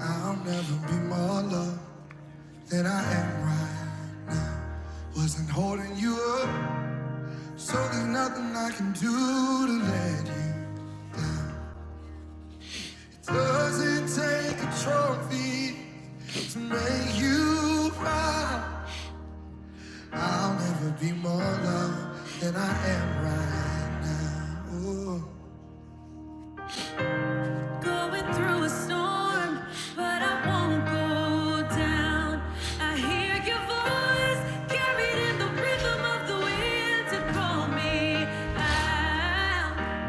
I'll never be more loved than I am right. Wasn't holding you up, so there's nothing I can do to let you. It Doesn't take a trophy to make you cry. I'll never be more loved than I am right now. Ooh. Going through a storm, but I won't go down. I hear your voice carried in the rhythm of the wind to call me out.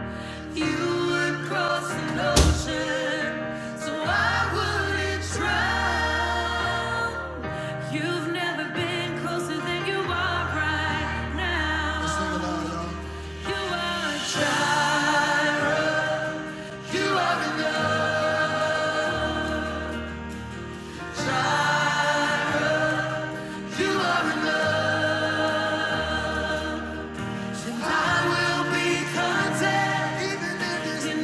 You would cross an ocean, so I wouldn't drown. You've never been closer than you are right now. let You are, you are enough. You are enough, so I will be content, in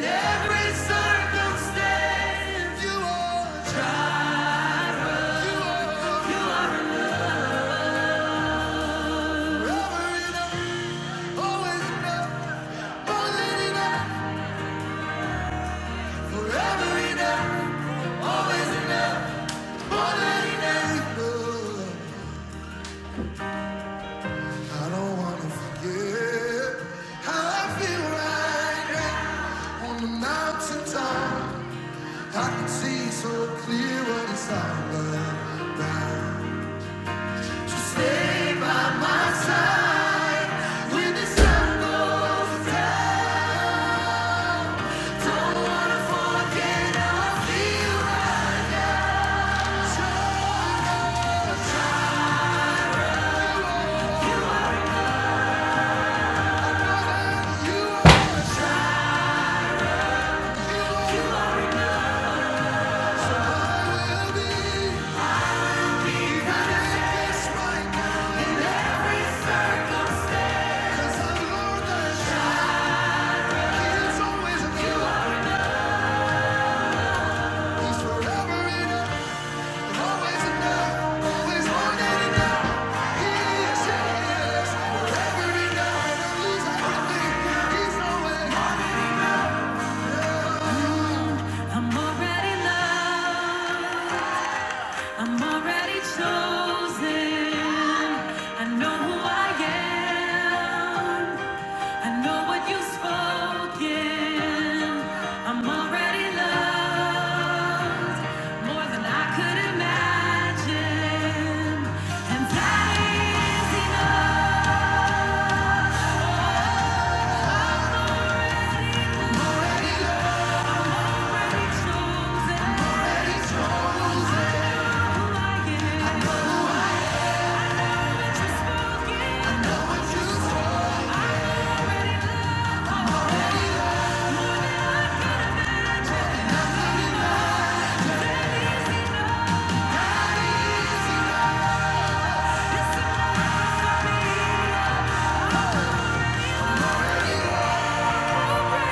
every circumstance. You are trial. you are forever enough, always enough, more than enough. Forever enough, always enough, more than enough. I don't wanna forget how I feel right now on the mountaintop. I can see so clear what it's all about. So stay by my side when the sun goes down. Don't wanna forget how I feel like you are, you are, you are all I will be. Even if it's right now in every circle. 'Cause I know that shine is always a you. It's forever in a I'm already loved. I'm already chosen. I know who I am. I know what you've spoken. I'm already loved more than I could imagine. And that is enough. already already Chosen.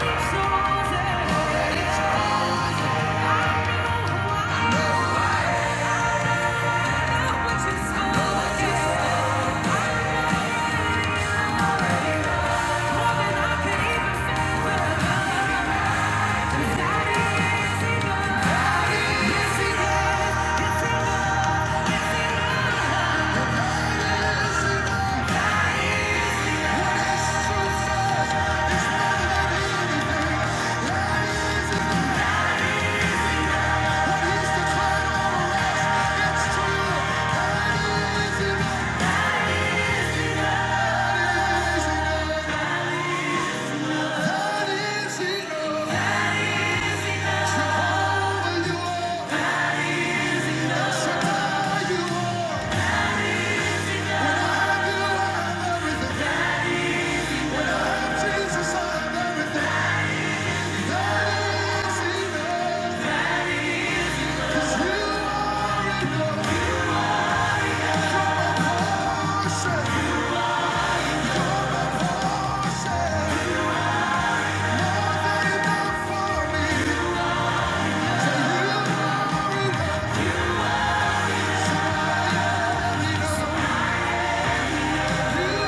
Chosen. Yes, Jesus. That is enough. Thank you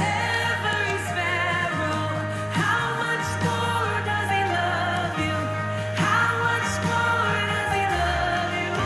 Every sparrow, how much more does he love you? How much more does he love you?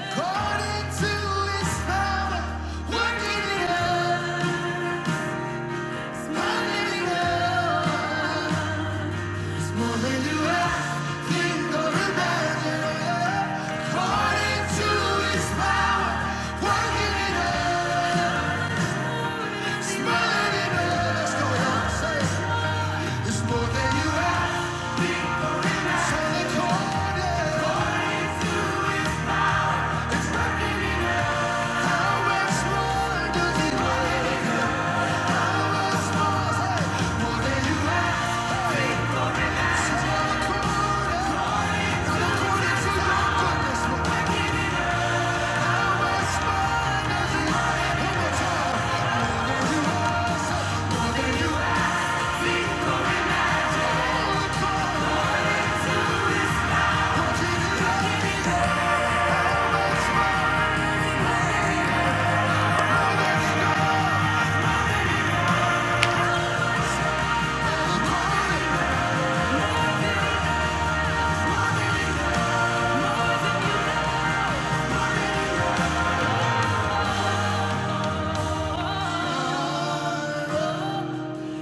According to his power, working it out.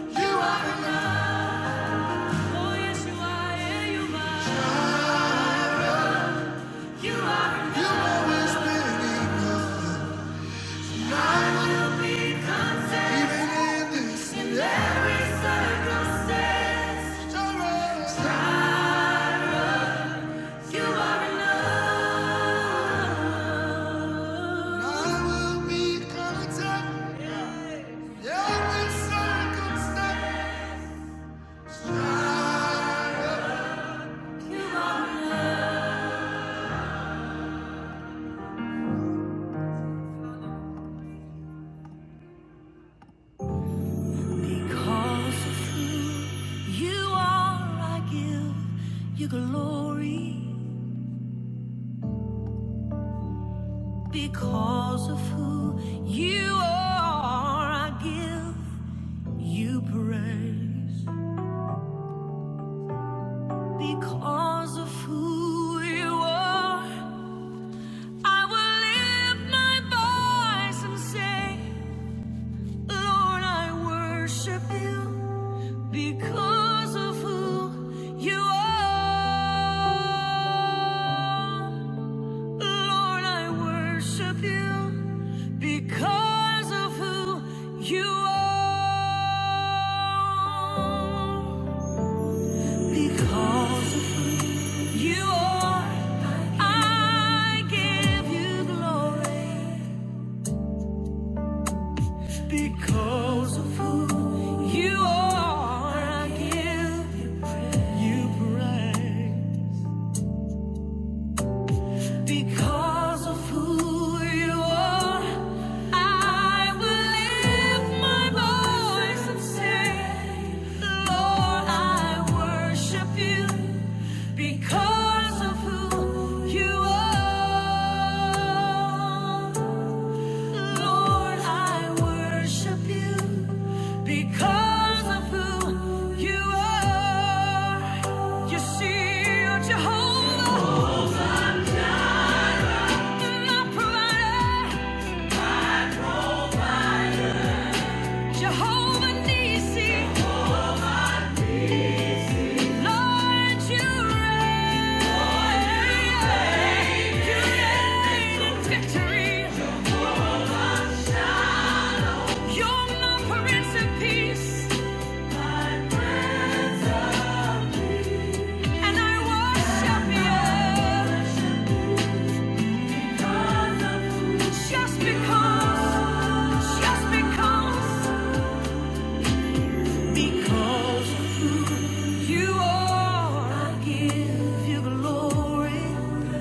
You are enough. Oh, yes, Yeah, You are enough. Because of who you are, I give you glory. Because of who you are, I give you praise. Because of who you are, I will lift my voice and say, Lord, I worship you. Because because of who you are. Lord, I worship you because of who you are. Because of who you are, I give you glory. Because of who you are, I give you praise. Because of who you are, I will lift my voice and say, Lord, I worship you because of who you are. Lord, I worship you because of who you are. You see, you're Jehovah. Just because, just because, because you are, I give you glory.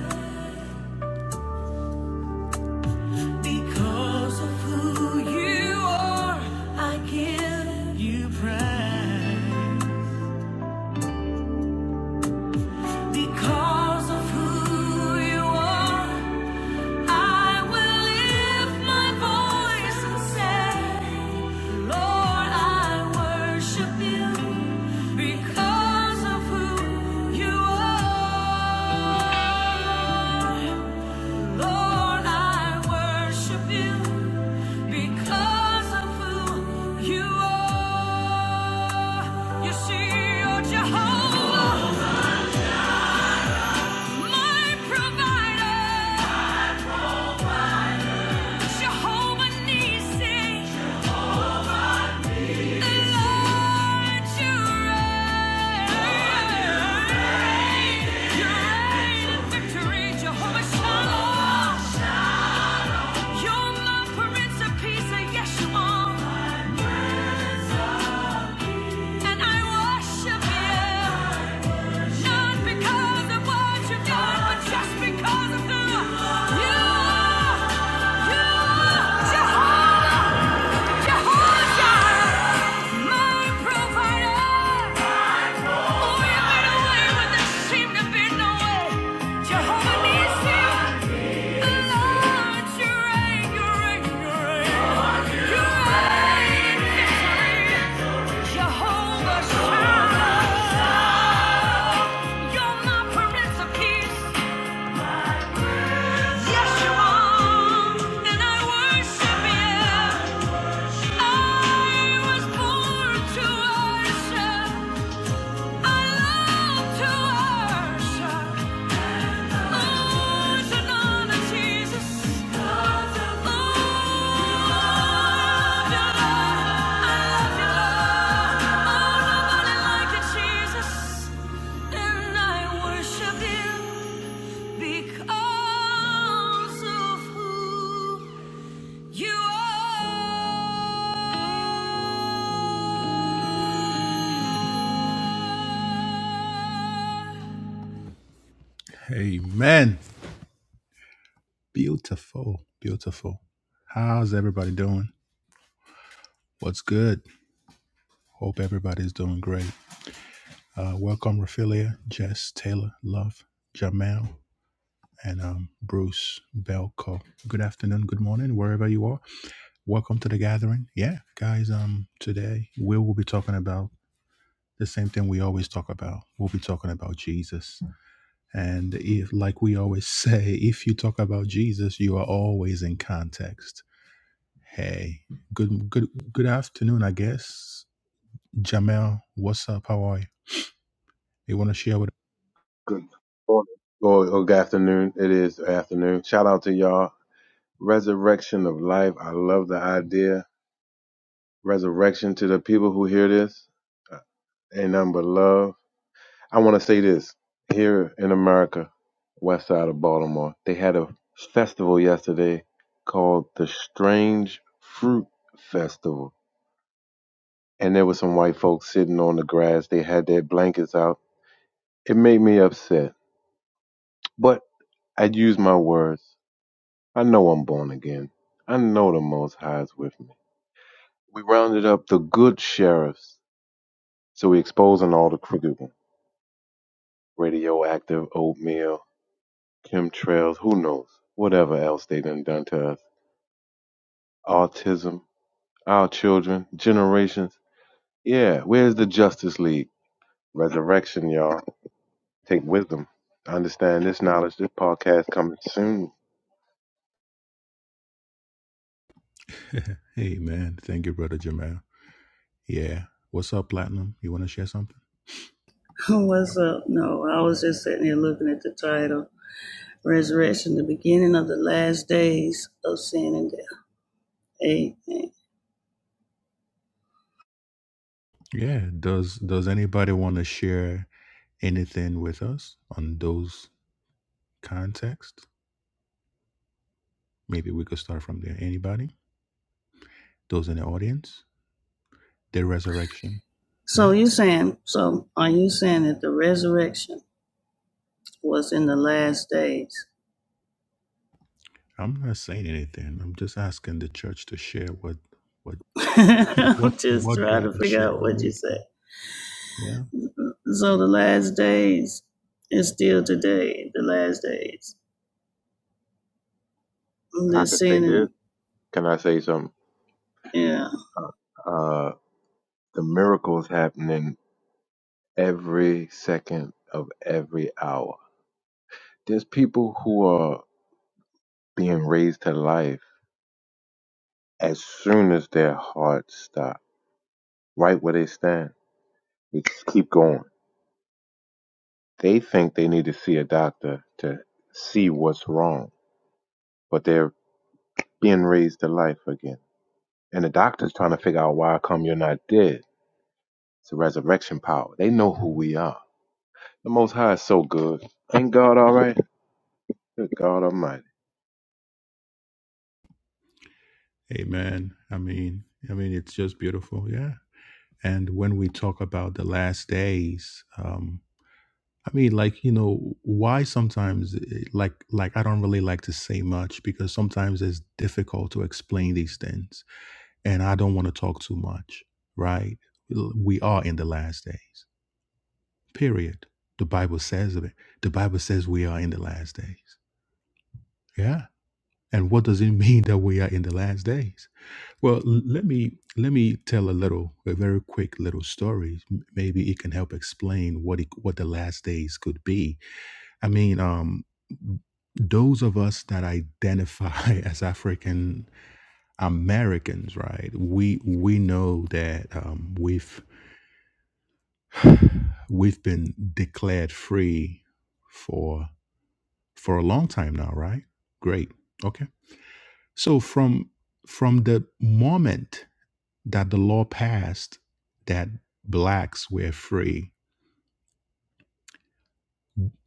Because of who you are, I give you praise. Because of who you are, I will lift my voice and say, Lord, I worship you because of who you are. Lord, I worship you. Because of who you are, you see, you're Jehovah, my provider, Jehovah Nissi, the Lord you reign. You reign in victory, Jehovah Shalom. You're my Prince of Peace, yes you are, and I worship you. Not because of what you did, but just because of who you are. You are Jehovah, Jehovah my provider. Oh, you made a way when there seemed to be no way. Jehovah Nissi. Lord, you reign, you reign, you reign. You reign. Jehovah's child. You're my Prince of Peace. Yes, you are, and I worship you. I was born to worship. I love to worship. And I worship you because of who you are. Amen. Beautiful, beautiful. How's everybody doing? What's good? Hope everybody's doing great. Uh, welcome, Raphaelia, Jess, Taylor, Love, Jamel, and um, Bruce Belko. Good afternoon, good morning, wherever you are. Welcome to the gathering. Yeah, guys. Um, today we will be talking about the same thing we always talk about. We'll be talking about Jesus, and if, like we always say, if you talk about Jesus, you are always in context Hey, good good good afternoon, I guess. Jamel, what's up? How are you? You wanna share with Good morning or, or good afternoon. It is afternoon. Shout out to y'all. Resurrection of life. I love the idea. Resurrection to the people who hear this. uh, Ain't nothing but love. I want to say this here in America, west side of Baltimore, they had a festival yesterday called the Strange Fruit Festival. And there were some white folks sitting on the grass. They had their blankets out. It made me upset, but I use my words. I know I'm born again. I know the Most High is with me. We rounded up the good sheriffs, so we exposing all the crooked ones. Radioactive, oatmeal, chemtrails, who knows? Whatever else they done done to us. Autism, our children, generations. Yeah, where's the Justice League? Resurrection, y'all. Take wisdom. Understand this knowledge. This podcast coming soon. Hey man, thank you, brother Jamel. Yeah. What's up, Platinum? You wanna share something? What's up? No, I was just sitting there looking at the title Resurrection, the beginning of the last days of sin and death. Amen. Yeah. Does does anybody wanna share anything with us on those contexts? Maybe we could start from there. Anybody? Those in the audience? The resurrection. So Yeah. you saying, so are you saying that the resurrection was in the last days? I'm not saying anything. I'm just asking the church to share what what what I'm just what trying God to is figure out sharing what you with. said. Yeah. So the last days is still today, the last days. I They're could say sin this. Can I say something? yeah. Uh, uh, the miracles happening every second of every hour. There's people who are being raised to life as soon as their hearts stop, right where they stand. They just keep going. They think they need to see a doctor to see what's wrong, but they're being raised to life again. And the doctor's trying to figure out why come you're not dead. It's a resurrection power. They know who we are. The Most High is so good. Ain't God all right? Good God Almighty. Amen. I mean, I mean, it's just beautiful. Yeah. And when we talk about the last days, um, I mean, like you know, why sometimes, eh, like, like I don't really like to say much because sometimes it's difficult to explain these things, and I don't want to talk too much, right? We are in the last days. Period. The Bible says of it. The Bible says we are in the last days. Yeah. And what does it mean that we are in the last days? Well, l- let me let me tell a little, a very quick little story. M- Maybe it can help explain what it, what the last days could be. I mean, um, those of us that identify as African Americans, right? We we know that um, we've we've been declared free for for a long time now, right? Great. Okay. So from from the moment that the law passed that blacks were free.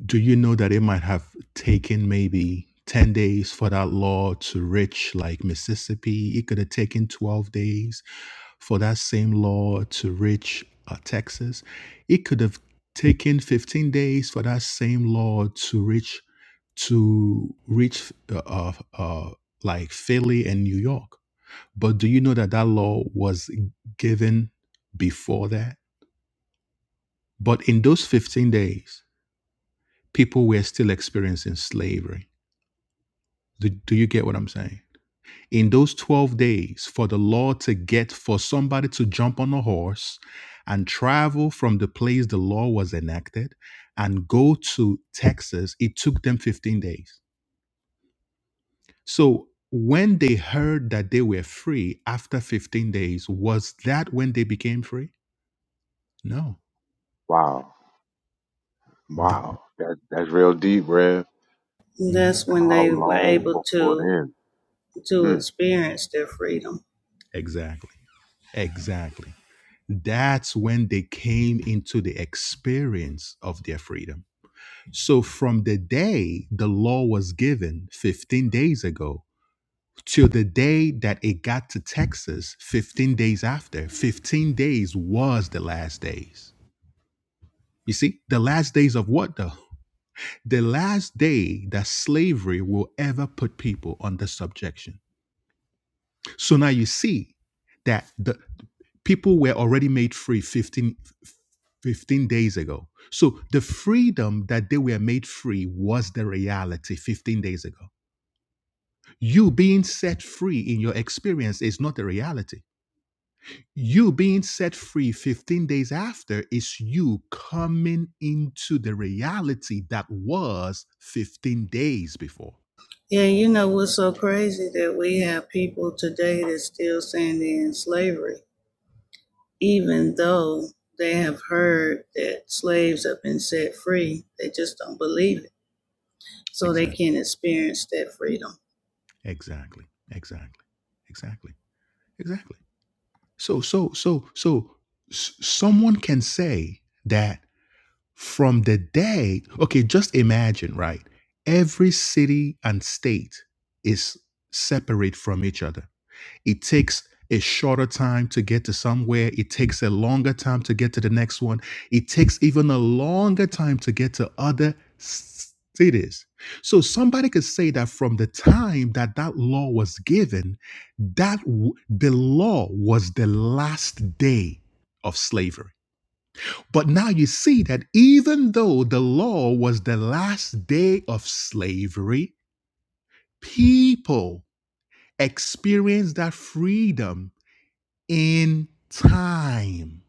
Do you know that it might have taken maybe 10 days for that law to reach like Mississippi? It could have taken 12 days for that same law to reach uh, Texas. It could have taken 15 days for that same law to reach to reach uh, uh, uh, like Philly and New York. But do you know that that law was given before that? But in those 15 days, people were still experiencing slavery. Do, do you get what I'm saying? In those 12 days, for the law to get, for somebody to jump on a horse and travel from the place the law was enacted and go to Texas, it took them 15 days. So when they heard that they were free after 15 days, was that when they became free? No. Wow. Th- Wow. That, that's real deep, Rev. Mhm. That's when How they were long able before then? to to Mm. experience their freedom Exactly. Exactly. that's when they came into the experience of their freedom. So, from the day the law was given 15 days ago till the day that it got to Texas 15 days after, 15 days was the last days. You see, the last days of what though? The last day that slavery will ever put people under subjection So now you see that the people were already made free 15 15 days ago. So the freedom that they were made free was the reality 15 days ago. You being set free in your experience is not the reality. You being set free 15 days after is you coming into the reality that was 15 days before. Yeah, you know what's so crazy that we have people today that's still saying they're in slavery, even though they have heard that slaves have been set free. They just don't believe it, so they Exactly. can't experience that freedom. Exactly. Exactly. Exactly. Exactly. So, so, so, so, s- someone can say that from the day, okay, just imagine, right? Every city and state is separate from each other it takes a shorter time to get to somewhere. It takes a longer time to get to the next one. It takes even a longer time to get to other cities. So somebody could say that from the time that that law was given, that w- the law was the last day of slavery. But now you see that even though the law was the last day of slavery, people experienced that freedom in time.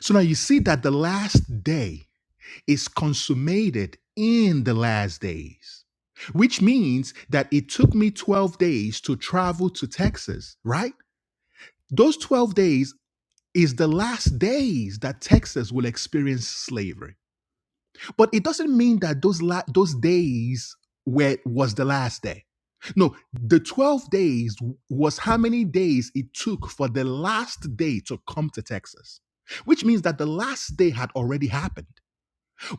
So now you see that the last day is consummated in the last days, which means that it took me 12 days to travel to Texas, right? Those 12 days is the last days that Texas will experience slavery. But it doesn't mean that those la- those days where was the last day. No, the 12 days was how many days it took for the last day to come to Texas, which means that the last day had already happened,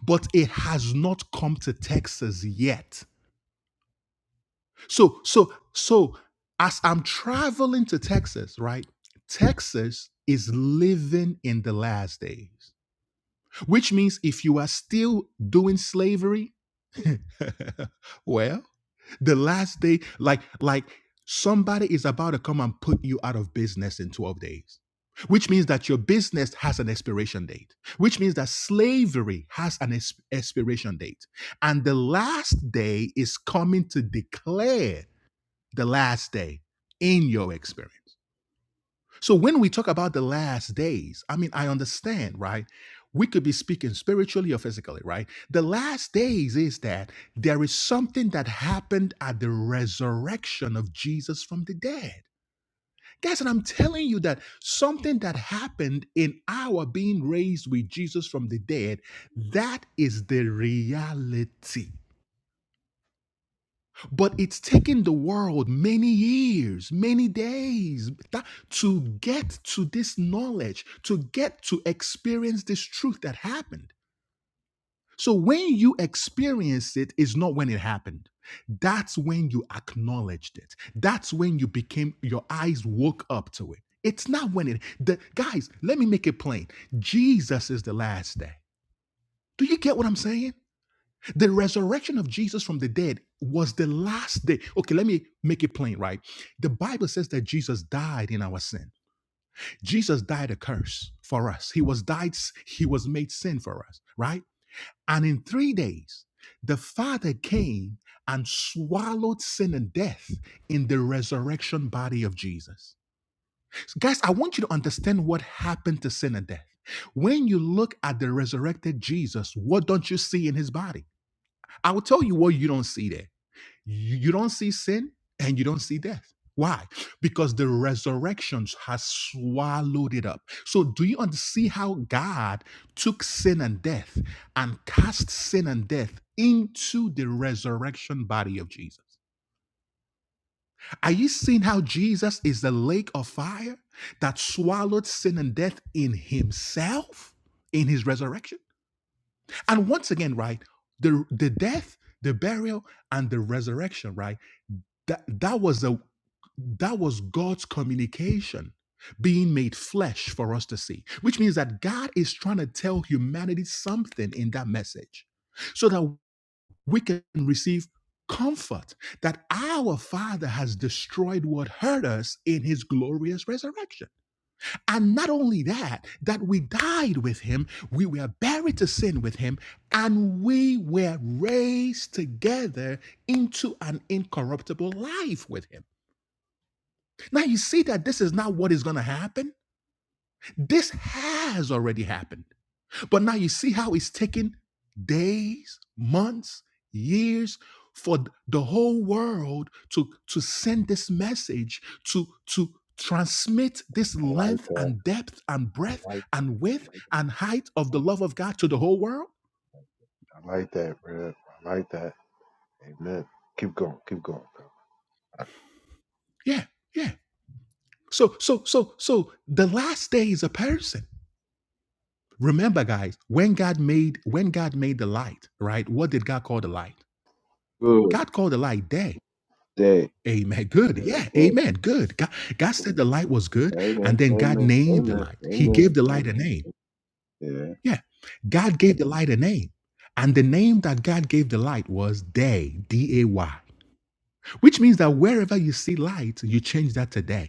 but it has not come to Texas yet. So, so, so as I'm traveling to Texas, right? Texas is living in the last days, which means if you are still doing slavery, well, the last day, like like somebody is about to come and put you out of business in 12 days. Which means that your business has an expiration date, which means that slavery has an ex- expiration date. And the last day is coming to declare the last day in your experience. So when we talk about the last days, I mean, I understand, right? We could be speaking spiritually or physically, right? The last days is that there is something that happened at the resurrection of Jesus from the dead. Guys, and I'm telling you that something that happened in our being raised with Jesus from the dead, that is the reality. But it's taken the world many years, many days that, to get to this knowledge, to get to experience this truth that happened. So when you experience it, is not when it happened. That's when you acknowledged it. That's when you became, your eyes woke up to it. It's not when it, the, guys, let me make it plain. Jesus is the last day. Do you get what I'm saying? The resurrection of Jesus from the dead was the last day. Okay, let me make it plain, right? The Bible says that Jesus died in our sin. Jesus died a curse for us. He was died, he was made sin for us, right? And in three days, the Father came and swallowed sin and death in the resurrection body of Jesus. So guys, I want you to understand what happened to sin and death. When you look at the resurrected Jesus, what don't you see in his body? I will tell you what you don't see there. You, you don't see sin and you don't see death. Why? Because the resurrection has swallowed it up. So, do you under- see how God took sin and death and cast sin and death into the resurrection body of Jesus? Are you seeing how Jesus is the lake of fire that swallowed sin and death in himself in his resurrection? And once again, right, the, the death, the burial, and the resurrection, right? That that was a that was God's communication being made flesh for us to see, which means that God is trying to tell humanity something in that message so that we can receive comfort that our Father has destroyed what hurt us in his glorious resurrection. And not only that, that we died with him, we were buried to sin with him, and we were raised together into an incorruptible life with him. Now you see that this is not what is going to happen. This has already happened. But now you see how it's taken days, months, years for the whole world to, to send this message, to, to transmit this I like length that. and depth and breadth I like and width and height of the love of God to the whole world. I like that, Rev. I like that. Amen. Keep going. Keep going, Yeah, yeah. So, so, so, so the last day is a person. Remember, guys, when God made when God made the light, right? What did God call the light? bro. Good God called the light day. day. Amen. Good. Yeah. day. Amen. Good. God, God said the light was good, and Amen. then God Amen. named the Amen. light. He Amen. gave the light a name. Yeah. Yeah. God gave the light a name. And the name that God gave the light was day, D A Y, which means that wherever you see light, you change that to day.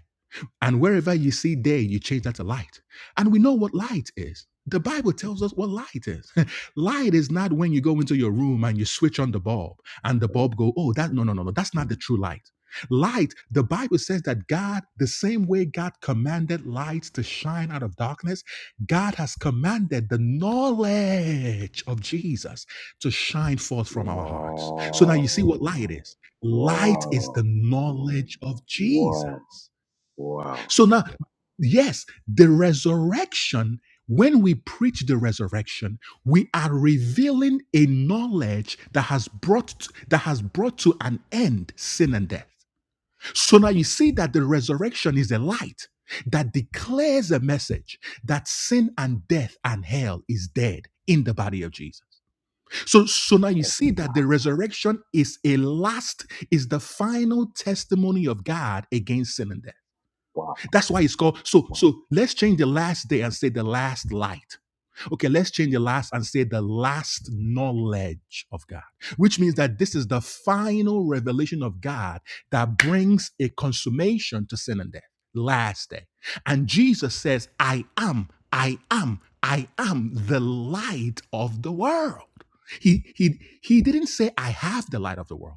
And wherever you see day, you change that to light. And we know what light is. The Bible tells us what light is. light is not when you go into your room and you switch on the bulb and the bulb go, oh, that no, no, no, no. That's not the true light. Light, the Bible says that God, the same way God commanded lights to shine out of darkness, God has commanded the knowledge of Jesus to shine forth from our hearts. So now you Wow. see what light is. Light is the Wow. knowledge of Wow. Jesus. Wow. So now, yes, the resurrection, when we preach the resurrection, we are revealing a knowledge that has brought that has brought to an end sin and death. So now you see that the resurrection is a light that declares a message that sin and death and hell is dead in the body of Jesus. So, so now you see that the resurrection is a last, is the final testimony of God against sin and death. Wow. That's why it's called. So so let's change the last day and say the last light. Okay, let's change the last and say the last knowledge of God, which means that this is the final revelation of God that brings a consummation to sin and death. Last day. And Jesus says, I am, I am, I am the light of the world. He, he, he didn't say, I have the light of the world.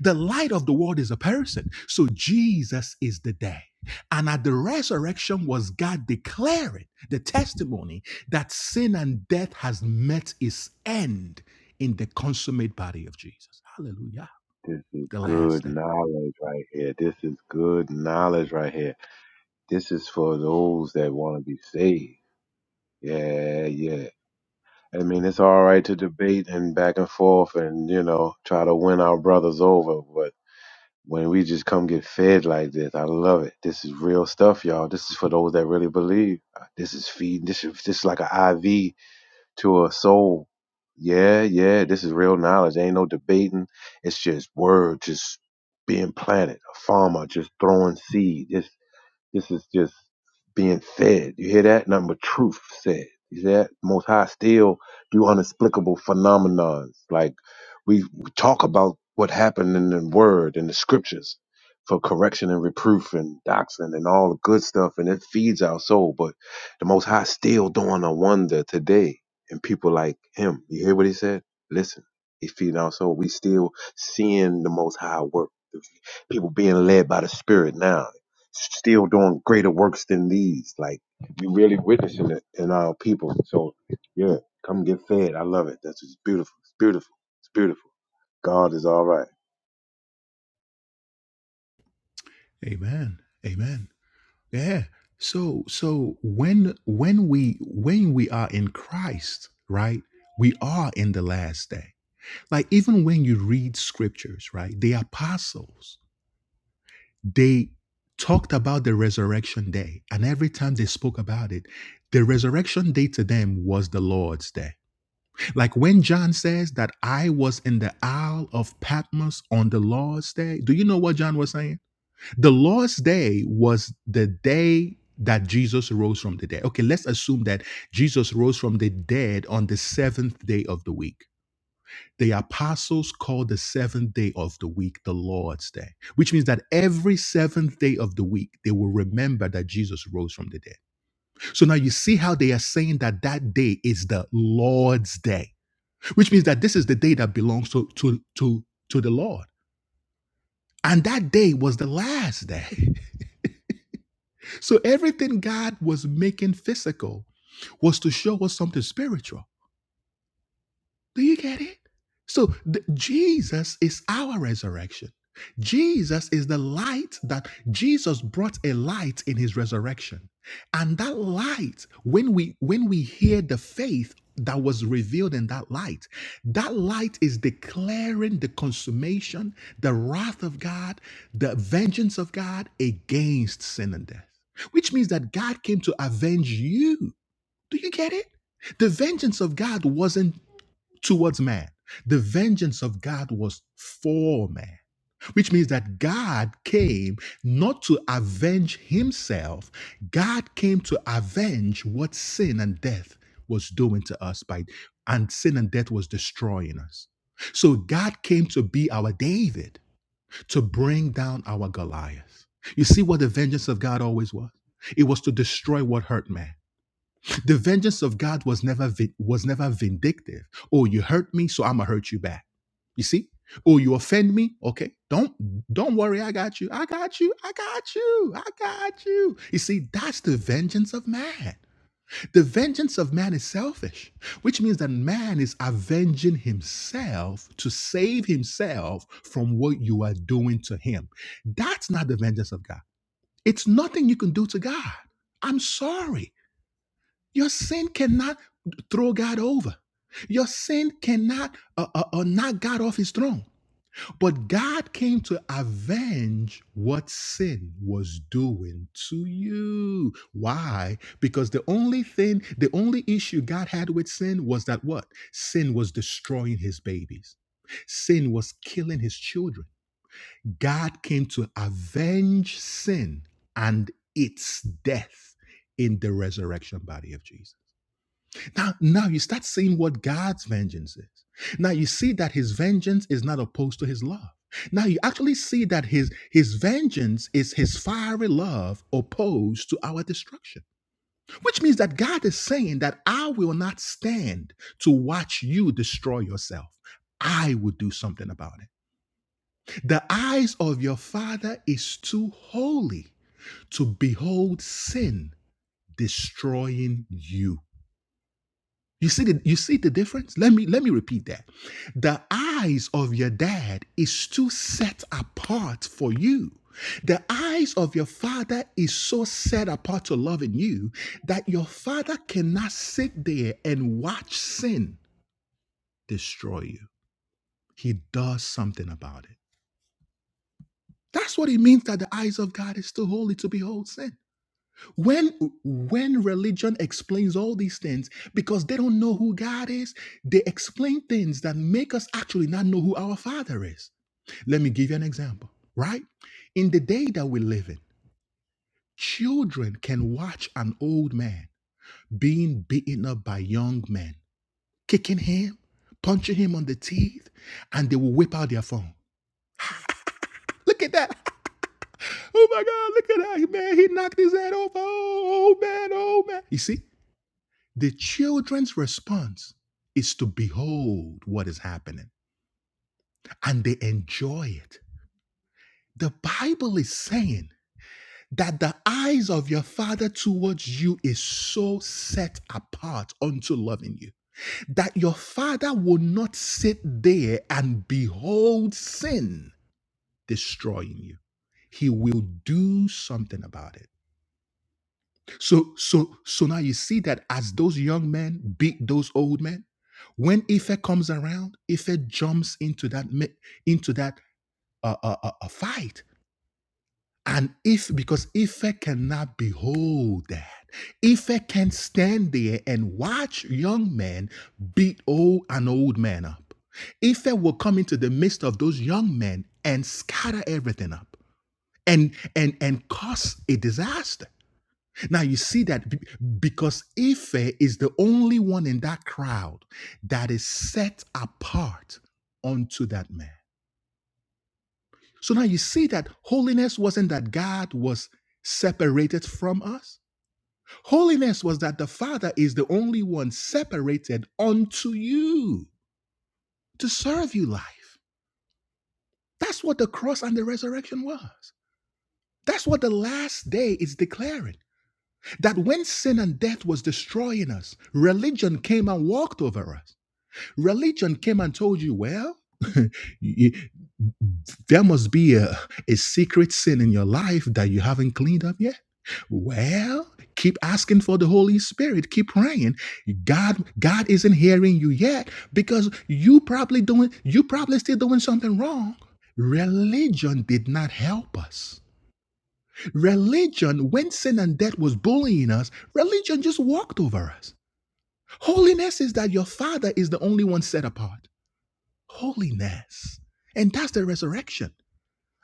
The light of the world is a person. So Jesus is the day. And at the resurrection was God declaring the testimony that sin and death has met its end in the consummate body of Jesus. Hallelujah. This is The good last day. knowledge right here. This is good knowledge right here. This is for those that want to be saved. Yeah, yeah, I mean, it's all right to debate and back and forth and, you know, try to win our brothers over. But when we just come get fed like this, I love it. This is real stuff, y'all. This is for those that really believe. Uh, This is feeding. This is, this is like an IV to a soul. Yeah, yeah. This is real knowledge. Ain't no debating. It's just word, just being planted. A farmer just throwing seed. Just. This is just being said. You hear that? Nothing but truth said. You see that? Most High still do unexplicable phenomenons. Like we, we talk about what happened in the Word and the Scriptures for correction and reproof and doctrine and all the good stuff, and it feeds our soul. But the Most High still doing a wonder today, and people like him. You hear what he said? Listen, he feeding our soul. We still seeing the Most High work. People being led by the Spirit now still doing greater works than these. Like you really witnessing it in our people. So yeah, come get fed. I love it. That's just beautiful. It's beautiful. It's beautiful. God is all right. Amen. Amen. Yeah. So so when when we when we are in Christ, right? We are in the last day. Like even when you read scriptures, right? The apostles they talked about the resurrection day and every time they spoke about it the resurrection day to them was the lord's day like when john says that i was in the isle of patmos on the lord's day do you know what john was saying the lord's day was the day that jesus rose from the dead okay let's assume that jesus rose from the dead on the seventh day of the week the apostles called the seventh day of the week the Lord's Day, which means that every seventh day of the week, they will remember that Jesus rose from the dead. So now you see how they are saying that that day is the Lord's Day, which means that this is the day that belongs to, to, to, to the Lord. And that day was the last day. So everything God was making physical was to show us something spiritual. Do you get it? So the, Jesus is our resurrection. Jesus is the light that Jesus brought a light in his resurrection. And that light, when we when we hear the faith that was revealed in that light, that light is declaring the consummation, the wrath of God, the vengeance of God against sin and death. Which means that God came to avenge you. Do you get it? The vengeance of God wasn't towards man. The vengeance of God was for man, which means that God came not to avenge himself, God came to avenge what sin and death was doing to us by and sin and death was destroying us. So God came to be our David, to bring down our Goliath. You see what the vengeance of God always was? It was to destroy what hurt man. The vengeance of God was never vi- was never vindictive. Oh, you hurt me, so I'm gonna hurt you back. You see? Oh, you offend me? Okay. Don't don't worry, I got you. I got you. I got you. I got you. You see, that's the vengeance of man. The vengeance of man is selfish, which means that man is avenging himself to save himself from what you are doing to him. That's not the vengeance of God. It's nothing you can do to God. I'm sorry. Your sin cannot throw God over. Your sin cannot uh, uh, uh, knock God off his throne. But God came to avenge what sin was doing to you. Why? Because the only thing, the only issue God had with sin was that what? Sin was destroying his babies, sin was killing his children. God came to avenge sin and its death in the resurrection body of Jesus. Now, now you start seeing what God's vengeance is. Now you see that his vengeance is not opposed to his love. Now you actually see that his his vengeance is his fiery love opposed to our destruction. Which means that God is saying that I will not stand to watch you destroy yourself. I will do something about it. The eyes of your father is too holy to behold sin destroying you. You see the you see the difference? Let me let me repeat that. The eyes of your dad is too set apart for you. The eyes of your father is so set apart to loving you that your father cannot sit there and watch sin destroy you. He does something about it. That's what it means that the eyes of God is too holy to behold sin. when when religion explains all these things because they don't know who god is they explain things that make us actually not know who our father is let me give you an example right in the day that we live in children can watch an old man being beaten up by young men kicking him punching him on the teeth and they will whip out their phone look at that oh my god look at that man he knocked his head off oh, oh man oh man you see The children's response is to behold what is happening and they enjoy it. The Bible is saying that the eyes of your father towards you is so set apart unto loving you that your father will not sit there and behold sin destroying you. He will do something about it. So so so now you see that as those young men beat those old men, when Ife comes around, Ife jumps into that ma- into that uh, uh, uh, uh, fight. And if because Ife cannot behold that, Ife can stand there and watch young men beat old an old man up. Ife will come into the midst of those young men and scatter everything up and and and cause a disaster. Now you see that be- because Ife is the only one in that crowd that is set apart unto that man. So now you see that holiness wasn't that God was separated from us. Holiness was that the Father is the only one separated unto you to serve you life. That's what the cross and the resurrection was. That's what the last day is declaring. That when sin and death was destroying us, religion came and walked over us. Religion came and told you, well, you- there must be a, a secret sin in your life that you haven't cleaned up yet. Well, keep asking for the Holy Spirit. Keep praying. God, God isn't hearing you yet because you probably doing you probably still doing something wrong. Religion did not help us. Religion, when sin and death was bullying us, religion just walked over us. Holiness is that your father is the only one set apart holiness. And that's the resurrection.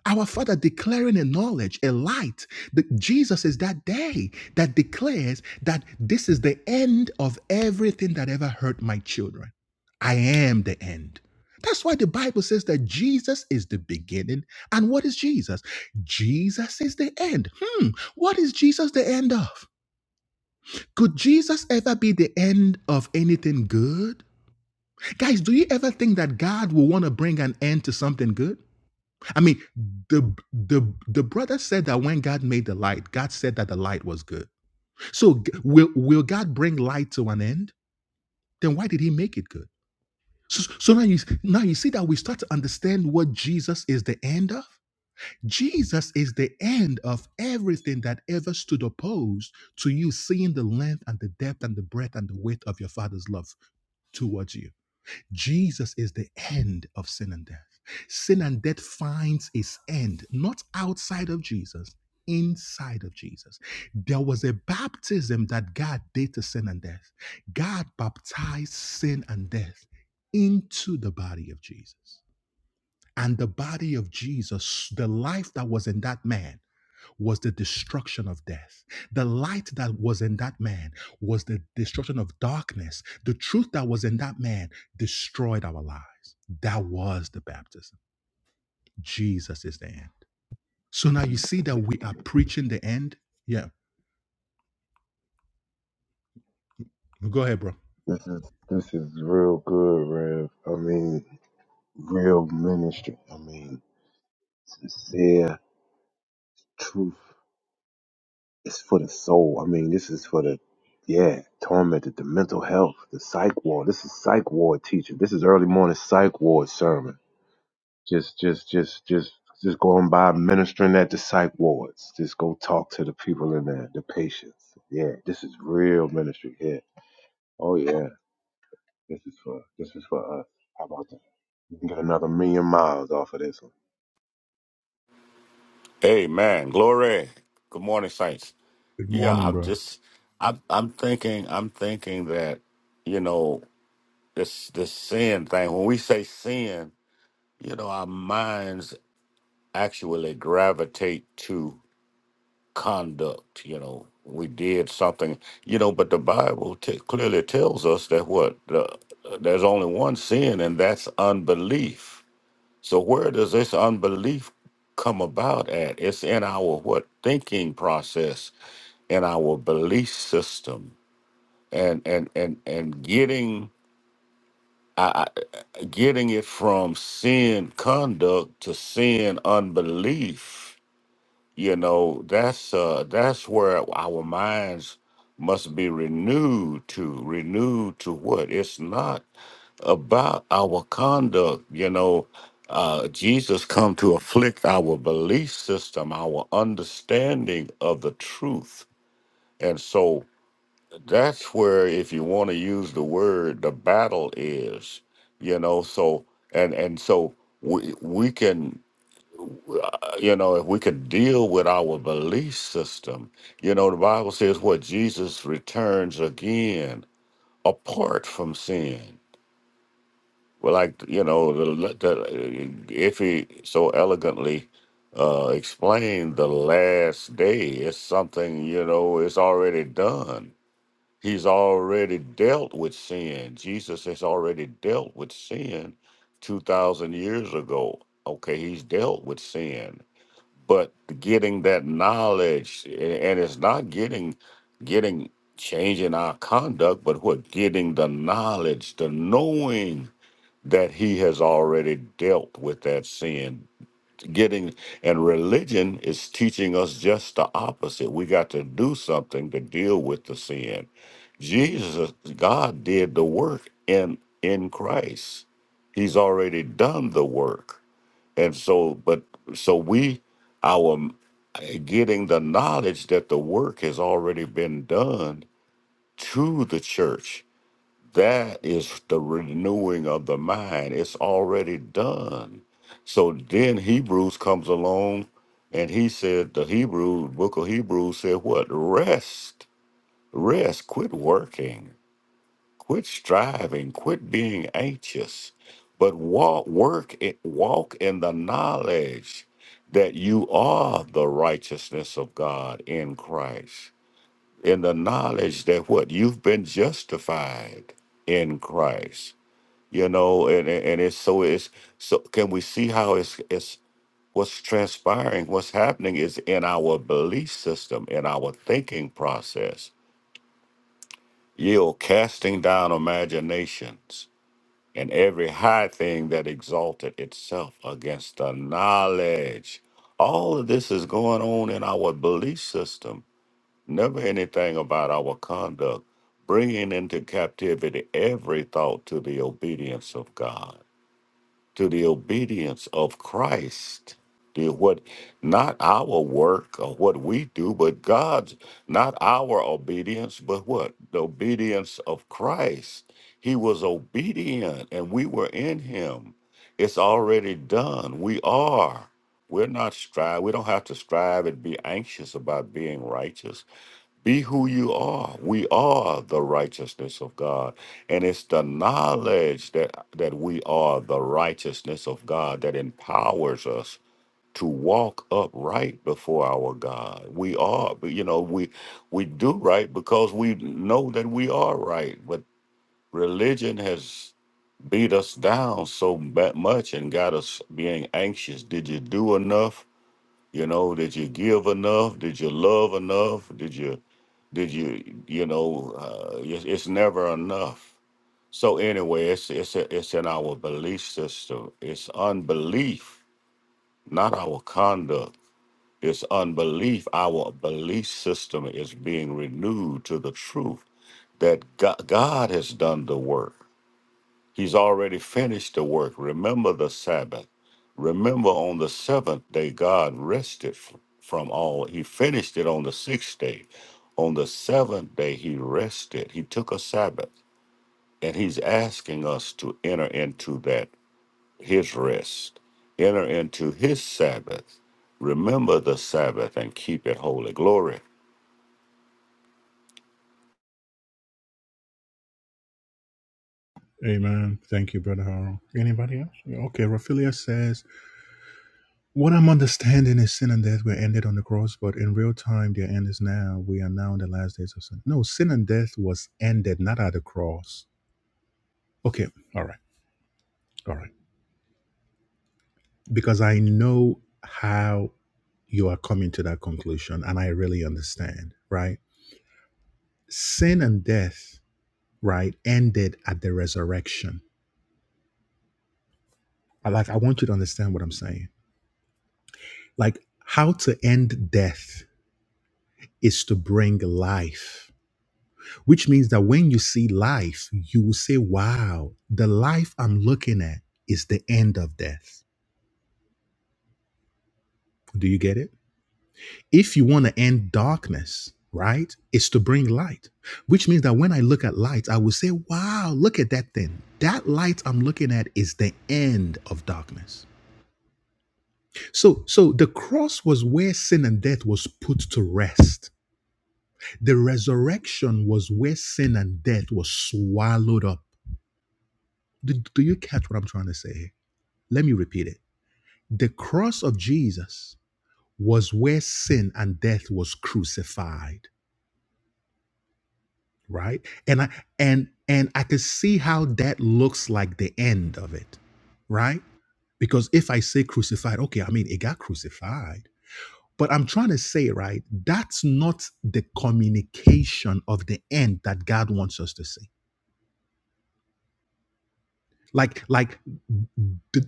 Our Father declaring a knowledge, a light. The, Jesus is that day that declares that this is the end of everything that ever hurt my children. I am the end. That's why the Bible says that Jesus is the beginning. And what is Jesus? Jesus is the end. Hmm, what is Jesus the end of? Could Jesus ever be the end of anything good? Guys, do you ever think that God will want to bring an end to something good? I mean, the the the brother said that when God made the light, God said that the light was good. So g- will will God bring light to an end? Then why did He make it good? So, so now you now you see that we start to understand what Jesus is the end of. Jesus is the end of everything that ever stood opposed to you seeing the length and the depth and the breadth and the width of your Father's love towards you. Jesus is the end of sin and death. Sin and death finds its end not outside of Jesus, inside of Jesus. There was a baptism that God did to sin and death. God baptized sin and death into the body of Jesus. And the body of Jesus, the life that was in that man, was the destruction of death. The light that was in that man was the destruction of darkness. The truth that was in that man destroyed our lives. That was the baptism. Jesus is the end. So now you see that we are preaching the end. Yeah. Go ahead, bro. This is this is real good, Rev. I mean, real ministry. I mean, sincere truth. It's for the soul. I mean, this is for the yeah, tormented, the mental health, the psych ward. This is psych ward teaching. This is early morning psych ward sermon. Just, just, just, just, just going by ministering at the psych wards. Just go talk to the people in there, the patients. Yeah, this is real ministry here. Oh yeah, this is for, this is for us. How about that? You can get another million miles off of this one. Amen. Glory. Good morning, Saints. Good Yeah, morning, I'm bro. just I'm I'm thinking I'm thinking that, you know, this this sin thing, when we say sin, you know, our minds actually gravitate to conduct, you know. We did something, you know, but the Bible t- clearly tells us that what the, there's only one sin, and that's unbelief so where does this unbelief come about at? It's in our what thinking process, in our belief system, and and and and getting I, I- getting it from sin conduct to sin unbelief. You know that's uh, that's where our minds must be renewed to renewed to what it's not about our conduct. You know, uh, Jesus come to afflict our belief system, our understanding of the truth, and so that's where, if you want to use the word, the battle is. You know, so and and so we we can. uh, You know, if we could deal with our belief system, you know, the Bible says what Jesus returns again apart from sin. Well, like you know, the, the, if he so elegantly uh, explained the last day, it's something you know, it's already done. He's already dealt with sin. Jesus has already dealt with sin two thousand years ago. Okay, he's dealt with sin, but getting that knowledge, a- and it's not getting getting changing our conduct, but what getting the knowledge, the knowing that he has already dealt with that sin getting and religion is teaching us just the opposite we got to do something to deal with the sin jesus god did the work in in christ he's already done the work and so but so we our getting the knowledge that the work has already been done to the church that is the renewing of the mind. It's already done. So then Hebrews comes along and he said, the Hebrew book of Hebrews said, what? Rest. Rest. Quit working. Quit striving. Quit being anxious. But walk, work, it, walk in the knowledge that you are the righteousness of God in Christ. In the knowledge that what? You've been justified in Christ you know and and and it's so it's so can we see how it's it's what's transpiring what's happening is in our belief system in our thinking process yield casting down imaginations and every high thing that exalted itself against the knowledge all of this is going on in our belief system never anything about our conduct bringing into captivity every thought to the obedience of god to the obedience of Christ. the what not our work or what we do, but God's not our obedience, but what? The obedience of Christ. He was obedient and we were in him. It's already done. We are. We're not strive. We don't have to strive and be anxious about being righteous be who you are. We are the righteousness of God. And it's the knowledge that, that we are the righteousness of God that empowers us to walk upright before our God. We are, but, you know, we we do right because we know that we are right. But religion has beat us down so ba- much and got us being anxious. Did you do enough? You know, did you give enough? Did you love enough? Did you, did you, you know, uh, it's, it's never enough. So anyway, it's it's it's in our belief system. It's unbelief, not our conduct. It's unbelief. Our belief system is being renewed to the truth that God, God has done the work. He's already finished the work. Remember the Sabbath. Remember on the seventh day, God rested f- from all. He finished it on the sixth day. On the seventh day, He rested. He took a Sabbath. And He's asking us to enter into that, His rest, enter into His Sabbath. Remember the Sabbath and keep it holy. Glory. Amen. Thank you, Brother Harold. Anybody else? Yeah, Okay. Raphaelia says What I'm understanding is sin and death were ended on the cross, but in real time, their end is now. We are now in the last days of sin. No, sin and death was ended, not at the cross. Okay, all right, all right. Because I know how you are coming to that conclusion, and I really understand, right? Sin and death, right, ended at the resurrection. I like, I want you to understand what I'm saying. Like, how to end death is to bring life which means that when you see life, you will say, wow, the life I'm looking at is the end of death. Do you get it? If you want to end darkness, right, it's to bring light, which means that when I look at light, I will say, wow, look at that thing. That light I'm looking at is the end of darkness. So, so the cross was where sin and death was put to rest. The resurrection was where sin and death was swallowed up. Do, do you catch what I'm trying to say here? Let me repeat it. The cross of Jesus was where sin and death was crucified, right? And I and and I could see how that looks like the end of it, right? Because if I say crucified, okay, I mean it got crucified. But I'm trying to say, right, that's not the communication of the end that God wants us to see like like the,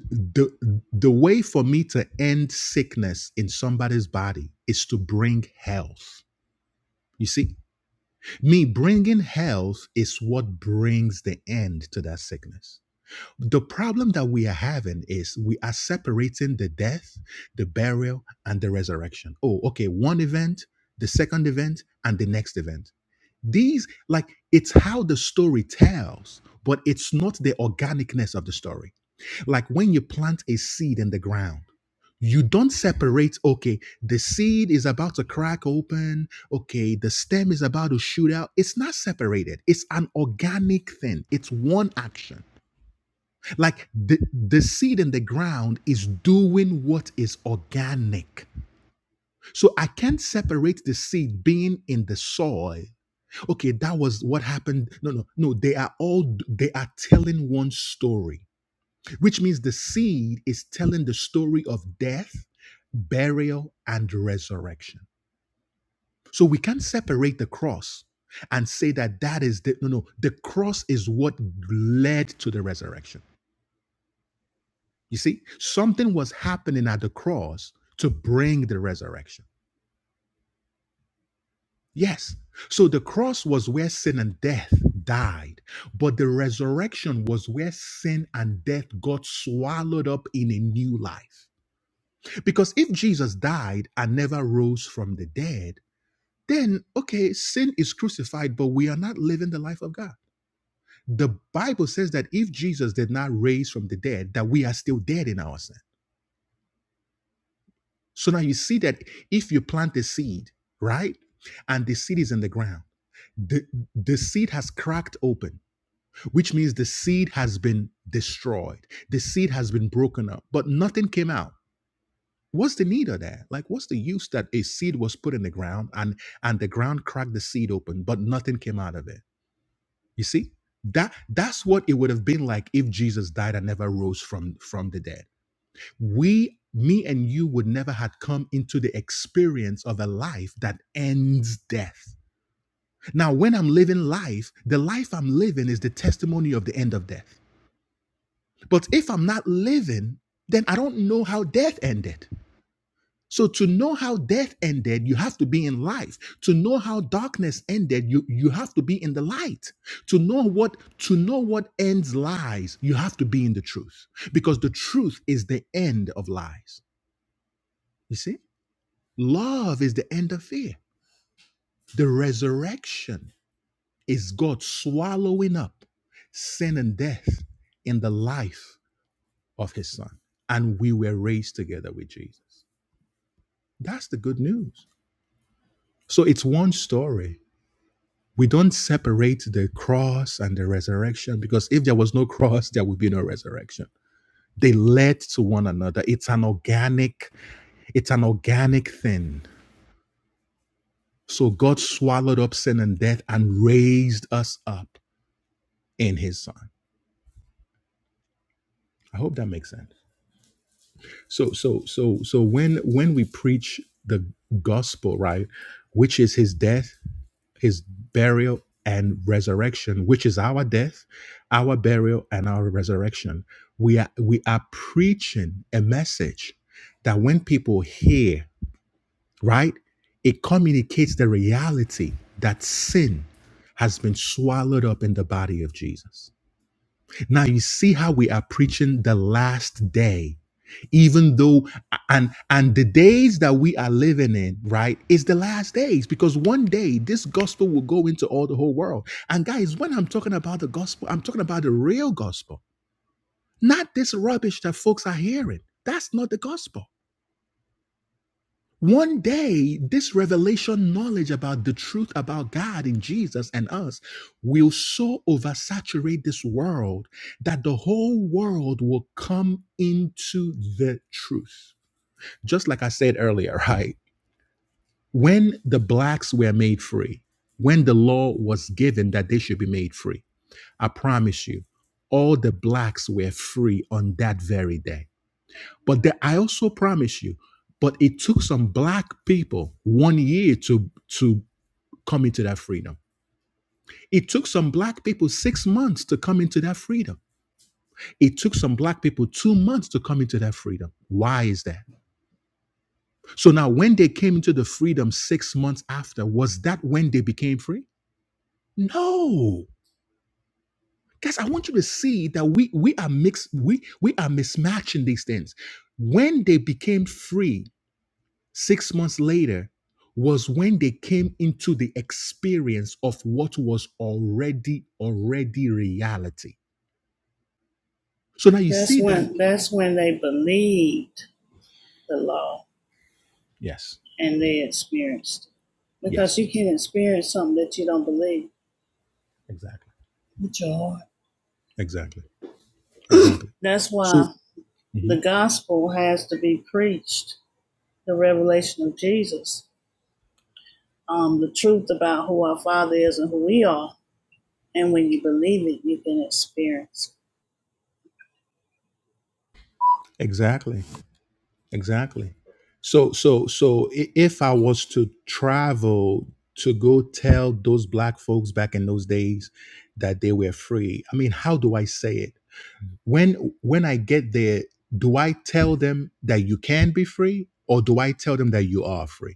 the the way for me to end sickness in somebody's body is to bring health you see me bringing health is what brings the end to that sickness the problem that we are having is we are separating the death the burial and the resurrection oh okay one event the second event and the next event these like it's how the story tells but it's not the organicness of the story like when you plant a seed in the ground, you don't separate, okay, the seed is about to crack open, okay, the stem is about to shoot out. It's not separated, it's an organic thing, it's one action. Like the, the seed in the ground is doing what is organic. So I can't separate the seed being in the soil. Okay, that was what happened. No, no, no. They are all they are telling one story which means the seed is telling the story of death, burial, and resurrection. So we can't separate the cross and say that that is the no, no, the cross is what led to the resurrection. You see, something was happening at the cross to bring the resurrection. Yes. So the cross was where sin and death died, but the resurrection was where sin and death got swallowed up in a new life. Because if Jesus died and never rose from the dead, then, okay, sin is crucified, but we are not living the life of God. The Bible says that if Jesus did not raise from the dead, that we are still dead in our sin. So now you see that if you plant a seed, right, and the seed is in the ground, the, the seed has cracked open, which means the seed has been destroyed. The seed has been broken up, but nothing came out what's the need of that like what's the use that a seed was put in the ground and and the ground cracked the seed open but nothing came out of it you see that that's what it would have been like if jesus died and never rose from from the dead we me and you would never had come into the experience of a life that ends death now when i'm living life the life i'm living is the testimony of the end of death but if i'm not living then i don't know how death ended So to know how death ended, you have to be in life. To know how darkness ended, you you have to be in the light. To know what to know what ends lies, you have to be in the truth because the truth is the end of lies. You see? Love is the end of fear. The resurrection is God swallowing up sin and death in the life of his son. And we were raised together with Jesus. That's the good news. So it's one story we don't separate the cross and the resurrection because if there was no cross there would be no resurrection they led to one another it's an organic it's an organic thing so god swallowed up sin and death and raised us up in his son i hope that makes sense so so so so when when we preach the gospel right which is his death his burial and resurrection, which is our death, our burial, and our resurrection. We are we are preaching a message that when people hear, right, it communicates the reality that sin has been swallowed up in the body of Jesus. Now you see how we are preaching the last day. Even though and and the days that we are living in, right, is the last days because one day this gospel will go into all the whole world. And guys, when I'm talking about the gospel, I'm talking about the real gospel, not this rubbish that folks are hearing. That's not the gospel. One day, this revelation knowledge about the truth about God in Jesus and us will so oversaturate this world that the whole world will come into the truth. Just like I said earlier, right? When the blacks were made free, when the law was given that they should be made free, I promise you, all the blacks were free on that very day but there, I also promise you, but it took some black people one year to to come into that freedom. It took some black people six months to come into that freedom. It took some black people two months to come into that freedom. Why is that? So now, when they came into the freedom six months after, was that when they became free? No. Guys, I want you to see that we we are mixed, we we are mismatching these things. When they became free, Six months later was when they came into the experience of what was already, already reality. So now you That's see that. when that's when they believed the law Yes, and they experienced it, yes, because you can't experience something that you don't believe exactly, with your heart. exactly, exactly. That's So, why the Mhm. gospel has to be preached, the revelation of Jesus um, the truth about who our Father is and who we are. And when you believe it, you can experience. exactly, exactly. So, so, so if I was to travel to go tell those black folks back in those days that they were free, I mean, how do I say it? when when i get there do i tell them that you can be free or do i tell them that you are free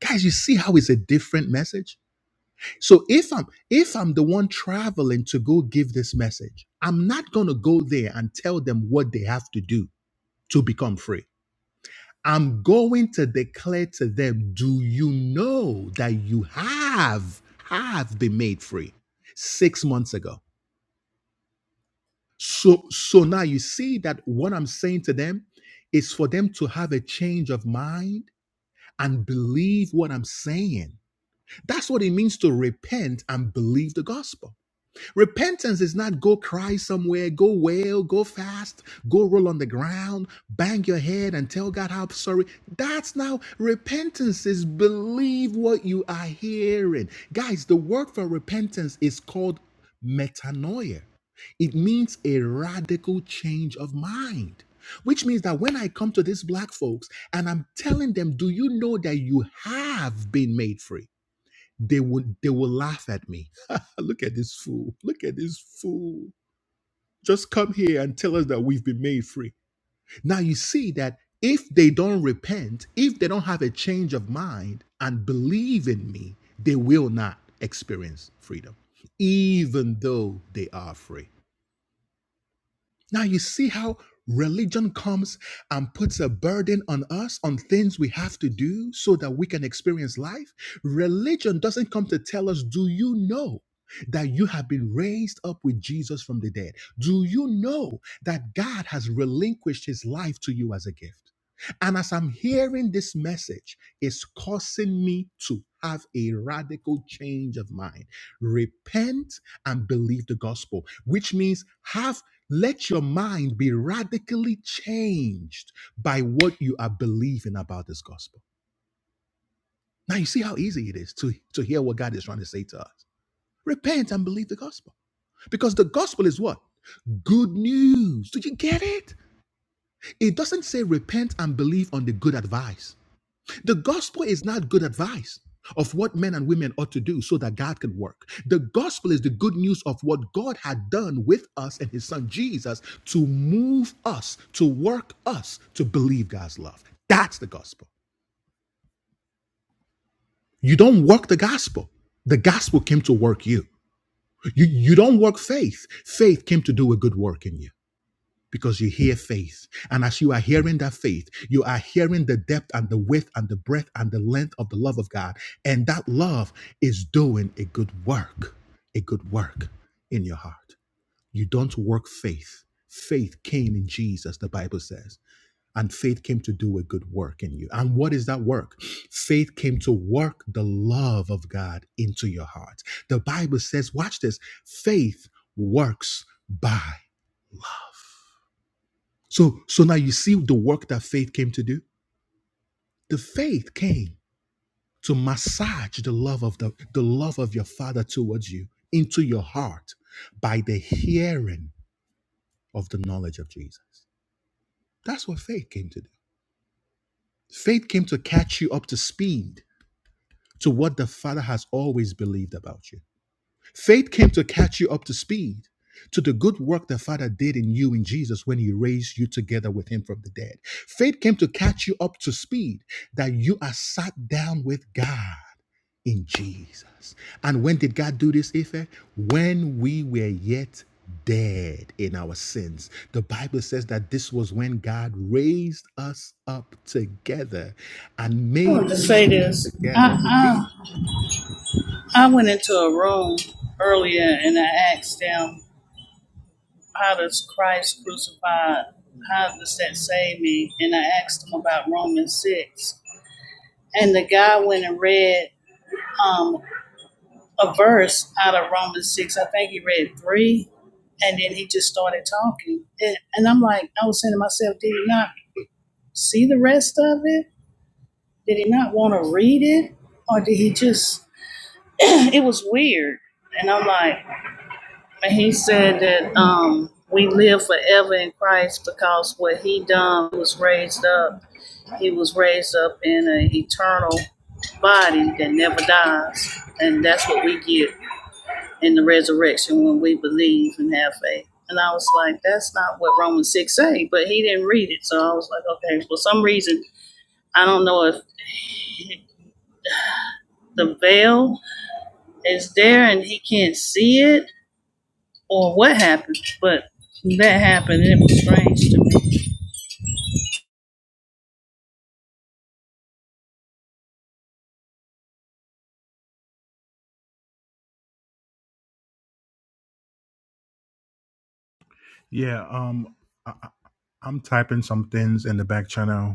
guys you see how it's a different message so if i'm if i'm the one traveling to go give this message i'm not going to go there and tell them what they have to do to become free i'm going to declare to them do you know that you have have been made free 6 months ago So, so now you see that what I'm saying to them is for them to have a change of mind and believe what I'm saying. That's what it means to repent and believe the gospel. Repentance is not go cry somewhere, go wail, go fast, go roll on the ground, bang your head and tell God how sorry. That's now repentance is believe what you are hearing. Guys, the word for repentance is called metanoia. It means a radical change of mind. Which means that when I come to these black folks and I'm telling them, do you know that you have been made free? they would they will laugh at me. Look at this fool. Look at this fool. Just come here and tell us that we've been made free. Now you see that if they don't repent, if they don't have a change of mind and believe in me, they will not experience freedom, even though they are free. Now you see how religion comes and puts a burden on us on things we have to do so that we can experience life. Religion doesn't come to tell us, do you know? That you have been raised up with Jesus from the dead. Do you know that God has relinquished his life to you as a gift? And as I'm hearing this message, it's causing me to have a radical change of mind. Repent and believe the gospel, which means have let your mind be radically changed by what you are believing about this gospel. Now, you see how easy it is to, to hear what God is trying to say to us. Repent and believe the gospel. Because the gospel is what? Good news. Did you get it? It doesn't say repent and believe on the good advice. The gospel is not good advice of what men and women ought to do so that God can work. The gospel is the good news of what God had done with us and his son Jesus to move us, to work us to believe God's love. That's the gospel. You don't work the gospel. The gospel came to work you. You, you don't work faith. Faith came to do a good work in you. because you hear faith. And as you are hearing that faith, you are hearing the depth and the width and the breadth and the length of the love of God. And that love is doing a good work, a good work in your heart. You don't work faith. Faith came in Jesus, the Bible says. And faith came to do a good work in you. And what is that work? Faith came to work the love of God into your heart. The Bible says, watch this faith works by so, so now you see the work that faith came to do. The faith came to massage the love of the, the love of your father towards you into your heart by the hearing of the knowledge of Jesus. That's what faith came to do. Faith came to catch you up to speed to what the Father has always believed about you. Faith came to catch you up to speed to the good work the Father did in you in Jesus when He raised you together with Him from the dead. Faith came to catch you up to speed that you are sat down with God in Jesus. And when did God do this, Ife? When we were yet dead in our sins. The Bible says that this was when God raised us up together and it. I made wanted to us say sit this. together with Him. I, I, I went into a room earlier and I asked them, How does Christ crucified? How does that save me? And I asked them about Romans 6. And the guy went and read um, a verse out of Romans 6. I think he read 3. And then he just started talking. And, and I'm like, I was saying to myself, Did he not see the rest of it? Did he not want to read it? Or did he just, it was weird. And I'm like, and he said that um, we live forever in Christ because what he done was raised up. He was raised up in an eternal body that never dies. And that's what we get in the resurrection when we believe and have faith. And I was like, that's not what Romans 6 say, but he didn't read it. So I was like, okay, for some reason, I don't know if the veil is there and he can't see it or what happened, but that happened. and It was strange to Yeah. Um. I, I'm typing some things in the back channel,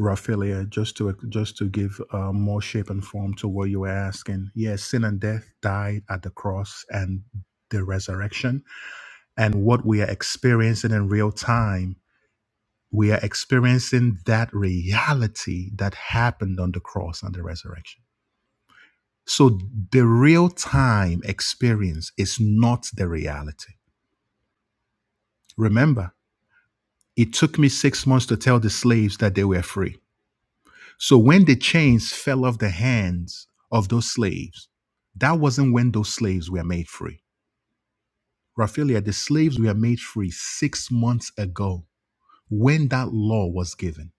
Raphaelia, just to just to give uh, more shape and form to what you were asking. Yes, sin and death died at the cross and the resurrection, and what we are experiencing in real time, we are experiencing that reality that happened on the cross and the resurrection. So the real time experience is not the reality. Remember, it took me six months to tell the slaves that they were free. So when the chains fell off the hands of those slaves, that wasn't when those slaves were made free. Raphaelia, the slaves were made free six months ago when that law was given.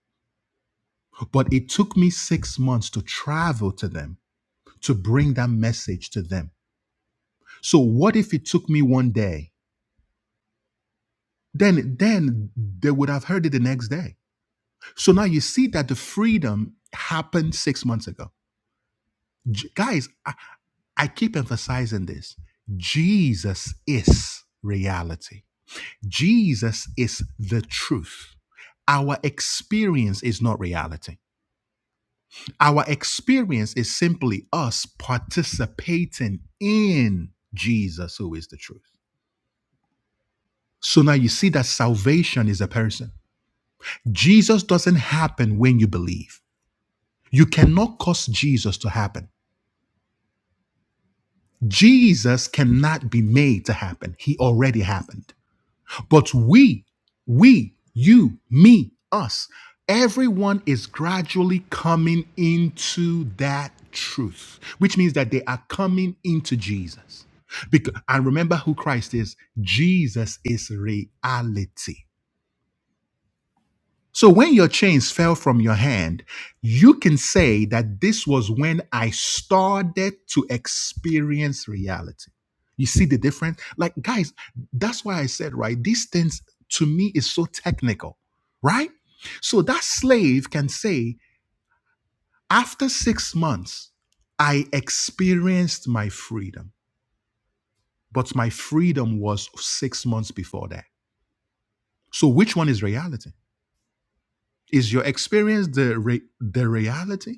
But it took me six months to travel to them to bring that message to them. So what if it took me one day? Then then they would have heard it the next day. So now you see that the freedom happened six months ago. J- guys, I, I keep emphasizing this. Jesus is reality. Jesus is the truth. Our experience is not reality. Our experience is simply us participating in Jesus, who is the truth. So now you see that salvation is a person. Jesus doesn't happen when you believe. You cannot cause Jesus to happen. Jesus cannot be made to happen. He already happened. But we, we, you, me, us, everyone is gradually coming into that truth, which means that they are coming into Jesus. Because, and remember who Christ is Jesus is reality. So when your chains fell from your hand, you can say that this was when I started to experience reality. You see the difference? Like, guys, that's why I said, right? These things to me is so technical, right? So that slave can say, after six months, I experienced my freedom, but my freedom was six months before that. So which one is reality? Is your experience the re- the reality?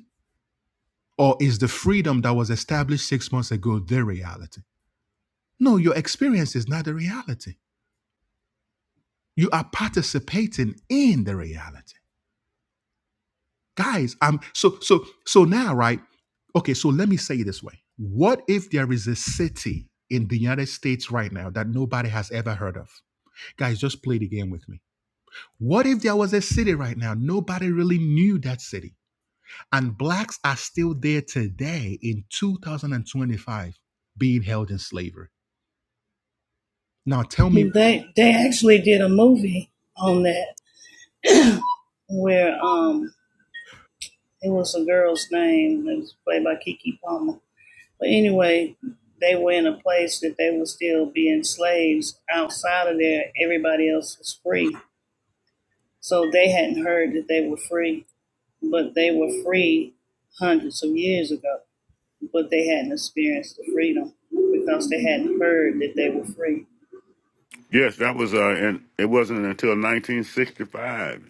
Or is the freedom that was established six months ago their reality? No, your experience is not the reality. You are participating in the reality. Guys, I'm so so so now, right? Okay, so let me say it this way. What if there is a city in the United States right now that nobody has ever heard of? Guys, just play the game with me. What if there was a city right now nobody really knew that city? And blacks are still there today in 2025 being held in slavery. Now tell me me. They they actually did a movie on that where um it was a girl's name. It was played by Kiki Palmer. But anyway, they were in a place that they were still being slaves. Outside of there, everybody else was free. So they hadn't heard that they were free, but they were free hundreds of years ago. but they hadn't experienced the freedom because they hadn't heard that they were free. Yes, that was, uh, and it wasn't until 1965.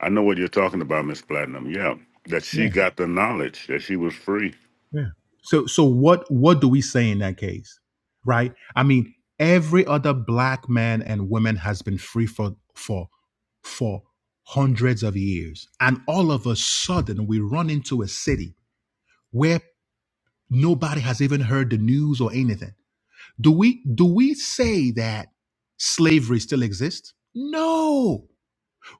I know what you're talking about, Miss Platinum. Yeah, that she Yeah, got the knowledge that she was free. yeah. so so what what do we say in that case? Right? I mean, every other black man and woman has been free for for for hundreds of years. And all of a sudden we run into a city where nobody has even heard the news or anything. Do we do we say that slavery still exists? No.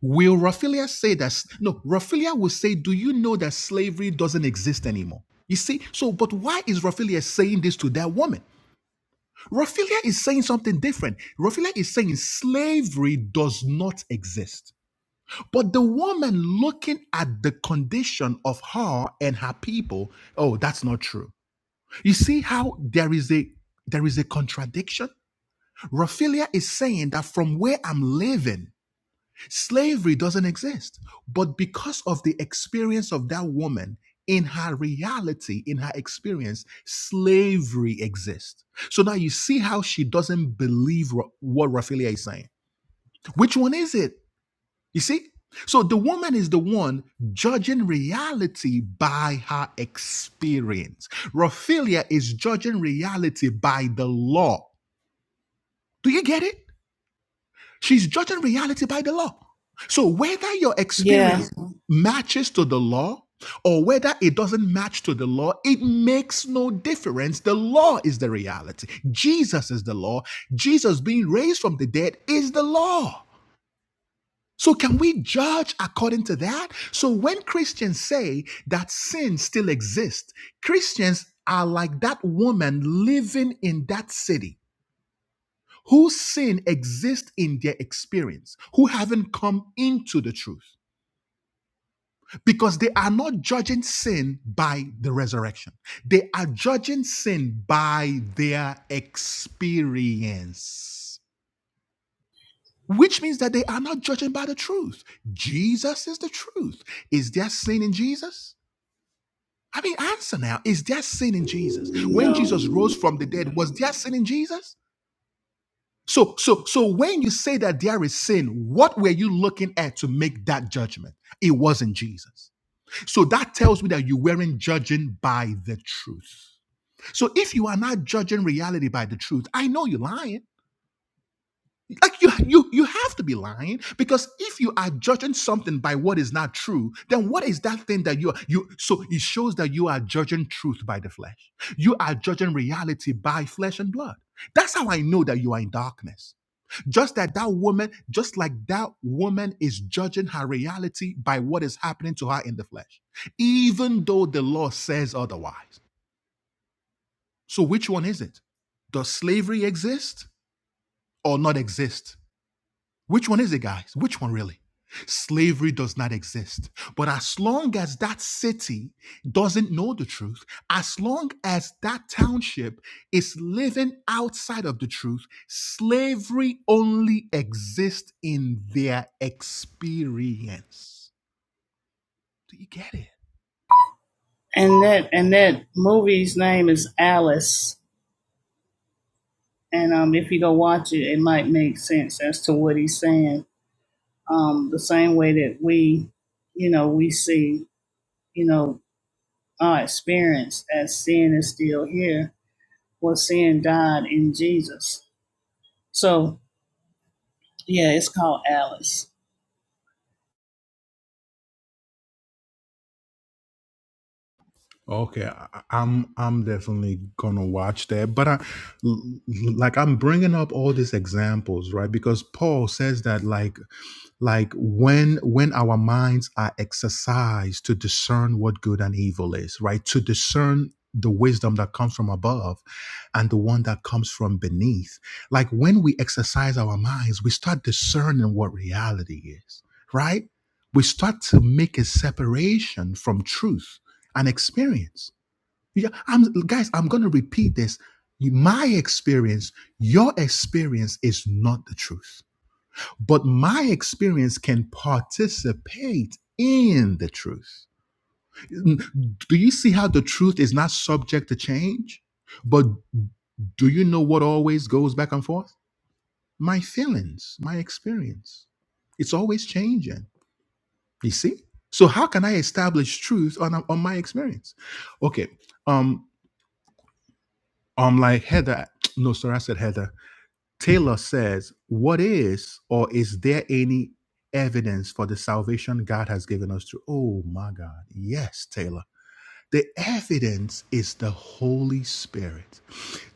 Will Raphaelia say that? No, Raphaelia will say, Do you know that slavery doesn't exist anymore? You see, so, but why is Raphaelia saying this to that woman? Raphaelia is saying something different. Raphaelia is saying slavery does not exist. But the woman looking at the condition of her and her people, oh, that's not true. You see how there is a there is a contradiction? Raphaelia is saying that from where I'm living, Slavery doesn't exist. But because of the experience of that woman, in her reality, in her experience, slavery exists. So now you see how she doesn't believe Ra- what Raphaelia is saying. Which one is it? You see? So the woman is the one judging reality by her experience. Raphaelia is judging reality by the law. Do you get it? She's judging reality by the law. So whether your Yeah, experience matches to the law or whether it doesn't match to the law, it makes no difference. The law is the reality. Jesus is the law. Jesus being raised from the dead is the law. So can we judge according to that? So when Christians say that sin still exists, Christians are like that woman living in that city whose sin exists in their experience, who haven't come into the truth, because they are not judging sin by the resurrection. They are judging sin by their experience. Which means that they are not judging by the truth. Jesus is the truth. Is there sin in Jesus? I mean, answer now. Is there sin in Jesus? When Jesus no. rose from the dead, was there sin in Jesus? So, so, so when you say that there is sin, what were you looking at to make that judgment? It wasn't Jesus. So that tells me that you weren't judging by the truth. So if you are not judging reality by the truth, I know you're lying. Like you, you, you have to be lying because if you are judging something by what is not true, then what is that thing that you are, you? So it shows that you are judging truth by the flesh. You are judging reality by flesh and blood. That's how I know that you are in darkness just that that woman, just like that woman is judging her reality by what is happening to her in the flesh, even though the law says otherwise. So which one is it? Does slavery exist or not exist? Which one is it, guys? Which one really? Slavery does not exist. But as long as that city doesn't know the truth, as long as that township is living outside of the truth, slavery only exists in their experience. Do you get it? And that and that movie's name is Alice. And um, if you go watch it, it might make sense as to what he's saying. Um, the same way that we, you know, we see, you know, our experience as sin is still here, Well, sin died in Jesus. So yeah, it's called Alice. Okay, I- I'm I'm definitely gonna watch that. But I l- like I'm bringing up all these examples, right? Because Paul says that like like when when our minds are exercised to discern what good and evil is, right? To discern the wisdom that comes from above and the one that comes from beneath. Like when we exercise our minds, we start discerning what reality is, right? We start to make a separation from truth an experience. Yeah, I'm guys, I'm gonna repeat this. My experience, your experience is not the truth. But my experience can participate in the truth. Mm, Do you see how the truth is not subject to change? But do you know what always goes back and forth? My feelings, my experience. It's always changing. You see? So how can I establish truth on, on my experience? Okay. Um. I'm like, Heather, no, sorry, I said Heather. Taylor says, What is or is there any evidence for the salvation God has given us through? Oh my God. Yes, Taylor. The evidence is the Holy Spirit,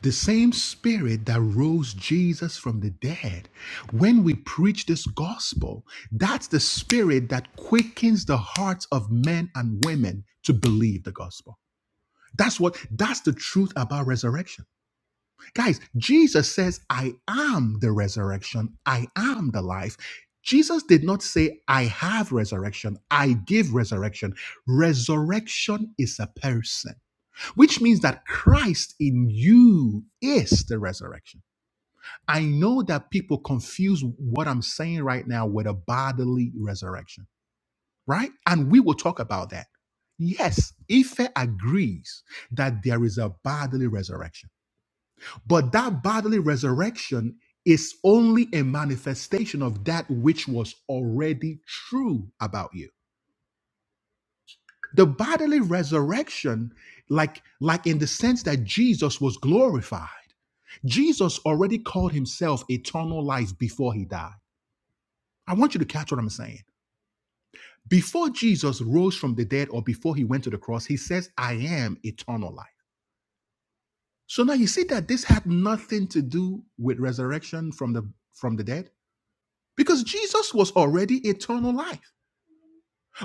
the same Spirit that rose Jesus from the dead. When we preach this gospel, that's the Spirit that quickens the hearts of men and women to believe the gospel. That's what, that's the truth about resurrection Guys, Jesus says, I am the resurrection, I am the life. Jesus did not say, I have resurrection, I give resurrection. Resurrection is a person, which means that Christ in you is the resurrection. I know that people confuse what I'm saying right now with a bodily resurrection, right? And we will talk about that. Yes, Ife agrees that there is a bodily resurrection. But that bodily resurrection is only a manifestation of that which was already true about you. The bodily resurrection, like, like in the sense that Jesus was glorified, Jesus already called himself eternal life before he died. I want you to catch what I'm saying. Before Jesus rose from the dead or before he went to the cross, he says, I am eternal life. So now you see that this had nothing to do with resurrection from the from the dead Because Jesus was already eternal life.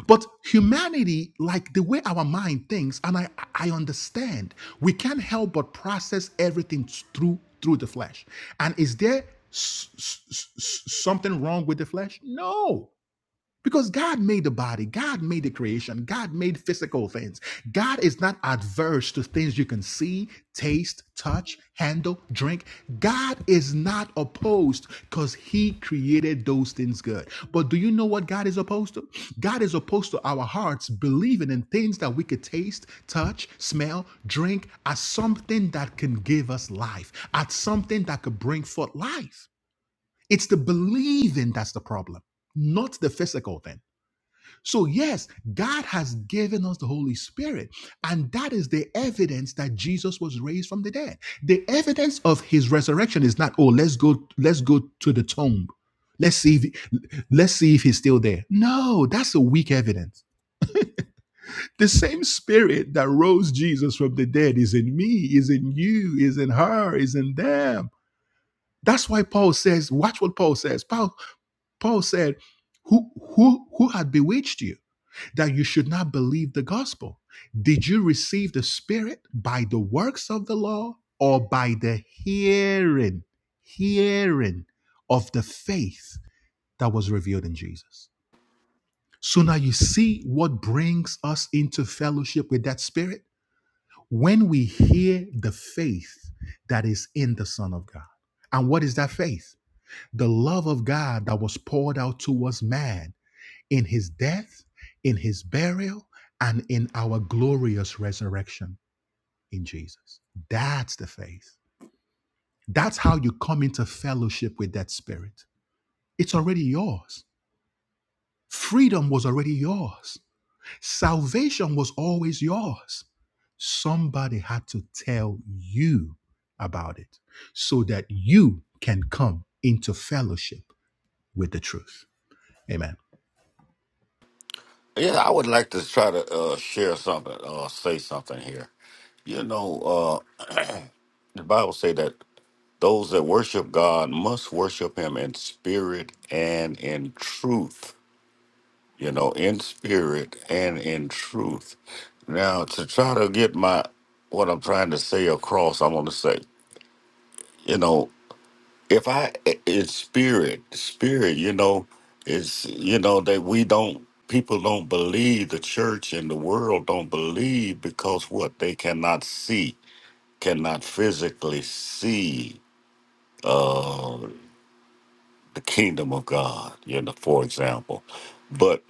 But humanity, like the way our mind thinks, and I, I understand, we can't help but process everything through through the flesh. And is there s- s- s- something wrong with the flesh? No. Because God made the body, God made the creation, God made physical things. God is not adverse to things you can see, taste, touch, handle, drink. God is not opposed because He created those things good. But do you know what God is opposed to? God is opposed to our hearts believing in things that we could taste, touch, smell, drink as something that can give us life, as something that could bring forth life. It's the believing that's the problem, not the physical thing. So, yes, God has given us the Holy Spirit, and that is the evidence that Jesus was raised from the dead. The evidence of his resurrection is not, oh, let's go, let's go to the tomb. Let's see if let's see if he's still there. No, that's a weak evidence. The same spirit that rose Jesus from the dead is in me, is in you, is in her, is in them. That's why Paul says, watch what Paul says. Paul, Paul said, Who who who had bewitched you? that you should not believe the gospel. Did you receive the Spirit by the works of the law or by the hearing, hearing of the faith that was revealed in Jesus? So now you see what brings us into fellowship with that Spirit when we hear the faith that is in the Son of God. And what is that faith? The love of God that was poured out towards man in his death, in his burial, and in our glorious resurrection in Jesus. That's the faith. That's how you come into fellowship with that spirit. It's already yours. Freedom was already yours. Salvation was always yours. Somebody had to tell you about it so that you can come into fellowship with the truth. Amen. Yeah, I would like to try to uh, share something, uh, say something here. You know, uh, the Bible say that those that worship God must worship Him in spirit and in truth. You know, in spirit and in truth. Now, to try to get my what I'm trying to say across, I want to say, you know, if I it's spirit, spirit, you know, it's you know that we don't people don't believe the church and the world don't believe because what they cannot see, cannot physically see the kingdom of God, you know, for example. But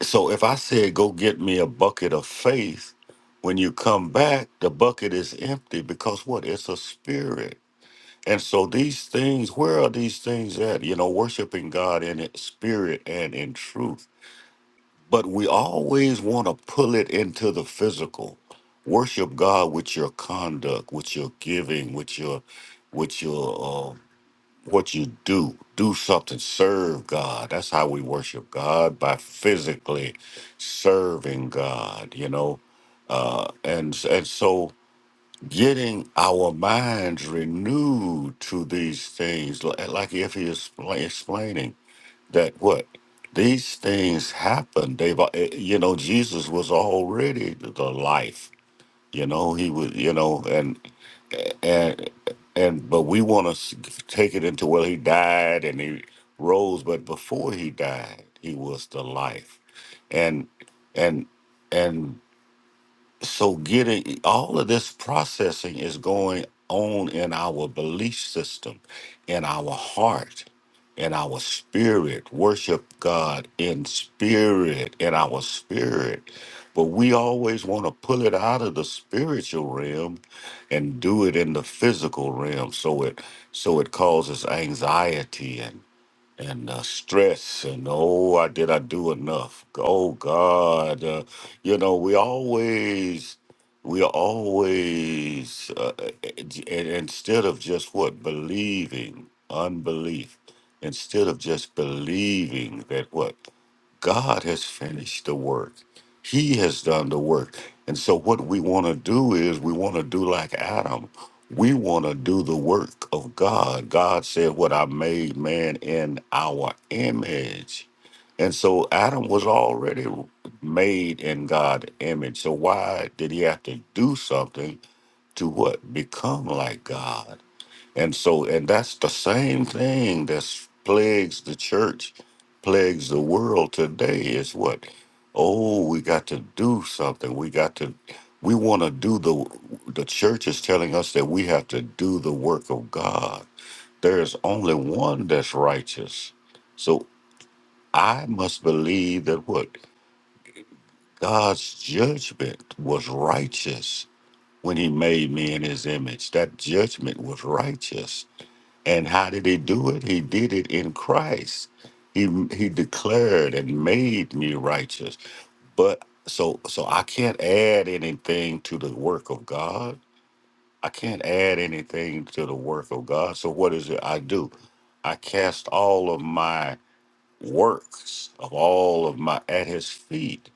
so if I said go get me a bucket of faith, when you come back, the bucket is empty because what? It's a spirit And so these things, where are these things at? You know, worshiping God in it, spirit and in truth. But we always want to pull it into the physical. Worship God with your conduct, with your giving, with your, with your, uh, what you do. Do something. Serve God. That's how we worship God by physically serving God. You know, uh, and and so getting our minds renewed to these things, li- like if he is expla- explaining that what these things happen. They've, al- eh, you know, Jesus was already the the life. You know, he was, you know, and and and but we want to take it into well, he died and he rose, but before he died, he was the life, and and and so getting all of this processing is going on in our belief system in our heart in our spirit worship god in spirit in our spirit but we always want to pull it out of the spiritual realm and do it in the physical realm so it so it causes anxiety and uh, stress and oh i did i do enough oh god uh, you know we always we are always uh, and and instead of just what believing unbelief instead of just believing that what god has finished the work he has done the work and so what we want to do is we want to do like adam we want to do the work of God. God said, What I made man in our image. And so Adam was already made in God's image. So why did he have to do something to what? Become like God. And so, and that's the same thing that's plagues the church, plagues the world today is what? Oh, we got to do something. We got to, we want to do the, the church is telling us that we have to do the work of God. There is only one that's righteous. So I must believe that what? God's judgment was righteous when he made me in his image. That judgment was righteous. And how did he do it? He did it in Christ. He he declared and made me righteous. But so so I can't add anything to the work of God. I can't add anything to the work of God. So what is it I do? I cast all of my works of all of my at his feet.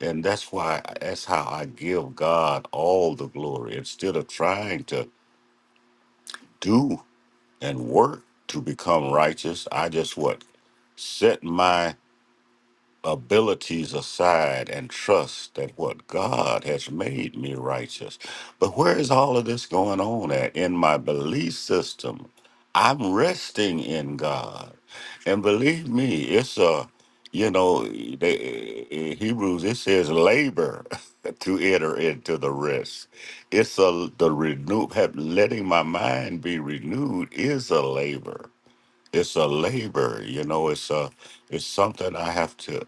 And that's why that's how I give God all the glory instead of trying to do and work to become righteous. I just what? Set my abilities aside and trust that what God has made me righteous. But where is all of this going on at? In my belief system, I'm resting in God. And believe me, it's a, you know, they, in Hebrews, it says labor to enter into the rest. It's a, the renew, have, letting my mind be renewed is a labor it's a labor you know it's a it's something i have to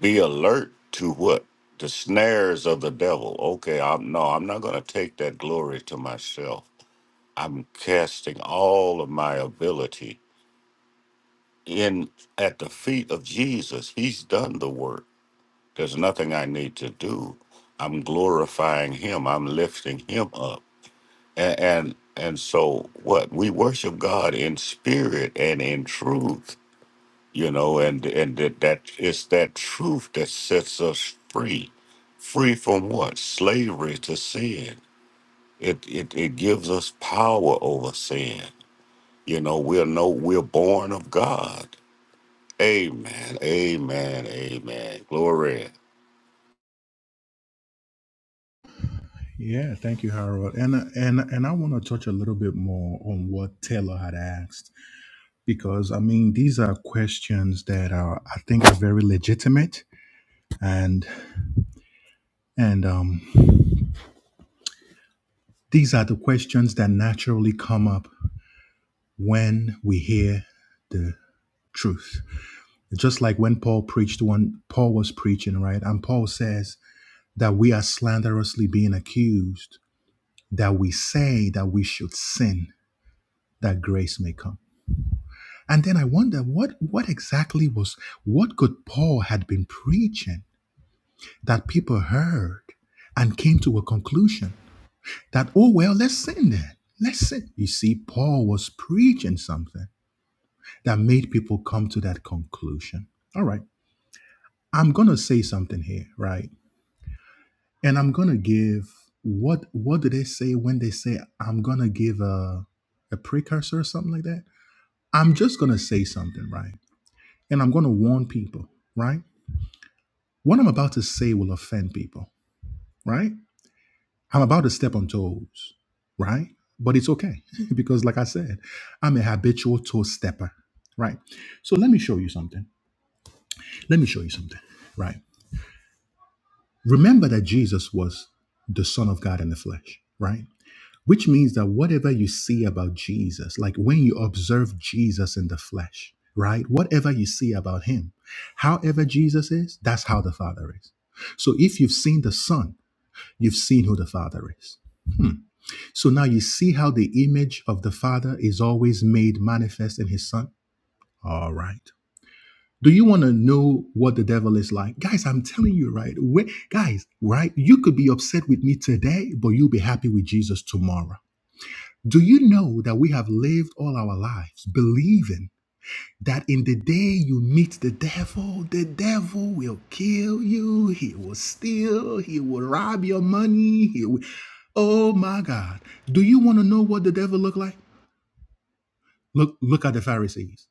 be alert to what the snares of the devil okay i'm no i'm not going to take that glory to myself i'm casting all of my ability in at the feet of jesus he's done the work there's nothing i need to do i'm glorifying him i'm lifting him up and and, and so what we worship god in spirit and in truth you know, and and that, that it's that truth that sets us free, free from what slavery to sin. It it it gives us power over sin. You know, we're no we're born of God. Amen. Amen. Amen. Glory. Yeah, thank you, Harold. And and and I want to touch a little bit more on what Taylor had asked because I mean these are questions that are I think are very legitimate and and um these are the questions that naturally come up when we hear the truth. Just like when Paul preached when Paul was preaching, right? And Paul says that we are slanderously being accused that we say that we should sin that grace may come And then I wonder what what exactly was what could Paul had been preaching that people heard and came to a conclusion that oh well let's sin then let's sin. You see, Paul was preaching something that made people come to that conclusion. All right, I'm gonna say something here, right? And I'm gonna give what what do they say when they say I'm gonna give a a precursor or something like that? I'm just gonna say something, right? And I'm gonna warn people, right? What I'm about to say will offend people, right? I'm about to step on toes, right? But it's okay because, like I said, I'm a habitual toe stepper, right? So let me show you something. Let me show you something, right? Remember that Jesus was the Son of God in the flesh, right? Which means that whatever you see about Jesus, like when you observe Jesus in the flesh, right? Whatever you see about him, however Jesus is, that's how the Father is. So if you've seen the Son, You've seen who the Father is. So now you see how the image of the Father is always made manifest in His Son? All right. Do you want to know what the devil is like? Guys, I'm telling you, right? we- guys, right? You could be upset with me today, but you'll be happy with Jesus tomorrow. Do you know that we have lived all our lives believing? that in the day you meet the devil, the devil will kill you, he will steal, he will rob your money, he will Oh my God. Do you want to know what the devil looked like? Look look at the Pharisees.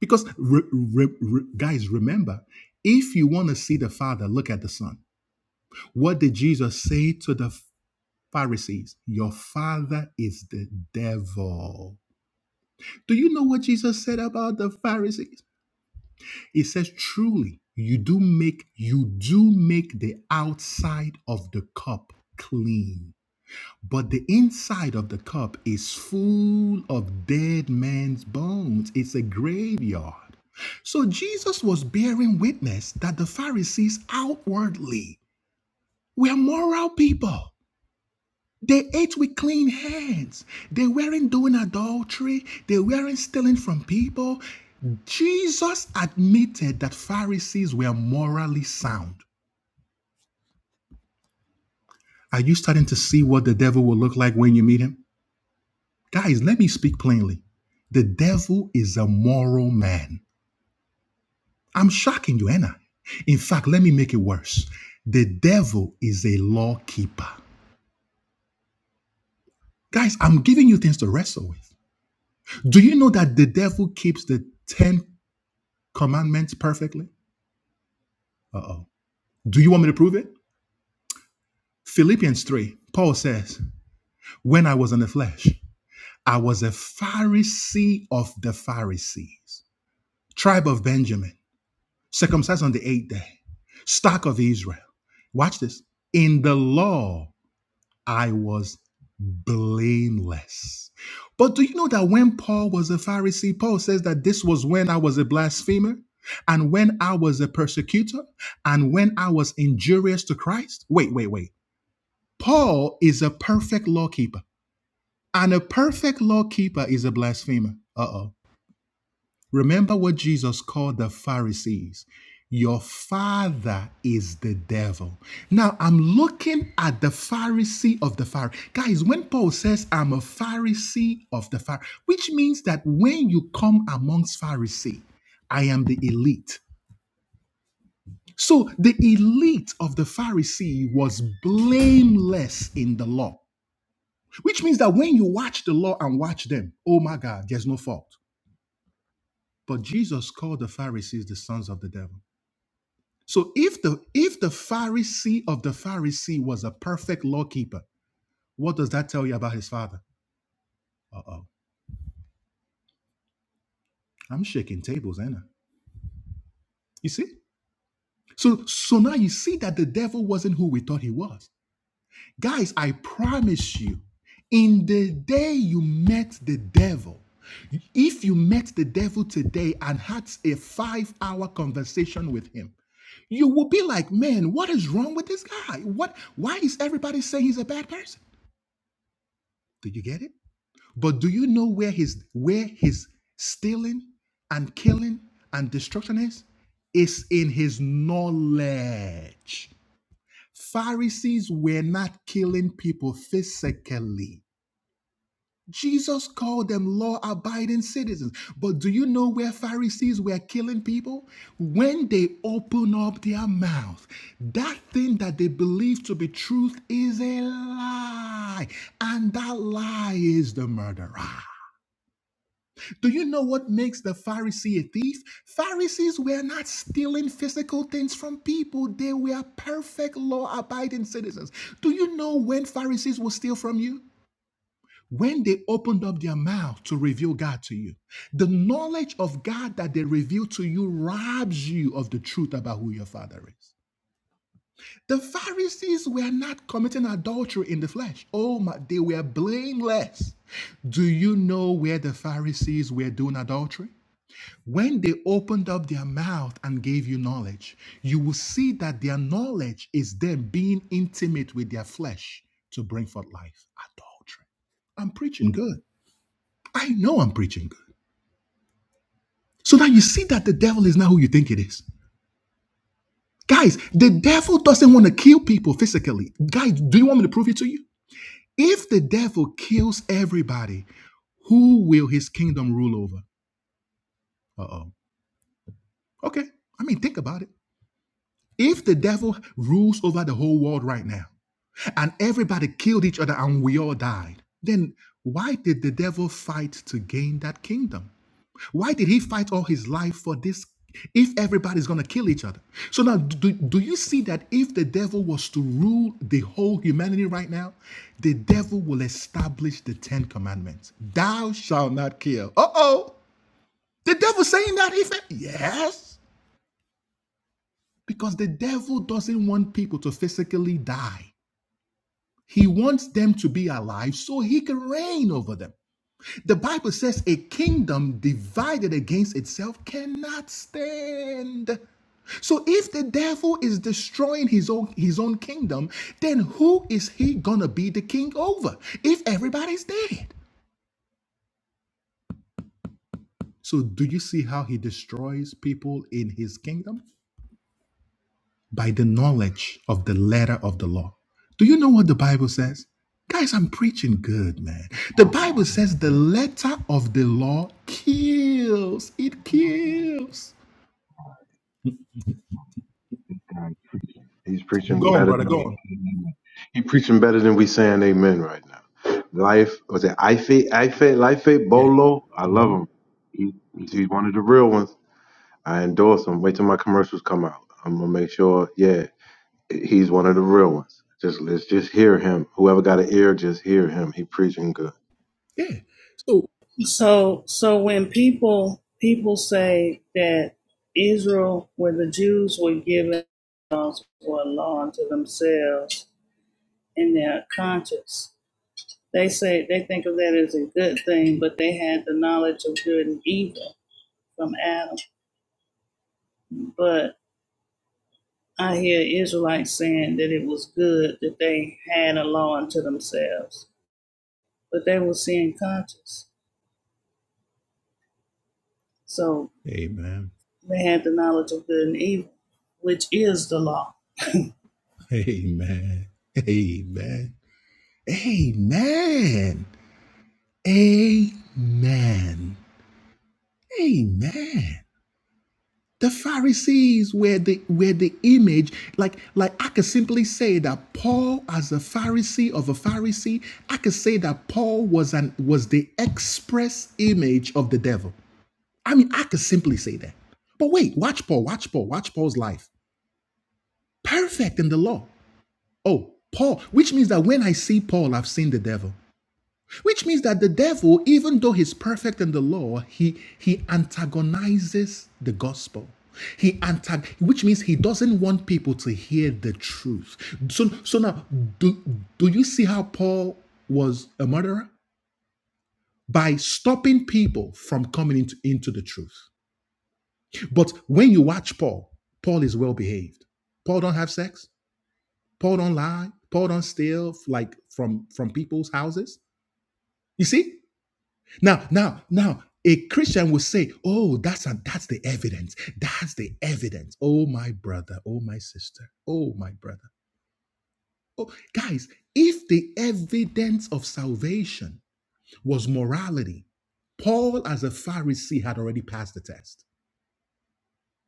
Because re- re- re- guys, remember, if you want to see the Father, look at the Son. What did Jesus say to the Pharisees? Your father is the devil. Do you know what Jesus said about the Pharisees? It says, truly, you do make you do make the outside of the cup clean, but the inside of the cup is full of dead man's bones. It's a graveyard. So Jesus was bearing witness that the Pharisees outwardly were moral people. They ate with clean hands. They weren't doing adultery. They weren't stealing from people. Jesus admitted that Pharisees were morally sound. Are you starting to see what the devil will look like when you meet him? Guys, let me speak plainly. The devil is a moral man. I'm shocking you, Anna. In fact, let me make it worse. The devil is a law keeper. Guys, I'm giving you things to wrestle with. Do you know that the devil keeps the 10 commandments perfectly? Uh oh. Do you want me to prove it? Philippians 3, Paul says, When I was in the flesh, I was a Pharisee of the Pharisees, tribe of Benjamin, circumcised on the eighth day, stock of Israel. Watch this. In the law. I was blameless. But do you know that when Paul was a Pharisee, Paul says that this was when I was a blasphemer and when I was a persecutor and when I was injurious to Christ? Wait, wait, wait. Paul is a perfect law keeper, and a perfect law keeper is a blasphemer. Uh oh. Remember what Jesus called the Pharisees. Your father is the devil. Now I'm looking at the Pharisee of the Pharisee. Guys, when Paul says I'm a Pharisee of the Pharisee, which means that when you come amongst Pharisee, I am the elite. So the elite of the Pharisee was blameless in the law, which means that when you watch the law and watch them, oh my God, there's no fault. But Jesus called the Pharisees the sons of the devil. So if the if the Pharisee of the Pharisee was a perfect lawkeeper, what does that tell you about his father? Uh-oh. I'm shaking tables, ain't I? You see? So so now you see that the devil wasn't who we thought he was. Guys, I promise you, in the day you met the devil, if you met the devil today and had a five-hour conversation with him, you will be like, man, what is wrong with this guy? What why is everybody saying he's a bad person? Do you get it? But do you know where his where his stealing and killing and destruction is? Is in his knowledge. Pharisees were not killing people physically. Jesus called them law abiding citizens. But do you know where Pharisees were killing people? When they open up their mouth, that thing that they believe to be truth is a lie. And that lie is the murderer. Do you know what makes the Pharisee a thief? Pharisees were not stealing physical things from people, they were perfect law abiding citizens. Do you know when Pharisees will steal from you? When they opened up their mouth to reveal God to you, the knowledge of God that they reveal to you robs you of the truth about who your father is. The Pharisees were not committing adultery in the flesh. Oh my, they were blameless. Do you know where the Pharisees were doing adultery? When they opened up their mouth and gave you knowledge, you will see that their knowledge is them being intimate with their flesh to bring forth life. Adultery. I'm preaching good. I know I'm preaching good. So now you see that the devil is not who you think it is. Guys, the devil doesn't want to kill people physically. Guys, do you want me to prove it to you? If the devil kills everybody, who will his kingdom rule over? Uh oh. Okay. I mean, think about it. If the devil rules over the whole world right now and everybody killed each other and we all died, then why did the devil fight to gain that kingdom? Why did he fight all his life for this? If everybody's going to kill each other. So now, do, do you see that if the devil was to rule the whole humanity right now, the devil will establish the Ten Commandments Thou shalt not kill. Uh oh. The devil saying that? If it, yes. Because the devil doesn't want people to physically die. He wants them to be alive so he can reign over them. The Bible says a kingdom divided against itself cannot stand. So if the devil is destroying his own his own kingdom, then who is he going to be the king over if everybody's dead? So do you see how he destroys people in his kingdom? by the knowledge of the letter of the law. Do you know what the Bible says? Guys, I'm preaching good, man. The Bible says the letter of the law kills. It kills. God, He's preaching Go on, better than brother. Go on. we. He preaching better than we saying amen right now. Life was it Ife Ife Life Bolo? I love him. He, he's one of the real ones. I endorse him. Wait till my commercials come out. I'm gonna make sure. Yeah, He's one of the real ones. Just let's just hear him. Whoever got an ear, just hear him. He preaching good. Yeah. So, So, so when people people say that Israel, where the Jews were given laws or a law unto themselves in their conscience, they say they think of that as a good thing, but they had the knowledge of good and evil from Adam. But I hear Israelites saying that it was good that they had a law unto themselves, but they were sin conscious, so amen. they had the knowledge of good and evil, which is the law. Amen. Amen. Amen. Amen. Amen. The Pharisees were the were the image. Like like I could simply say that Paul, as a Pharisee of a Pharisee, I could say that Paul was an was the express image of the devil. I mean, I could simply say that. But wait, watch Paul, watch Paul, watch Paul's life. Perfect in the law. Oh, Paul, which means that when I see Paul, I've seen the devil. Which means that the devil, even though he's perfect in the law, he he antagonizes the gospel. He antag- which means he doesn't want people to hear the truth. So so now do, do you see how Paul was a murderer? By stopping people from coming into, into the truth. But when you watch Paul, Paul is well behaved. Paul don't have sex. Paul don't lie. Paul don't steal like from from people's houses. You see? Now, now, now, a Christian will say, "Oh, that's a, that's the evidence. That's the evidence." Oh, my brother. Oh, my sister. Oh, my brother. Oh, guys, if the evidence of salvation was morality, Paul, as a Pharisee, had already passed the test.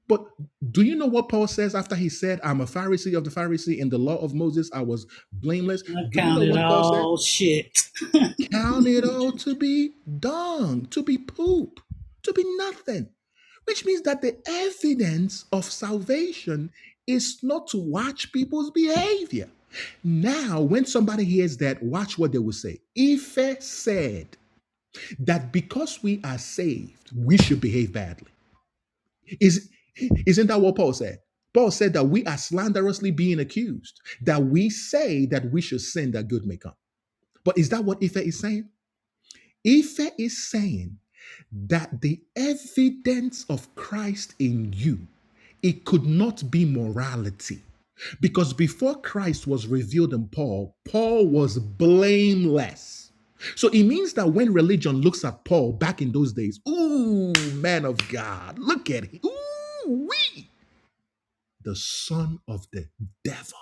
But do you know what Paul says after he said, "I'm a Pharisee of the Pharisee in the law of Moses. I was blameless." I Do you count know it what Paul said? all shit. Count it all to be dung, to be poop, to be nothing. Which means that the evidence of salvation is not to watch people's behavior. Now, when somebody hears that, watch what they will say. Ife said that because we are saved, we should behave badly. Is, isn't that what Paul said? Paul said that we are slanderously being accused, that we say that we should sin that good may come. But is that what Ife is saying? Ife is saying that the evidence of Christ in you, it could not be morality. Because before Christ was revealed in Paul, Paul was blameless. So it means that when religion looks at Paul back in those days, ooh, man of God, look at him. Ooh, wee, the son of the devil.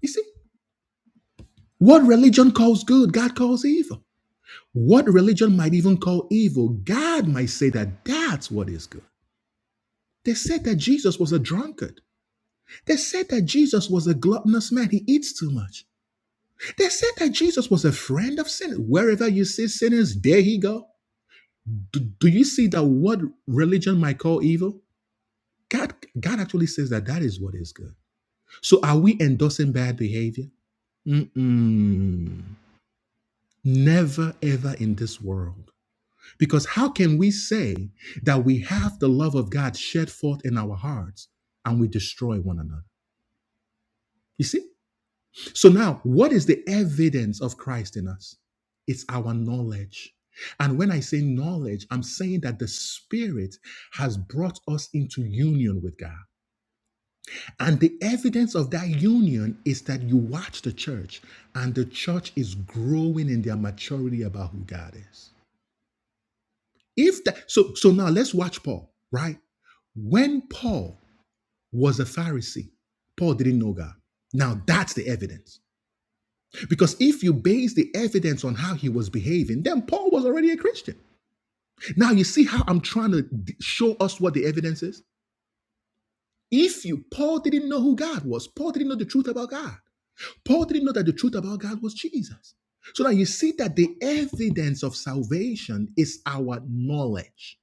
You see, what religion calls good, God calls evil. What religion might even call evil, God might say that that's what is good. They said that Jesus was a drunkard. They said that Jesus was a gluttonous man. He eats too much. They said that Jesus was a friend of sinners. Wherever you see sinners, there he go. Do, do you see that what religion might call evil? God, God actually says that that is what is good. So are we endorsing bad behavior? Mm-mm. Never ever in this world. Because how can we say that we have the love of God shed forth in our hearts and we destroy one another? You see? So now, what is the evidence of Christ in us? It's our knowledge. And when I say knowledge, I'm saying that the Spirit has brought us into union with God. And the evidence of that union is that you watch the church, and the church is growing in their maturity about who God is. If that so so now let's watch Paul, right? When Paul was a Pharisee, Paul didn't know God. Now that's the evidence. Because if you base the evidence on how he was behaving, then Paul was already a Christian. Now you see how I'm trying to show us what the evidence is? If you Paul didn't know who God was, Paul didn't know the truth about God. Paul didn't know that the truth about God was Jesus. So now you see that the evidence of salvation is our knowledge.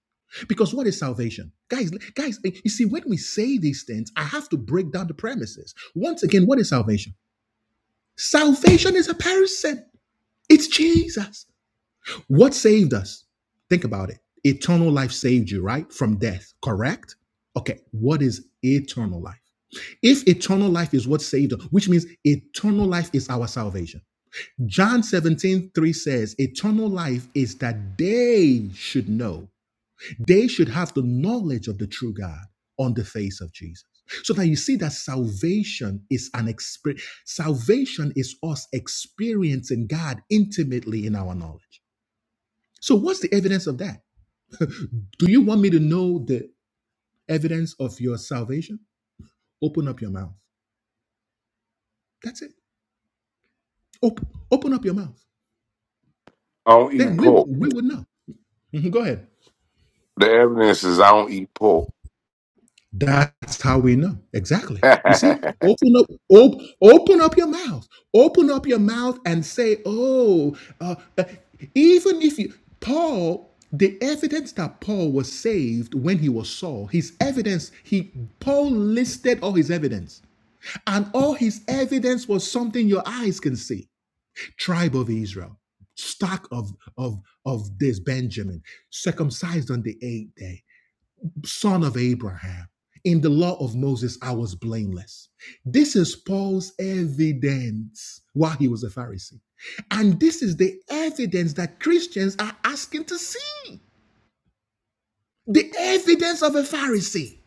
Because what is salvation? Guys, guys, you see, when we say these things, I have to break down the premises. Once again, what is salvation? Salvation is a person, it's Jesus. What saved us? Think about it. Eternal life saved you, right? From death, correct? Okay, what is eternal life? If eternal life is what saved us, which means eternal life is our salvation John 17 3 says, Eternal life is that they should know, they should have the knowledge of the true God on the face of Jesus. So that you see that salvation is an experience. Salvation is us experiencing God intimately in our knowledge. So, what's the evidence of that? Do you want me to know the evidence of your salvation? Open up your mouth. That's it. Open, open up your mouth. I don't eat Then we, pork. we would know. Mhm, Go ahead. The evidence is I don't eat pork. That's how we know. Exactly. You see, open up, op- open up your mouth, open up your mouth and say, oh, uh, uh, even if you, Paul, the evidence that Paul was saved when he was Saul, his evidence, he, Paul listed all his evidence. And all his evidence was something your eyes can see. Tribe of Israel, stock of, of, of this Benjamin, circumcised on the eighth day son of Abraham. In the law of Moses, I was blameless. This is Paul's evidence while he was a Pharisee. And this is the evidence that Christians are asking to see the evidence of a Pharisee.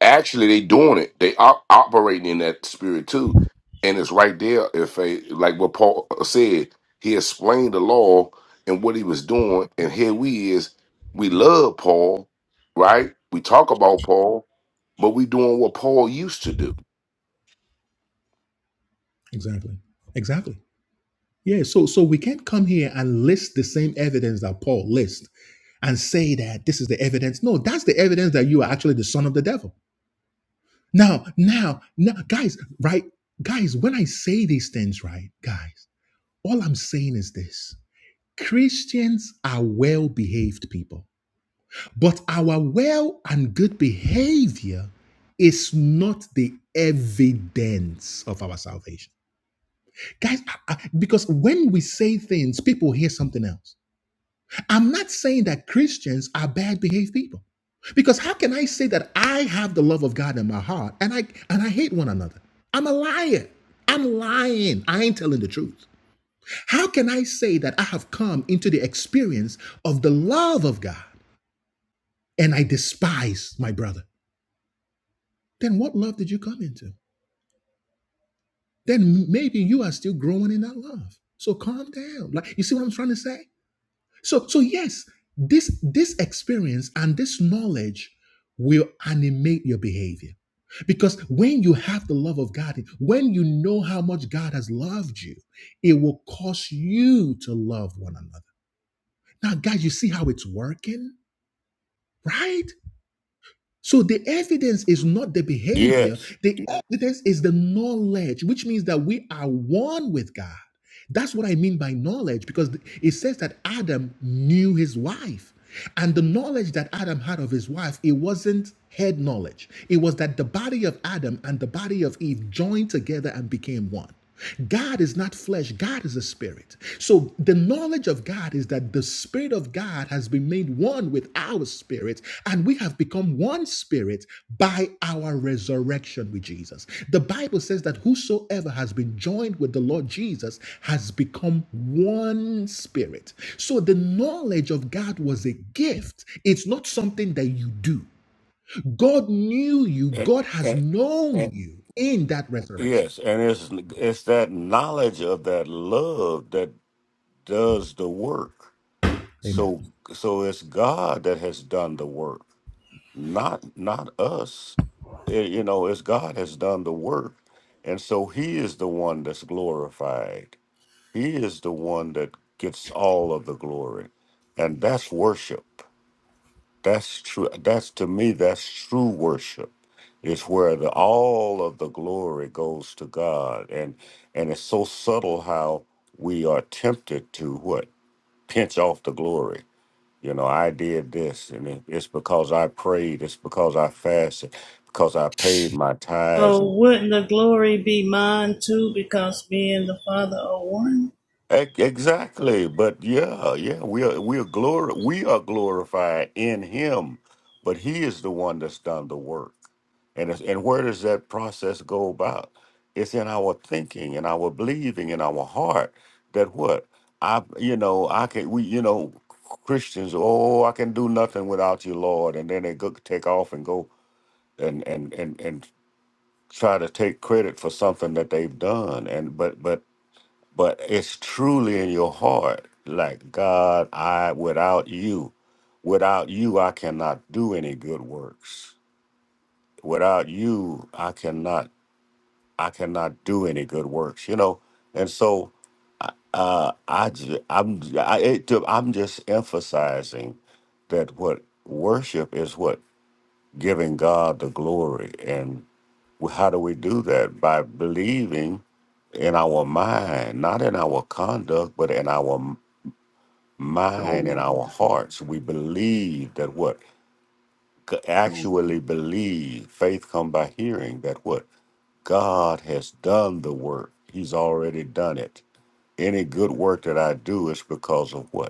Actually, they doing it. They are operating in that spirit too, and it's right there. If a like what Paul uh, said, he explained the law and what he was doing, and here we is. We love Paul, right? We talk about Paul, but we doing what Paul used to do. Exactly. Exactly. Yeah. So, so we can't come here and list the same evidence that Paul lists and say that this is the evidence. No, that's the evidence that you are actually the son of the devil. Now, now, now, guys, right? Guys, when I say these things, right, guys, all I'm saying is this Christians are well behaved people, but our well and good behavior is not the evidence of our salvation. Guys, I- I- because when we say things, people hear something else. I'm not saying that Christians are bad behaved people. Because how can I say that I have the love of God in my heart and I and I hate one another? I'm a liar. I'm lying. I ain't telling the truth. How can I say that I have come into the experience of the love of God and I despise my brother? Then what love did you come into? Then maybe you are still growing in that love. So calm down. Like you see what I'm trying to say? So, so yes, this this experience and this knowledge will animate your behavior. Because when you have the love of God, when you know how much God has loved you, it will cause you to love one another. Now, guys, you see how it's working, right? So the evidence is not the behavior, Yes. the Yeah. evidence is the knowledge, which means that we are one with God. That's what I mean by knowledge, because it says that Adam knew his wife. And the knowledge that Adam had of his wife, it wasn't head knowledge. It was that the body of Adam and the body of Eve joined together and became one. God is not flesh, God is a spirit. So the knowledge of God is that the spirit of of God has been made one with our spirit, and we have become one spirit by our resurrection with Jesus. The Bible says that whosoever has been joined with the Lord Jesus has become one spirit. So the knowledge of God was a gift, it's not something that you do. God knew you, And, God has and, known and, you in that resurrection. yes, and it's it's that knowledge of that love that does the work. Amen. So so it's God that has done the work not not us Eh, you know as god has done the work and so he is the one that's glorified he is the one that gets all of the glory and that's worship that's true that's to me that's true worship it's where the all of the glory goes to god and and it's so subtle how we are tempted to what pinch off the glory you know, I did this, and it, it's because I prayed, it's because I fasted, because I paid my tithes. So And, wouldn't the glory be mine too, because me and the Father are one? E- exactly, but yeah, yeah, we are we are glori- we are glorified in Him, but He is the one that's done the work. And it's, and where does that process go about? It's in our thinking and our believing in our heart that what I you know I can we you know Christians oh I can do nothing without you Lord and then they go, take off and go and and and and try to take credit for something that they've done and but but but it's truly in your heart like god i without you without you i cannot do any good works without you i cannot i cannot do any good works you know and so uh i ju- i'm I, it, i'm just emphasizing that what worship is what giving God the glory. And how do we do that? By believing in our mind, not in our conduct, but in our m- mind, in So, our hearts. We believe that what? C- so, Actually believe. Faith come by hearing that what? God has done the work. He's already done it. Any good work that I do is because of what?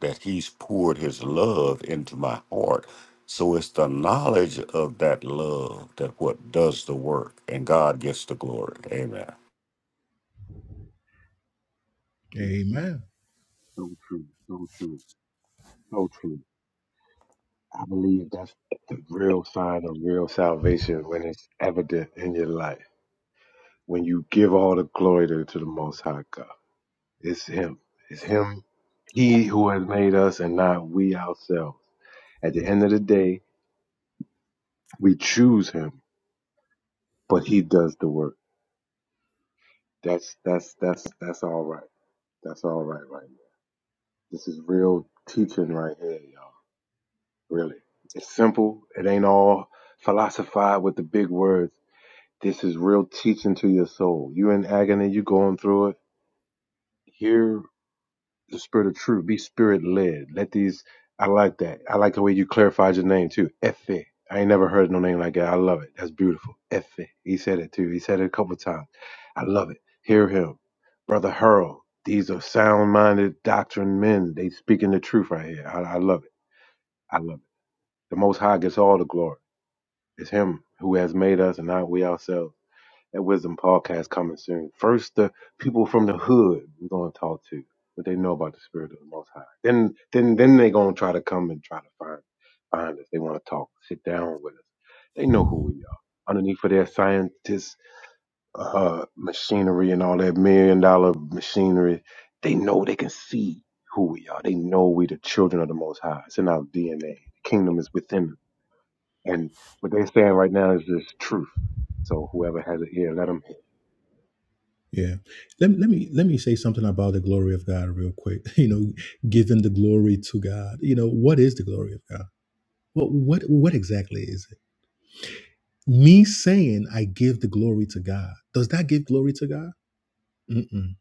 that he's poured his love into my heart. So it's the knowledge of that love that what does the work, and God gets the glory. Amen. yeah, Amen. so true, so true, so true. I believe that's the real sign of real salvation when it's evident in your life. When you give all the glory to, to the Most High God, it's Him. It's Him, He who has made us and not we ourselves. At the end of the day, we choose Him, but He does the work. That's, that's, that's, that's all right. That's all right, right? This is real teaching right here, y'all. Really. It's simple. It ain't all philosophize with the big words. This is real teaching to your soul. You in agony, you going through it. Hear the spirit of truth. Be spirit led. Let these I like that. I like the way you clarified your name too. Efe. I ain't never heard no name like that. I love it. That's beautiful. Efe. He said it too. He said it a couple of times. I love it. Hear him. Brother Hurl. These are sound minded doctrine men. They speaking the truth right here. I, I love it. I love it. The Most High gets all the glory. It's Him who has made us, and not we ourselves. That Wisdom podcast coming soon. First, the people from the hood we're gonna talk to, what they know about the Spirit of the Most High. Then, then, then they gonna try to come and try to find find us. They want to talk, sit down with us. They know who we are. Underneath of their scientists, uh, machinery, and all that million dollar machinery, they know they can see who we are. They know we the children of the Most High. It's in our DNA. The kingdom is within us and what they're saying right now is this truth. So whoever has an ear, let them. Yeah. Let, let me let me say something about the glory of God real quick. You know, giving the glory to God. You know, what is the glory of God? What what what exactly is it? Me saying I give the glory to God. Does that give glory to God? Mm-mm.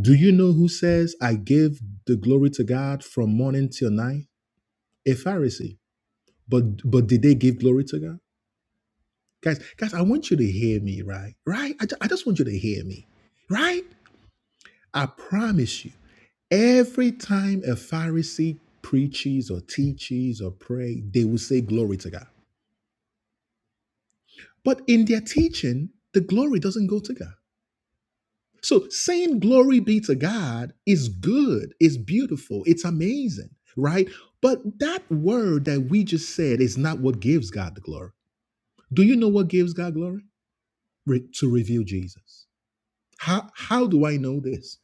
Do you know who says I give the glory to God from morning till night? A Pharisee. But but did they give glory to God? Guys, guys, I want you to hear me, right? Right? I, ju- I just want you to hear me, right? I promise you. Every time a Pharisee preaches or teaches or prays, they will say glory to God. But in their teaching, the glory doesn't go to God. So saying glory be to God is good, it's beautiful, it's amazing, right? But that word that we just said is not what gives God the glory. Do you know what gives God glory? Re- to reveal Jesus. How, how do I know this?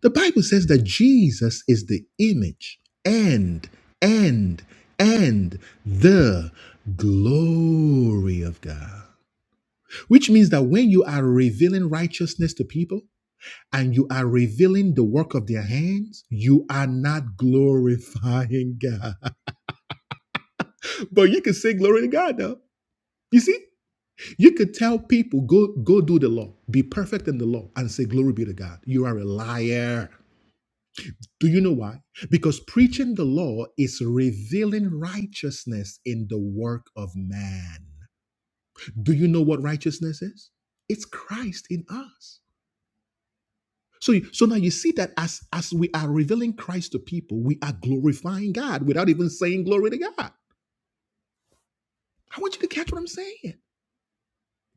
The Bible says that Jesus is the image and, and, and the glory of God. Which means that when you are revealing righteousness to people and you are revealing the work of their hands, you are not glorifying God. But you can say glory to God though. You see? You could tell people, go, go do the law, be perfect in the law, and say, Glory be to God. You are a liar. Do you know why? Because preaching the law is revealing righteousness in the work of man. Do you know what righteousness is? It's Christ in us. So, you- so now you see that as, as we are revealing Christ to people, we are glorifying God without even saying glory to God. I want you to catch what I'm saying.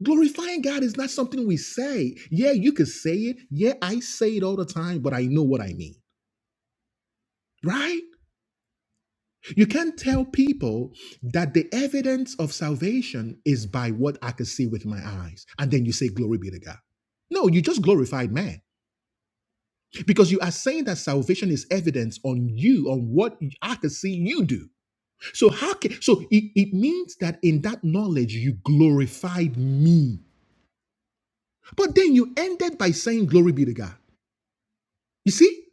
Glorifying God is not something we say. Yeah, you can say it. Yeah, I say it all the time, but I know what I mean, right? You can't tell people that the evidence of salvation is by what I can see with my eyes. And then you say, Glory be to God. No, you just glorified man because you are saying that salvation is evidence on you, on what I can see you do. So, how can, so it, it means that in that knowledge, you glorified me. But then you ended by saying, Glory be to God. You see?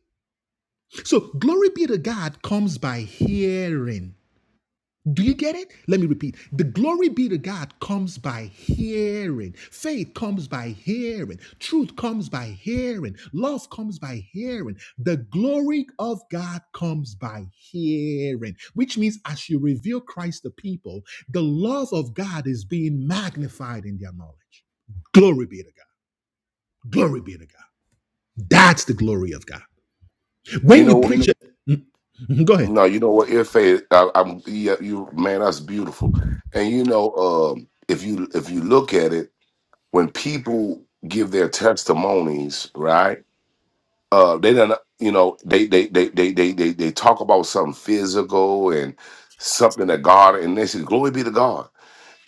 So, glory be to God comes by hearing Do you get it? Let me repeat. The glory be to God comes by hearing. Faith comes by hearing. Truth comes by hearing. Love comes by hearing. The glory of God comes by hearing, which means as you reveal Christ to people, the love of God is being magnified in their knowledge. Glory be to God. Glory be to God. That's the glory of God. When You you know, preach it, Mhm, go ahead. no, you know what? If a, I, I'm, yeah, you man, that's beautiful. And you know, um, if you if you look at it. when people give their testimonies, right? Uh, they don't, you know, they they they they they they, they talk about something physical and something that God, and they say, "Glory be to God."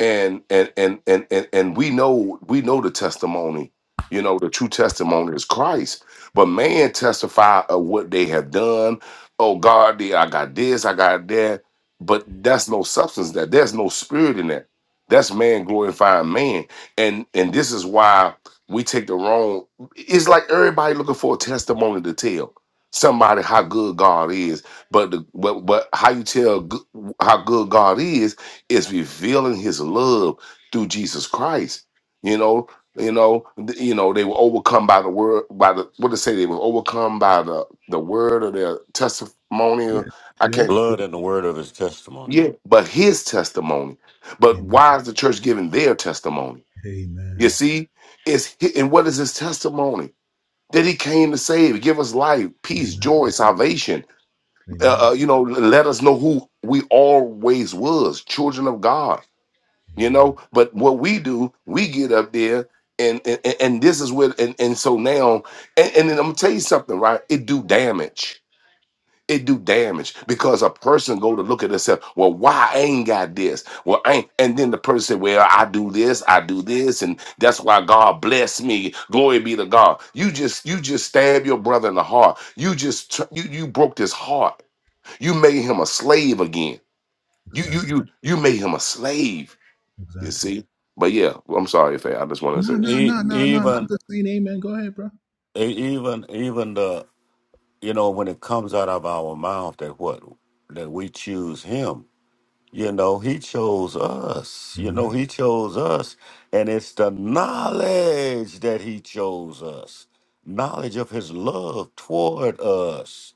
and and and and and, and we know we know the testimony you know the true testimony is christ but man testify of what they have done oh god they- i got this i got that but that's no substance that there's no spirit in that that's man glorifying man and and this is why we take the wrong it's like everybody looking for a testimony to tell somebody how good god is but the but, but how you tell g- how good god is is revealing his love through Jesus Christ. You know, you know, th- you know, they were overcome by the word by the what to say they were overcome by the the word of their testimony. yeah, or- I can't yes. Blood and the word of his testimony. yeah, but his testimony. But Amen. why is the church giving their testimony? You Amen. see, it's hi- and what is his testimony? That he came to save, give us life, peace, Amen. joy, salvation. Uh, Amen. uh, you know, let us know who we always was, children of God you know but what we do we get up there and and, and this is where, and, and so now and, and then i'm gonna tell you something right it do damage it do damage because a person go to look at themselves well why i ain't got this well i ain't and then the person say well i do this i do this and that's why god bless me glory be to god you just you just stab your brother in the heart you just tr- you you broke his heart you made him a slave again you you Exactly. you you made him a slave you Exactly. see? But yeah, I'm sorry, Faye. I just wanted to No, say that. no, E- no, no, no. I'm even, just saying amen. Go ahead, bro. e- even, even the you know when it comes out of our mouth that what that we choose him You know, he chose us. You Amen. know, he chose us. And it's the knowledge that he chose us, knowledge of his love toward us.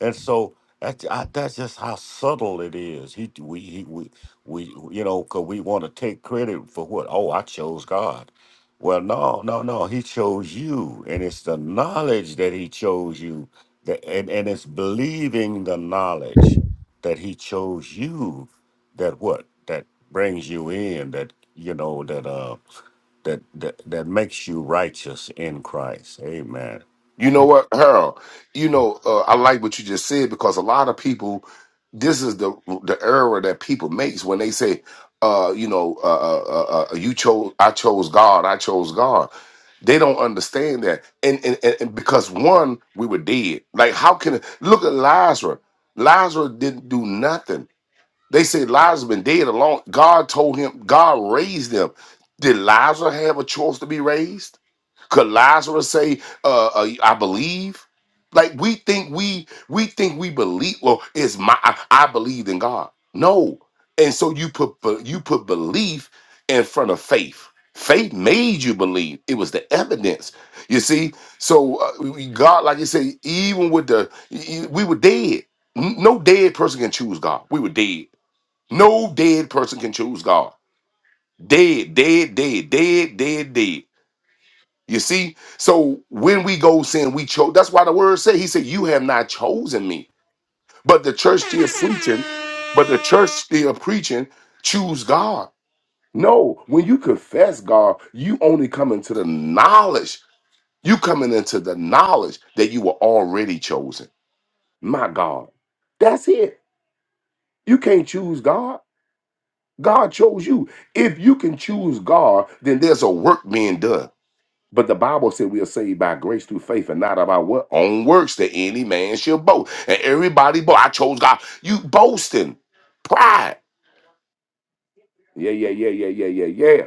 And so that's I, that's just how subtle it is. He we he we we you know because we want to take credit for what? Oh, I chose God. Well, no, no, no. He chose you, and it's the knowledge that He chose you, that and and it's believing the knowledge that He chose you that what that brings you in that you know that uh that that that makes you righteous in Christ. Amen. You know what, Harold? You know, uh, I like what you just said because a lot of people, this is the the error that people makes when they say, uh, you know, uh, uh, uh, uh, uh, you chose, I chose God, I chose God. They don't understand that, and and, and and because one, we were dead. Like, how can look at Lazarus? Lazarus didn't do nothing They say Lazarus been dead alone. God told him, God raised him. Did Lazarus have a choice to be raised? Could Lazarus say, uh, uh, "I believe"? Like we think we we think we believe. Well, it's my I, I believe in God. No, and so you put be- you put belief in front of faith. Faith made you believe. It was the evidence. You see, so uh, we- God, like you say, even with the e- e- we were dead. N- No dead person can choose God. We were dead. No dead person can choose God. Dead, dead, dead, dead, dead, dead. You see? So when we go sin, we chose. That's why the word said, He said, You have not chosen me. But the church still preaching, but the church still preaching, choose God. No, when you confess God, you only come into the knowledge. You coming into the knowledge that you were already chosen. My God. That's it. You can't choose God. God chose you. If you can choose God, then there's a work being done. But the Bible said we are saved by grace through faith and not about what own works that any man shall boast. And everybody, boy, I chose God. You boasting, pride. Yeah, yeah, yeah, yeah, yeah, yeah, yeah.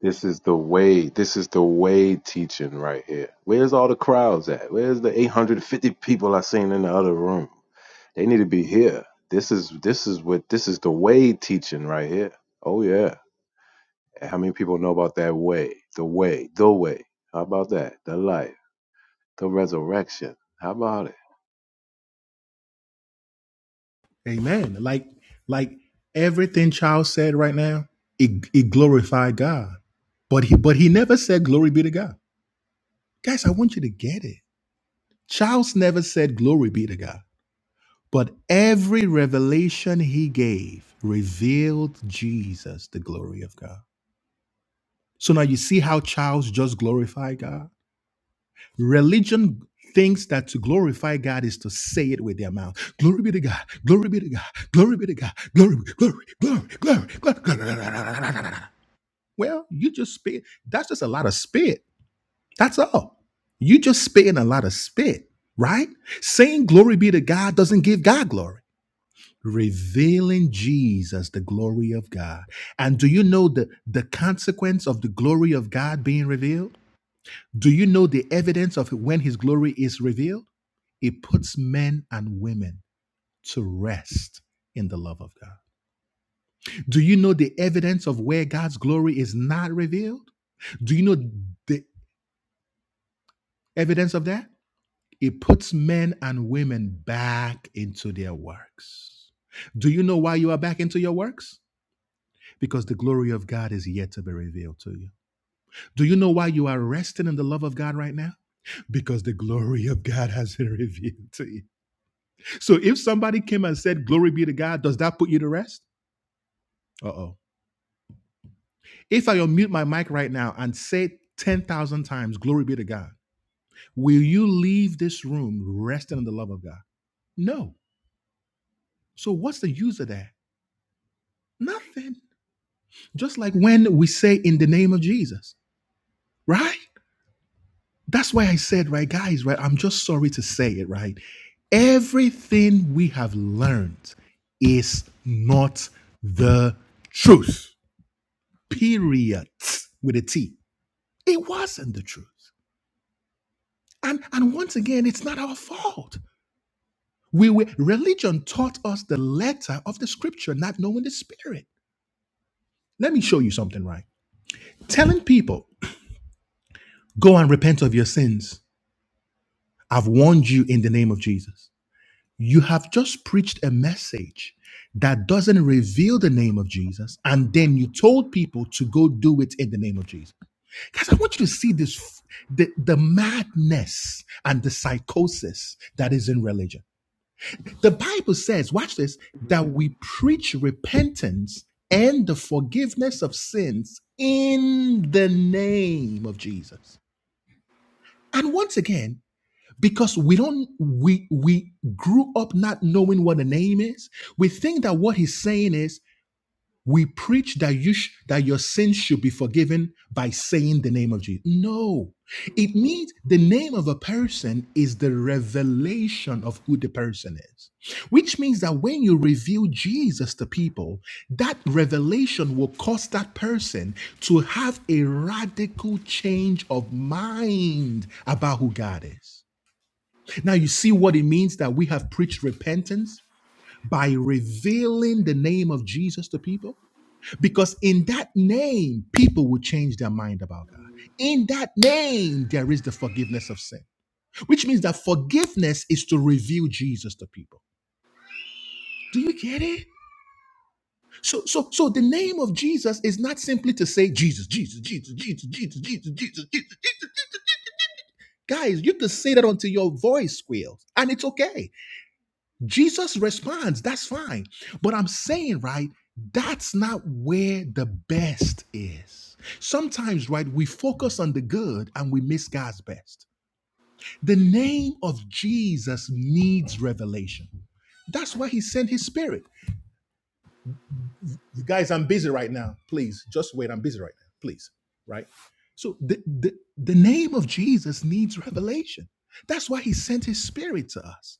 This is the way. This is the way teaching right here. Where's all the crowds at? Where's the 850 people I seen in the other room? They need to be here. This is this is what this is the way teaching right here. Oh yeah. How many people know about that way? The way. The way. How about that? The life. The resurrection. How about it? Amen. Like, like everything child said right now, it, it glorified God. But he but he never said glory be to God. Guys, I want you to get it. Charles never said glory be to God. But every revelation he gave revealed Jesus, the glory of God. So now you see how Charles just glorified God? Religion thinks that to glorify God is to say it with their mouth. Glory be to God. Glory be to God. Glory be to God. Glory, glory, glory, glory, glory. glory. Well, you just spit. That's just a lot of spit. That's all. You just spitting a lot of spit, right? Saying glory be to God doesn't give God glory. Revealing Jesus, the glory of God. And do you know the, the consequence of the glory of God being revealed? Do you know the evidence of when his glory is revealed? It puts men and women to rest in the love of God. Do you know the evidence of where God's glory is not revealed? Do you know the evidence of that? It puts men and women back into their works. Do you know why you are back into your works? Because the glory of God is yet to be revealed to you. Do you know why you are resting in the love of God right now? Because the glory of God has been revealed to you. So if somebody came and said, Glory be to God, does that put you to rest? Uh oh If I unmute my mic right now and say 10,000 times, Glory be to God, will you leave this room resting in the love of God? No. So what's the use of that? Nothing. Just like when we say in the name of Jesus, right? That's why I said, right, guys, right? I'm just sorry to say it, right? Everything we have learned is not the truth. Period. With a T. It wasn't the truth. And and once again, it's not our fault. We were religion taught us the letter of the scripture, not knowing the spirit. Let me show you something, right? Telling people, go and repent of your sins. I've warned you in the name of Jesus. You have just preached a message that doesn't reveal the name of Jesus, and then you told people to go do it in the name of Jesus. Guys, I want you to see this the, the madness and the psychosis that is in religion The Bible says, watch this, that we preach repentance and the forgiveness of sins in the name of Jesus. And once again, because we don't we we grew up not knowing what a name is, we think that what he's saying is we preach that you sh- that your sins should be forgiven by saying the name of Jesus. No, it means the name of a person is the revelation of who the person is, which means that when you reveal Jesus to people, that revelation will cause that person to have a radical change of mind about who God is. Now, you see what it means that we have preached repentance by revealing the name of Jesus to people? Because in that name, people will change their mind about God. In that name, there is the forgiveness of sin, which means that forgiveness is to reveal Jesus to people. Do you get it? So, so, so the name of Jesus is not simply to say Jesus, Jesus, Jesus, Jesus, Jesus, Jesus, Jesus, Jesus. Jesus. Guys, you can say that until your voice squeals, and it's okay Jesus responds, that's fine. But I'm saying, right, that's not where the best is. Sometimes, right, we focus on the good and we miss God's best. The name of Jesus needs revelation. That's why he sent his spirit. You guys, I'm busy right now. Please, just wait. I'm busy right now. Please, right? So the, the, the name of Jesus needs revelation. That's why he sent his spirit to us.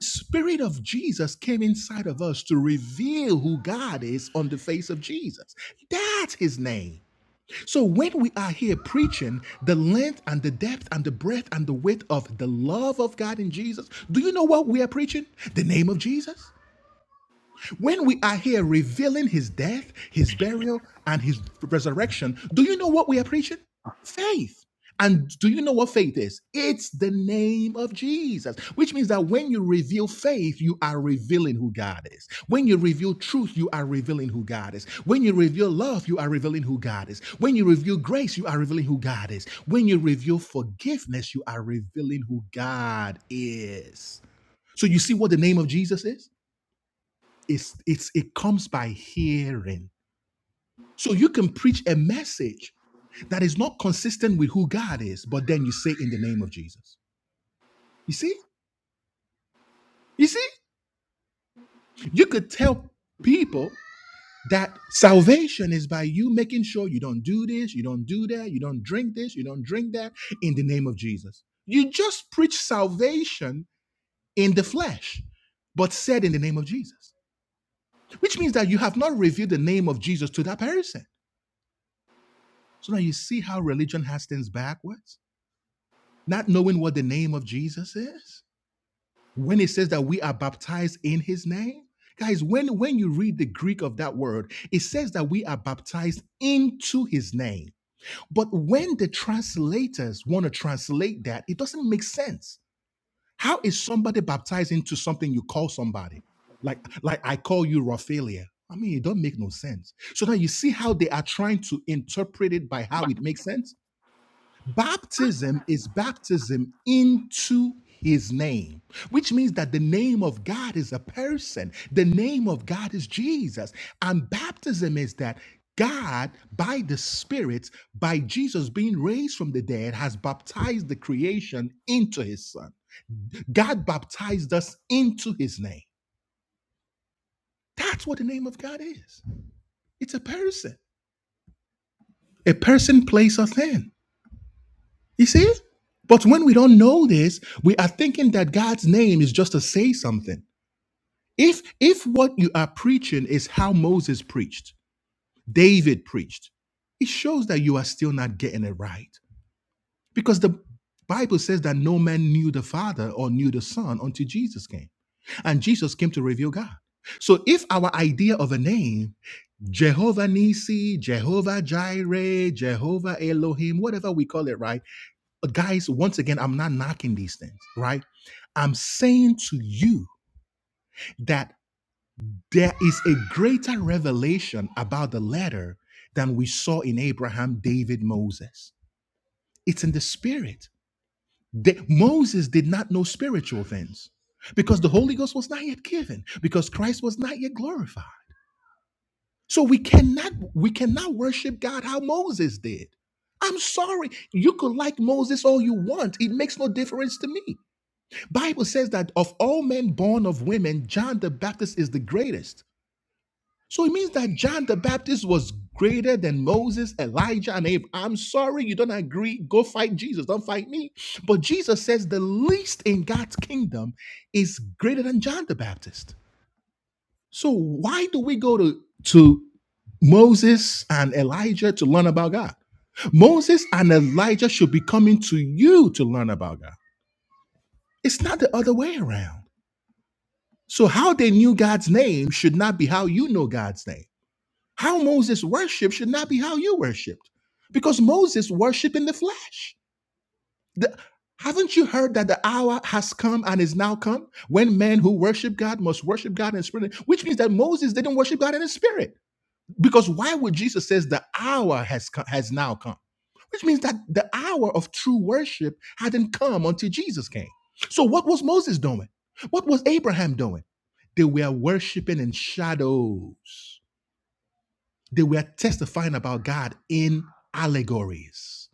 Spirit of Jesus came inside of us to reveal who God is on the face of Jesus. That's his name. So when we are here preaching the length and the depth and the breadth and the width of the love of God in Jesus, do you know what we are preaching? The name of Jesus. When we are here revealing his death, his burial, and his resurrection, do you know what we are preaching? Faith. And do you know what faith is? It's the name of Jesus, which means that when you reveal faith, you are revealing who God is. When you reveal truth, you are revealing who God is. When you reveal love, you are revealing who God is. When you reveal grace, you are revealing who God is. When you reveal forgiveness, you are revealing who God is. So you see what the name of Jesus is? it's it's it comes by hearing so you can preach a message that is not consistent with who god is but then you say in the name of jesus you see you see you could tell people that salvation is by you making sure you don't do this you don't do that you don't drink this you don't drink that in the name of jesus you just preach salvation in the flesh but said in the name of jesus which means that you have not revealed the name of jesus to that person So now you see how religion has things backwards, not knowing what the name of Jesus is. When it says that we are baptized in his name, guys, when, when you read the Greek of that word, it says that we are baptized into his name. But when the translators want to translate that, it doesn't make sense. How is somebody baptized into something you call somebody? Like, like I call you Raphaelia. I mean, it don't make no sense. So now you see how they are trying to interpret it by how it makes sense Baptism is baptism into his name, which means that the name of God is a person. The name of God is Jesus. And baptism is that God, by the Spirit, by Jesus being raised from the dead, has baptized the creation into his son. God baptized us into his name. That's what the name of God is it's a person, a person, place, or thing. You see? But when we don't know this, we are thinking that God's name is just to say something. If if what you are preaching is how Moses preached, David preached, it shows that you are still not getting it right. Because the Bible says that no man knew the Father or knew the Son until Jesus came. And Jesus came to reveal God. So if our idea of a name, Jehovah Nisi, Jehovah Jireh, Jehovah Elohim, whatever we call it, right? guys, once again, I'm not knocking these things, right? I'm saying to you that there is a greater revelation about the letter than we saw in Abraham, David, Moses. It's in the spirit. The- Moses did not know spiritual things because the Holy Ghost was not yet given, because Christ was not yet glorified. So we cannot we cannot worship God how Moses did. I'm sorry. You could like Moses all you want. It makes no difference to me. Bible says that of all men born of women, John the Baptist is the greatest. So it means that John the Baptist was greater than Moses, Elijah, and Abraham. I'm sorry you don't agree. Go fight Jesus. Don't fight me. But Jesus says the least in God's kingdom is greater than John the Baptist. So why do we go to, to Moses and Elijah to learn about God? Moses and Elijah should be coming to you to learn about God. It's not the other way around. So how they knew God's name should not be how you know God's name. How Moses worshiped should not be how you worshiped. Because Moses worshiped in the flesh. The- haven't you heard that the hour has come and is now come when men who worship God must worship God in spirit? Which means that Moses didn't worship God in the spirit. Because why would Jesus says the hour has come, has now come? which means that the hour of true worship hadn't come until Jesus came. So, what was Moses doing? What was Abraham doing? They were worshiping in shadows, they were testifying about God in allegories.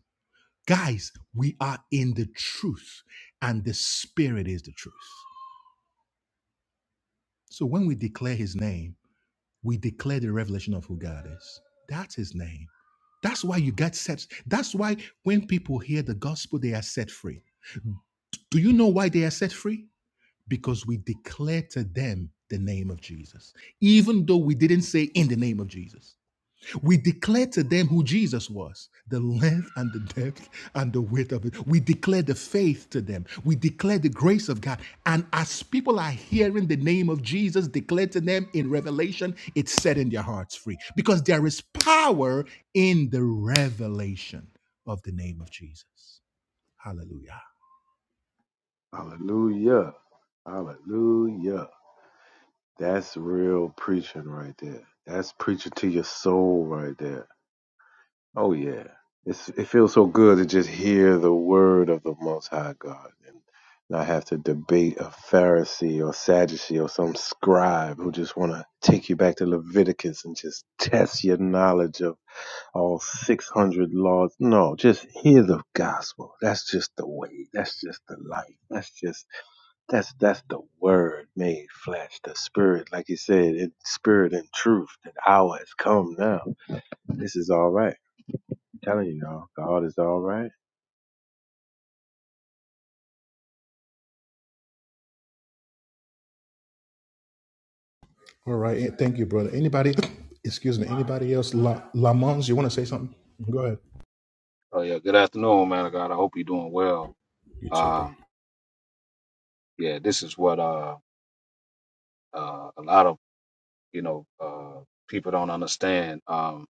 Guys, we are in the truth, and the Spirit is the truth. So, when we declare His name, we declare the revelation of who God is. That's His name. That's why you get set. That's why when people hear the gospel, they are set free. Do you know why they are set free? Because we declare to them the name of Jesus, even though we didn't say in the name of Jesus. We declare to them who Jesus was, the length and the depth and the width of it. We declare the faith to them. We declare the grace of God. And as people are hearing the name of Jesus declared to them in revelation, it's setting their hearts free because there is power in the revelation of the name of Jesus. Hallelujah. Hallelujah. Hallelujah. That's real preaching right there. That's preaching to your soul right there. Oh yeah. It's it feels so good to just hear the word of the most high God and not have to debate a Pharisee or Sadducee or some scribe who just wanna take you back to Leviticus and just test your knowledge of all six hundred laws. No, just hear the gospel. That's just the way. That's just the life. That's just that's that's the word made flesh, the spirit, like you said, in spirit and truth. The hour has come now. This is all right. I'm telling you, y'all, God is all right. All right. eh, Thank you, brother. Anybody, excuse me, anybody else? La, Lamons, you want to say something? Go ahead. Oh yeah, good afternoon, man of God. I hope you're doing well. You too, bro. Uh, yeah, this is what uh, uh, a lot of you know uh, people don't understand. Um,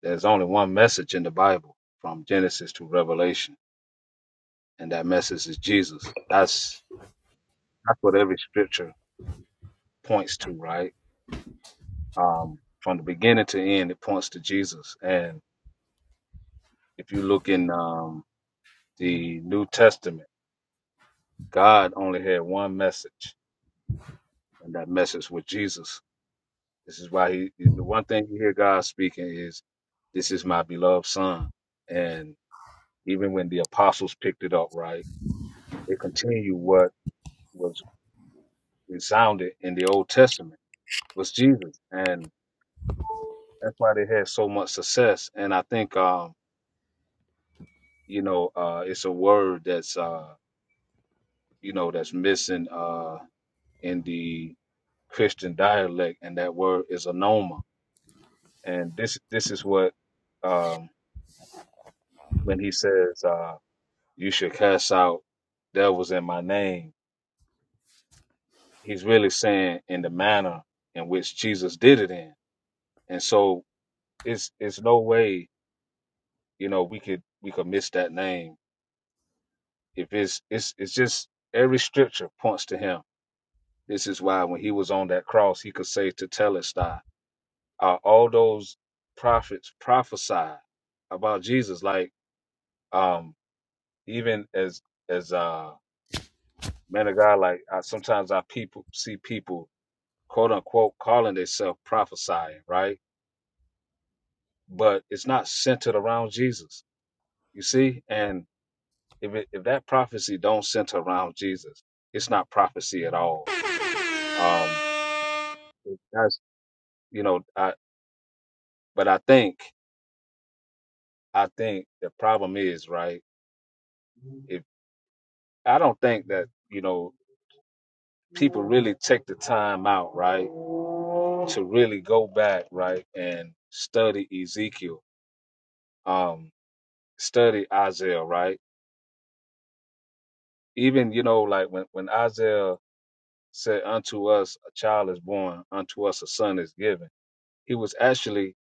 there's only one message in the Bible from Genesis to Revelation, and that message is Jesus. That's that's what every scripture points to, right? Um, from the beginning to end, it points to Jesus. And if you look in um, the New Testament, God only had one message, and that message was Jesus This is why he, the one thing you hear God speaking is, "This is my beloved son." And even when the apostles picked it up, right, they continue what was resounded in the Old Testament was Jesus, and that's why they had so much success. And I think, um, you know, uh, it's a word that's, uh, you know, that's missing uh, in the Christian dialect, and that word is anoma. And this, this is what um, when he says. uh, you should cast out devils in my name. He's really saying in the manner in which Jesus did it in. And so it's it's no way, you know, we could we could miss that name. If it's it's it's just every scripture points to him. This is why when he was on that cross, he could say to Telestai, uh, all those prophets prophesied about Jesus. Like um even as as uh man of God, like I, sometimes I people see people quote unquote calling themselves prophesying, right? But it's not centered around Jesus. You see, and if it, if that prophecy don't center around Jesus, it's not prophecy at all. Um, that's you know, I but I think I think the problem is right. If I don't think that you know people really take the time out, right, to really go back, right, and study Ezekiel, um, study Isaiah, right Even you know, like when when Isaiah said, "Unto us a child is born, unto us a son is given," he was actually,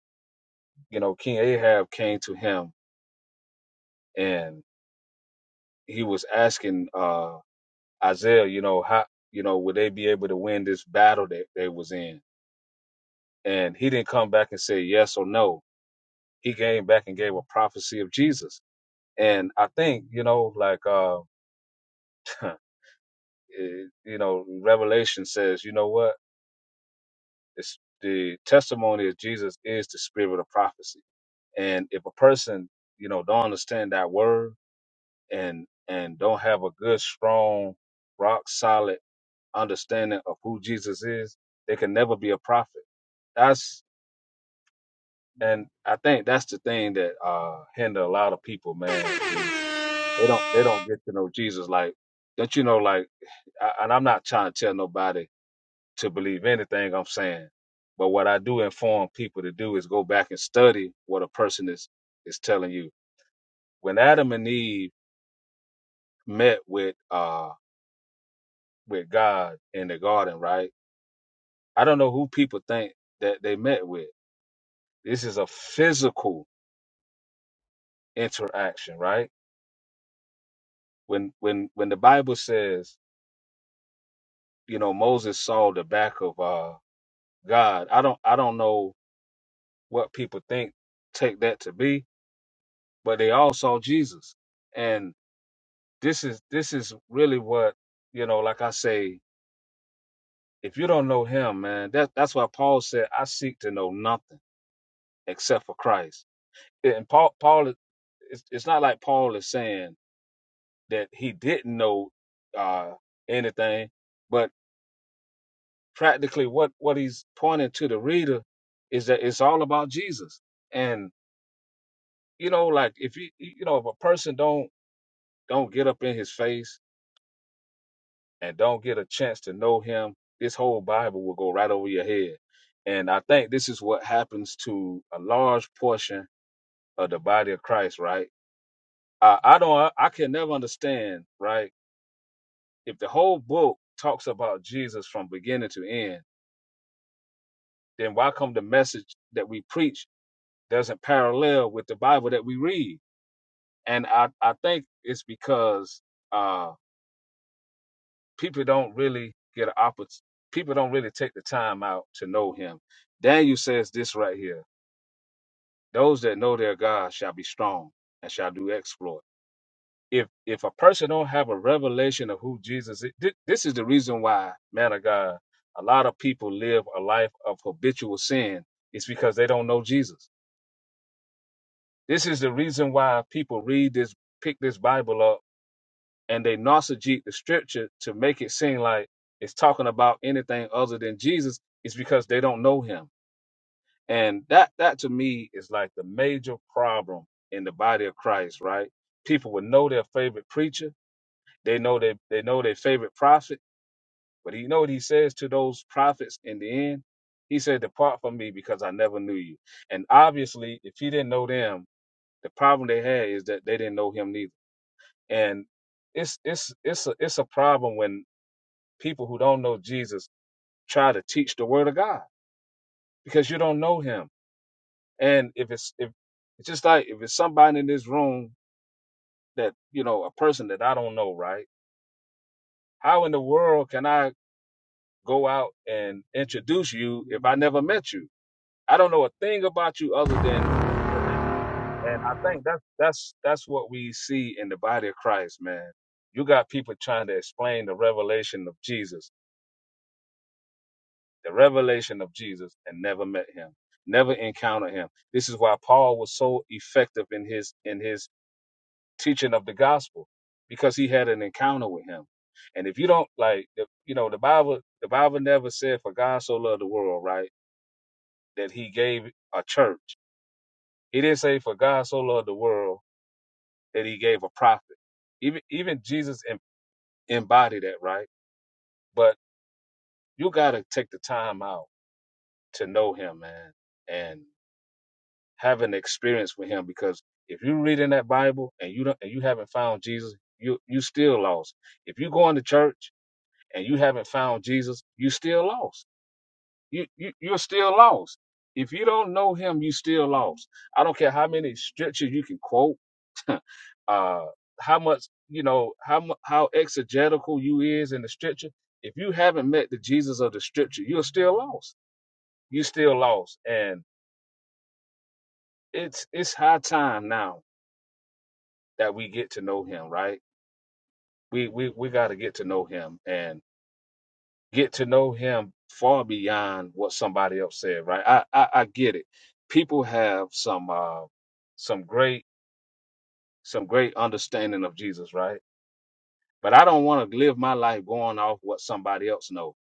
you know, King Ahab came to him and he was asking uh Isaiah, you know, how you know would they be able to win this battle that they was in? And he didn't come back and say yes or no. He came back and gave a prophecy of Jesus. And I think, you know, like uh it, you know, Revelation says, you know what? It's the testimony of Jesus is the spirit of prophecy. And if a person, you know, don't understand that word and and don't have a good, strong, rock solid understanding of who Jesus is, they can never be a prophet. That's and I think that's the thing that uh hinder a lot of people, man. is They don't they don't get to know Jesus. Like, don't you know? Like, I, and I'm not trying to tell nobody to believe anything I'm saying. But what I do inform people to do is go back and study what a person is is telling you. When Adam and Eve met with uh with God in the garden, right? I don't know who people think that they met with. This is a physical interaction, right? When when when the Bible says, you know, Moses saw the back of uh God, I don't I don't know what people think take that to be, but they all saw Jesus. And This is this is really what you know. Like I say, if you don't know Him, man, that that's why Paul said, "I seek to know nothing except for Christ." And Paul, Paul, is- it's, it's not like Paul is saying that he didn't know uh, anything, but practically what what he's pointing to the reader is that it's all about Jesus. And you know, like if you you know if a person don't don't get up in His face and don't get a chance to know him, this whole Bible will go right over your head. And I think this is what happens to a large portion of the body of Christ, right? I, I don't, I can never understand, right? If the whole book talks about Jesus from beginning to end, then why come the message that we preach doesn't parallel with the Bible that we read? And I, I think it's because uh, people don't really get an opportunity. People don't really take the time out to know him. Daniel says this right here: "Those that know their God shall be strong and shall do exploit." If if a person don't have a revelation of who Jesus is, thi- this is the reason why, man of God, a lot of people live a life of habitual sin. It's because they don't know Jesus. This is the reason why people read this, pick this Bible up and they nauseate the scripture to make it seem like it's talking about anything other than Jesus is because they don't know him. And that that to me is like the major problem in the body of Christ, right? People would know their favorite preacher, they know they they know their favorite prophet, but you know what he says to those prophets in the end? He said, Depart from me because I never knew you. And obviously, if he didn't know them, the problem they had is that they didn't know him neither. And it's it's it's a it's a problem when people who don't know Jesus try to teach the word of God because you don't know him. And if it's if it's just like if it's somebody in this room that, you know, a person that I don't know, right? How in the world can I go out and introduce you if I never met you? I don't know a thing about you other than your name. And I think that's that's that's what we see in the body of Christ, man. You got people trying to explain the revelation of Jesus the revelation of Jesus and never met him, never encountered him. This is why Paul was so effective in his in his teaching of the gospel because he had an encounter with him. And if you don't like the- you know the Bible the Bible never said for God so loved the world, right? That he gave a church. He didn't say for God so loved the world that he gave a prophet. Even even Jesus em- embodied that, right? But you got to take the time out to know him, man. and. have an experience with him because if you're reading that Bible and you don't and you haven't found Jesus, you you still lost. If you going to church and you haven't found Jesus, you still lost. You, you you're still lost. If you don't know him, you still lost. I don't care how many scriptures you can quote, uh, how much you know, how mu- how exegetical you is in the scripture. If you haven't met the Jesus of the scripture, you're still lost. You're still lost, and it's it's high time now that we get to know him, right? We we we got to get to know him and get to know him far beyond what somebody else said, right? I I, I get it. People have some uh some great some great understanding of Jesus, right? But I don't want to live my life going off what somebody else knows.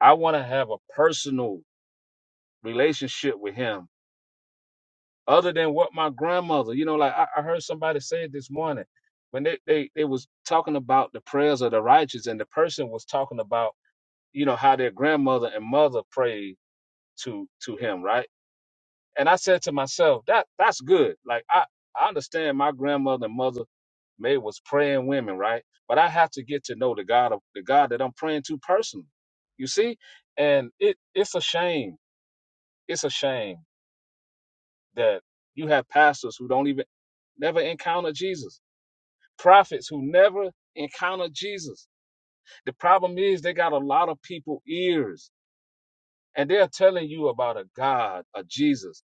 I want to have a personal relationship with him other than what my grandmother, you know, like I, I heard somebody say it this morning when they, they they was talking about the prayers of the righteous, and the person was talking about you know how their grandmother and mother prayed to to him, right? And I said to myself, that that's good. Like I I understand my grandmother and mother may was praying women, right? But I have to get to know the God of the God that I'm praying to personally. You see, and it it's a shame. It's a shame that you have pastors who don't even never encounter Jesus. Prophets who never encounter Jesus. The problem is they got a lot of people ears and they're telling you about a God, a Jesus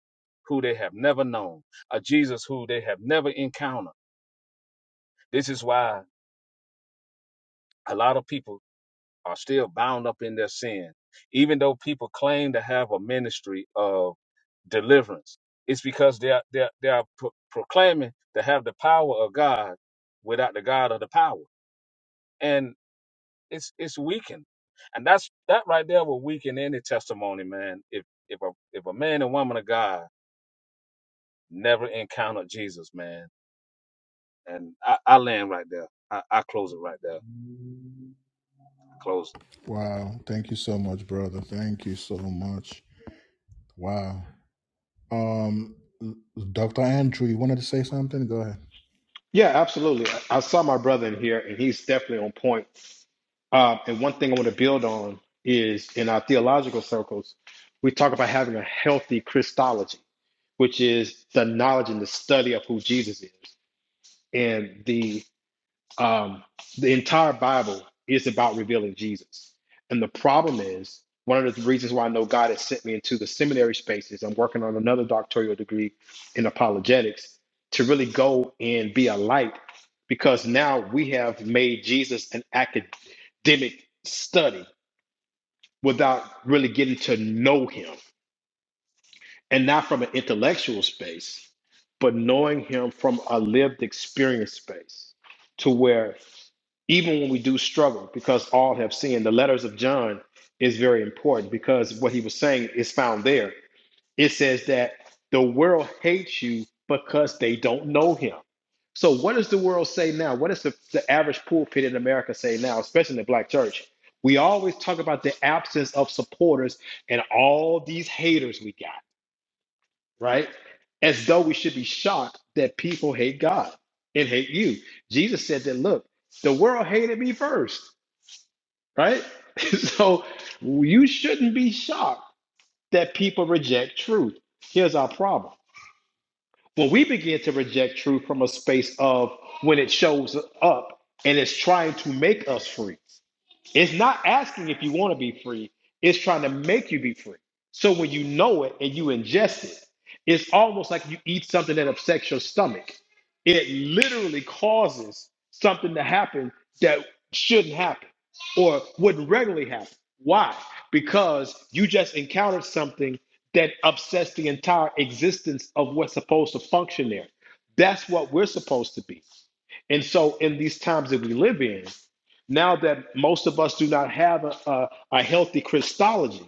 who they have never known, a Jesus who they have never encountered. This is why a lot of people are still bound up in their sin. Even though people claim to have a ministry of deliverance, it's because they are, they are, they are pro- proclaiming to have the power of God without the God of the power It's it's weakened, and that's that right there will weaken any testimony, man. If if a if a man and woman of God never encountered Jesus, man, and I, I land right there. I, I close it right there. Close it. Wow. Thank you so much, brother. Thank you so much. Wow. Um, Dr. Andrew, you wanted to say something? Go ahead. Yeah, absolutely. I, I saw my brother in here, and he's definitely on point. Um, and one thing I want to build on is in our theological circles, we talk about having a healthy Christology, which is the knowledge and the study of who Jesus is and the um, the entire Bible is about revealing Jesus. And the problem is, one of the reasons why I know God has sent me into the seminary spaces, I'm working on another doctoral degree in apologetics to really go and be a light because now we have made Jesus an academic study without really getting to know him and not from an intellectual space, but knowing him from a lived experience space to where even when we do struggle, because all have sinned. The letters of John is very important because what he was saying is found there. It says that the world hates you because they don't know him. So, what does the world say now? What does the, the average pulpit in America say now, especially in the black church? We always talk about the absence of supporters and all these haters we got, right? As though we should be shocked that people hate God and hate you. Jesus said that, look, the world hated me first right? so you shouldn't be shocked that people reject truth. Here's our problem. When we begin to reject truth from a space of when it shows up and it's trying to make us free. It's not asking if you want to be free, it's trying to make you be free. So when you know it and you ingest it, it's almost like you eat something that upsets your stomach. It literally causes something to happen that shouldn't happen or wouldn't regularly happen. Why? Because you just encountered something that upsets the entire existence of what's supposed to function there. That's what we're supposed to be. And so, in these times that we live in, now that most of us do not have a, a, a healthy Christology,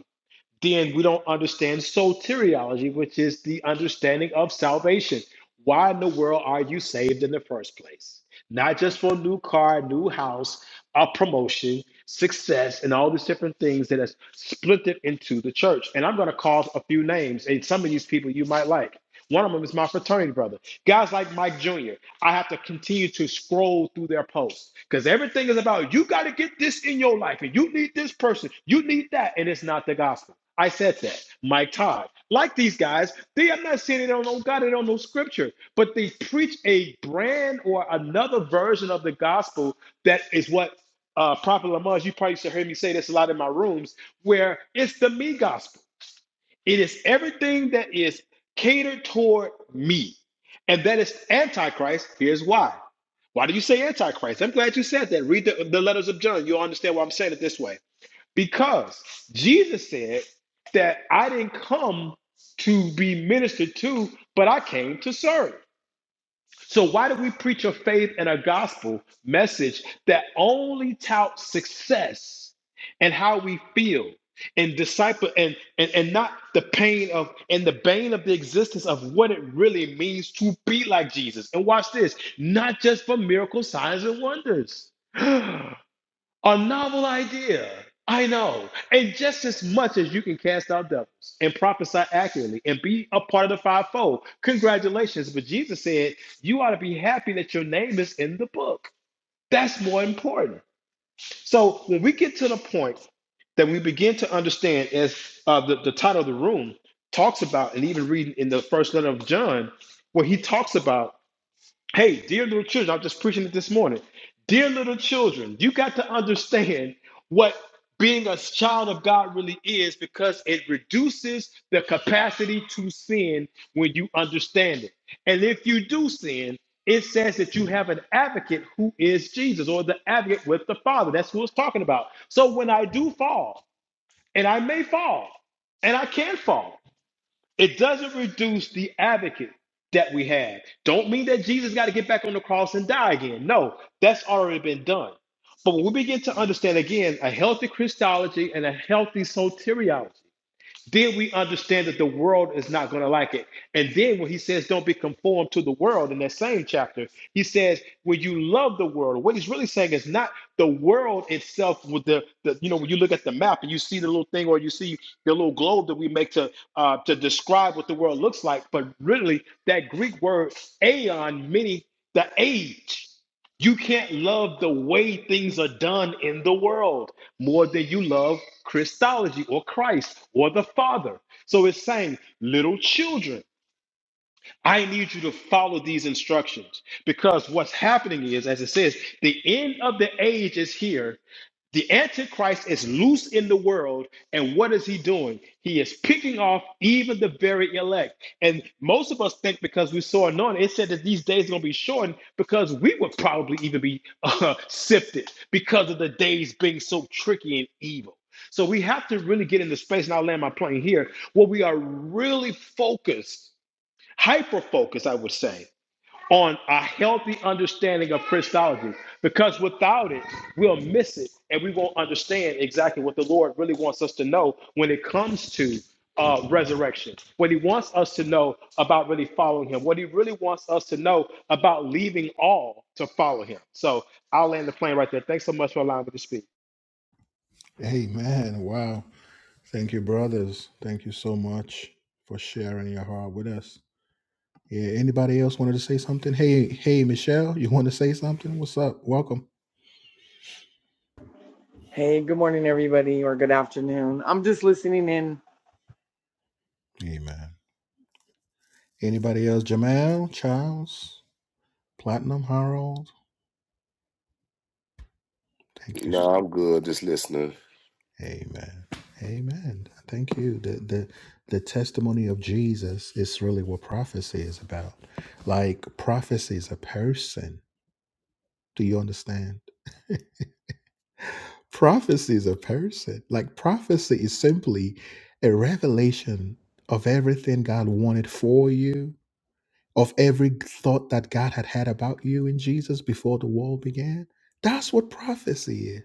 then we don't understand soteriology, which is the understanding of salvation. Why in the world are you saved in the first place? Not just for a new car, new house, a promotion, success, and all these different things that has split it into the church. And I'm going to call a few names, and some of these people you might like. One of them is my fraternity brother. Guys like Mike Jr., I have to continue to scroll through their posts because everything is about you got to get this in your life and you need this person, you need that, and it's not the gospel. I said that. Mike Todd, like these guys, they I'm not saying they don't know God, they don't know scripture, but they preach a brand or another version of the gospel that is what uh Prophet Lamont, you probably should hear me say this a lot in my rooms, where it's the me gospel. It is everything that is catered toward me. And that is antichrist. Here's why. Why do you say antichrist? I'm glad you said that. Read the, the letters of John. You'll understand why I'm saying it this way. Because Jesus said that I didn't come to be ministered to, but I came to serve. So why do we preach a faith and a gospel message that only touts success and how we feel and disciple and, and and not the pain of and the bane of the existence of what it really means to be like Jesus? And watch this, not just for miracles, signs, and wonders. A novel idea. I know. And just as much as you can cast out devils and prophesy accurately and be a part of the fivefold, congratulations. But Jesus said, you ought to be happy that your name is in the book. That's more important. So when we get to the point that we begin to understand, as uh, the, the title of the room talks about, and even reading in the first letter of John, where he talks about. Hey, dear little children, I'm just preaching it this morning. Dear little children, you got to understand what being a child of God really is because it reduces the capacity to sin when you understand it. And if you do sin, it says that you have an advocate who is Jesus or the advocate with the Father. That's who it's talking about. So when I do fall, and I may fall, and I can fall. It doesn't reduce the advocate that we have. Don't mean that Jesus got to get back on the cross and die again. No, that's already been done. But when we begin to understand again a healthy Christology and a healthy soteriology, then we understand that the world is not going to like it. And then when he says, don't be conformed to the world in that same chapter, he says, when you love the world, what he's really saying is not the world itself with the, the you know, when you look at the map and you see the little thing or you see the little globe that we make to uh, to describe what the world looks like, but really that Greek word "aion" meaning the age. You can't love the way things are done in the world more than you love Christology or Christ or the Father. So it's saying, little children. I need you to follow these instructions because what's happening is, as it says, the end of the age is here. The Antichrist is loose in the world, and what is he doing? He is picking off even the very elect. And most of us think because we saw anointing, it said that these days are going to be shortened because we would probably even be uh, sifted because of the days being so tricky and evil. So we have to really get into space, and I'll land my plane here, where we are really focused hyper focus, I would say, on a healthy understanding of Christology. Because without it, we'll miss it and we won't understand exactly what the Lord really wants us to know when it comes to uh, resurrection, what He wants us to know about really following Him, what He really wants us to know about leaving all to follow Him. So I'll land the plane right there. Thanks so much for allowing me to speak. Hey, man. Wow. Thank you, brothers. Thank you so much for sharing your heart with us. Yeah. Anybody else wanted to say something? Hey, hey, Michelle, you want to say something? What's up? Welcome. Hey, good morning, everybody, or good afternoon. I'm just listening in. Amen. Anybody else? Jamal, Charles? Platinum Harold. Thank you. No, s- I'm good. Just listening. Amen. Amen. Thank you. The the the testimony of Jesus is really what prophecy is about. Like prophecy is a person. Do you understand? Prophecy is a person. Like prophecy is simply a revelation of everything God wanted for you, of every thought that God had had about you in Jesus before the world began. That's what prophecy is.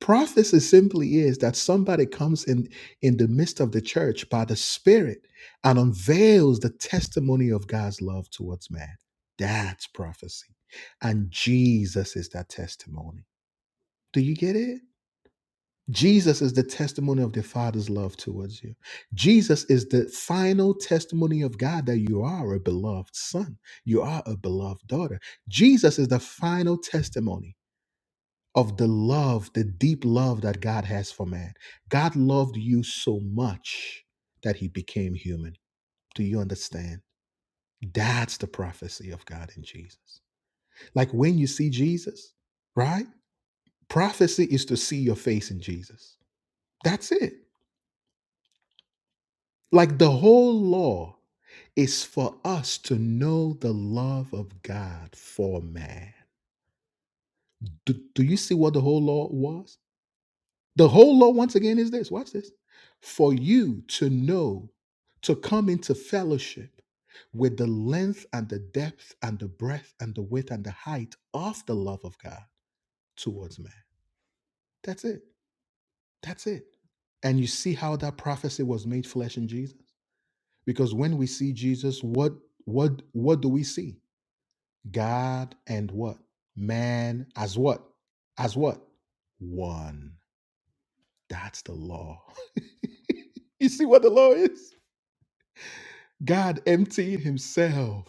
Prophecy simply is that somebody comes in in the midst of the church by the Spirit and unveils the testimony of God's love towards man. That's prophecy. And Jesus is that testimony. Do you get it? Jesus is the testimony of the Father's love towards you. Jesus is the final testimony of God that you are a beloved son. You are a beloved daughter. Jesus is the final testimony of the love, the deep love that God has for man. God loved you so much that he became human. Do you understand? That's the prophecy of God in Jesus. Like when you see Jesus, right? Prophecy is to see your face in Jesus. That's it. Like the whole law is for us to know the love of God for man. Do, do you see what the whole law was? The whole law, once again, is this watch this for you to know, to come into fellowship with the length and the depth and the breadth and the width and the height of the love of God towards man. That's it. That's it. And you see how that prophecy was made flesh in Jesus? Because when we see Jesus, what what what do we see? God and what? Man as what? As what? One. That's the law. you see what the law is? God emptying himself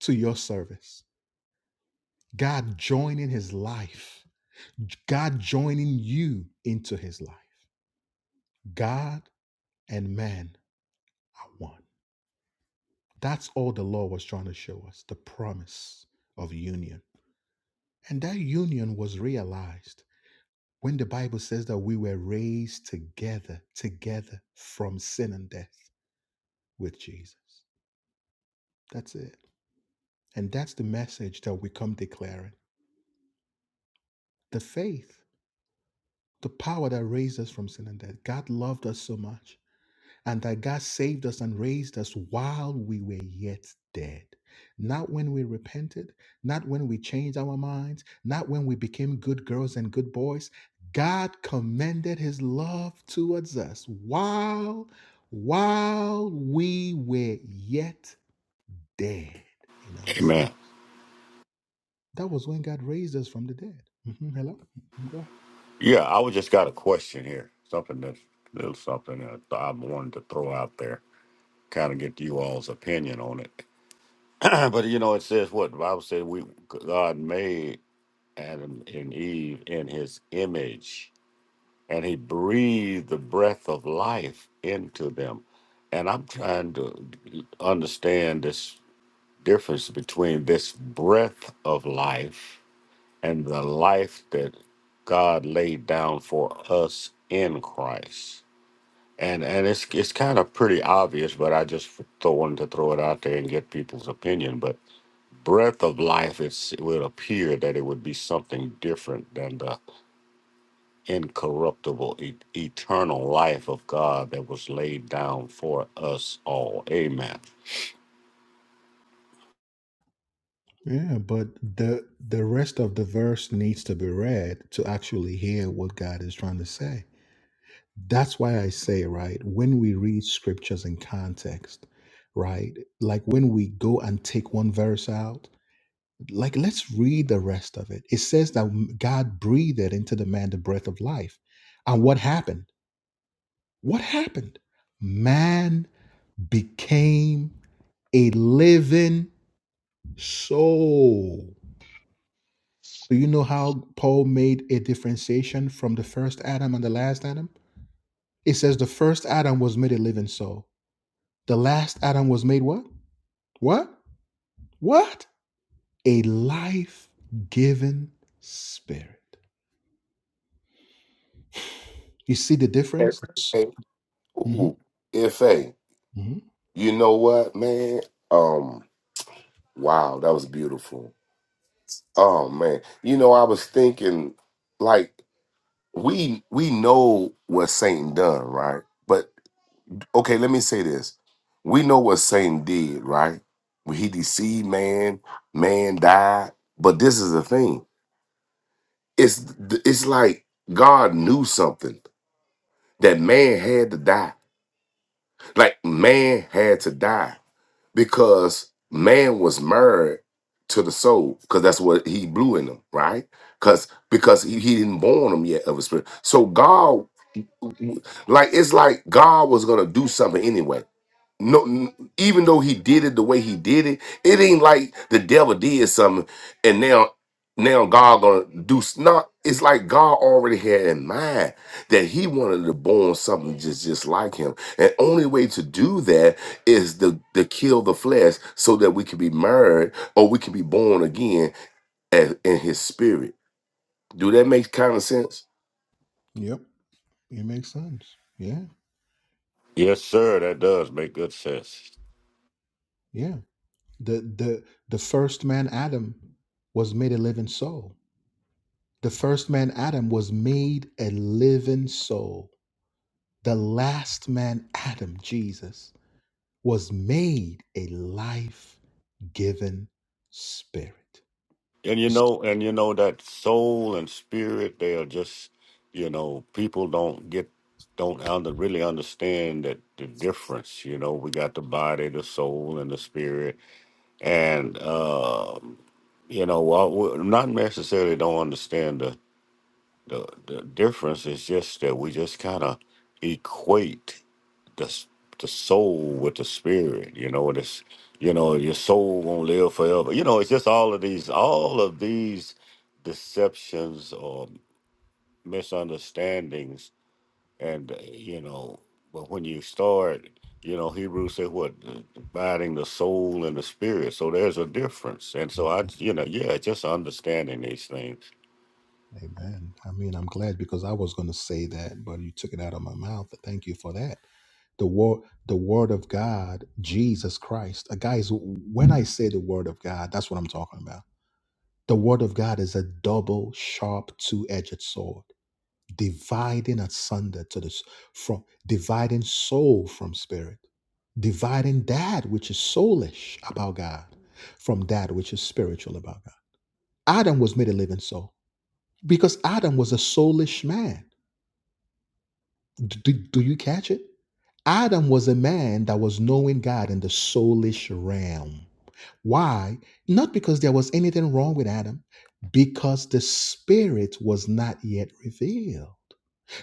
to your service, God joining his life, God joining you into his life. God and man are one. That's all the law was trying to show us the promise of union. And that union was realized when the Bible says that we were raised together, together from sin and death with Jesus. That's it. And that's the message that we come declaring. The faith, the power that raised us from sin and death. God loved us so much, and that God saved us and raised us while we were yet dead. Not when we repented, not when we changed our minds, not when we became good girls and good boys. God commended his love towards us while while we were yet dead in our Amen. sins. That was when God raised us from the dead. Mhm, Hello? Mhm, Go ahead. Yeah, I was just got a question here. Something that little something that I wanted to throw out there, kind of get you all's opinion on it. but you know, it says what the Bible said: we God made Adam and Eve in His image, and He breathed the breath of life into them. And I'm trying to understand this difference between this breath of life and the life that God laid down for us in Christ. And and it's it's kind of pretty obvious, but I just th- wanted to throw it out there and get people's opinion. But breath of life, it's, it would appear that it would be something different than the incorruptible, e- eternal life of God that was laid down for us all. Amen. Yeah, but the the rest of the verse needs to be read to actually hear what God is trying to say. That's why I say, right, when we read scriptures in context, right? Like when we go and take one verse out, like let's read the rest of it. It says that God breathed into the man the breath of life. And what happened? What happened? Man became a living So, do you know how Paul made a differentiation from the first Adam and the last Adam? It says the first Adam was made a living soul. The last Adam was made what? What? What? A life giving spirit. You see the Hey, difference? hey, hmm ooh, if a, hmm you know what, man? Um, wow, that was beautiful. Oh man, you know, I was thinking, like. we we know what Satan done, right? But okay, let me say this: we know what Satan did, right? When he deceived man, man died. But this is the thing: it's th- it's like God knew something that man had to die. Like man had to die because man was married to the soul because that's what he blew in them, right? Because because he, he didn't born them yet of a spirit. So God. Like it's like God was gonna do something anyway. No, n- even though he did it the way he did it, it ain't like the devil did something and now now God gonna do. s- No, it's like God already had in mind that He wanted to born something just just like Him, and only way to do that is to to kill the flesh so that we can be married or we can be born again as, in His Spirit. Do that make kind of sense? Yep. It makes sense. Yeah. Yes, sir. That does make good sense. Yeah. The the the first man Adam was made a living soul. The first man Adam was made a living soul The last man, Adam, Jesus, was made a life given spirit. And you know, and you know that soul and spirit, they are just, you know, people don't get, don't under, really understand that the difference. You know, we got the body, the soul, and the spirit, and uh, you know, well, we- not necessarily don't understand the, the the difference. It's just that we just kind of equate the s- the soul with the spirit. You know, and it's you know your soul won't live forever. You know, it's just all of these all of these deceptions or misunderstandings, and uh, you know, but when you start. You know, Hebrews said what dividing the soul and the spirit. So there's a difference, and so I, you know, yeah, just understanding these things. Amen. I mean, I'm glad because I was going to say that, but you took it out of my mouth. Thank you for that. The word, the word of God, Jesus Christ. Uh, guys, when I say the word of God, that's what I'm talking about. The word of God is a double, sharp, two-edged sword. dividing asunder to this from dividing soul from spirit, dividing that which is soulish about God from that which is spiritual about God. Adam was made a living soul because Adam was a soulish man. D- Do, do you catch it? Adam was a man that was knowing God in the soulish realm. Why? Not because there was anything wrong with Adam, because the spirit was not yet revealed.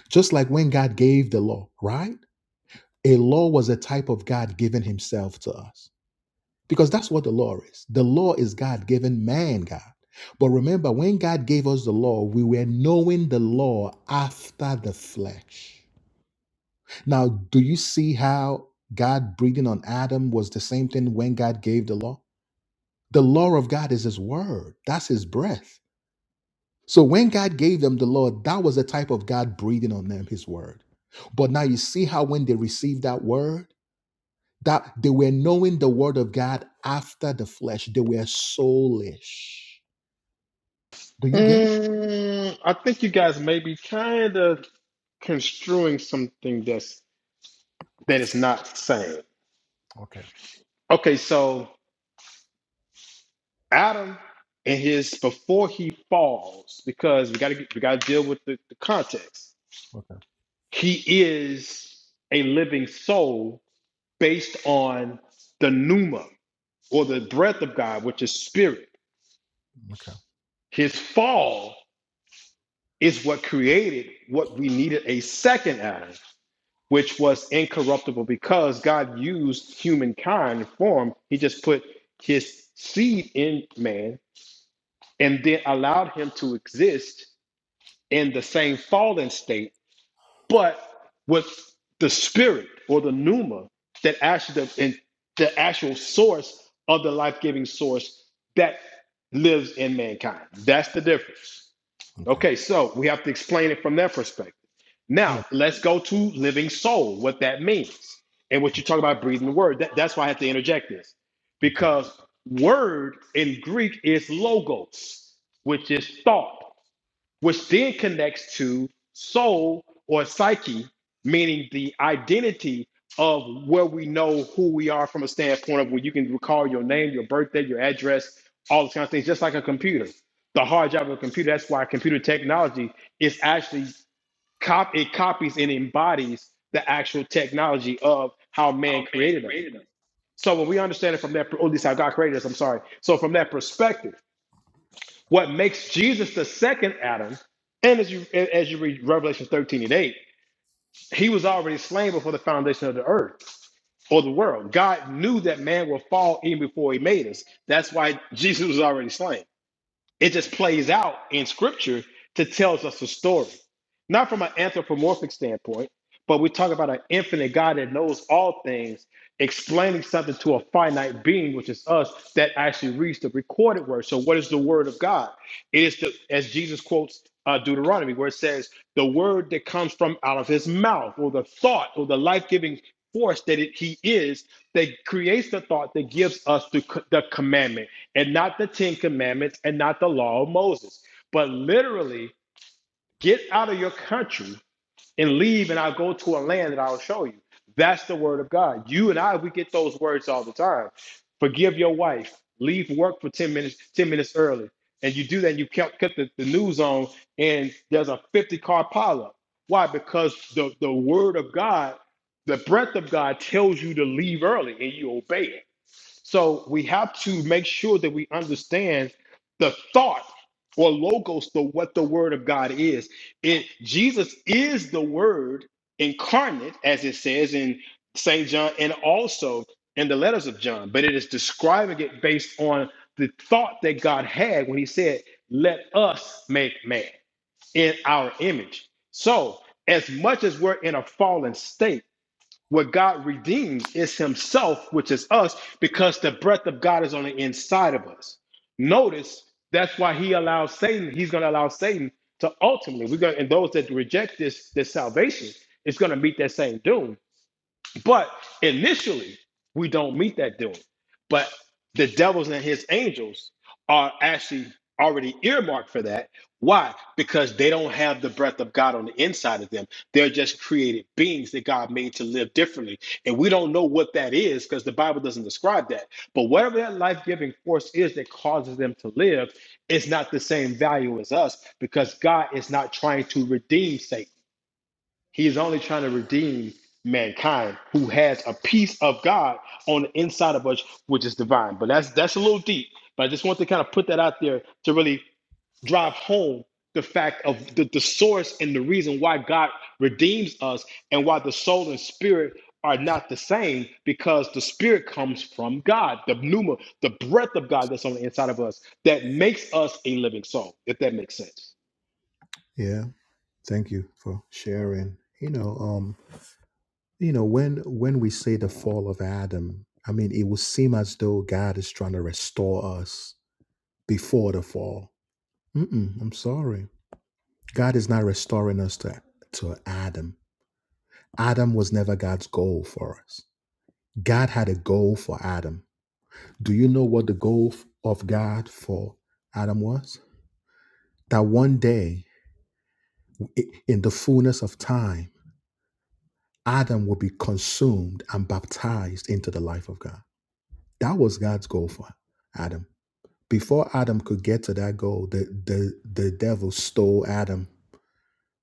Just like when God gave the law, right? A law was a type of God giving himself to us because that's what the law is. The law is God giving man, God. But remember, when God gave us the law, we were knowing the law after the flesh. Now, do you see how God breathing on Adam was the same thing when God gave the law? The law of God is his word, that's his breath. So when God gave them the law, that was a type of God breathing on them his word. But now you see how when they received that word, That they were knowing the word of God after the flesh. They were soulish. Do you get it? Mm, I think you guys may be kind of construing something that's that is not saying. Okay. Okay, so Adam and his before he falls, because we gotta we gotta deal with the, the context. Okay. He is a living soul based on the pneuma or the breath of God, which is spirit. Okay. His fall is what created what we needed a second Adam, which was incorruptible because God used humankind in form. He just put his seed in man and then allowed him to exist in the same fallen state, but with the spirit or the pneuma that actually the, in, the actual source of the life-giving source that lives in mankind. That's the difference. Okay. Okay, so we have to explain it from that perspective. Yeah. Now let's go to living soul, what that means, and what you talk about breathing the word. That, that's why I have to interject this Okay. because word in Greek is logos, which is thought which then connects to soul or psyche, meaning the identity of where we know who we are from a standpoint of where you can recall your name, your birthday, your address, all those kind of things, just like a computer. The hard drive of a computer, that's why computer technology is actually cop it copies and embodies the actual technology of how man created us. So when we understand it from that, or at least how God created us, I'm sorry. So from that perspective, what makes Jesus the second Adam, and as you as you read Revelation 13 and 8, he was already slain before the foundation of the earth or the world. God knew that man will fall even before he made us. That's why Jesus was already slain. It just plays out in scripture to tell us a story. Not from an anthropomorphic standpoint, but we talk about an infinite God that knows all things, explaining something to a finite being, which is us, that actually reads the recorded word. So, what is the word of God? It is the as Jesus quotes uh, Deuteronomy, where it says, "The word that comes from out of his mouth, or the thought, or the life-giving force that it, he is, that creates the thought that gives us the, c- the commandment, and not the Ten Commandments, and not the law of Moses, but literally." Get out of your country and leave, and I'll go to a land that I'll show you. That's the word of God. You and I, we get those words all the time. Forgive your wife. Leave work for 10 minutes, 10 minutes early. And you do that, and you kept, kept the, the news on, and there's a 50 car pileup. Why? Because the, the word of God, the breath of God tells you to leave early and you obey it. So we have to make sure that we understand the thought or logos the what the word of God is. It Jesus is the word incarnate, as it says in St. John and also in the letters of John, but it is describing it based on the thought that God had when he said, Let us make man in our image. So as much as we're in a fallen state, what God redeems is Himself, which is us, because the breath of God is on the inside of us. Notice that's why He allows Satan, He's going to allow Satan to ultimately, we're going and those that reject this, this salvation, it's going to meet that same doom but initially, we don't meet that doom. But the devils and his angels are actually already earmarked for that. Why? Because they don't have the breath of God on the inside of them. They're just created beings that God made to live differently. And we don't know what that is because the Bible doesn't describe that. But whatever that life giving force is that causes them to live, it's not the same value as us because God is not trying to redeem Satan. He is only trying to redeem mankind who has a piece of God on the inside of us, which is divine. But that's that's a little deep. But I just want to kind of put that out there to really drive home the fact of the, the source and the reason why God redeems us and why the soul and spirit are not the same because the spirit comes from God, the pneuma, the breath of God that's on the inside of us that makes us a living soul, if that makes sense. Yeah. Thank you for sharing. You know, um, you know, when when we say the fall of Adam, I mean it will seem as though God is trying to restore us before the fall. Mm-mm, I'm sorry. God is not restoring us to, to Adam. Adam was never God's goal for us. God had a goal for Adam. Do you know what the goal of God for Adam was? That one day, in the fullness of time, Adam will be consumed and baptized into the life of God. That was God's goal for Adam. Before Adam could get to that goal, the, the, the devil stole Adam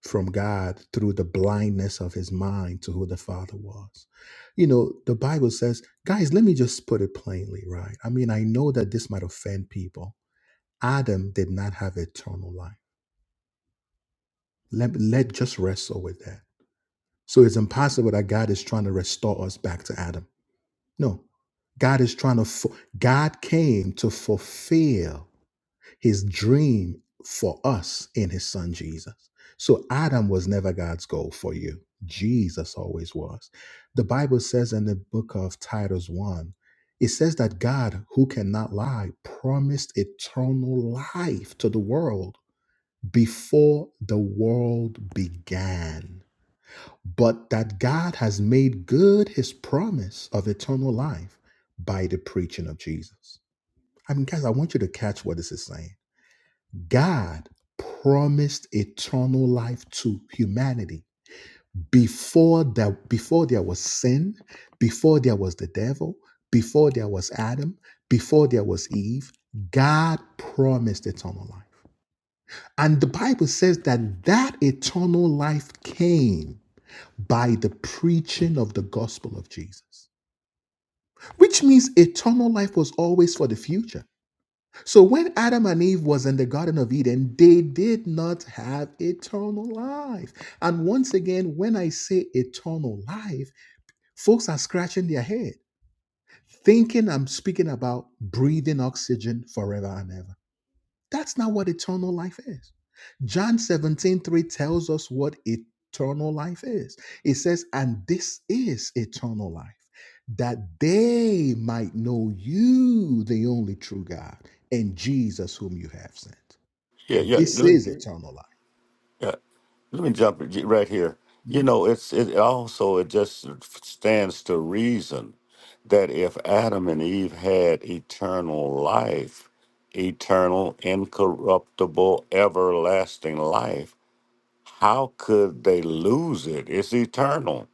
from God through the blindness of his mind to who the Father was. You know, the Bible says, guys, let me just put it plainly, right? I mean, I know that this might offend people, Adam did not have eternal life. Let, let just wrestle with that. So it's impossible that God is trying to restore us back to Adam. No, God is trying to. fu- God came to fulfill His dream for us in His Son Jesus. So Adam was never God's goal for you. Jesus always was. The Bible says in the book of Titus one, it says that God, who cannot lie, promised eternal life to the world before the world began, but that God has made good his promise of eternal life by the preaching of Jesus. I mean, guys, I want you to catch what this is saying. God promised eternal life to humanity before that before there was sin, before there was the devil, before there was Adam, before there was Eve, God promised eternal life. And the Bible says that that eternal life came by the preaching of the gospel of Jesus, which means eternal life was always for the future. So when Adam and Eve was in the garden of Eden, they did not have eternal life. And once again, when I say eternal life, folks are scratching their head thinking I'm speaking about breathing oxygen forever and ever. That's not what eternal life is. John 17 3 tells us what eternal life is. It says, And this is eternal life, that they might know you, the only true God, and Jesus, whom you have sent. Yeah, Yeah, This yeah. is eternal life. Yeah. Let me jump j- right here. You Mhm. know, it's it also it just stands to reason that if Adam and Eve had eternal life, eternal, incorruptible, everlasting life, how could they lose it? It's eternal.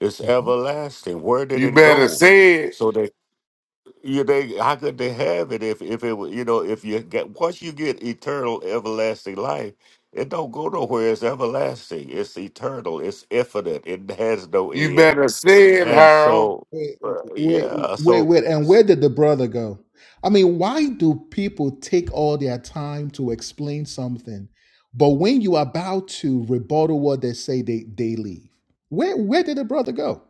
It's everlasting. Where did You it better go? say it. So they you they how could they have it if if it wa- you know if you get once you get eternal everlasting life it don't go nowhere it's everlasting it's eternal it's infinite it has no You end better say it, and Harold. so Wait, uh, wait, yeah wait, so wait. And s- where did the brother go? I mean, why do people take all their time to explain something, but when you are about to rebuttal what they say, they they leave? Where where did the brother go?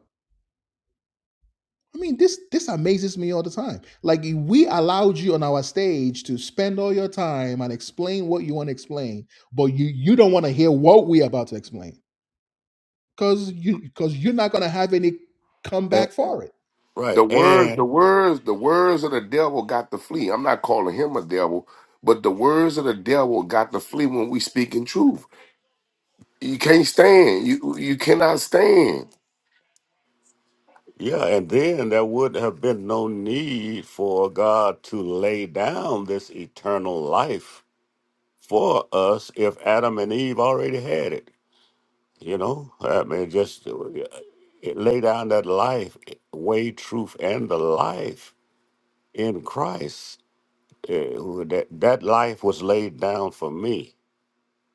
I mean, this this amazes me all the time. Like we allowed you on our stage to spend all your time and explain what you want to explain, but you you don't want to hear what we're about to explain because you because you're not going to have any eh, comeback for it. The right words, the and words, the words of the devil got to flee. I'm not calling him a devil, but the words of the devil got to flee when we speak in truth. You can't stand. You you cannot stand. yeah and then there would have been no need for god to lay down this eternal life for us if adam and eve already had it You know, I mean, just uh, it lay down that life, eh, way, truth, and the life in Christ. Uh, who- that that life was laid down for me.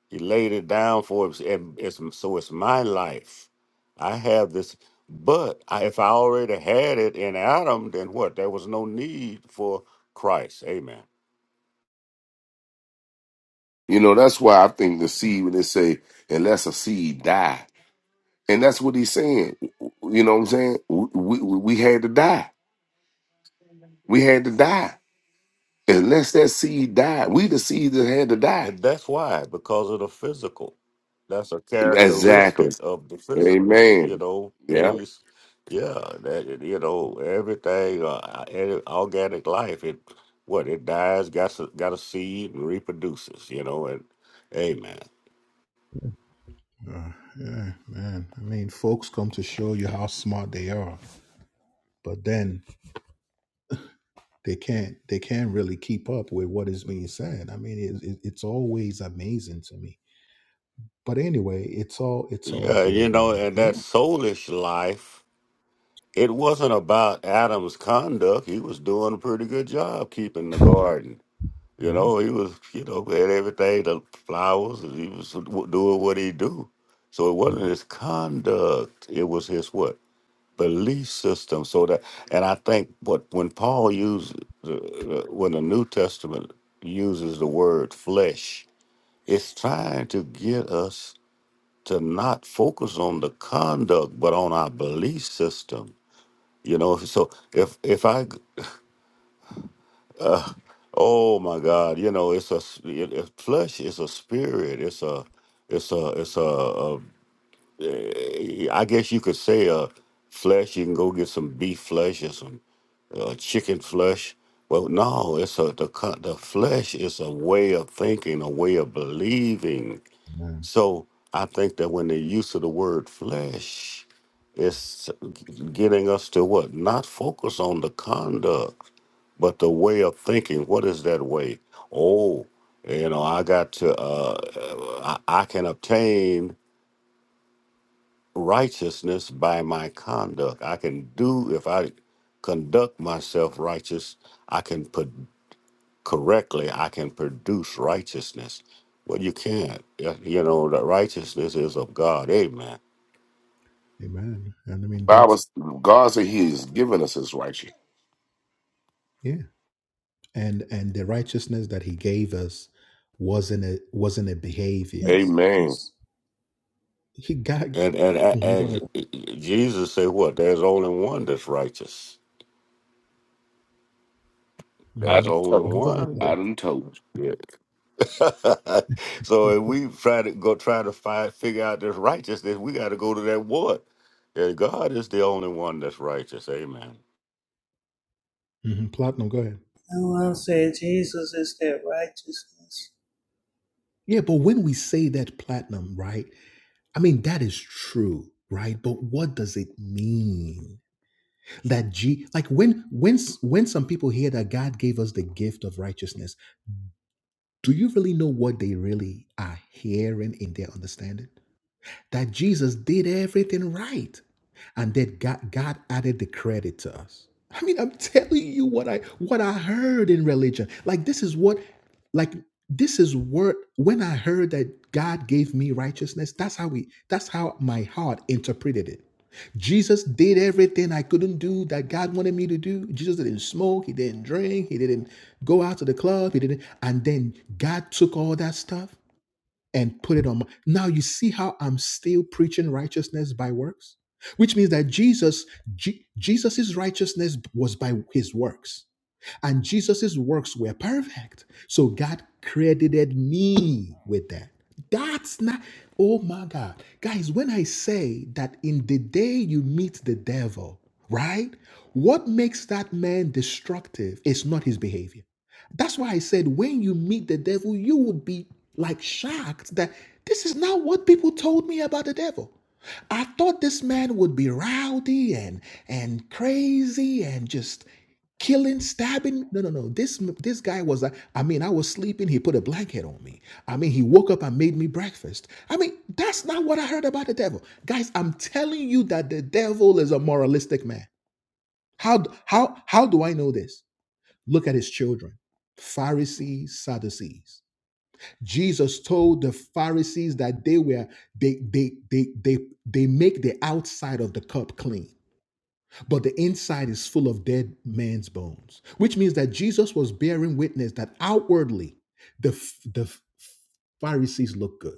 He laid it down for us, and it's, so it's my life. I have this, but I, if I already had it in Adam, then what? There was no need for Christ. Amen. You know, that's why I think the seed when they say, unless a seed die. And that's what he's saying. You know what I'm saying? We, we, we had to die. We had to die. Unless that seed died, we the seed that had to die. And that's why, because of the physical. That's a Exactly. characteristic of the physical, you Amen. know, Yeah. things, yeah, that, you know, everything, uh, any organic life, it, what, it dies, got, a- got a seed, and reproduces, you know, and amen. Uh, yeah, man. I mean, folks come to show you how smart they are, but then they can't they can't really keep up with what is being said. I mean, it, it, it's always amazing to me. But anyway, it's all it's all Yeah, you good, know, man. and that Yeah, soulish life, it wasn't about Adam's conduct. He was doing a pretty good job keeping the garden You yeah, know, he was, you know, had everything, the flowers, and he was doing what he do. So it wasn't his conduct; it was his what belief system. So that, and I think what when Paul used, the- when the New Testament uses the word flesh, it's trying to get us to not focus on the conduct, but on our belief system. You know, so if if I Oh my God! You know, it's a, s- it, it- flesh. It's a spirit. It's a, it's a, it's a, a. eh, I guess you could say a flesh. You can go get some beef flesh or some uh, chicken flesh. Well, no, it's a the co- the flesh is a way of thinking, a way of believing. Amen. So I think that when the use of the word flesh, it's getting us to what? Not focus on the conduct, but the way of thinking. What is that way? Oh, you know, I got to, uh, uh, I, I can obtain righteousness by my conduct. I can do, if I conduct myself righteous, I can correctly, I can produce righteousness. Well, you can't. Yeah, You know, the righteousness is of God. Amen. amen. And I mean, that's Bible, God said He has given us His righteousness. yeah. And and the righteousness that He gave us wasn't a wasn't a behavior. Yes, Amen. yes. He got. And and mhm, go ahead. and Jesus said, "What? There's only one that's righteous. I There's hmm done only told Go you. ahead. one." I That, Platinum. done told you. yeah. so if we try to go try to find figure out this righteousness, we got to go to that one. And God is the only one that's righteous. Amen. Mhm, platinum. Go ahead. And I said, Jesus is that righteousness. Yeah, but when we say that platinum, right? I mean, that is true, right? But what does it mean that G, like when, when, s- when some people hear that God gave us the gift of righteousness, do you really know what they really are hearing in their understanding? that Jesus did everything right. And then God, God added the credit to us. I mean, I'm telling you what I what I heard in religion. Like this is what, like this is what when I heard that God gave me righteousness, that's how we that's how my heart interpreted it. Jesus did everything I couldn't do that God wanted me to do. Jesus didn't smoke, he didn't drink, he didn't go out to the club, he didn't. And then God took all that stuff and put it on my. Now you see how I'm still preaching righteousness by works, which means that Jesus, Je- Jesus's righteousness was by his works. And Jesus's works were perfect. So God credited me with that. That's not, oh my God. Guys, when I say that in the day you meet the devil, right? What makes that man destructive is not his behavior. That's why I said when you meet the devil, you would be like shocked that this is not what people told me about the devil. I thought this man would be rowdy and and crazy and just killing, stabbing. No, no, no. This this guy was like, I mean, I was sleeping. He put a blanket on me. I mean, he woke up and made me breakfast. I mean, that's not what I heard about the devil, guys. I'm telling you that the devil is a moralistic man. How how how do I know this? Look at his children, Pharisees, Sadducees. Jesus told the Pharisees that they were they they they they they make the outside of the cup clean but the inside is full of dead man's bones, which means that Jesus was bearing witness that outwardly the, the Pharisees looked good.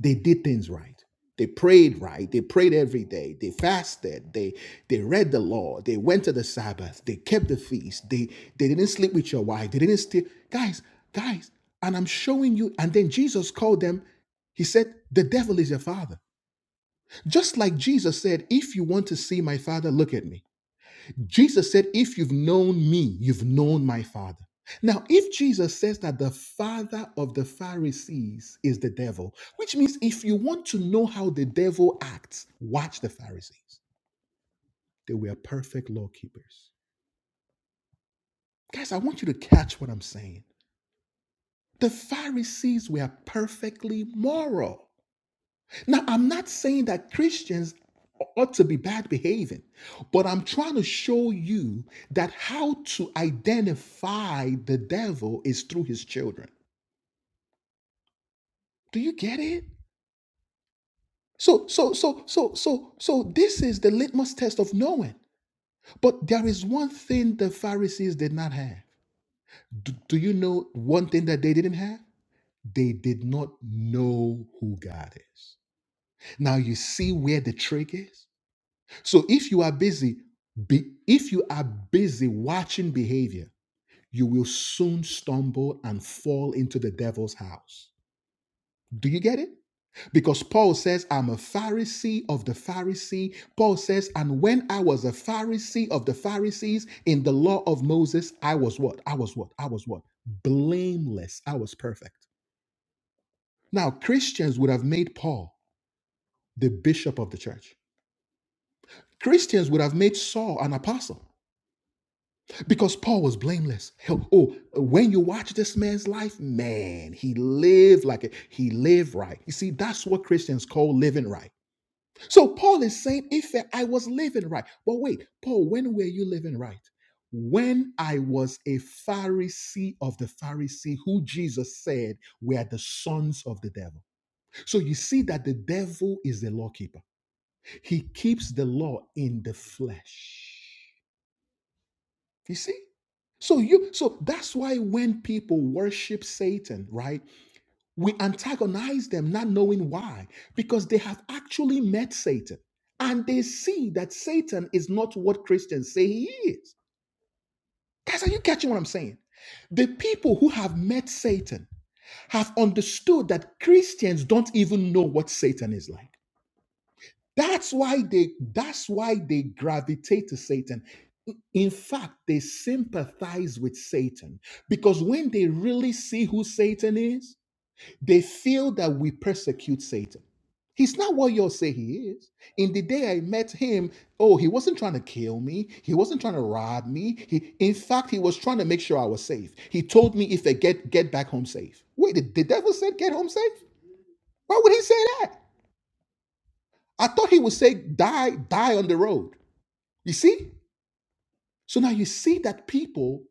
They did things right. They prayed right. They prayed every day. They fasted. They they read the law. They went to the Sabbath. They kept the feast. They they didn't sleep with your wife. They didn't steal. Guys, guys, and I'm showing you. And then Jesus called them. He said, The devil is your father. Just like Jesus said, If you want to see my father, look at me. Jesus said, If you've known me, you've known my Father. Now, if Jesus says that the father of the Pharisees is the devil, which means if you want to know how the devil acts, watch the Pharisees. They were perfect law keepers. Guys, I want you to catch what I'm saying. The Pharisees were perfectly moral. Now, I'm not saying that Christians ought to be bad behaving, but I'm trying to show you that how to identify the devil is through his children. Do you get it? So, so, so, so, so, so this is the litmus test of knowing. But there is one thing the Pharisees did not have. Do, do you know one thing that they didn't have? They did not know who God is. Now you see where the trick is? So if you are busy, be, if you are busy watching behavior, you will soon stumble and fall into the devil's house. Do you get it? Because Paul says, I'm a Pharisee of the Pharisee. Paul says, and when I was a Pharisee of the Pharisees in the law of Moses, I was what? I was what? I was what? Blameless. I was perfect. Now, Christians would have made Paul the bishop of the church. Christians would have made Saul an apostle. because Paul was blameless. Hell, Oh, when you watch this man's life, man, he lived like it. He lived right. You see, that's what Christians call living right. So Paul is saying, if I was living right, but wait, Paul, when were you living right? When I was a Pharisee of the Pharisee, who Jesus said were the sons of the devil. So you see that the devil is the lawkeeper. He keeps the law in the flesh. You see? So you so that's why when people worship Satan, right? We antagonize them not knowing why because they have actually met Satan and they see that Satan is not what Christians say he is. Guys, are you catching what I'm saying? The people who have met Satan have understood that Christians don't even know what Satan is like. That's why they that's why they gravitate to Satan In fact, they sympathize with Satan because when they really see who Satan is, they feel that we persecute Satan. He's not what y'all say he is. In the day I met him, oh, he wasn't trying to kill me. He wasn't trying to rob me. He, in fact, he was trying to make sure I was safe. He told me if I get get back home safe. Wait, the, the devil said get home safe? Why would he say that? I thought he would say die, die on the road. You see? So now you see that people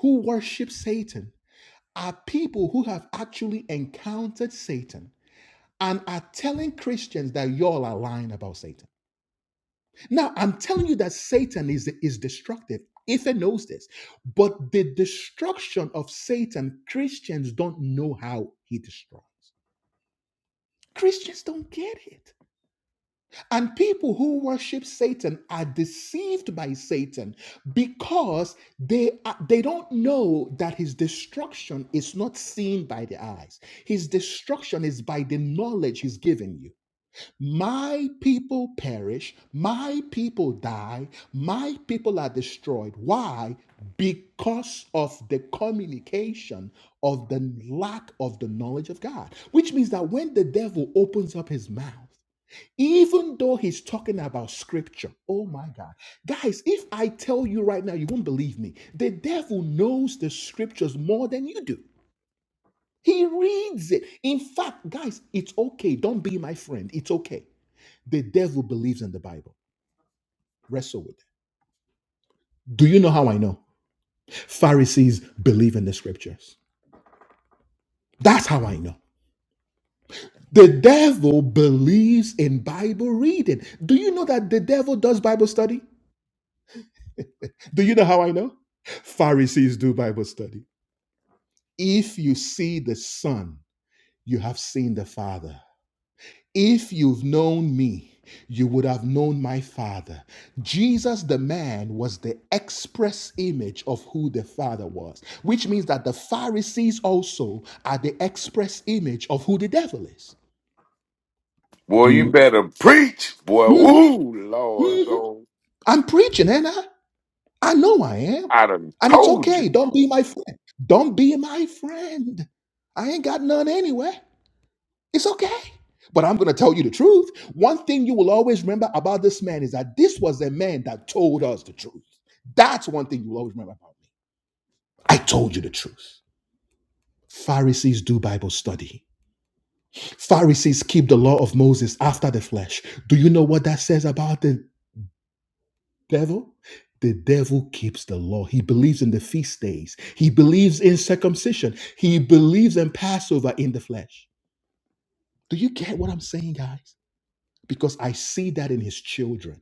who worship Satan are people who have actually encountered Satan and are telling Christians that y'all are lying about Satan. Now, I'm telling you that Satan is, is destructive. Ether knows this. But the destruction of Satan, Christians don't know how he destroys. Christians don't get it. And people who worship Satan are deceived by Satan because they are- they don't know that his destruction is not seen by the eyes. His destruction is by the knowledge he's given you. My people perish, my people die, my people are destroyed. Why? Because of the communication of the lack of the knowledge of God. Which means that when the devil opens up his mouth, even though he's talking about scripture oh my god guys if i tell you right now you won't believe me the devil knows the scriptures more than you do he reads it in fact guys it's okay don't be my friend it's okay the devil believes in the bible wrestle with it do you know how i know pharisees believe in the scriptures that's how i know the devil believes in bible reading do you know that the devil does bible study do you know how i know Pharisees do Bible study. If you see the Son, you have seen the Father. If you've known me, you would have known my Father. Jesus, the man, was the express image of who the Father was, which means that the Pharisees also are the express image of who the devil is. Boy, you Do better preach, boy. Mhm, Ooh, Lord, mhm. go. I'm preaching, and I, I know I am. I done And it's told you, okay. Don't be my friend. Don't be my friend. I ain't got none anyway. It's okay. But I'm going to tell you the truth. One thing you will always remember about this man is that this was a man that told us the truth. That's one thing you will always remember about me. I told you the truth. Pharisees do Bible study. Pharisees keep the law of Moses after the flesh. Do you know what that says about the devil? The devil keeps the law. He believes in the feast days. He believes in circumcision. He believes in Passover in the flesh. Do you get what I'm saying, guys? Because I see that in his children.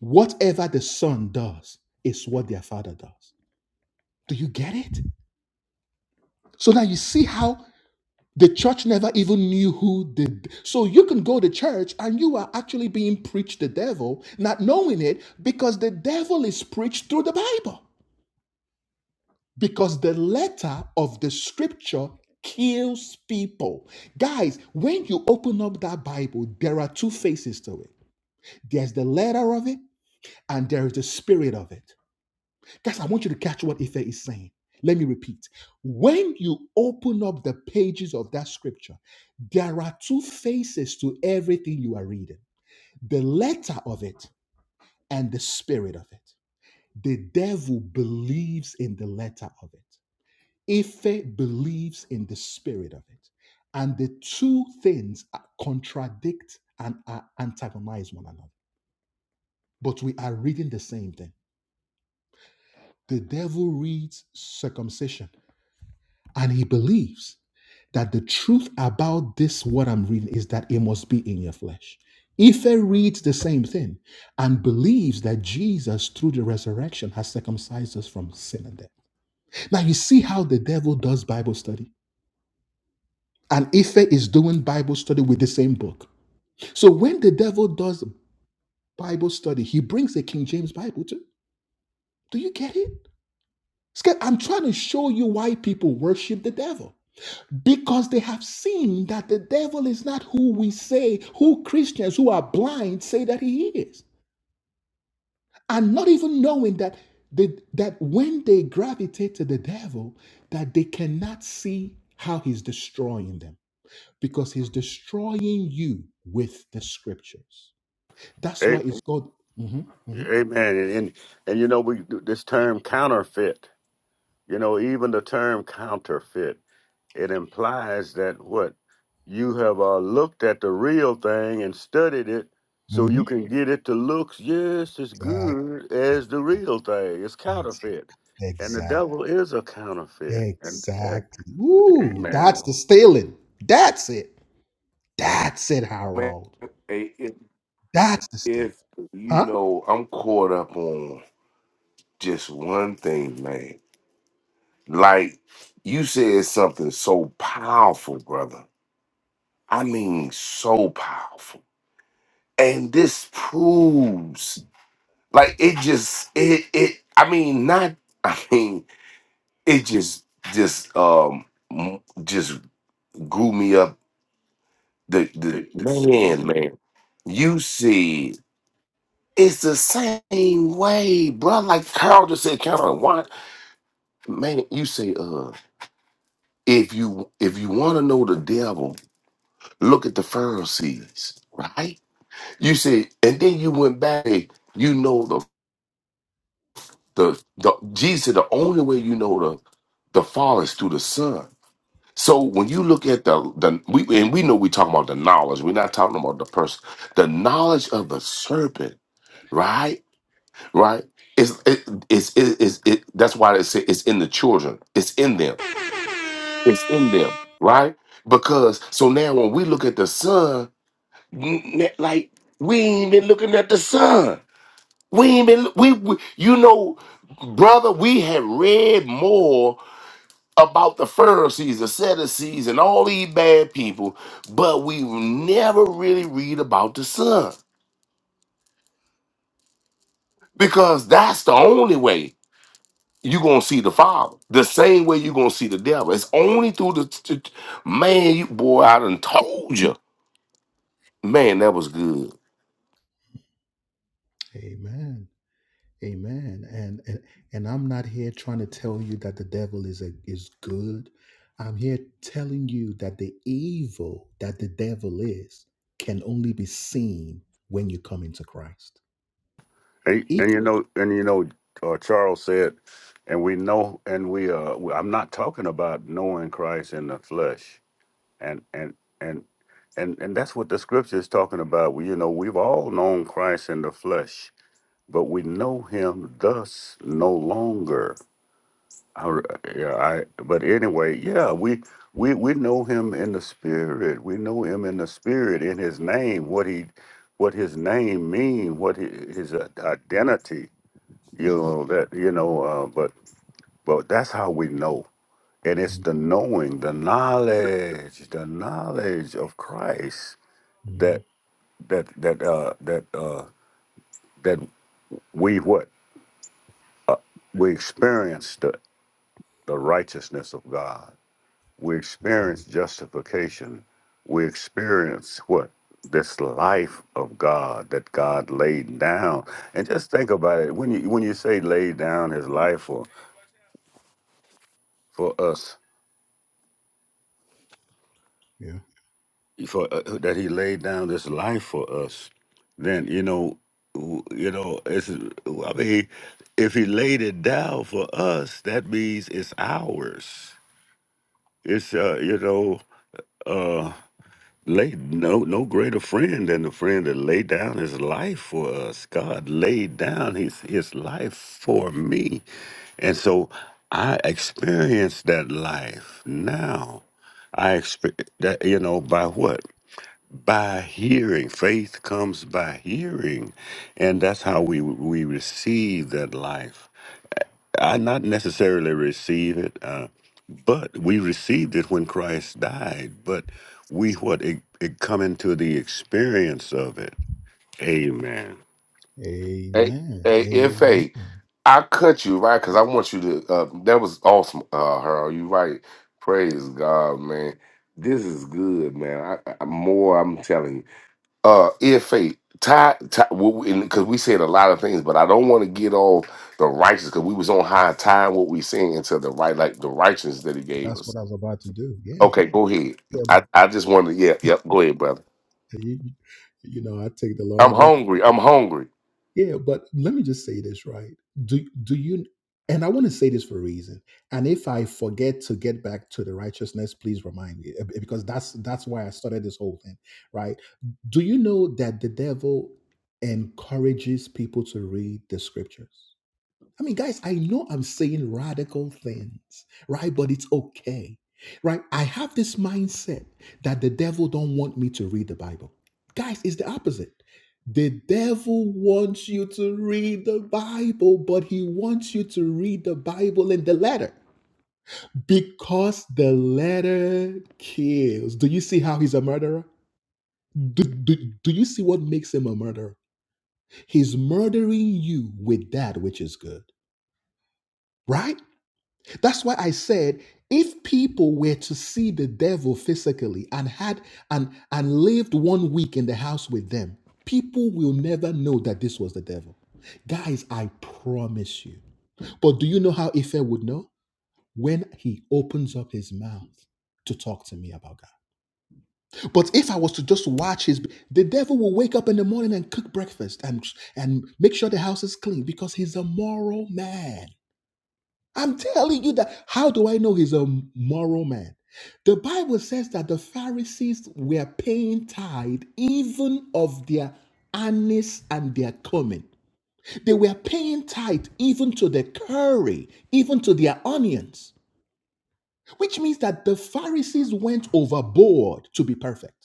Whatever the son does is what their father does. Do you get it? So now you see how the church never even knew who did. So you can go to church and you are actually being preached the devil, not knowing it, because the devil is preached through the Bible. Because the letter of the scripture kills people. Guys, when you open up that Bible, there are two faces to it there's the letter of it, and there is the spirit of it. Guys, I want you to catch what Ife is saying. Let me repeat. When you open up the pages of that scripture, there are two faces to everything you are reading the letter of it and the spirit of it. The devil believes in the letter of it, Ife believes in the spirit of it. And the two things are- contradict and are antagonize one another. But we are reading the same thing. The devil reads circumcision And he believes that the truth about this, what I'm reading, is that it must be in your flesh. Ife reads the same thing and believes that Jesus, through the resurrection, has circumcised us from sin and death. Now, you see how the devil does Bible study. And Ife is doing Bible study with the same book. So, when the devil does Bible study, he brings a King James Bible too. Do you get it? It's get- I'm trying to show you why people worship the devil. because they have seen that the devil is not who we say, who Christians who are blind say that he is. And not even knowing that the, that when they gravitate to the devil, that they cannot see how he's destroying them because he's destroying you with the scriptures. That's why A- it's called. Mhm, mhm, Amen. And, and and you know we this term counterfeit. You know even the term counterfeit. it implies that what you have uh, looked at the real thing and studied it so you mhm. can get it to look just as Exactly. good as the real thing it's Ex- counterfeit and the Exactly. devil is a counterfeit and, Exactly. and Ooh, man that's the stealing. That's it. That's it, man. Harold. Hey, If, That's the Steelers. if you Huh? know, I'm caught up on just one thing, man. Like you said something so powerful, brother. I mean, so powerful. And this proves. Like it just it it. I mean, not. I mean, it just just um m- just grew me up. The the man man. You see, it's the same way, bro. Like Carl just said, Carol, why man? You say uh. If you if you want to know the devil, look at the Pharisees, right? You say, and then you went back. You know the the the Jesus. said The only way you know the the Father is through the Son. So when you look at the the we and we know we're talking about the knowledge. We're not talking about the person. The knowledge of the serpent, right? Right? It's it is it is it that's why they say it's in the children. It's in them. It's in them, right? Because so now when we look at the sun, n- n- like we ain't been looking at the sun. We ain't been we, we you know, brother, we have read more about the Pharisees, the Sadducees, and all these bad people, but we never really read about the Son because that's the only way you're gonna see the Father. The same way you're gonna see the devil. It's only through the t- t- man. You boy, I done told you, man, that was good. Amen. Amen. And, and and I'm not here trying to tell you that the devil is a, is good. I'm here telling you that the evil that the devil is can only be seen when you come into Christ. and, If- and you know and you know uh, charles said and we know and we uh i'm not talking about knowing christ in the flesh and and and and, and that's what the scripture is talking about. We, you know, we've all known Christ in the flesh but we know him thus no longer. I, yeah, I, but anyway, yeah, we, we we know him in the spirit. We know him in the spirit, in his name, what he, what his name mean, what he, his i- identity. You know that you know, uh, but but that's how we know, and it's the knowing, the knowledge, the knowledge of Christ Mhm. that that that uh, that uh, that we what we experienced. the righteousness of God. We experience justification. We experience what? This life of God that God laid down. And just think about it. When you when you say laid down his life for for us, Yeah. for uh, that he laid down this life for us, then you know w- you know it's I mean if he laid it down for us, that means it's ours. It's uh you know uh, Lay no no greater friend than the friend that laid down his life for us. God laid down his his life for me. And so I experienced that life now. I expect that you know by what? By hearing. Faith comes by hearing. And that's how we we receive that life. I not necessarily receive it, uh, but we received it when Christ died. But we what it, it come into the experience of it. Amen. Hey, Amen. hey, Amen. Fa, I cut you right because I want you to. Uh, that was awesome, uh, Harold. You right. Praise God, man. This is good, man. I, I more. I'm telling you. uh if faith because we said a lot of things but i don't want to get all the righteous because we was on high time what we saying into the right like the righteousness that he gave That's us what I was about to do. Yeah. okay go ahead Yeah. i i just wanted to yeah yep go ahead brother You, you know, I take the long i'm route. hungry i'm hungry Yeah, but let me just say this, right? Do do you and I want to say this for a reason. And if I forget to get back to the righteousness, please remind me eh, because that's that's why I started this whole thing, right? Do you know that the devil encourages people to read the scriptures? I mean, guys, I know I'm saying radical things, right? But it's okay, right? I have this mindset that the devil don't want me to read the Bible. Guys, it's the opposite. The devil wants you to read the Bible, but he wants you to read the Bible in the letter because the letter kills. Do you see how he's a murderer? Do, do, do you see what makes him a murderer? He's murdering you with that which is good, right? That's why I said if people were to see the devil physically and had and and lived one week in the house with them, people will never know that this was the devil. Guys, I promise you. But do you know how Ife would know? When he opens up his mouth to talk to me about God. But if I was to just watch his the devil will wake up in the morning and cook breakfast and and make sure the house is clean because he's a moral man. I'm telling you that. How do I know he's a moral man? The Bible says that the Pharisees were paying tithe even of their anise and their cumin. They were paying tithe even to the curry, even to their onions, which means that the Pharisees went overboard to be perfect.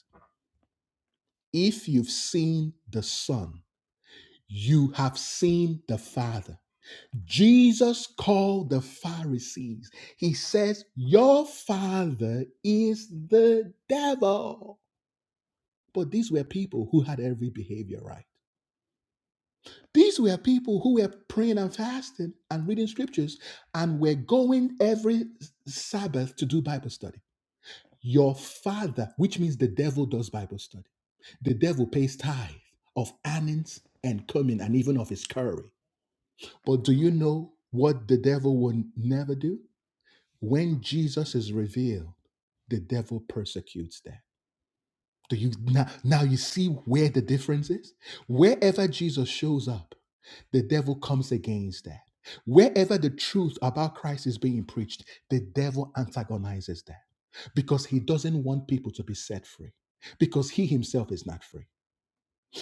If you've seen the Son, you have seen the Father. Jesus called the Pharisees. He says, Your father is the devil. But these were people who had every behavior right. These were people who were praying and fasting and reading scriptures and were going every Sabbath to do Bible study. Your father, which means the devil does Bible study. The devil pays tithe of earnings and cumin and even of his curry. But do you know what the devil will never do? When Jesus is revealed, the devil persecutes that. Do you now, now you see where the difference is? Wherever Jesus shows up, the devil comes against that. Wherever the truth about Christ is being preached, the devil antagonizes that because he doesn't want people to be set free because he himself is not free.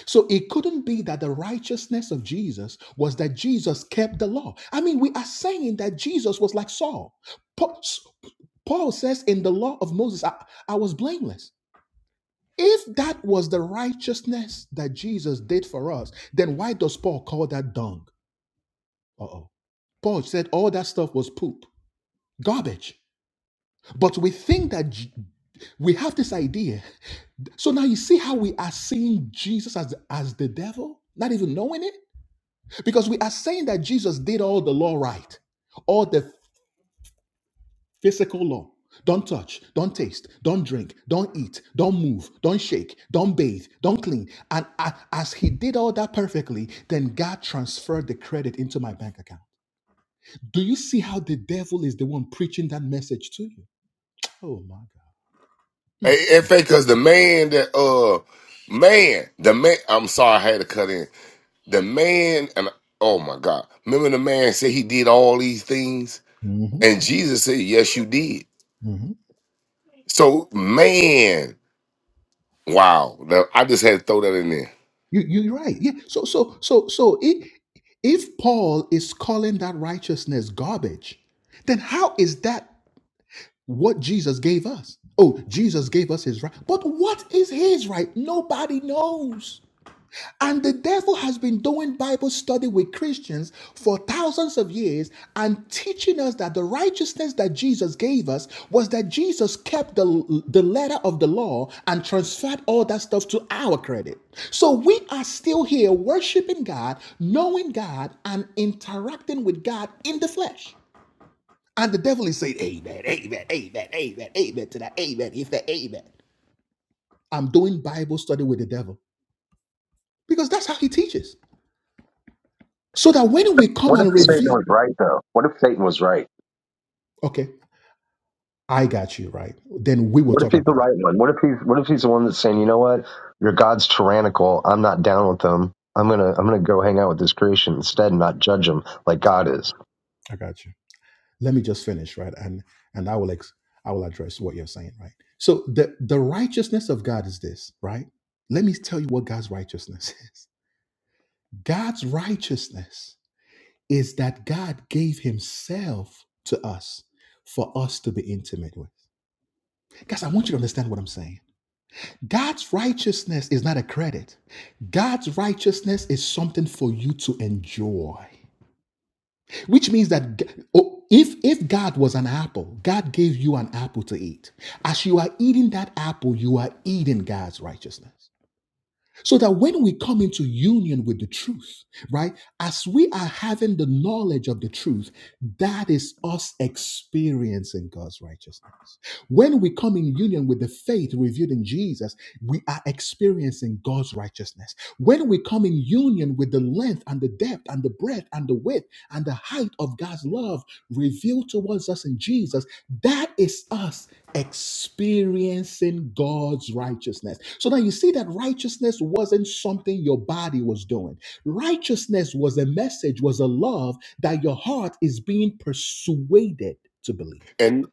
So it couldn't be that the righteousness of Jesus was that Jesus kept the law. I mean, we are saying that Jesus was like Saul. Paul, Paul says in the law of Moses, I, I was blameless. If that was the righteousness that Jesus did for us, then why does Paul call that dung? Uh oh. Paul said all that stuff was poop, garbage. But we think that J- we have this idea. So now you see how we are seeing Jesus as, as the devil, not even knowing it? Because we are saying that Jesus did all the law right, all the physical law. Don't touch, don't taste, don't drink, don't eat, don't move, don't shake, don't bathe, don't clean. And as he did all that perfectly, then God transferred the credit into my bank account. Do you see how the devil is the one preaching that message to you? Oh my hey God. if because the man that uh man the man i'm sorry i had to cut in the man and oh my god remember the man said he did all these things Mm. Mhm, and jesus said yes you did mhm. so man Wow, now I just had to throw that in there. You, you're right. Yeah. So, so, so, so it, if Paul is calling that righteousness garbage, then how is that? what Jesus gave us. Oh, Jesus gave us his right. But what is his right? Nobody knows. And the devil has been doing Bible study with Christians for thousands of years and teaching us that the righteousness that Jesus gave us was that Jesus kept the, the letter of the law and transferred all that stuff to our credit. So we are still here worshiping God, knowing God, and interacting with God in the flesh. And the devil is saying, Amen, amen, amen, amen, amen to that, amen, if that, amen. I'm doing Bible study with the devil because that's how he teaches. So that when we come What if and Satan review, was right though? What if Satan was right? okay, I got you, right? Then we will What if talk he's about the it. right one? What if he's what if he's the one that's saying, you know what, your God's tyrannical. I'm not down with them. I'm gonna I'm gonna go hang out with this creation instead and not judge them like God is. I got you. Let me just finish, right? And and I will ex- I will address what you're saying, right? So the, the righteousness of God is this, right? Let me tell you what God's righteousness is. God's righteousness is that God gave Himself to us for us to be intimate with. Guys, I want you to understand what I'm saying. God's righteousness is not a credit. God's righteousness is something for you to enjoy, which means that oh, if if God was an apple, God gave you an apple to eat. As you are eating that apple, you are eating God's righteousness. So that when we come into union with the truth, right, as we are having the knowledge of the truth, that is us experiencing God's righteousness. When we come in union with the faith revealed in Jesus, we are experiencing God's righteousness. When we come in union with the length and the depth and the breadth and the width and the height of God's love revealed towards us in Jesus, that is us experiencing God's righteousness. So now you see that righteousness wasn't something your body was doing. Righteousness was a message, was a love that your heart is being persuaded to believe. And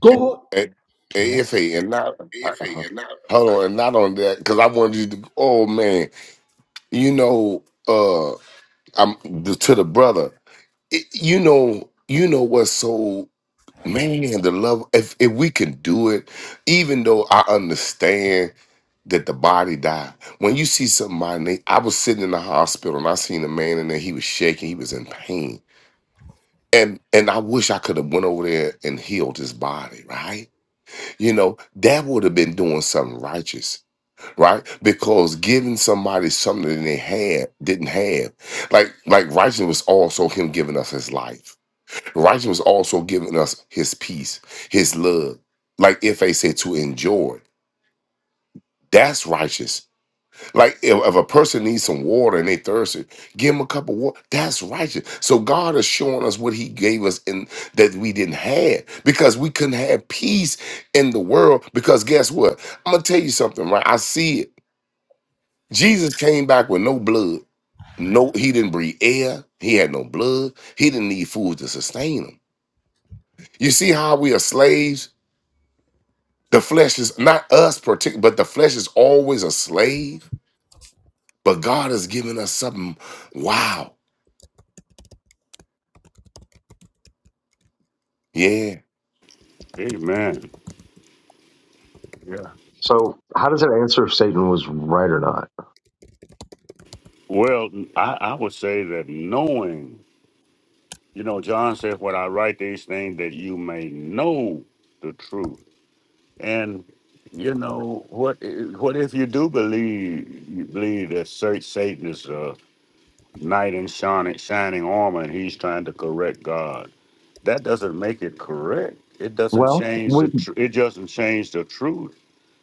God, and, and if yes. he and not I, uh, hold on, and not on that because I wanted you to. Oh man, you know, uh, I'm the, to the brother. It, you know, you know what's so man the love. If if we can do it, even though I understand that the body died. When you see somebody, I was sitting in the hospital and I seen a man in there. He was shaking. He was in pain and and I wish I could have went over there and healed his body, right? You know, that would have been doing something righteous, right? Because giving somebody something that they had didn't have, like like righteousness was also him giving us his life. Righteousness was also giving us his peace, his love. Like if they said to enjoy, that's righteous like if, if a person needs some water and they thirsty, give them a cup of water. That's righteous. So God is showing us what He gave us in that we didn't have because we couldn't have peace in the world. Because guess what? I'm gonna tell you something, right? I see it. Jesus came back with no blood. No, he didn't breathe air. He had no blood. He didn't need food to sustain him. You see how we are slaves? The flesh is not us particular, but the flesh is always a slave. But God has given us something. Wow. Yeah. Amen. Yeah. So how does it answer if Satan was right or not? Well, I, I would say that knowing, you know, John said, "When I write these things, that you may know the truth." And you know what? What if you do believe you believe that Sa- Satan is a knight in shining shining armor, and he's trying to correct God? that doesn't make it correct. It doesn't Well, change we, the. Tr- it doesn't change the truth.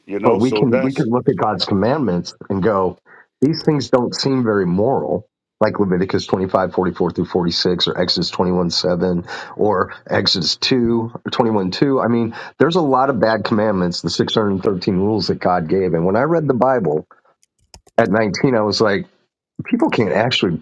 You But know. we So can we that's. can look at God's commandments and go, these things don't seem very moral, like Leviticus 25 44 through 46, or Exodus 21, 7, or Exodus 2 21 2. I mean, there's a lot of bad commandments, the 613 rules that God gave. And when I read the Bible at 19, I was like, people can't actually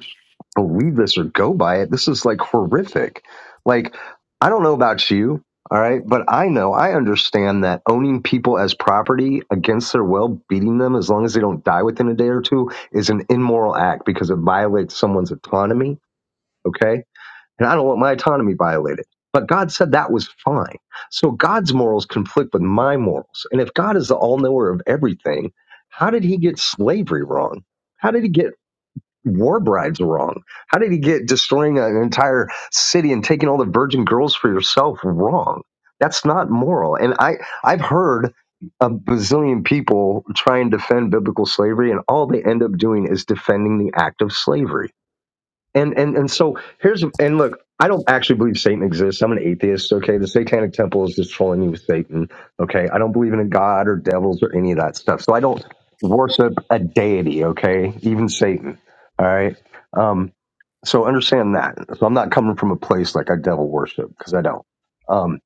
believe this or go by it. This is like horrific. Like, I don't know about you, all right, but I know, I understand that owning people as property against their will, beating them as long as they don't die within a day or two, is an immoral act because it violates someone's autonomy, okay? And I don't want my autonomy violated. But God said that was fine. So God's morals conflict with my morals. And if God is the all knower of everything, how did he get slavery wrong? How did he get war brides wrong? How did he get destroying an entire city and taking all the virgin girls for yourself wrong? That's not moral. And I I've heard a bazillion people try and defend biblical slavery, and all they end up doing is defending the act of slavery and and and so here's and look i don't actually believe satan exists i'm an atheist okay the satanic temple is just trolling you with satan okay i don't believe in a god or devils or any of that stuff so i don't worship a deity okay even satan all right um so understand that so i'm not coming from a place like i devil worship because i don't um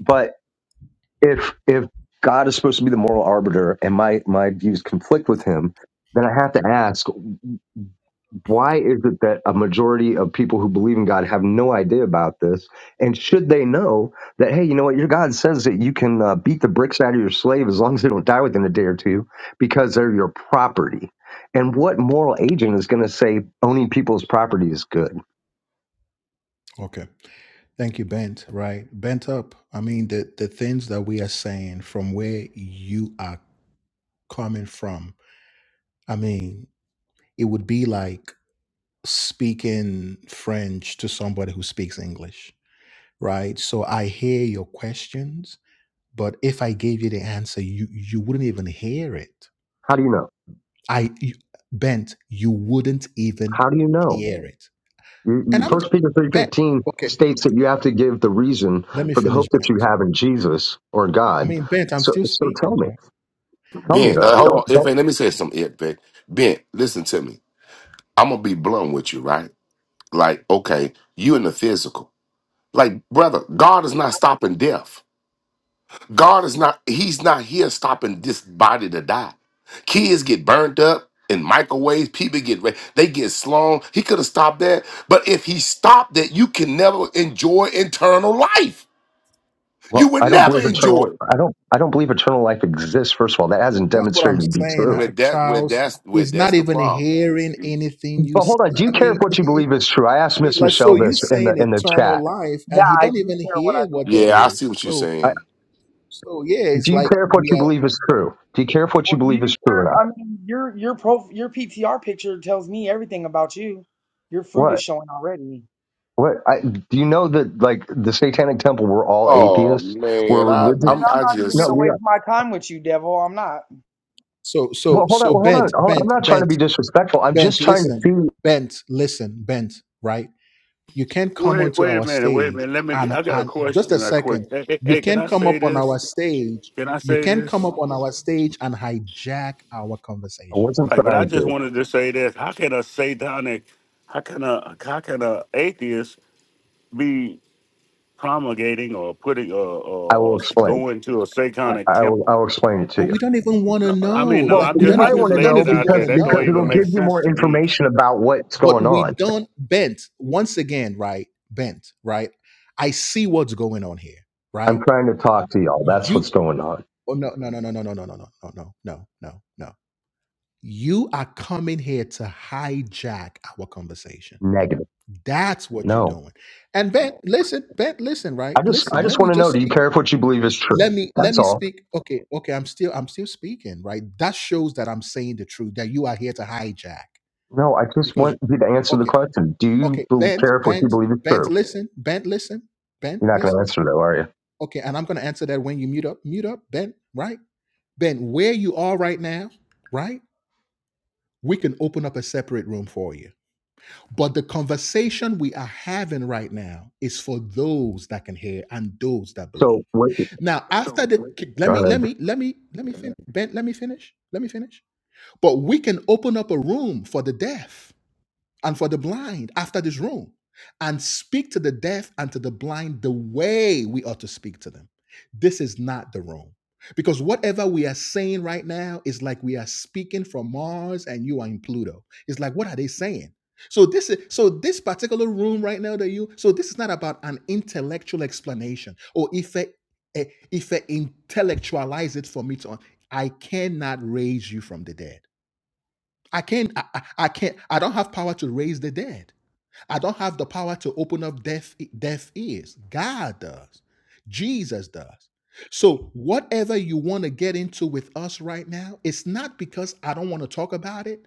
but if if god is supposed to be the moral arbiter and my my views conflict with him then i have to ask why is it that a majority of people who believe in God have no idea about this? And should they know that, hey, you know what? Your God says that you can uh, beat the bricks out of your slave as long as they don't die within a day or two because they're your property. And what moral agent is going to say owning people's property is good? Okay. Thank you, Bent. Right. Bent up. I mean, the, the things that we are saying from where you are coming from, I mean, it would be like speaking French to somebody who speaks English, right? So I hear your questions, but if I gave you the answer, you, you wouldn't even hear it. How do you know? I, you, Bent, you wouldn't even How do you know? hear it. You- And you- I'm, First Peter Bent, 3.15 okay, states that you have to give the reason let me for the hope finish, that Bent. you have in Jesus or I God. mean, Bent, I'm So, still so tell speaking, me, right? tell me Ben, though. uh, Good. hold Don't. on. don't If let me say something, If Ben. Ben, listen to me. I'm gonna be blunt with you, right? Like, okay, you in the physical. Like, brother, God is not stopping death. God is not, He's not here stopping this body to die. Kids get burnt up in microwaves, people get ra- they get slung. He could have stopped that. But if he stopped that, you can never enjoy eternal life. You Well, would I don't never believe enjoy eternal. it. I don't. I don't believe eternal life exists. First of all, that hasn't That's what I'm demonstrated to be saying, true. Where uh, that where Charles. that's where He's not that's the even problem. hearing anything you. But s- hold on. Do you I care mean, if what you believe is true? I asked Miss like so Michelle you're this in the saying in the eternal chat. life, Yeah, and he I don't do even care what hear I what that believe. Yeah, I see is. what you're So, I, saying. so yeah, it's do you like care if what we you are. believe is true? Do you care if what Well, you do believe you is true or care? not? I mean, your your pro your PTR picture tells me everything about you. Your fruit is What? showing already. What? I, do you know that like the Satanic Temple were all Oh atheists? We're man, I Man, religious. I'm I'm I not even just No, gonna we said, waste are. my time with you, devil. I'm not. So, so, Well, hold on. so Well, hold on. bent, Hold on. I'm bent, not trying to bent, be disrespectful. I'm bent. just trying to Listen, see. bent, listen, bent. Right? You can't come Wait, onto wait our a minute. Wait a stage minute. Let me. and I got a and just a question. Right quick. second. Hey, hey, You hey, can can't I come say up on this? our stage. Can I You say can't come this? up on our stage and hijack our I conversation wasn't Right. But I trying just to. wanted to say this. How can a satanic? How can a how can a atheist be promulgating or putting or, I or, will or explain. going to a I, satanic I will. I temple? will explain it to But you. we don't even want to No, I mean, know. no. Well, Like I'm we you just don't I might even just want to we don't laid know it even out because want there. to That because don't know, it'll even make bro. give you sense more to me. information about what's going But we on. don't bent once again, right? Bent, right? I see what's going on here, I'm right? trying to talk to y'all. That's what's You going on. oh no no no no no no no no no no no no no no. You are coming here to hijack our conversation. Negative. That's what you're No. doing. And Ben, listen, Ben, listen, right? I just Listen, I let just me want to know. just Do speak. you care if what you believe is true? let me let That's me all. speak okay okay i'm still i'm still speaking right that shows that i'm saying the truth that you are here to hijack No, I just because want you to answer the okay question. Do you okay bel bent care if what you bent believe is bent true? listen bent listen bent You're not going listen to answer though, are you? okay and i'm going to answer that when you mute up mute up bent right Ben, where you are right now right we can open up a separate room for you but the conversation we are having right now is for those that can hear and those that believe So what? Now, So after So, the like, let All me right. let me let me let me fin- ben, let me finish. Let me finish. But we can open up a room for the deaf and for the blind after this room and speak to the deaf and to the blind the way we ought to speak to them. This is not the room. Because whatever we are saying right now is like we are speaking from Mars and you are in Pluto. It's like, what are they saying? So this is so this particular room right now that you so this is not about an intellectual explanation or if I eh, if I intellectualize it for me to I cannot raise you from the dead. I can't I, I I can't I don't have power to raise the dead. I don't have the power to open up deaf deaf ears. God does. Jesus does. So whatever you want to get into with us right now, it's not because I don't want to talk about it.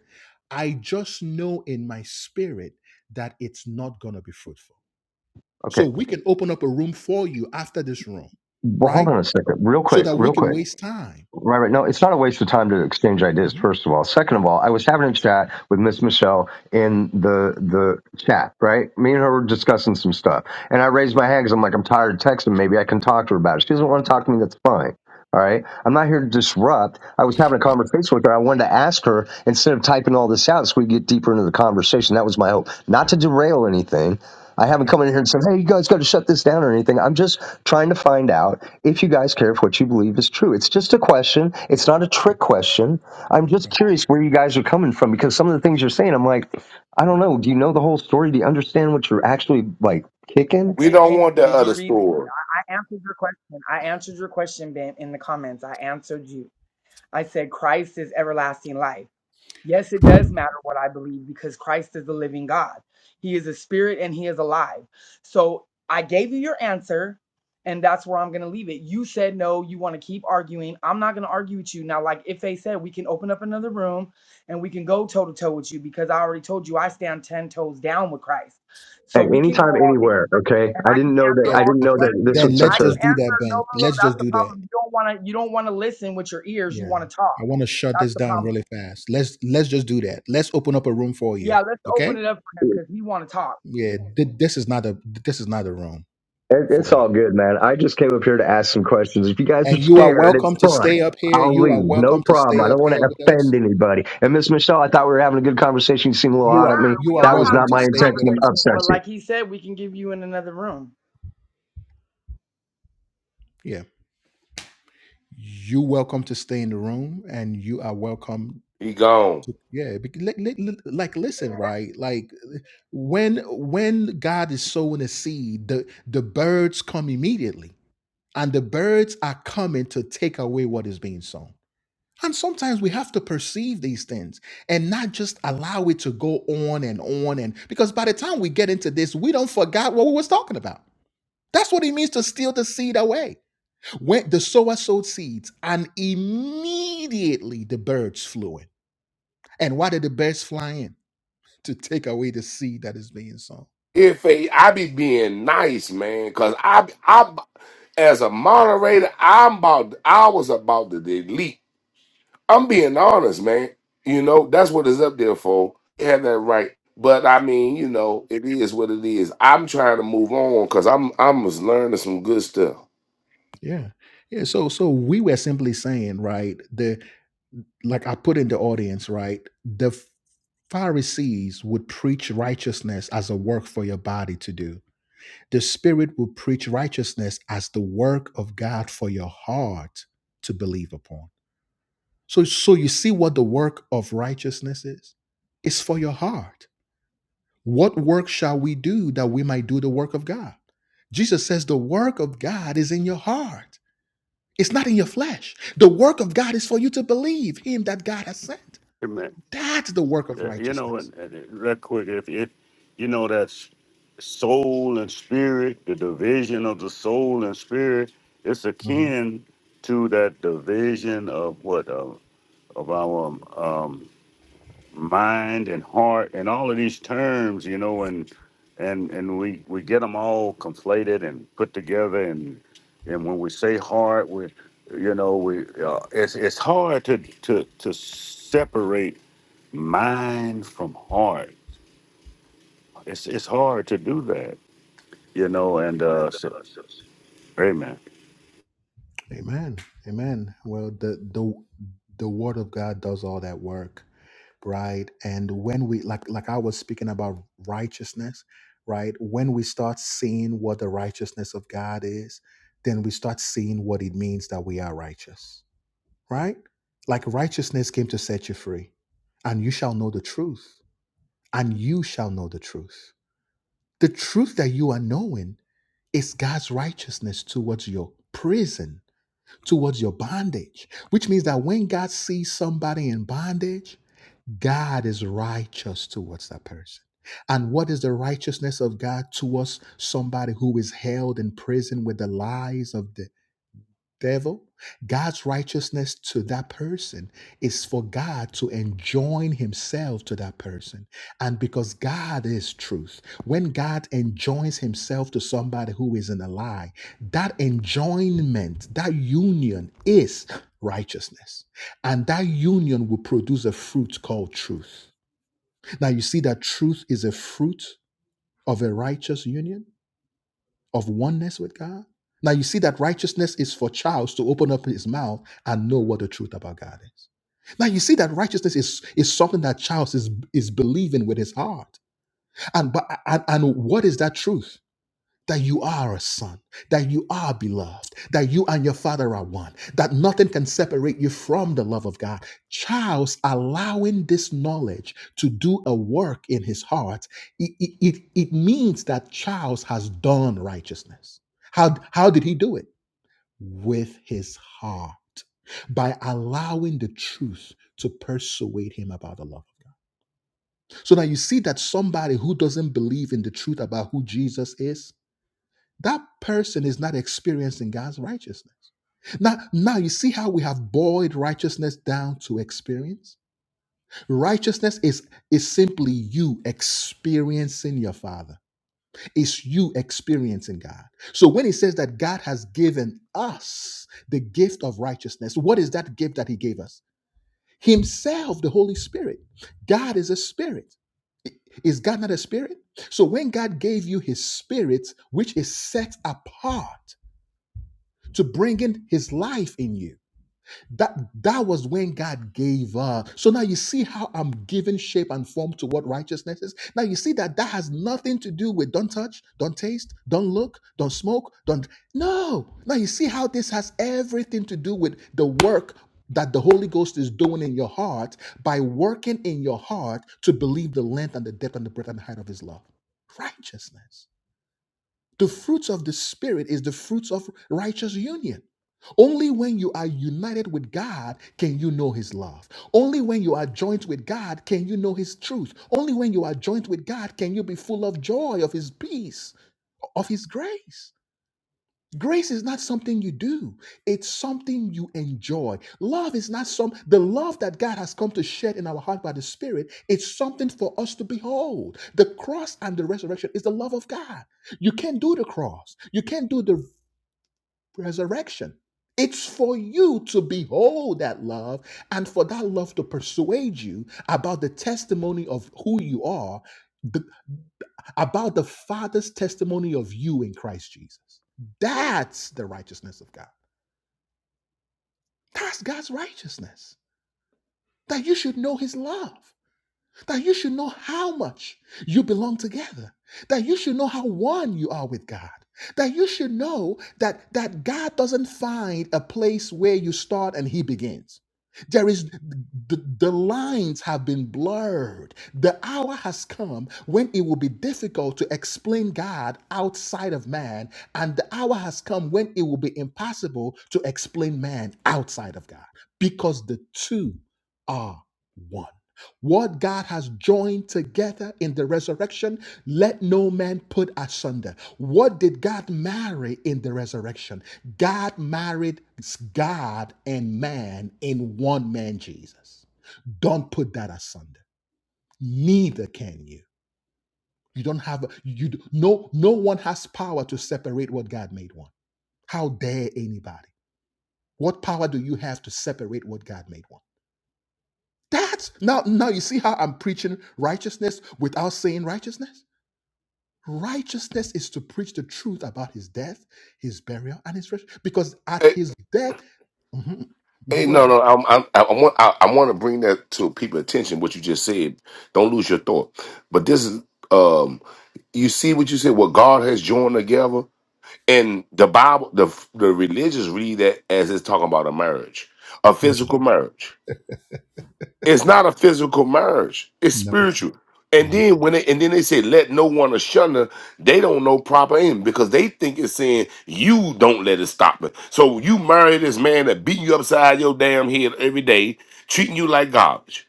I just know in my spirit that it's not going to be fruitful. So Okay. we can open up a room for you after this room, Well, hold right? on a second, real So quick, that we real can quick. waste time. Right, right. No, it's not a waste of time to exchange ideas. Mhm. First of all, second of all, I was having a chat with Miss Michelle in the the chat. Right, me and her were discussing some stuff, and I raised my hand because I'm like, I'm tired of texting. Maybe I can talk to her about it. She doesn't want to talk to me. That's fine. All right. I'm not here to disrupt. I was having a conversation with her. I wanted to ask her instead of typing all this out so we could get deeper into the conversation. That was my hope. Not to derail anything. I haven't Okay. come in here and said, hey, you guys got to shut this down or anything. I'm just trying to find out if you guys care if what you believe is true. It's just a question. It's not a trick question. I'm just Okay. curious where you guys are coming from because some of the things you're saying, I'm like, I don't know. Do you know the whole story? Do you understand what you're actually like kicking? we Okay, don't want Ben, that did you other read? The, store. I I answered your question. I answered your question, Ben, in the comments. I answered you. I said Christ is everlasting life. Yes, it does matter what I believe because Christ is the living God. He is a spirit and he is alive. So I gave you your answer, and that's where I'm going to leave it. You said no, you want to keep arguing. I'm not going to argue with you. Now, like if they said we can open up another room and we can go toe to toe with you because I already told you I stand 10 toes down with Christ. So At we any can go time, all day anywhere. Okay. and I I didn't can know answer that. I Yes. all didn't your know Okay. that this was questions. Then let's I such a can just do answer that, no, Ben. no, no. Let's That's just the do that. problem. You don't want to you don't want to listen with your ears. You Yeah. want to talk. I want to shut That's this the down problem. really fast. Let's let's just do that. Let's open up a room for you. Yeah, let's open Okay? it up for him because he want to talk. Yeah. th- this is not a this is not a room It, for it's you. all good, man. I just came up here to ask some questions. If you guys are And you are scared, it's welcome to fine. stay up here. I'll You leave. are No welcome to problem. stay I up don't want here to with offend us. anybody. And Miss Michelle, I thought we were having a good conversation. You seemed a little We You hot are at are, me. you we are That are was welcome not having a to my good stay with intention to us. conversation, upset but you. like he said, we can give you in another room. Yeah. You welcome to stay in the room and you are welcome He gone. to yeah, bec- li- li- li- like listen, right? Like when when God is sowing a seed, the the birds come immediately and the birds are coming to take away what is being sown. And sometimes we have to perceive these things and not just allow it to go on and on and because by the time we get into this, we don't forget what we was talking about. That's what it means to steal the seed away. When the sower sowed seeds, and immediately the birds flew in. And why did the birds fly in? To take away the seed that is being sown. If a, I be being nice, man, cause I I as a moderator, I'm about I was about to delete. I'm being honest, man. You know that's what it's up there for. You have that right. But I mean, you know, it is what it is. I'm trying to move on because I'm I'm just learning some good stuff. Yeah. Yeah. So so we were simply saying, right, the like I put in the audience, right? The Pharisees would preach righteousness as a work for your body to do. The Spirit will preach righteousness as the work of God for your heart to believe upon. So, so you see what the work of righteousness is? It's for your heart. What work shall we do that we might do the work of God? Jesus says the work of God is in your heart. It's not in your flesh. The work of God is for you to believe Him that God has sent. That's the work of Uh, you know, righteousness. and, and real quick, if it, you know that s- soul and spirit, the division of the soul and spirit, it's Mm-hmm. akin to that division of what uh, of our um, mind and heart and all of these terms, you know, and and and we we get them all conflated and put together, and and when we say heart, we you know we uh, it's it's hard to to to separate mind from heart. It's it's hard to do that, you know. And uh, so, amen. Amen. Amen. Well, the the the word of God does all that work, right? And when we like like I was speaking about righteousness, right? When we start seeing what the righteousness of God is, then we start seeing what it means that we are righteous, right? Like righteousness came to set you free, and you shall know the truth, and you shall know the truth. The truth that you are knowing is God's righteousness towards your prison towards your bondage, which means that when God sees somebody in bondage, God is righteous towards that person. And what is the righteousness of God towards somebody who is held in prison with the lies of the? devil. God's righteousness to that person is for God to enjoin himself to that person. And because God is truth, when God enjoins himself to somebody who is in a lie, that enjoinment, that union is righteousness. And that union will produce a fruit called truth. Now, you see that truth is a fruit of a righteous union of oneness with God. Now you see that righteousness is for Charles to open up his mouth and know what the truth about God is. Now you see that righteousness is, is something that Charles is, is believing with his heart. And, but- and, and what is that truth? that you are a son, that you are beloved, that you and your father are one, that nothing can separate you from the love of God. Charles allowing this knowledge to do a work in his heart, it, it, it it means that Charles has done righteousness. How, how did he do it? With his heart, by allowing the truth to persuade him about the love of God. So now you see that somebody who doesn't believe in the truth about who Jesus is, that person is not experiencing God's righteousness. Now, now you see how we have boiled righteousness down to experience? Righteousness is, is simply you experiencing your Father. It's you experiencing God. So when he says that God has given us the gift of righteousness, what is that gift that he gave us? Himself, the Holy Spirit. God is a spirit. Is God not a spirit? So when God gave you his spirit, which is set apart, to bring in his life in you. That that was when God gave up. So now you see how I'm giving shape and form to what righteousness is. Now you see that that has nothing to do with don't touch, don't taste, don't look, don't smoke, don't. No. Now you see how this has everything to do with the work that the Holy Ghost is doing in your heart by working in your heart to believe the length and the depth and the breadth and the height of His love. Righteousness. The fruits of the Spirit is the fruits of righteous union. Only when you are united with God can you know His love. Only when you are joint with God can you know His truth. Only when you are joint with God can you be full of joy, of His peace, of His grace. Grace is not something you do. It's something you enjoy. Love is not some the love that God has come to shed in our heart by the Spirit. It's something for us to behold. The cross and the resurrection is the love of God. You can't do the cross. You can't do the resurrection. It's for you to behold that love and for that love to persuade you about the testimony of who you are the about the Father's testimony of you in Christ Jesus. That's the righteousness of God. That's God's righteousness. That you should know his love. that you should know how much you belong together, that you should know how one you are with God, that you should know that, that God doesn't find a place where you start and He begins. There is the, the lines have been blurred. The hour has come when it will be difficult to explain God outside of man, and the hour has come when it will be impossible to explain man outside of God because the two are one. What God has joined together in the resurrection, let no man put asunder. What did God marry in the resurrection? God married God and man in one man, Jesus. Don't put that asunder. Neither can you. You don't have you do- no no one has power to separate what God made one. How dare anybody? What power do you have to separate what God made one? That's now now you see how I'm preaching righteousness without saying righteousness? Righteousness is to preach the truth about his death, his burial, and his resurrection. Because at his death, Mhm. Mhm. Hey, go no, ahead. no, I'm, I'm, I, want, I, I want to bring that to people's attention. What you just said, don't lose your thought. But this is, um, you see what you said. What God has joined together, and the Bible, the the religious read that as it's talking about a marriage, a No, physical marriage. It's not a physical marriage. It's no. spiritual. And Hey, then when they and then they say let no one shun her, they don't know proper aim because they think it's saying you don't let it stop it. So you marry this man that beating you upside your damn head every day, treating you like garbage.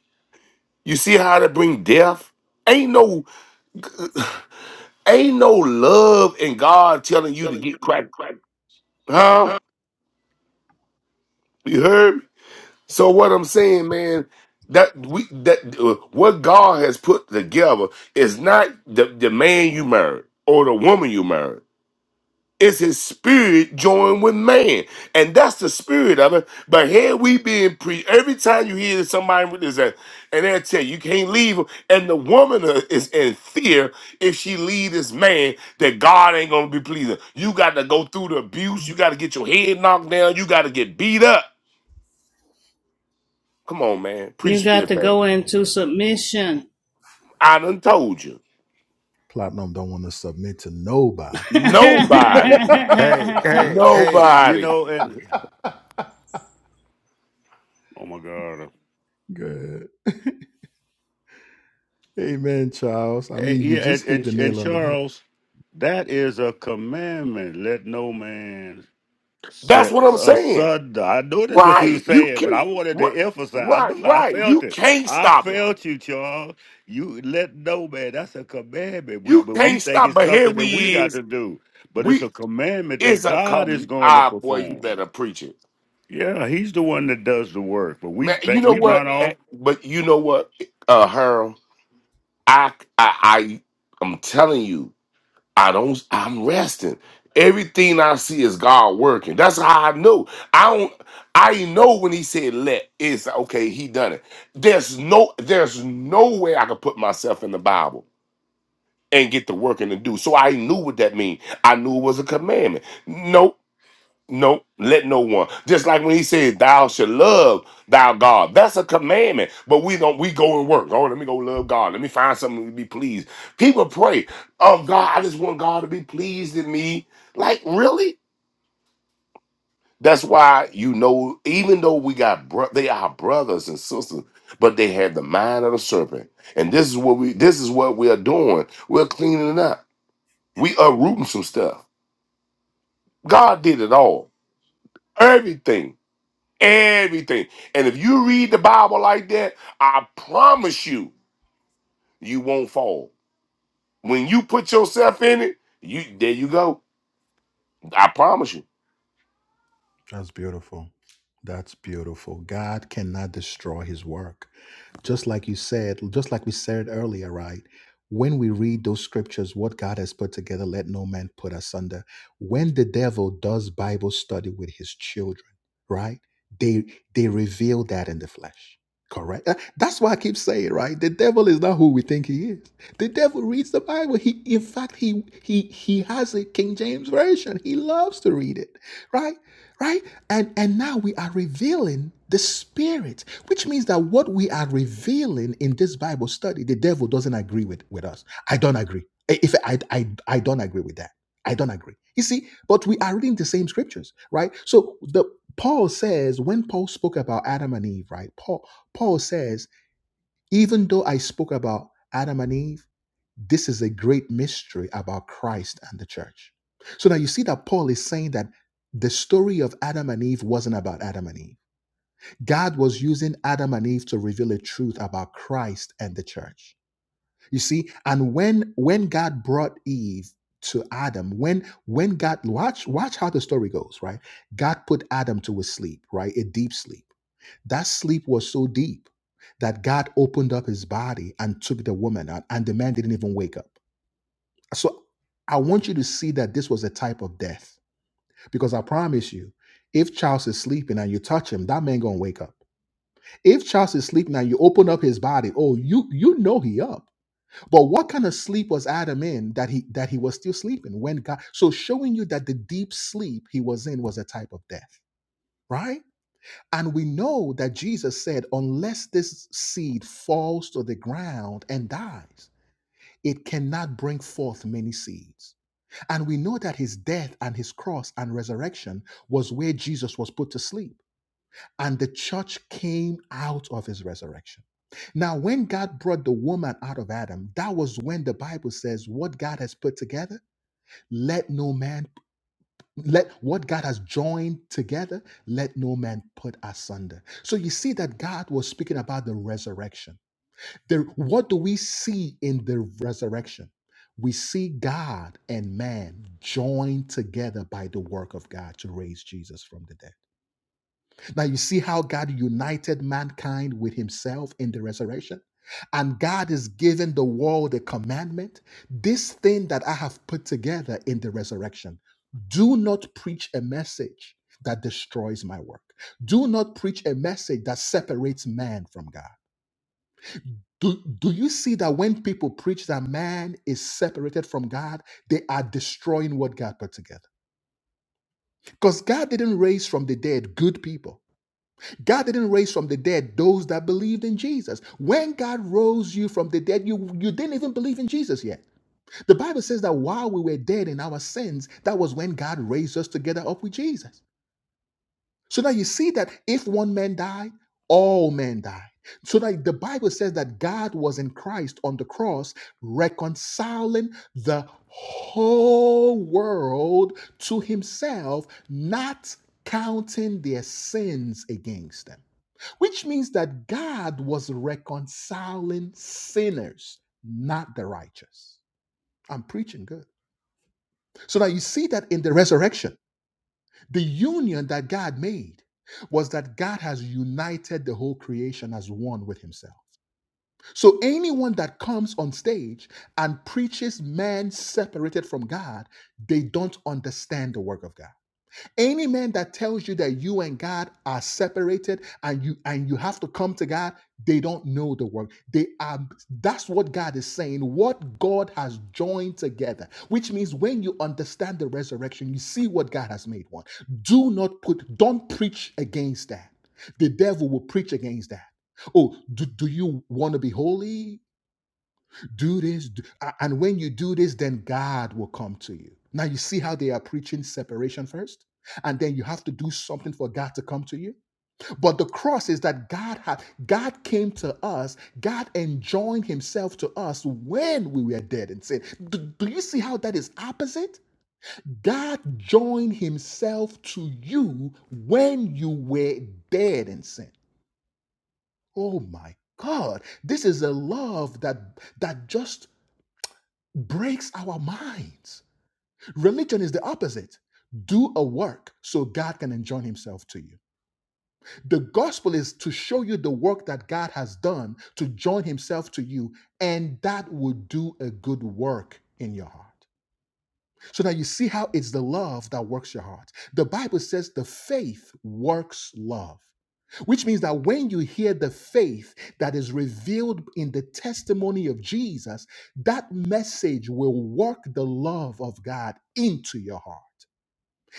You see how they bring death? Ain't no ain't no love in God telling you to get cracked. Huh? You heard? me? So what I'm saying, man, that we that uh, what God has put together is not the, the man you married or the woman you married. It's his spirit joined with man. And that's the spirit of it. But here we being pre every time you hear somebody with this and and they'll tell you you can't leave him. And the woman uh, is in fear if she leave this man that God ain't gonna be pleasing. You gotta go through the abuse, you gotta get your head knocked down, you gotta get beat up. Come on, man. You Preach to your got to faith. go into submission. I done told you. Platinum don't want to submit to nobody. yeah, Nobody. Hey, hey, hey, you Nobody. know, and oh my God, Good. Amen, Charles. I Eh, mean, you yeah, just and hit the and, and nail on the head. Charles, that is a commandment. Let no man That's Said, what I'm uh, saying. son, I know that's what you were Right. You saying, but I can't wanted to what emphasize. I right, knew I right. felt You it. can't I stop it. felt you, Charles. You let know, man. That's a commandment. We, You but we can't think stop. it's But here something that we we got to is. do. But it's a We commandment that is a God is come. going to Ah boy, you perform. better preach it. Yeah, He's the one that does the work. But we Man, you think know we run what? off. Eh, But you know what, uh Harold? I I I I'm telling you. I don't. I'm resting. Everything I see is God working. That's how I know. I don't. I know when He said let. It's okay. He done it. There's no. There's no way I could put myself in the Bible and get to working to do. So I knew what that mean. I knew it was a commandment. No. Nope, let no one. Just like when he said, "Thou shall love thy God." That's a commandment. But we don't. We go and work. Oh, let me go love God. Let me find something to be pleased. People pray, "Oh God, I just want God to be pleased in me." Like really? That's why you know. Even though we got, bro- they are brothers and sisters, but they had the mind of the serpent. And this is what we. This is what we are doing. We're cleaning it up. We uprooting some stuff. God did it all. Everything. Everything. And if you read the Bible like that, I promise you, you won't fall. When you put yourself in it, you there you go. I promise you. That's beautiful. That's beautiful. God cannot destroy his work. just like you said, just like we said earlier, right? When we read those scriptures, what God has put together, let no man put asunder. When the devil does Bible study with his children, right? They they reveal that in the flesh. Correct. Uh, That's why I keep saying, right? The devil is not who we think he is. The devil reads the Bible. He, in fact, he he he has a King James version. He loves to read it, right? Right? And and now we are revealing the spirit which means that what we are revealing in this Bible study, the devil doesn't agree with, with us. I don't agree. If I, I I don't agree with that. I don't agree. You see, but we are reading the same scriptures, right? So the Paul says, when Paul spoke about Adam and Eve, right? Paul, Paul says, even though I spoke about Adam and Eve, this is a great mystery about Christ and the church. So now you see that Paul is saying that the story of Adam and Eve wasn't about Adam and Eve God was using Adam and Eve to reveal a truth about Christ and the church. You see, and when when God brought Eve to Adam, when when God watch watch how the story goes, right? God put Adam to a sleep, right? A deep sleep. That sleep was so deep that God opened up his body and took the woman out, and the man didn't even wake up. So I want you to see that this was a type of death. Because I promise you, if Charles is sleeping and you touch him, that man gonna wake up if Charles is sleeping and you open up his body. Oh, you you know he up. But what kind of sleep was Adam in that he that he was still sleeping when God? So showing you that the deep sleep he was in was a type of death, right? And we know that Jesus said, unless this seed falls to the ground and dies, it cannot bring forth many seeds. And we know that his death and his cross and resurrection was where Jesus was put to sleep and the church came out of his resurrection. Now, when God brought the woman out of Adam, that was when the Bible says, "What God has put together, let no man let what God has joined together, let no man put asunder." So you see that God was speaking about the resurrection. The- what do we see in the resurrection? We see God and man joined together by the work of God to raise Jesus from the dead. Now you see how God united mankind with himself in the resurrection. And God is giving the world a commandment this thing that I have put together in the resurrection. Do not preach a message that destroys my work. Do not preach a message that separates man from God. Do, do you see that when people preach that man is separated from God, they are destroying what God put together? Because God didn't raise from the dead good people. God didn't raise from the dead those that believed in Jesus. When God rose you from the dead, you, you didn't even believe in Jesus yet. The Bible says that while we were dead in our sins, that was when God raised us together up with Jesus. So now you see that if one man died, all men died. So that the Bible says that God was in Christ on the cross, reconciling the whole world to himself, not counting their sins against them which means that God was reconciling sinners, not the righteous. I'm preaching good. So now you see that in the resurrection, the union that God made was that God has united the whole creation as one with himself. So anyone that comes on stage and preaches man separated from God, they don't understand the work of God. Any man that tells you that you and God are separated and you and you have to come to God, they don't know the word. They are that's what God is saying. What God has joined together, which means when you understand the resurrection, you see what God has made one. Do not put, don't preach against that. The devil will preach against that. Oh, do, do you want to be holy? do this do, and when you do this then god will come to you now you see how they are preaching separation first and then you have to do something for god to come to you but the cross is that god had god came to us god enjoined himself to us when we were dead in sin do, do you see how that is opposite god joined himself to you when you were dead in sin oh my god this is a love that that just breaks our minds. Religion is the opposite. Do a work so God can enjoin himself to you. The gospel is to show you the work that God has done to join himself to you, and that will do a good work in your heart. So now you see how it's the love that works your heart. The Bible says the faith works love, which means that when you hear the faith that is revealed in the testimony of Jesus, that message will work the love of God into your heart.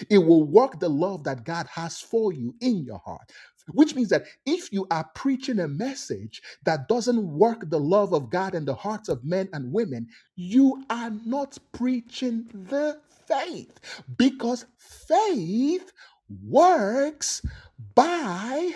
It will work the love that God has for you in your heart. Which means that if you are preaching a message that doesn't work the love of God in the hearts of men and women, you are not preaching the faith because faith works by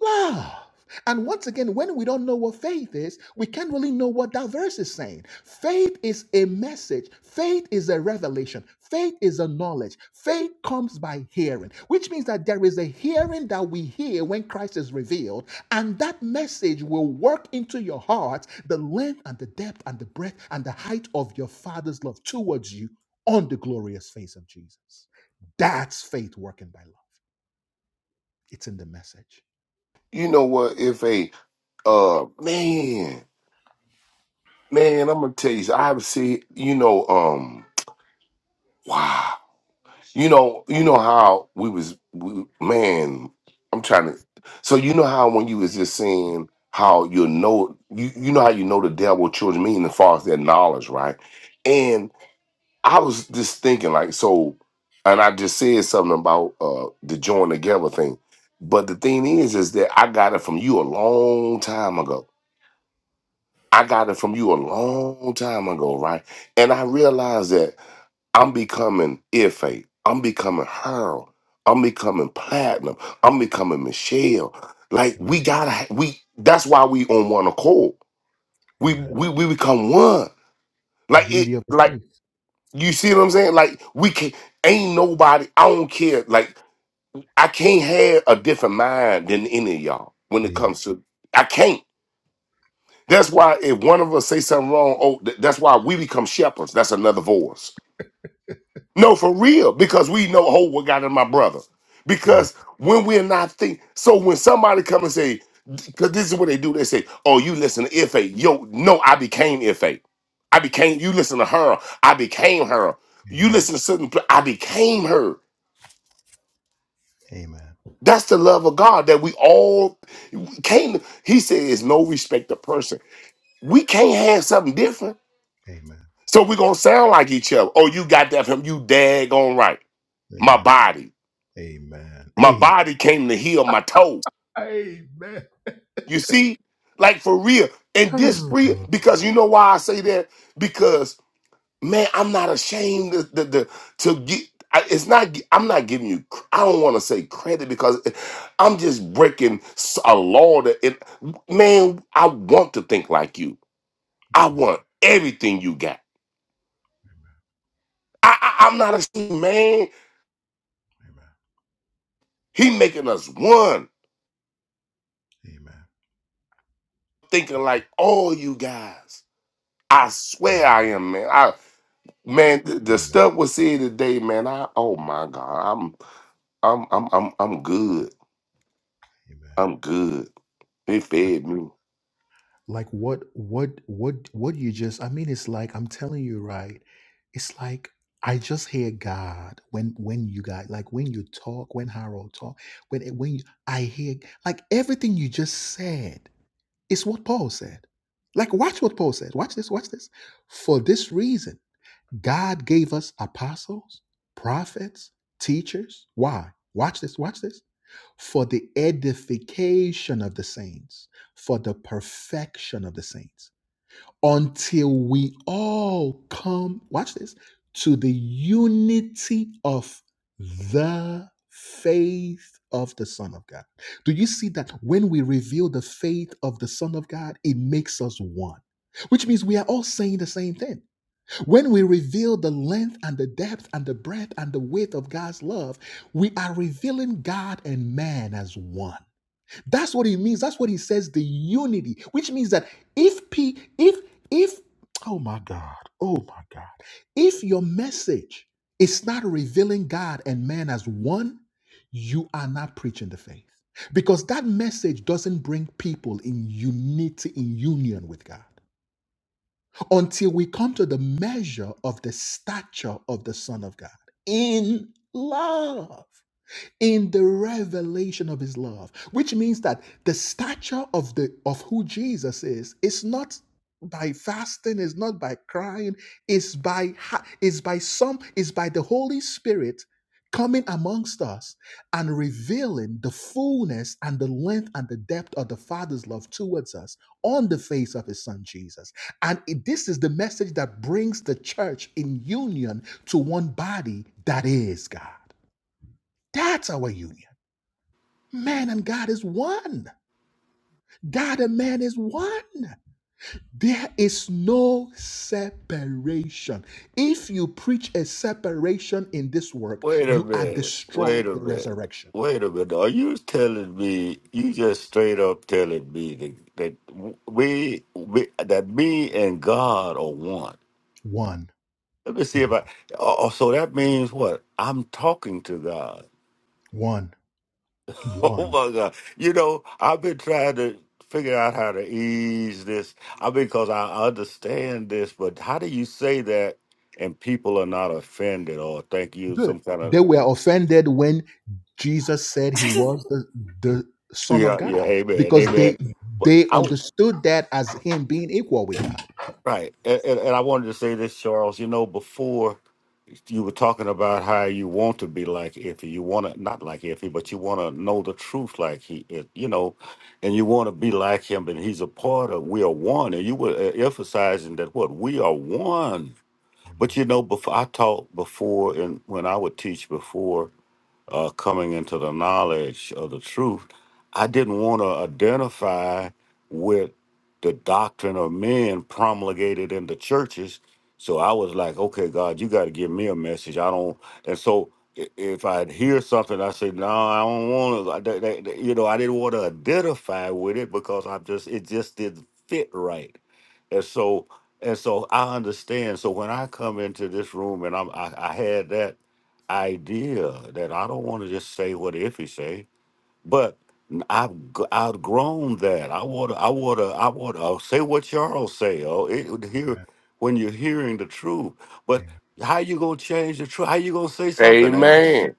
love. And once again, when we don't know what faith is, we can't really know what that verse is saying. Faith is a message, faith is a revelation, faith is a knowledge. Faith comes by hearing, which means that there is a hearing that we hear when Christ is revealed, and that message will work into your heart the length and the depth and the breadth and the height of your Father's love towards you on the glorious face of Jesus. That's faith working by love. It's in the message. You know what? If a uh man, man, I'm gonna tell you. I have seen. You know, um, wow. You know, you know how we was, we, man. I'm trying to. So you know how when you was just saying how you know you you know how you know the devil children mean as far as their knowledge, right? I was just thinking like so, and I just said something about uh the join together thing. But the thing is, is that I got it from you a long time ago. I got it from you a long time ago, right? And I realized that I'm becoming Ife. I'm becoming Harold. I'm becoming Platinum. I'm becoming Michelle. Like Amen. we gotta ha- we that's why we on one accord. We Amen. we we become one. The Like it unity of the like faith. You see what I'm saying? Like we can ain't nobody. I don't care. Like I can't have a different mind than any of y'all when it Amen. comes to. I can't. That's why if one of us say something wrong, oh, th- that's why we become shepherds. That's another voice. No, for real, because we know oh, what got in my brother. Amen. Because when we're not think, so when somebody come and say, because this is what they do, they say, "Oh, you listen to Ife." Yo, no, I became Ife. I became. You listen to her. I became her. You listen to certain. pl- I became her. Amen. That's the love of God that we all came. to- He says, "No respect of person." We can't have something different, Amen. so we're gonna sound like each other. Oh, you got that from you? Daggone right. My Amen. body. Amen. Amen. My Amen. body came to heal my toe. Amen. You see? Like for real. And this Oh, free Lord. because you know why I say that? Because man, I'm not ashamed to, to, to, to get I- it's not I'm not giving you cr- I don't want to say credit because I'm just breaking s- a law that it, man, I want to think like you. I Amen. want everything you got. I, I I'm not ashamed, man. Amen. He making us one Amen. Amen. thinking like all you guys. I swear Amen. I am, man. Man, the, the Amen. stuff we see today, man. I oh my god, I'm I'm I'm I'm I'm good. Amen. I'm good. They Um, fed me. Like what what what what you just I mean it's like I'm telling you right it's like I just hear God when when you guys like when you talk when Harold talk when when you, I hear like everything you just said It's what Paul said. Like, watch what Paul said. Watch this, watch this. For this reason, God gave us apostles, prophets, teachers. Why? Watch this, watch this. For the edification of the saints, for the perfection of the saints until we all come, watch this, to the unity of the faith of the Son of God. Do you see that when we reveal the faith of the Son of God, it makes us one? Which means we are all saying the same thing. When we reveal the length and the depth and the breadth and the width of God's love, we are revealing God and man as one. That's what it means. That's what he says, the unity, which means that if P if if oh my God, oh my God, if your message is not revealing God and man as one, you are not preaching the faith. Because that message doesn't bring people in unity, in union with God, until we come to the measure of the stature of the Son of God in love in the revelation of his love which means that the stature of the of who jesus is is not by fasting is not by crying is by ha- is by some is by the holy spirit coming amongst us and revealing the fullness and the length and the depth of the father's love towards us on the face of his son jesus and it- this is the message that brings the church in union to one body that is god that's our union Man and God is one. God and man is one. There is no separation. If you preach a separation in this work, Wait a you are minute. destroying Wait a the minute. resurrection. Wait a minute. Are you telling me you just straight up telling me that, that we, we that me and God are one? One, Let me see one, if I. Oh, oh, so that means what? I'm talking to God. one, one. Oh my God! You know, I've been trying to figure out how to ease this. I because I understand this, but how do you say that and people are not offended or think you Good. some kind of? They were offended when Jesus said he was the, the Son of Yeah, yeah, God amen, because amen. they But they I understood that as him being equal with God. right, and, and, and I wanted to say this, Charles. You know, before you were talking about how you want to be like Iffy, you want to not like Iffy, but you want to know the truth like he is, you know, and you want to be like him, and he's a part of we are one, and you were uh, emphasizing that what we are one. But you know, before I taught before, and when I would teach before. uh, coming into the knowledge of the truth, I didn't want to identify with the doctrine of men promulgated in the churches. So I was like, okay, God, you got to give me a message. I don't. And so i- if I hear something, I say, no, I don't want to. You know, I didn't want to identify with it because I just it just didn't fit right. And so and so I understand. So when I come into this room and I'm I, I had that idea that I don't want to just say what Iffy say, but I've g- outgrown that. I want to, I want to, I want to say what Charles say. Oh, it would hear when you're hearing the truth, but how you gonna change the truth? How you gonna say something else? Amen.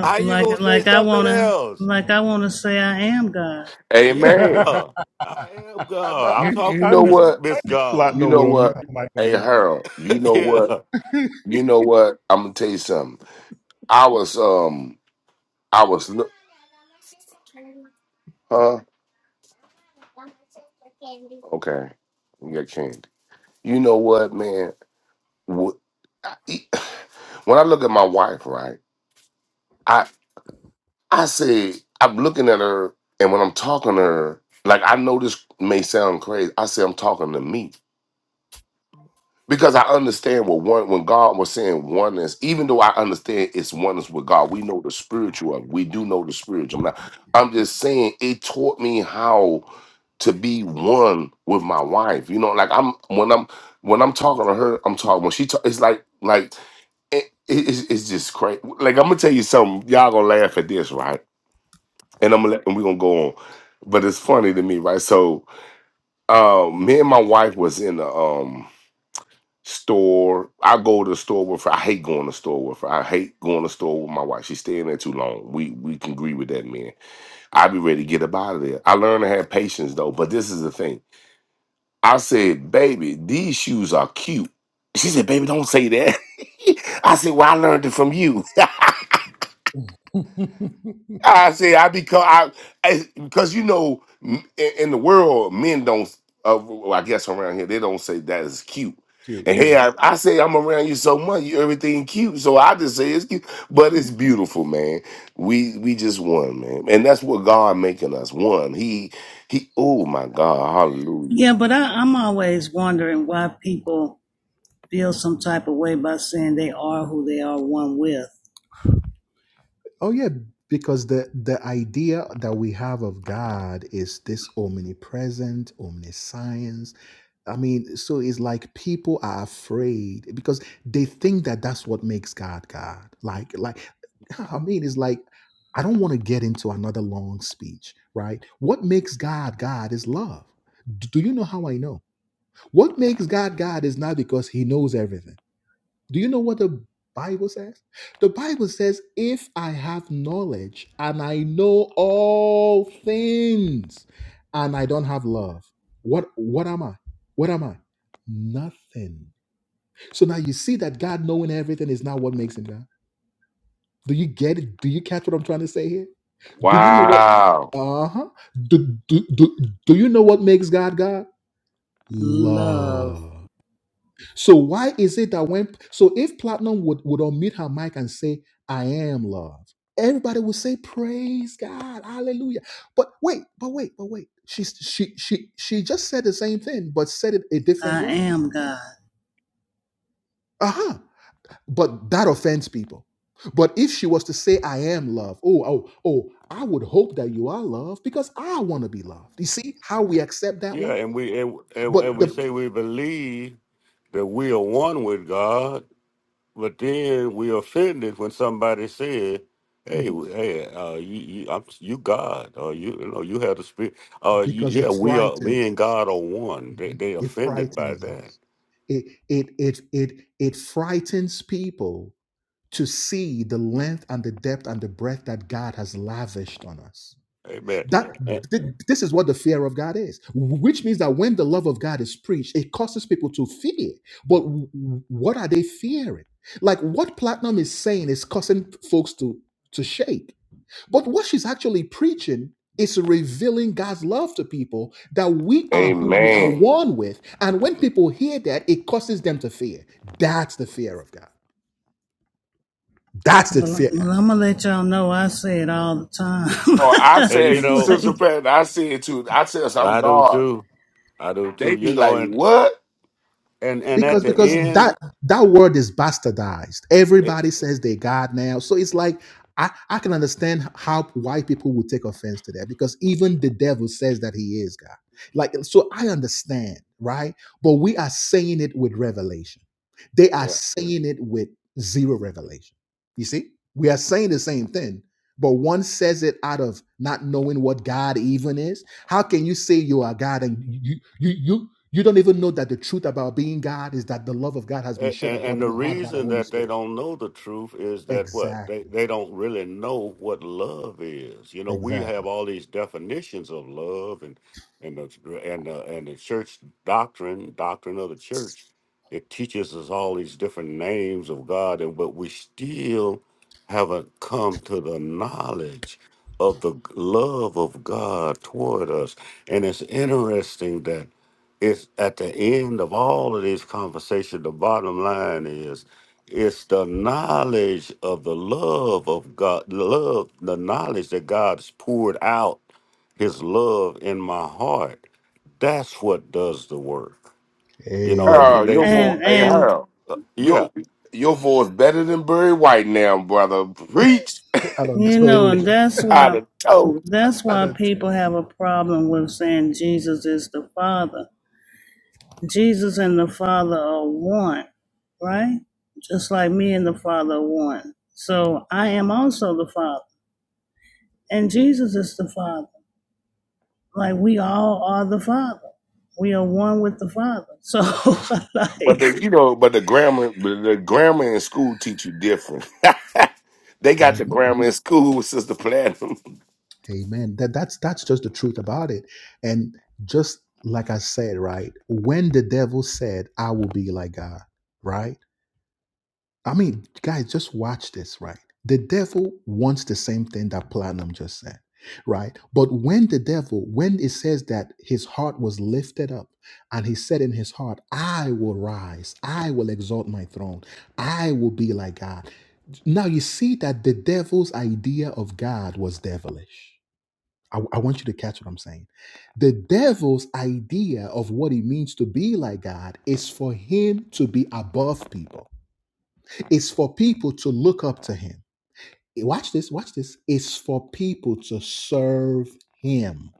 How you gonna like say like I something wanna else? like I wanna say I am God. Yeah, Amen. Amen. I am I, God. I'm thought- You I, you talking I to know knew Miss what? I Miss knew God. You Platinum would know unmute what? her mic on Hey that. Harold, you know what? yeah, You know what? I'm gonna tell you something. I was um I was look huh? Okay. You got candy. You know what, man? Wh- I- e, When I look at my wife, right? I say, I'm looking at her, and when I'm talking to her, like I know this may sound crazy. I say I'm talking to me. Because I understand what one when God was saying oneness, even though I understand it's oneness with God, we know the spiritual. of We do know the spiritual. Now, I'm just saying it taught me how to be one with my wife. You know, like I'm when I'm when I'm talking to her, I'm talking when she talk, it's like like it, it- it's, it's just crazy. Like I'm gonna tell you something, y'all gonna laugh at this, right? and I'm gonna let, and we're gonna go on. But it's funny to me, right? So um me and my wife was in the um store. I go to the store with her. I hate going to the store with her. I hate going to the store with my wife. She's staying there too long. We we can agree with that man. I be ready to get up out of there. I learned to have patience though, but this is the thing. I said, baby, these shoes are cute. She said, baby, don't say that. I said, well, I learned it from you. I say I become I, I because you know m- in, in the world men don't. Uh, well, I guess around here they don't say that is cute. Cute, And yeah. hey, I, I say I'm around you so much, you everything cute. So I just say it's cute, but it's beautiful, man. We we just one, man, and that's what God making us one. He he. Oh my God, Hallelujah! Yeah, but I, I'm always wondering why people feel some type of way by saying they are who they are one with Oh yeah, because the the idea that we have of God is this omnipresent, omniscience. I mean, so it's like people are afraid because they think that that's what makes God God. Like like I mean, it's like I don't want to get into another long speech, right? What makes God God is love. D- Do you know how I know? What makes God God is not because he knows everything. Do you know what the Bible says? The Bible says, if I have knowledge and I know all things and I don't have love, what what am I? What am I? Nothing. So now you see that God knowing everything is not what makes him God. Do you get it? Do you catch what I'm trying to say here? Do you know what? Wow, Uh-huh. Do, do, do, do you know what makes God God? love. Love. So why is it that when so if Platinum would would unmute her mic and say, "I am love," everybody would say, "Praise God, Hallelujah." But wait, but wait, but wait. She she she she just said the same thing, but said it a different I way. am God. Uh huh. But that offends people. But if she was to say, "I am love," oh oh oh, I would hope that you are love because I want to be loved. You see how we accept that yeah, one, and we and, and but and we the say we believe that we are one with God But then we offended when somebody said, "Hey, Mhm. w- hey, uh, you, you, I'm, you God, or you, you know, you have the spirit. Uh, you, because yeah, it we are, frightens me and God are one." They, Mhm. they It offended by frightens that. us. It it it it it frightens people to see the length and the depth and the breadth that God has lavished on us. Amen. That And, th- this is what the fear of God is, which means that when the love of God is preached, it causes people to fear. But w- w- what are they fearing? Like what Platinum is saying is causing folks to to shake but what she's actually preaching is revealing God's love to people that we are who we are Amen. one with. And when people hear that, it causes them to fear. That's the fear of God. That's the Well, fear. well, I'm gonna let y'all know I say it all the time. Oh, I and you say, know, Sister like, Pat, I say it too. I says I'm I do God. too. I do too. They be You know, like, and what? and and at because the because end. that that word is bastardized everybody says they god now so it's like i i can understand how white people would take offense to that because even the devil says that he is god like so i understand right but we are saying it with revelation they are saying it with zero revelation you see we are saying the same thing but one says it out of not knowing what god even is how can you say you are god and you you you you don't even know that the truth about being God is that the love of God has been And, shed abroad and in the your heart by the reason Holy that they Spirit. don't know the truth is that what they, Exactly. they don't really know what love is. You know, we Exactly. have all these definitions of love and and the and the, and the church doctrine doctrine of the church. It teaches us all these different names of God, and but we still haven't come to the knowledge of the love of God toward us. And it's interesting that it's at the end of all of this conversation, the bottom line is it's the knowledge of the love of God, love, the knowledge that God's poured out his love in my heart. That's what does the work. You know, and Amen. and Harold, your they voice, and hey and Harold, yeah. your your voice better than Barry White now, brother. Preach I done you know, told and you. that's out why of toes, that's I why done people have a problem with saying Jesus is the Father. Jesus and the Father are one, right? Just like me and the Father are one. So I am also the Father, and Jesus is the Father. Like we all are the Father. We are one with the Father. So but like the you know, but the grammar, but the grammar in school teach you different. they got told the you. grammar in school with Sister Platinum. Amen. That that's that's just the truth about it. And just like I said, right? When the devil said, I will be like God, right? I mean, guys, just watch this, right? The devil wants the same thing that Platinum just said, right? But when the devil, when it says that his heart was lifted up and he said in his heart, I will rise, I will exalt my throne, I will be like God. Now you see that the devil's idea of God was devilish. I, I want you to catch what I'm saying. The devil's idea of what it means to be like God is for him to be above people it's for people to look up to him. Eh, Watch this, watch this. It's for people to serve him.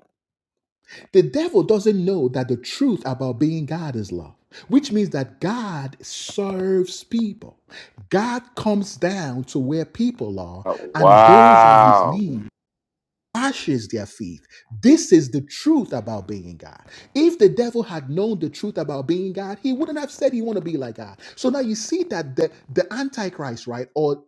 The devil doesn't know that the truth about being God is love, which means that God serves people. God comes down to where people are Uh, and goes on his wow. knees. Washes their feet. This is the truth about being God. If the devil had known the truth about being God, he wouldn't have said he want to be like God. So now you see that the, the Antichrist, right, or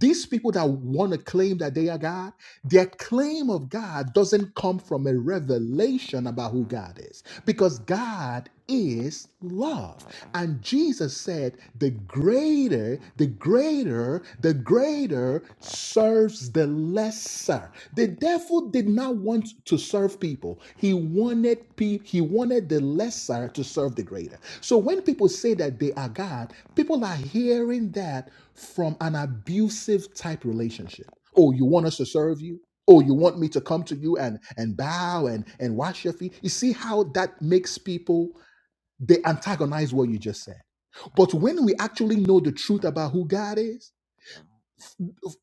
these people that want to claim that they are God, their claim of God doesn't come from a revelation about who God is, because God is love. And Jesus said, the greater, the greater, the greater serves the lesser. The devil did not want to serve people. He wanted people, he wanted the lesser to serve the greater. So when people say that they are God, people are hearing that from an abusive type relationship. Oh, you want us to serve you? Oh, you want me to come to you and, and bow and, and wash your feet? You see how that makes people, they antagonize what you just said. But when we actually know the truth about who God is,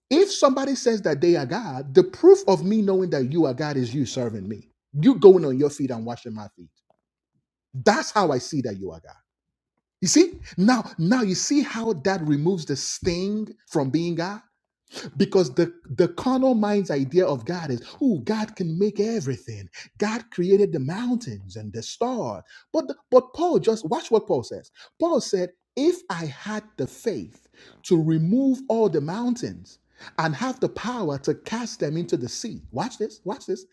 if somebody says that they are God, the proof of me knowing that you are God is you serving me. You going on your feet and washing my feet. That's how I see that you are God. You see? Now, now you see how that removes the sting from being God? because the the carnal mind's idea of God is, oh, God can make everything. God created the mountains and the stars. But the- but Paul just watch what Paul says. Paul said, if I had the faith to remove all the mountains and have the power to cast them into the sea, watch this, watch this,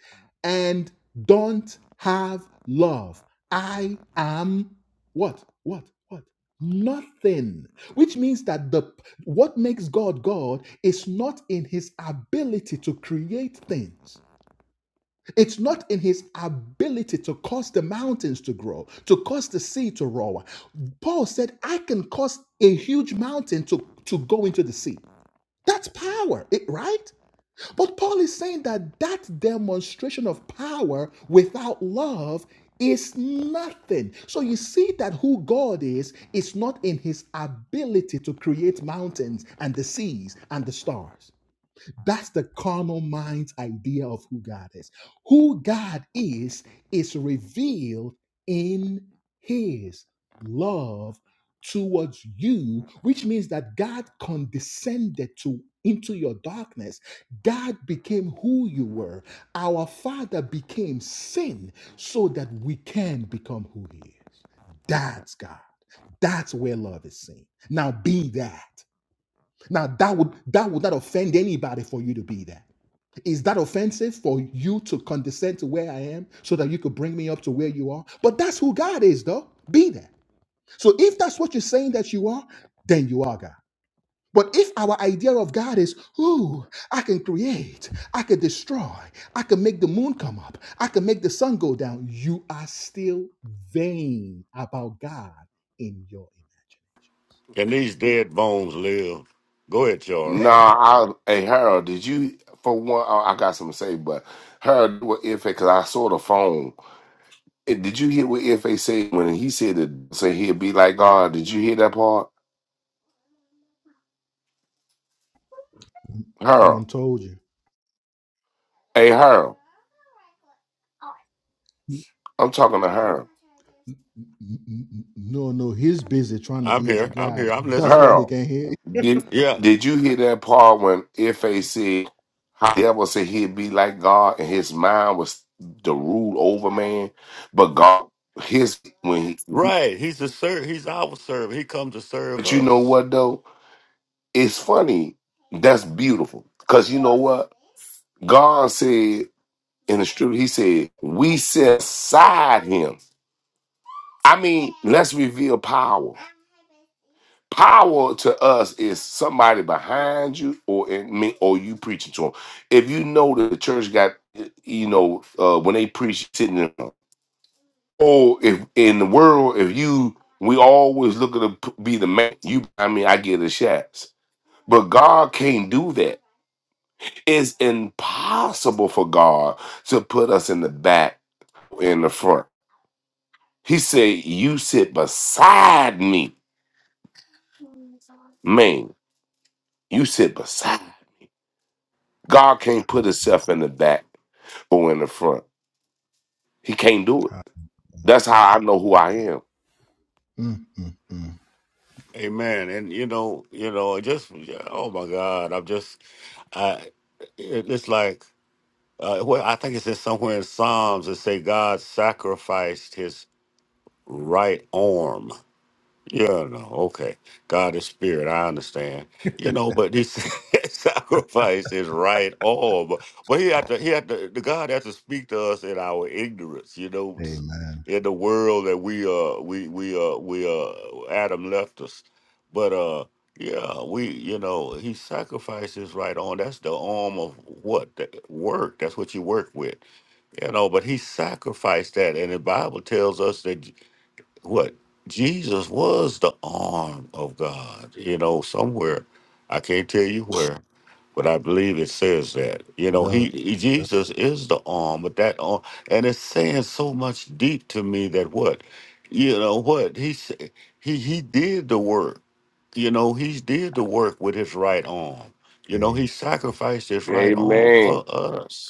and don't have love, I am what what what nothing which means that the what makes God God is not in his ability to create things. It's not in his ability to cause the mountains to grow, to cause the sea to roar. Paul said, I can cause a huge mountain to, to go into the sea. That's power, it, right? But Paul is saying that that demonstration of power without love is nothing. So you see that who God is is not in his ability to create mountains and the seas and the stars. That's the carnal mind's idea of who God is. Who God is is revealed in his love towards you, which means that God condescended to into your darkness. God became who you were. Our Father became sin so that we can become who he is. That's God. That's where love is seen. Now be that. Now that would that would not offend anybody for you to be there. Is that offensive for you to condescend to where I am so that you could bring me up to where you are? But that's who God is, though. Be there. So if that's what you're saying that you are, then you are God. But if our idea of God is, ooh, I can create, I can destroy, I can make the moon come up, I can make the sun go down, you are still vain about God in your And these dead bones live. Go ahead, Charles. Nah, I hey Harold, did you for one? I I got something to say, but Harold, what Ife? Because I saw the phone. Eh, Did you hear what Ife said when he said that? Say he'd be like God. Did you hear that part, imagination. I Harold? don't told you. Hey, Harold, I'm talking to Harold. N- n- n- No, no, he's busy trying to I'm be here. like I'm God. here. I'm That's listening. why he Harold, can't hear. you. did Yeah. did you hear that part when Ife said how the devil said he'd be like God and his mind was to rule over man, but God his when he Right. He's a serv. he's our servant. He comes to serve but you know us. what though? It's funny. That's beautiful. Cause you know what? God said in the scripture, he said, We set aside him. I mean, let's reveal power. Power to us is somebody behind you or in me or you preaching to them. If you know the church got, you know, uh, when they preach sitting in, or if in the world, if you, we always looking to p- be the man. You, I mean, I get the shots, but God can't do that. It's impossible for God to put us in the back or in the front. He said, "You sit beside me, man. You sit beside." God can't put Himself in the back. who in the front. He can't do it. Ah, That's how I know who I am. Mm, mm, mm. Amen. And you know, you know, it just oh my God, I'm just, I, it, it's like, uh, well, I think it's in somewhere in Psalms that say God sacrificed His right arm yeah, no, okay. God is spirit. I understand. You know, but this sacrifice is right on. But, but he had to, he had to, the God has to speak to us in our ignorance. You know, s- Amen. in the world that we uh we we uh we uh Adam left us. But uh yeah, we you know he sacrifices right on. That's the arm of what the work. That's what you work with. You know, but he sacrificed that, and the Bible tells us that what Jesus was the arm of God, you know, somewhere. I can't tell you where, but I believe it says that. You It know, does. he, he- does. Jesus is the arm, but that arm and it's saying so much deep to me that what, you know what, he s- he he did the work. You know, he did the work with his right arm. You know, he Amen. sacrificed his right arm Amen. for us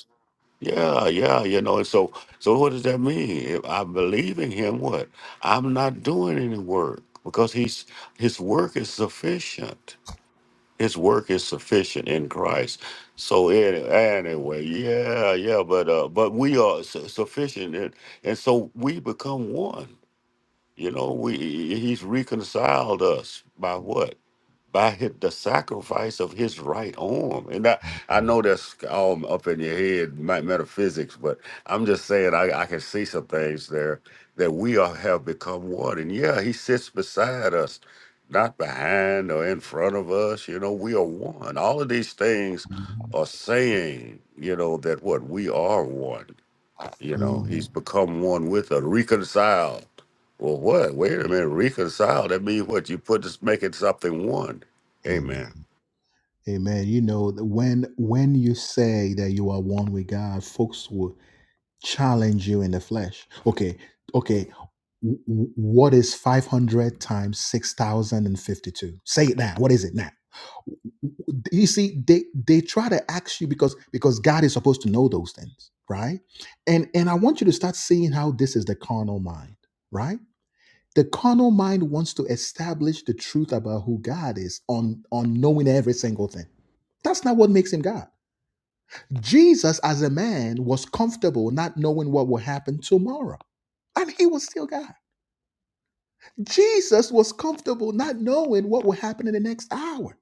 yeah, yeah, you know, and so so what does that mean? If I believe in him, what? I'm not doing any work because he's his work is sufficient. His work is sufficient in Christ. So any, anyway, yeah, yeah, but uh but we are su- sufficient and, and so we become one. You know, we he's reconciled us by what? by hi- the sacrifice of his right arm. And I, I Amen. know that's all up in your head, ma- metaphysics, but I'm just saying I, I can see some things there that we are, have become one. And yeah, he sits beside us, not behind or in front of us. You know, we are one. All of these things Mhm. are saying, you know, that what we are one. You know, he's Mhm. become one with us, reconciled. Well, what? Wait a minute, reconciled. That means what? You put this, making something one. Amen. Amen. Amen. You know that when when you say that you are one with God, folks will challenge you in the flesh. Okay, okay. w- w- What is 500 times 6,052? Say it now. What is it now? You see, they they try to ask you because because God is supposed to know those things, right? And and I want you to start seeing how this is the carnal mind, right? The carnal mind wants to establish the truth about who God is on on knowing every single thing. That's not what makes him God. Jesus, as a man, was comfortable not knowing what will happen tomorrow and he was still God. Jesus was comfortable not knowing what would happen in the next hour.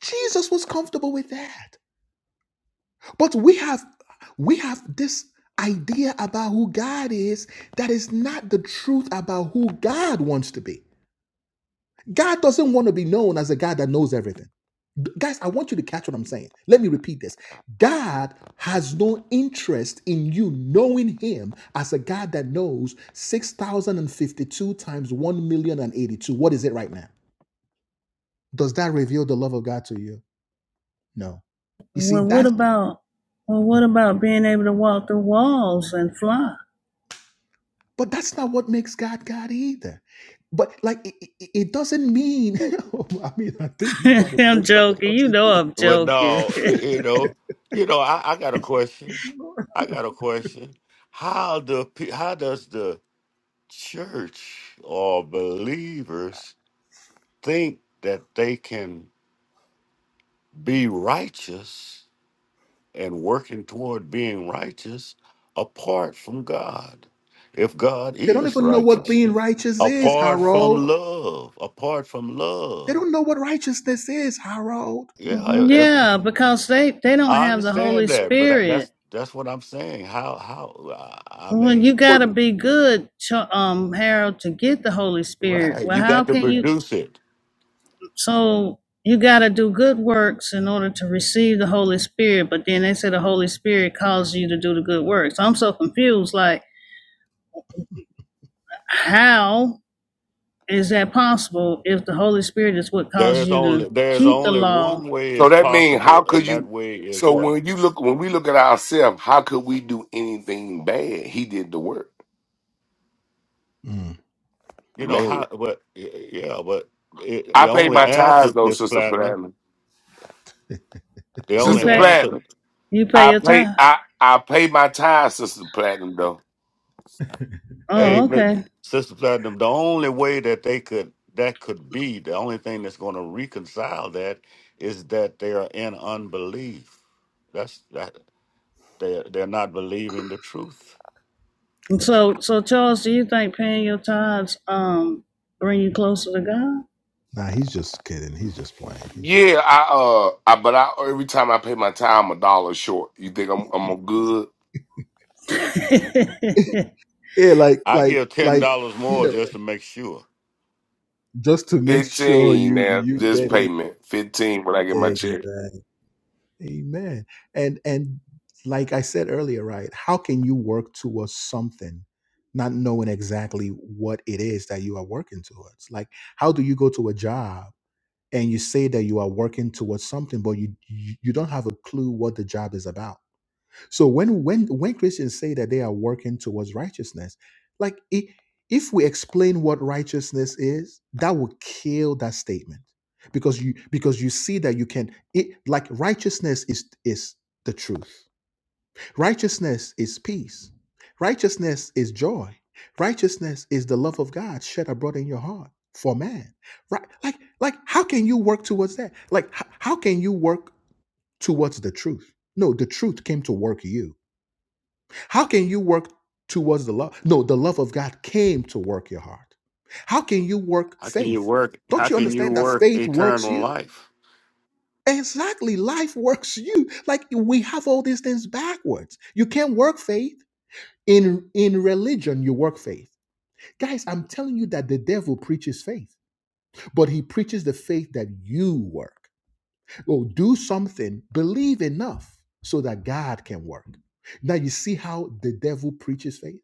Jesus was comfortable with that. But we have we have this idea about who God is that is not the truth about who God wants to be. God doesn't want to be known as a God that knows everything. Guys, I want you to catch what I'm saying. Let me repeat this. God has no interest in you knowing Him as a God that knows 6,052 times one million and What is it right now? Does that reveal the love of God to you? No. You see, Well, what that's, about well, what about being able to walk through walls and fly? but that's not what makes God God either. But like, it, it it doesn't mean, I mean, I think you're trying to I'm bring something joking. else You know into it. I'm Well, joking. no, you know, you know, I, I got a question. I got a question. How do pe- how does the church or believers think that they can be righteous and working toward being righteous apart from God. If God They don't is even know what being righteousness, righteous is, apart from Harold. love, apart from They love. don't know what righteousness is, Harold. Yeah, I, I- yeah, because they they don't I have the understand Holy that, but that- that's Spirit. that's what I'm saying. How how I I Well, you mean, gotta be good, um, Harold, to get the Holy Spirit. right? Well, You how got to can you? produce it. So you gotta do good works in order to receive the Holy Spirit. But then they say the Holy Spirit calls you to do the good works. I'm so confused. Like how? Is that possible if the Holy Spirit is what causes There's you only to there's keep the only one law? way So is that means how possible, and could that you? way is So what when you look, when we look at ourselves, how could we do anything bad? He did the work, Mm. you know. man. How but yeah, but it, I the paid only my answer, tithes though, Miss Sister Platinum, Platinum. the You only Sister pay answer. Platinum, you pay I your pay, tithe. I I pay my tithes, Sister Platinum though. Hey, Oh, They but okay. Sister Platinum, the only way that they could that could be the only thing that's going to reconcile that is that they are in unbelief. That's that they they're they're not believing the truth. So so Charles, do you think paying your tithes um bring you closer to Nah, he's just kidding. He's just playing. He's just Yeah, I uh, I, but I every time I pay my tithe, I'm a dollar short. You think I'm I'm a good God? yeah, like I like give ten like dollars you more know, just to make sure. just to make sure fifteen you now? you This get it payment fifteen when I get my check. exactly. Amen. And and like I said earlier, right? How can you work towards something not knowing exactly what it is that you are working towards? Like, how do you go to a job and you say that you are working towards something, but you you, you don't have a clue what the job is about? So when when when Christians say that they are working towards righteousness, like i- if we explain what righteousness is, that will kill that statement. Because you because you see that you can it like righteousness is is the truth. Righteousness is peace. Righteousness is joy. Righteousness is the love of God shed abroad in your heart for man. Right? Like like how can you work towards that? Like h- how can you work towards the truth? No, the truth came to work you how can you work towards the love? No, the love of God came to work your heart. How can you work How can you faith? work? How Don't you can you understand that work faith works eternal you? life? Exactly. Life works you. Like we have all these things backwards. You can't work faith. In in religion, you work faith. Guys, I'm telling you that the devil preaches faith, but he preaches the faith that you work. Well, do something, believe enough so that God can work. Now you see how the devil preaches faith?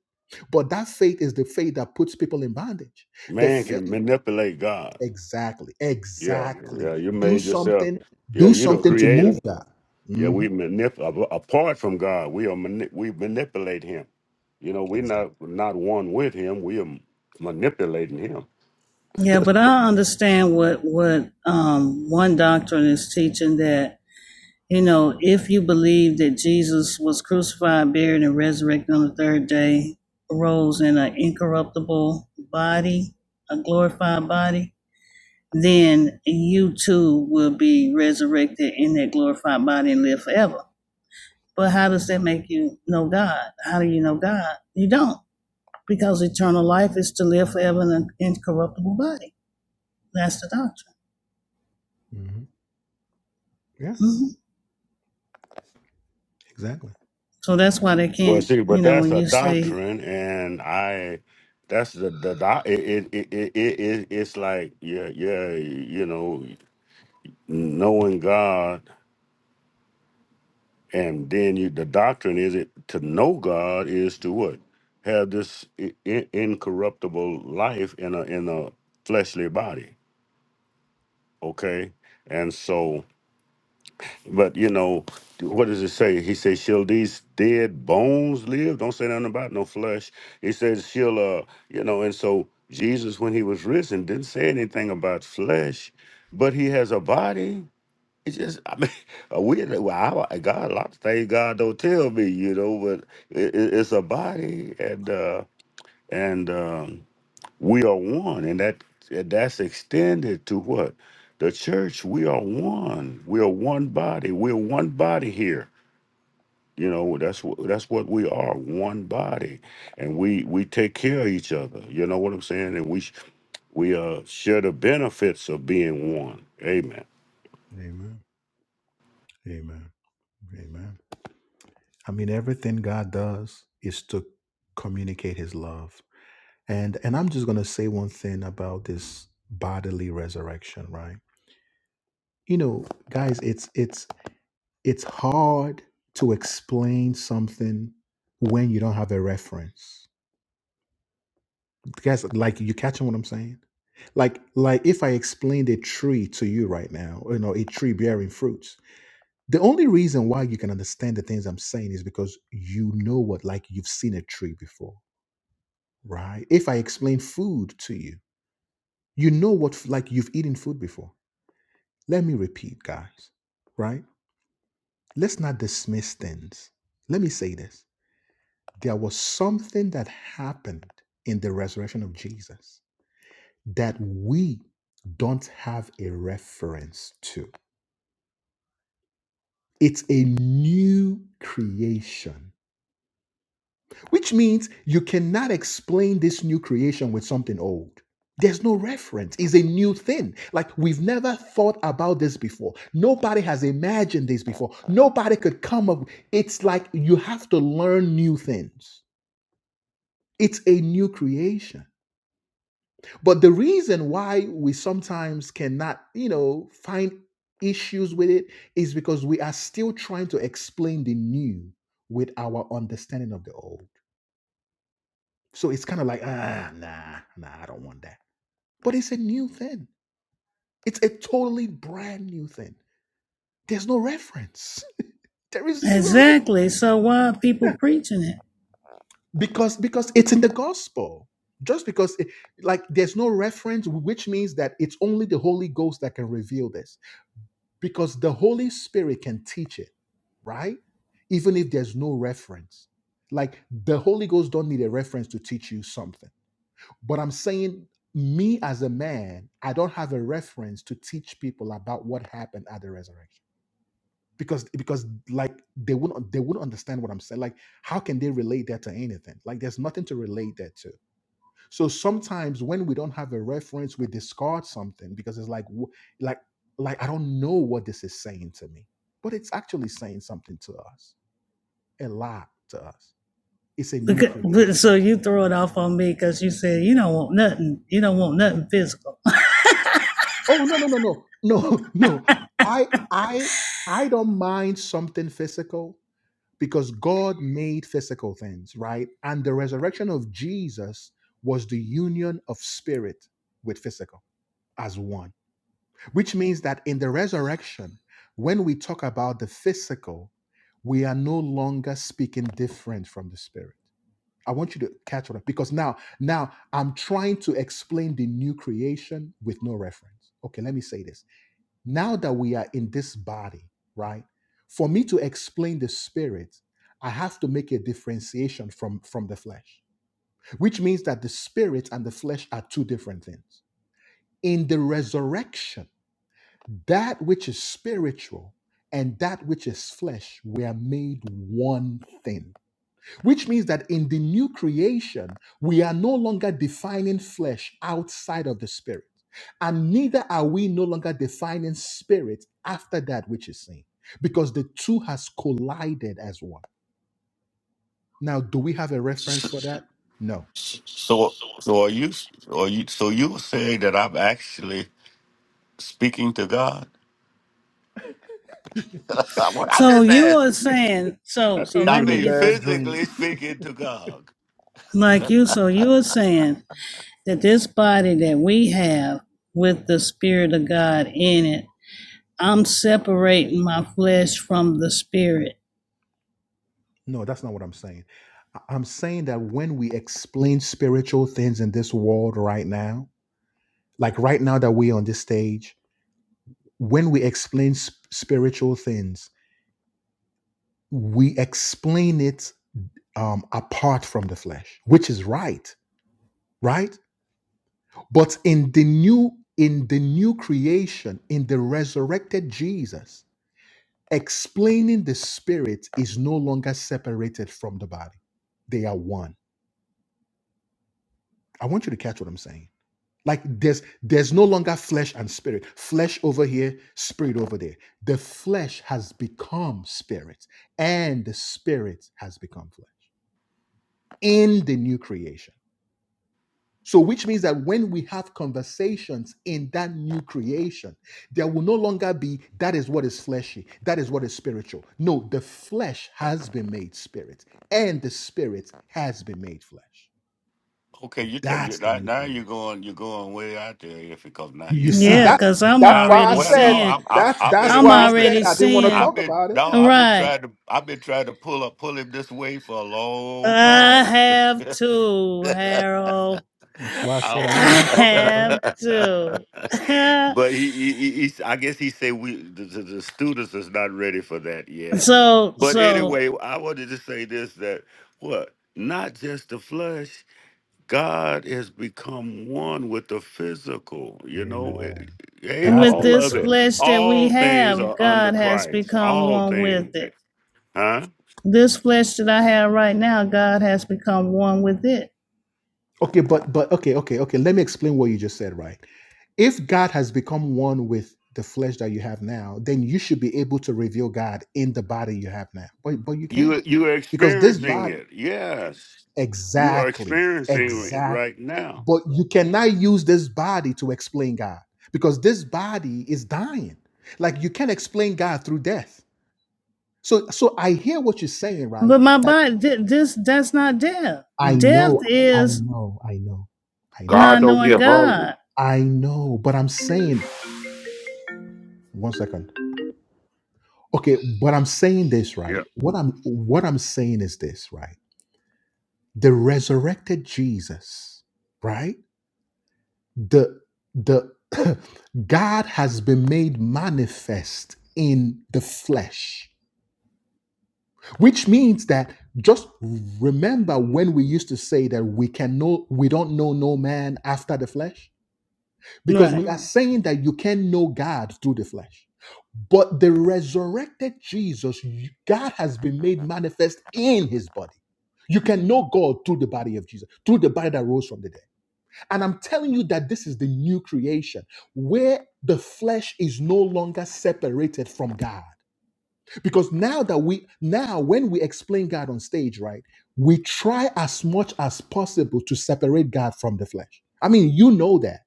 But that faith is the faith that puts people in bondage. The Man can faith, manipulate God. exactly, Yeah, exactly. yeah. You Do made yourself. something, Yeah, do you the something to creator. move that. Yeah, hmm we manip a- apart from God, we are mani- we manipulate Him. You know, we're Exactly. not not one with Him. We are manipulating Him. yeah, but I understand what what um one doctrine is teaching that you know if you believe that Jesus was crucified, buried, and resurrected on the third day, rose in an incorruptible body, a glorified body then you too will be resurrected in that glorified body and live forever. But how does that make you know God? How do you know God? You don't, because eternal life is to live forever in an incorruptible body. That's the doctrine. hmm Yeah, hmm exactly. So that's why they Well, can't, see, you but know, that's when a you say, doctrine, and I that's the the doc- it it it, it, it it- it's like yeah yeah you know knowing God, and then you the doctrine is it to know God is to what have this i- i- incorruptible life in a in a fleshly body, okay, and so. But you know, what does it say? He says, "Shall these dead bones live?" Don't say nothing about no flesh. He says, "She'll," uh, you know, and so Jesus, when he was risen, didn't say anything about flesh, but he has a body. It's just, I mean, a weird. Well, I, God, a lot of things God don't tell me, you know, but it, it, it's a body, and uh, and um, we are one and that that's extended to what the church we are one we are one body we're one body here you know that's what that's what we are one body and we we take care of each other you know what i'm saying and we sh- we uh share the benefits of being one amen Amen. Amen. Amen. I mean, everything God does is to communicate His love. And and I'm just gonna say one thing about this bodily resurrection, right? you know guys it's it's it's hard to explain something when you don't have a reference guys like you catching what i'm saying like like if i explained a tree to you right now you know a tree bearing fruits the only reason why you can understand the things i'm saying is because you know what like you've seen a tree before right if i explain food to you you know what like you've eaten food before let me repeat guys right Let's not dismiss things. Let me say this there was something that happened in the resurrection of Jesus that we don't have a reference to. It's a new creation, which means you cannot explain this new creation with something old. There's no reference. It's a new thing. Like we've never thought about this before. Nobody has imagined this before. Nobody could come up. It's like you have to learn new things. It's a new creation. But the reason why we sometimes cannot, you know, find issues with it is because we are still trying to explain the new with our understanding of the old. So it's kind of like, ah, nah, nah, I don't want that. But it's a new thing. It's a totally brand new thing. There's no reference. There is zero reference exactly, so why are people preaching it? because because it's in the gospel. Just because, it, like, there's no reference, which means that it's only the Holy Ghost that can reveal this because the Holy Spirit can teach it, right? Even if there's no reference. Like the Holy Ghost don't need a reference to teach you something. But I'm saying me as a man, I don't have a reference to teach people about what happened at the resurrection. Because because like they wouldn't they wouldn't understand what I'm saying. Like how can they relate that to anything? Like there's nothing to relate that to. So sometimes when we don't have a reference, we discard something because it's like, w- like, like I don't know what this is saying to me, but it's actually saying something to us, a lot to us. It's a new Because, creation. so you throw it off on me because you said you don't want nothing, you don't want nothing physical. Oh no no no no no no! I I I don't mind something physical because God made physical things, right? And the resurrection of Jesus was the union of spirit with physical as one. Which means that in the resurrection, when we talk about the physical, we are no longer speaking different from the spirit. I want you to catch what I- because now, now I'm trying to explain the new creation with no reference. Okay, let me say this. Now that we are in this body, right? For me to explain the spirit, I have to make a differentiation from from the flesh, which means that the spirit and the flesh are two different things. In the resurrection that which is spiritual and that which is flesh were made one thing, which means that in the new creation, we are no longer defining flesh outside of the spirit, and neither are we no longer defining spirit after that which is seen, because the two has collided as one. Now, do we have a reference so that? No, so so are you are you so you were saying that i'm actually speaking to god What i'm So just you are asking saying, so so i let me mean get this physically speaking to god Like you, so you are saying that this body that we have with the Spirit of God in it, I'm separating my flesh from the Spirit. no, that's not what I'm saying. I- I'm saying that when we explain spiritual things in this world right now, like right now that we're on this stage, when we explain sp- spiritual things, we explain it um, apart from the flesh, which is right, right? But in the new in the new creation, in the resurrected Jesus, explaining the spirit is no longer separated from the body. They are one. I want you to catch what I'm saying. Like there's there's no longer flesh and spirit. Flesh over here, spirit over there. The flesh has become spirit, and the spirit has become flesh in the new creation. So, which means that when we have conversations in that new creation, there will no longer be that is what is fleshy, that is what is spiritual. No, the flesh has been made spirit, and the spirit has been made flesh. Okay, you tell That's you the now, new now creation. you're going you're going way out there if it comes now You, you you see Yeah, now that? because I'm That's now why I already well said no seeing, I'm I'm that's I've been that's I'm why I agreement. said already I didn't want to seeing, talk I've been about it. no, I've been right. trying to I've been trying to pull up pull him this way for a long I time. have to, Harold. That's why I I said I didn't was- I want to talk about it. have to. but he, he, he he's- I guess he said we the, the, the students is not ready for that yet. so, But so anyway, I wanted to say this that what not just the flush. God has become one with the physical. You know, Amen. It- hey, That's with the all this of it. resurrection. flesh that we All things have, are under God has Christ. become All one with things, it. huh? This flesh that I have right now, God has become one with it. Okay, but but okay, okay, okay. Let me explain what you just said, right? If God has become one with the flesh that you have now, then you should be able to reveal God in the body you have now. But but you You can't. you are Because this You- experiencing body it. Yes, you are exactly, experiencing it exactly. right now. But you cannot use this body to explain God because this body is dying. Like you can't explain God through death. So so I hear what you're saying, right? But my That body, thi- this that's not death. I Death know, I is know, I know, I know, God not don't knowing get hungry. God. I know. But I'm saying one second. Okay, but I'm saying this, right? Yeah, What I'm what I'm saying is this, right? The resurrected Jesus, right? the the God has been made manifest in the flesh, which means that just remember when we used to say that we can know we don't know no man after the flesh, because Right. we are saying that you can know God through the flesh. But the resurrected Jesus, you- God has been made manifest in his body. You can know God through the body of Jesus, through the body that rose from the dead. And I'm telling you that this is the new creation where the flesh is no longer separated from God. Because now that we, now when we explain God on stage, right, we try as much as possible to separate God from the flesh. I mean, you know that.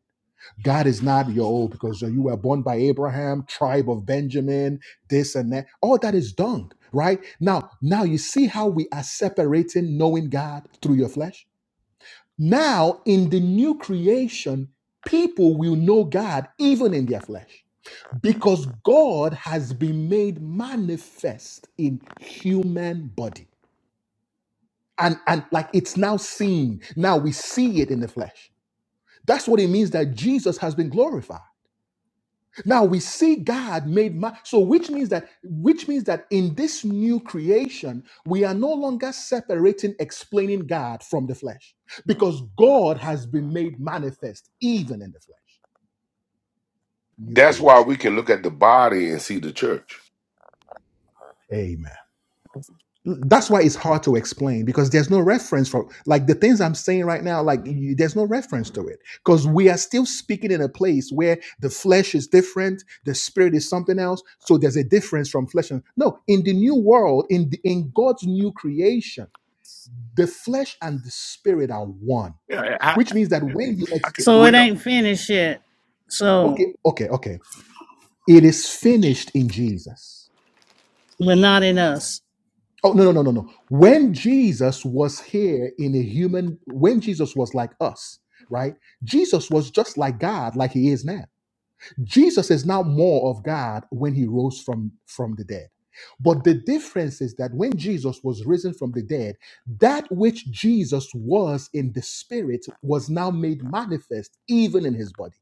God is not your old because you were born by Abraham, tribe of Benjamin, this and that. All that is dung, right? Now, now you see how we are separating knowing God through your flesh? Now, in the new creation, people will know God even in their flesh because God has been made manifest in human body. And, and like it's now seen. Now we see it in the flesh. That's what it means that Jesus has been glorified. Now we see God made man. So which means that which means that in this new creation, we are no longer separating explaining God from the flesh because God has been made manifest even in the flesh. New That's why creation. we can look at the body and see the church. Amen. that's why it's hard to explain because there's no reference for like the things i'm saying right now like you, there's no reference to it because we are still speaking in a place where the flesh is different the spirit is something else so there's a difference from flesh and no in the new world in the, in god's new creation the flesh and the spirit are one yeah. I, which means that when you I ex- can, So we it don't. ain't finished yet. So okay okay okay it is finished in jesus we're not in us. Oh no no no no no. When Jesus was here in a human, when Jesus was like us, right? Jesus was just like God, like he is now. Jesus is now more of God when he rose from from the dead. But the difference is that when Jesus was risen from the dead, that which Jesus was in the spirit was now made manifest even in his body.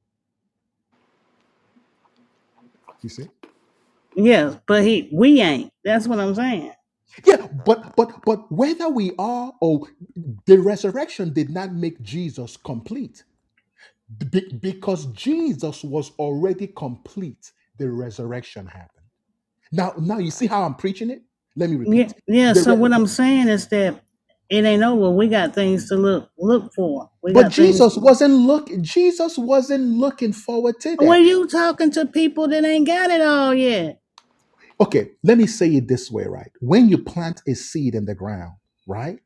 You see? Yes, but he we ain't. That's what I'm saying. Yeah, but but but whether we are or the resurrection did not make Jesus complete Be- because Jesus was already complete, the resurrection happened. Now, now you see how I'm preaching it? Let me Yeah, repeat. yeah. The So re- what I'm saying is that it ain't over. We got things to look look for. We but got things. Jesus To, wasn't looking. Jesus wasn't looking forward to well, that. you talking to people that ain't got it all yet. Okay, let me say it this way, right? When you plant a seed in the ground, right?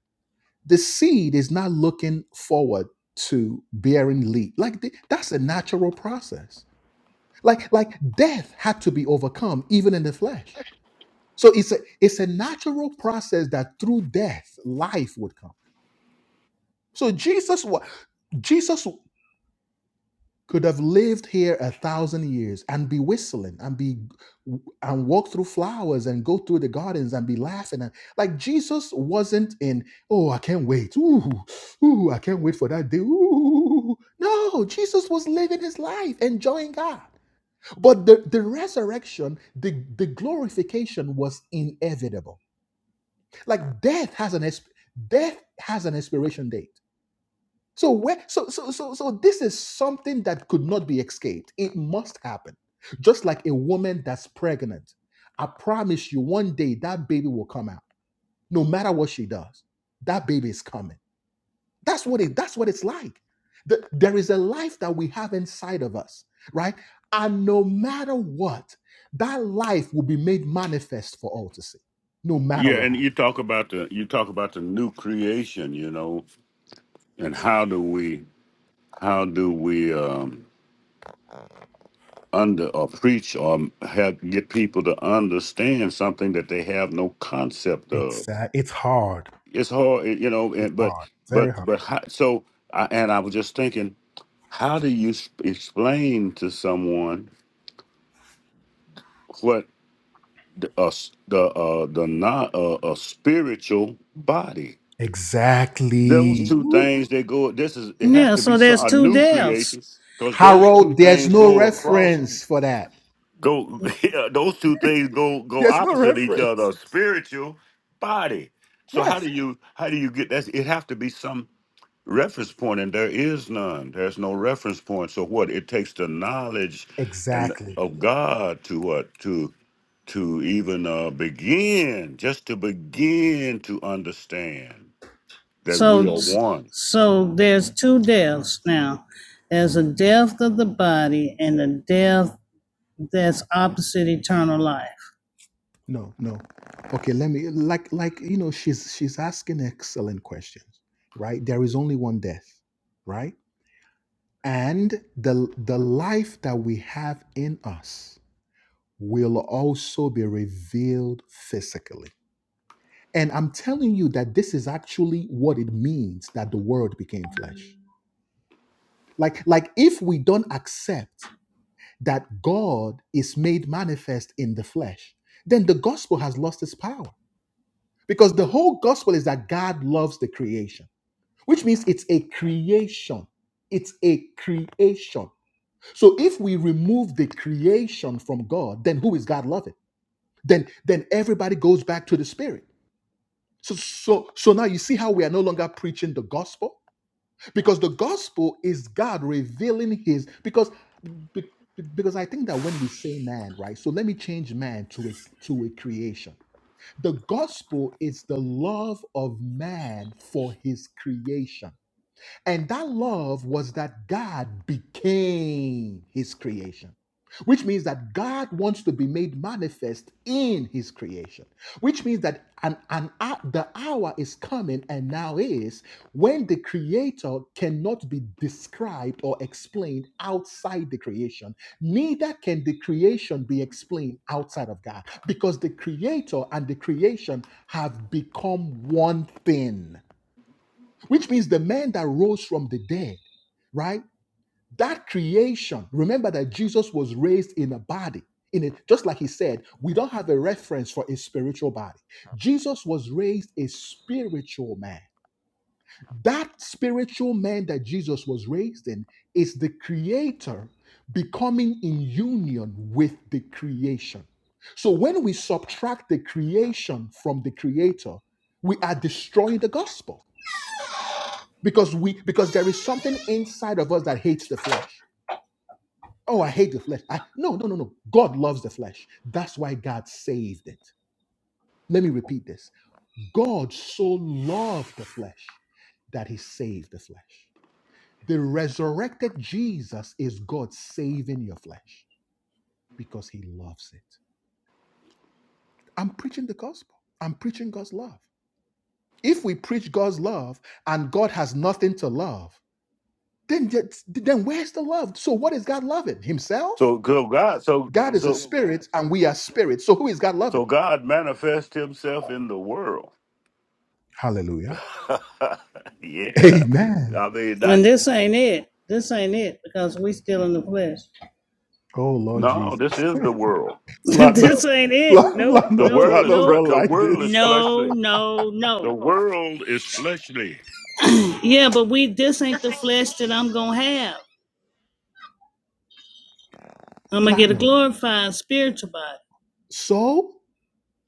The seed is not looking forward to bearing leaf. Like the- that's a natural process. Like like death had to be overcome even in the flesh So it's a it's a natural process that through death life would come. So Jesus was Jesus could have lived here a thousand years and be whistling and be and walk through flowers and go through the gardens and be laughing and like Jesus wasn't in oh I can't wait ooh ooh I can't wait for that day ooh no Jesus was living his life enjoying God but the the resurrection the the glorification was inevitable like death has an death has an expiration date so where so so so so this is something that could not be escaped it must happen just like a woman that's pregnant i promise you one day that baby will come out no matter what she does that baby is coming that's what it that's what it's like The- there is a life that we have inside of us right and no matter what that life will be made manifest for all to see no matter Yeah, what and you happens talk about the you talk about the new creation. You know, and how do we how do we um under or preach or have get people to understand something that they have no concept of. Exactly. It's hard. It's hard, eh, you know. It's And but hard, very but hard. but how, so I, and I was just thinking, how do you s- explain to someone what the uh, s- the uh, the not uh, a spiritual body? Those Exactly. two Ooh. things they go. This is it has Yeah. to be So some, there's a two new deaths. creation because those Harold, two there's things no go across reference for that. Go yeah, those two things go go There's no opposite each reference. other. Spiritual body. So how Yes. do you how do you get that? It have to be some reference point, and there is none. There's no reference point. So what it takes the knowledge and Exactly. of God to what to to even uh, begin just to begin to understand that we are So, Mm. one. so there's two deaths now. There's a Mhm. death of the body and a death that's opposite eternal life. No, no. Okay, let me like like you know, she's she's asking excellent questions, right? There is only one death, right? And the the life that we have in us will also be revealed physically. And I'm telling you that this is actually what it means that the word became flesh. Like, like if we don't accept that God is made manifest in the flesh, then the gospel has lost its power. Because the whole gospel is that God loves the creation, which means it's a creation. It's a creation. So if we remove the creation from God, then who is God loving? Then then everybody goes back to the spirit. So so so now you see how we are no longer preaching the gospel because the gospel is God revealing his because be- because I think that when we say man, right? So let me change man to a to a creation. The gospel is the love of man for his creation. And that love was that God became his creation, which means that God wants to be made manifest in his creation, which means that an, an, hou- the hour is coming and now is when the creator cannot be described or explained outside the creation. Neither can the creation be explained outside of God because the creator and the creation have become one thing which means the man that rose from the dead, right? That creation, remember that Jesus was raised in a body. In it, just like he said, we don't have a reference for a spiritual body. Jesus was raised a spiritual man. That spiritual man that Jesus was raised in is the creator becoming in union with the creation. So when we subtract the creation from the creator, we are destroying the gospel because we because there is something inside of us that hates the flesh oh i hate the flesh i no no no no god loves the flesh that's why god saved it let me repeat this god so loved the flesh that he saved the flesh the resurrected jesus is god saving your flesh because he loves it i'm preaching the gospel i'm preaching god's love if we preach god's love and god has nothing to love then, then where's the love so what is god loving himself So so God so God is a so spirit and we are spirits. So who is God loving? so God manifests Himself in the world. Hallelujah. yeah. Amen. I mean that And this ain't it. This ain't it because we still in the flesh. Oh, Lord no, Jesus. this is the world. Platinum. this ain't it. Nope, The Platinum. nope, world is Platinum fre- nope. don't the like world is this. No, fleshly. no, The no. world is fleshly. Yeah, but we this ain't the flesh that I'm gonna have. I'm gonna get a Platinum. glorified spiritual body. So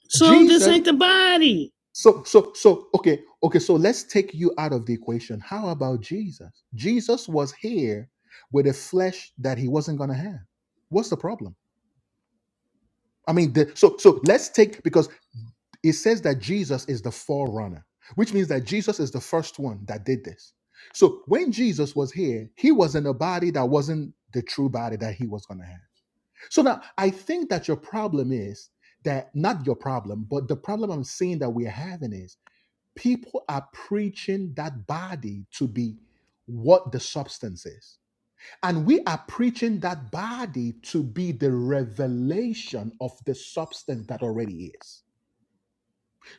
So this Jesus. ain't the body. So so so okay okay. So let's take you out of the equation. How about Jesus? Jesus was here with a flesh that he wasn't gonna have. What's the problem? I mean, the, so so let's take because it says that Jesus is the forerunner, which means that Jesus is the first one that did this. So when Jesus was here, he was in a body that wasn't the true body that he was going to have. So now I think that your problem is that not your problem, but the problem I'm seeing that we're having is people are preaching that body to be what the substance is. And we are preaching that body to be the revelation of the substance that already is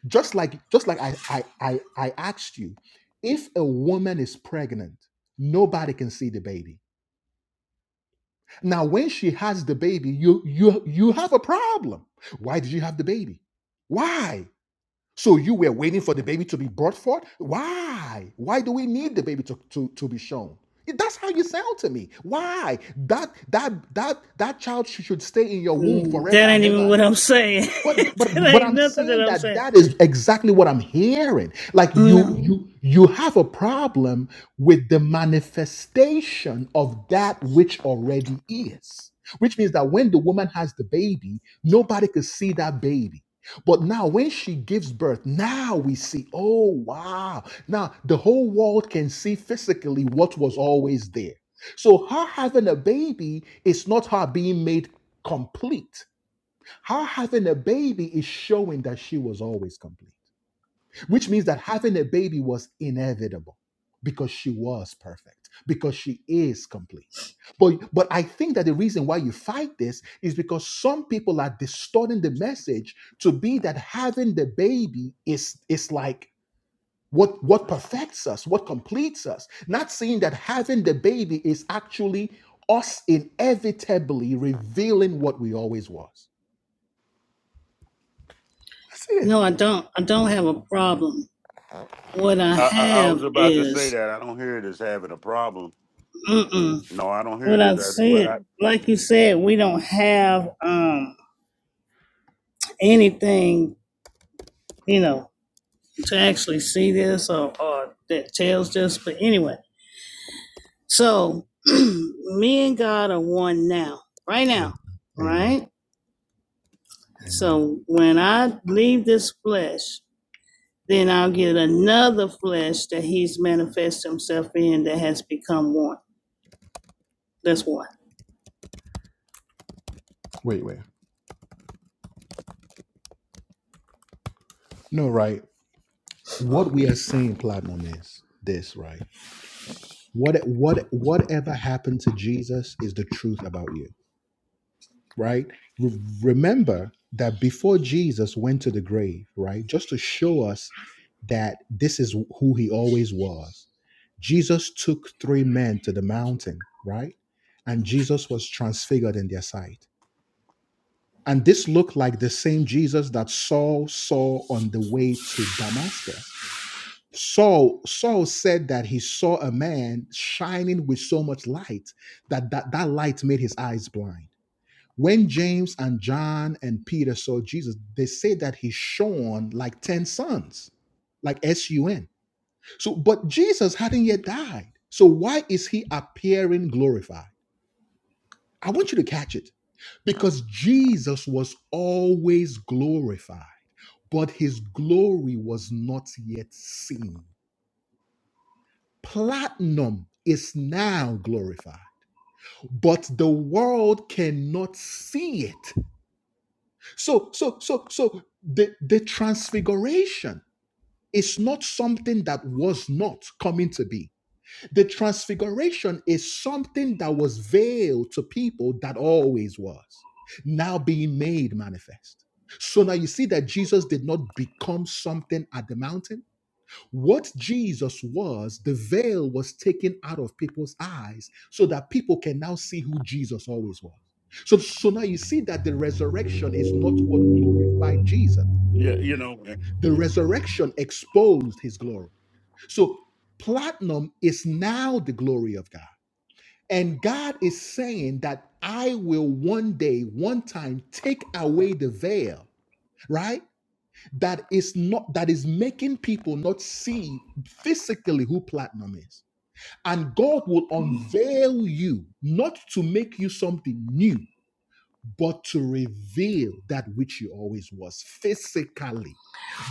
just like just like I, I i i asked you if a woman is pregnant nobody can see the baby now when she has the baby you you you have a problem why did you have the baby why so you were waiting for the baby to be brought forth why why do we need the baby to to, to be shown that's how you sound to me why that that that that child should stay in your womb Mm, forever That ain't and ever even and what ever. I'm saying. But but that but ain't I'm nothing that saying I'm that saying. that is exactly what I'm hearing. Like you No, you you have a problem with the manifestation of that which already is. Which means that when the woman has the baby, nobody could see that baby. But now when she gives birth, now we see, oh wow. Now the whole world can see physically what was always there. So her having a baby is not her being made complete her having a baby is showing that she was always complete, which means that having a baby was inevitable because she was perfect, because she is complete. But, but I think that the reason why you fight this is because some people are distorting the message to be that having the baby is, is like what, what perfects us, what completes us. Not seeing that having the baby is actually us inevitably revealing what we always was. That's it. no, I don't. I don't have a problem. What I I, I, I was have about to say is, that. I don't hear it as having a problem. mm-mm. No, I don't hear what it as I that. But said, I, like you said, we don't have um anything, you know, to actually see this or, or that tells this. But anyway, so me and God are one now, right Amen. now, Amen. right. Amen. So when I leave this flesh, then I'll get another flesh that He's manifest Himself in that has become one. That's one. Wait, wait. No, right. What um, we are seeing, Platinum, is this, right? What what whatever happened to Jesus is the truth about you, right? Re- remember that before Jesus went to the grave, right? Just to show us that this is who he always was. Jesus took three men to the mountain, right? And Jesus was transfigured in their sight And this looked like the same Jesus that Saul saw on the way to Damascus. Saul, Saul said that he saw a man shining with so much light that, that that light made his eyes blind. When James and John and Peter saw Jesus, they say that he shone like 10 suns, like S U N. So, but Jesus hadn't yet died. So, why is he appearing glorified? I want you to catch it because Jesus was always glorified, but his glory was not yet seen. Platinum is now glorified, but the world cannot see it. So, so, so, so the, the transfiguration is not something that was not coming to be The transfiguration is something that was veiled to people that always was, now being made manifest. So now you see that Jesus did not become something at the mountain. What Jesus was, the veil was taken out of people's eyes so that people can now see who Jesus always was. So, so now you see that the resurrection is not what glorified Jesus. yeah, you know, eh, The resurrection exposed his glory. So platinum is now the glory of God. And God is saying that I will one day, one time, take away the veil, right? That is not that is making people not see physically who platinum is. And God will unveil you, not to make you something new, but to reveal that which you always was physically.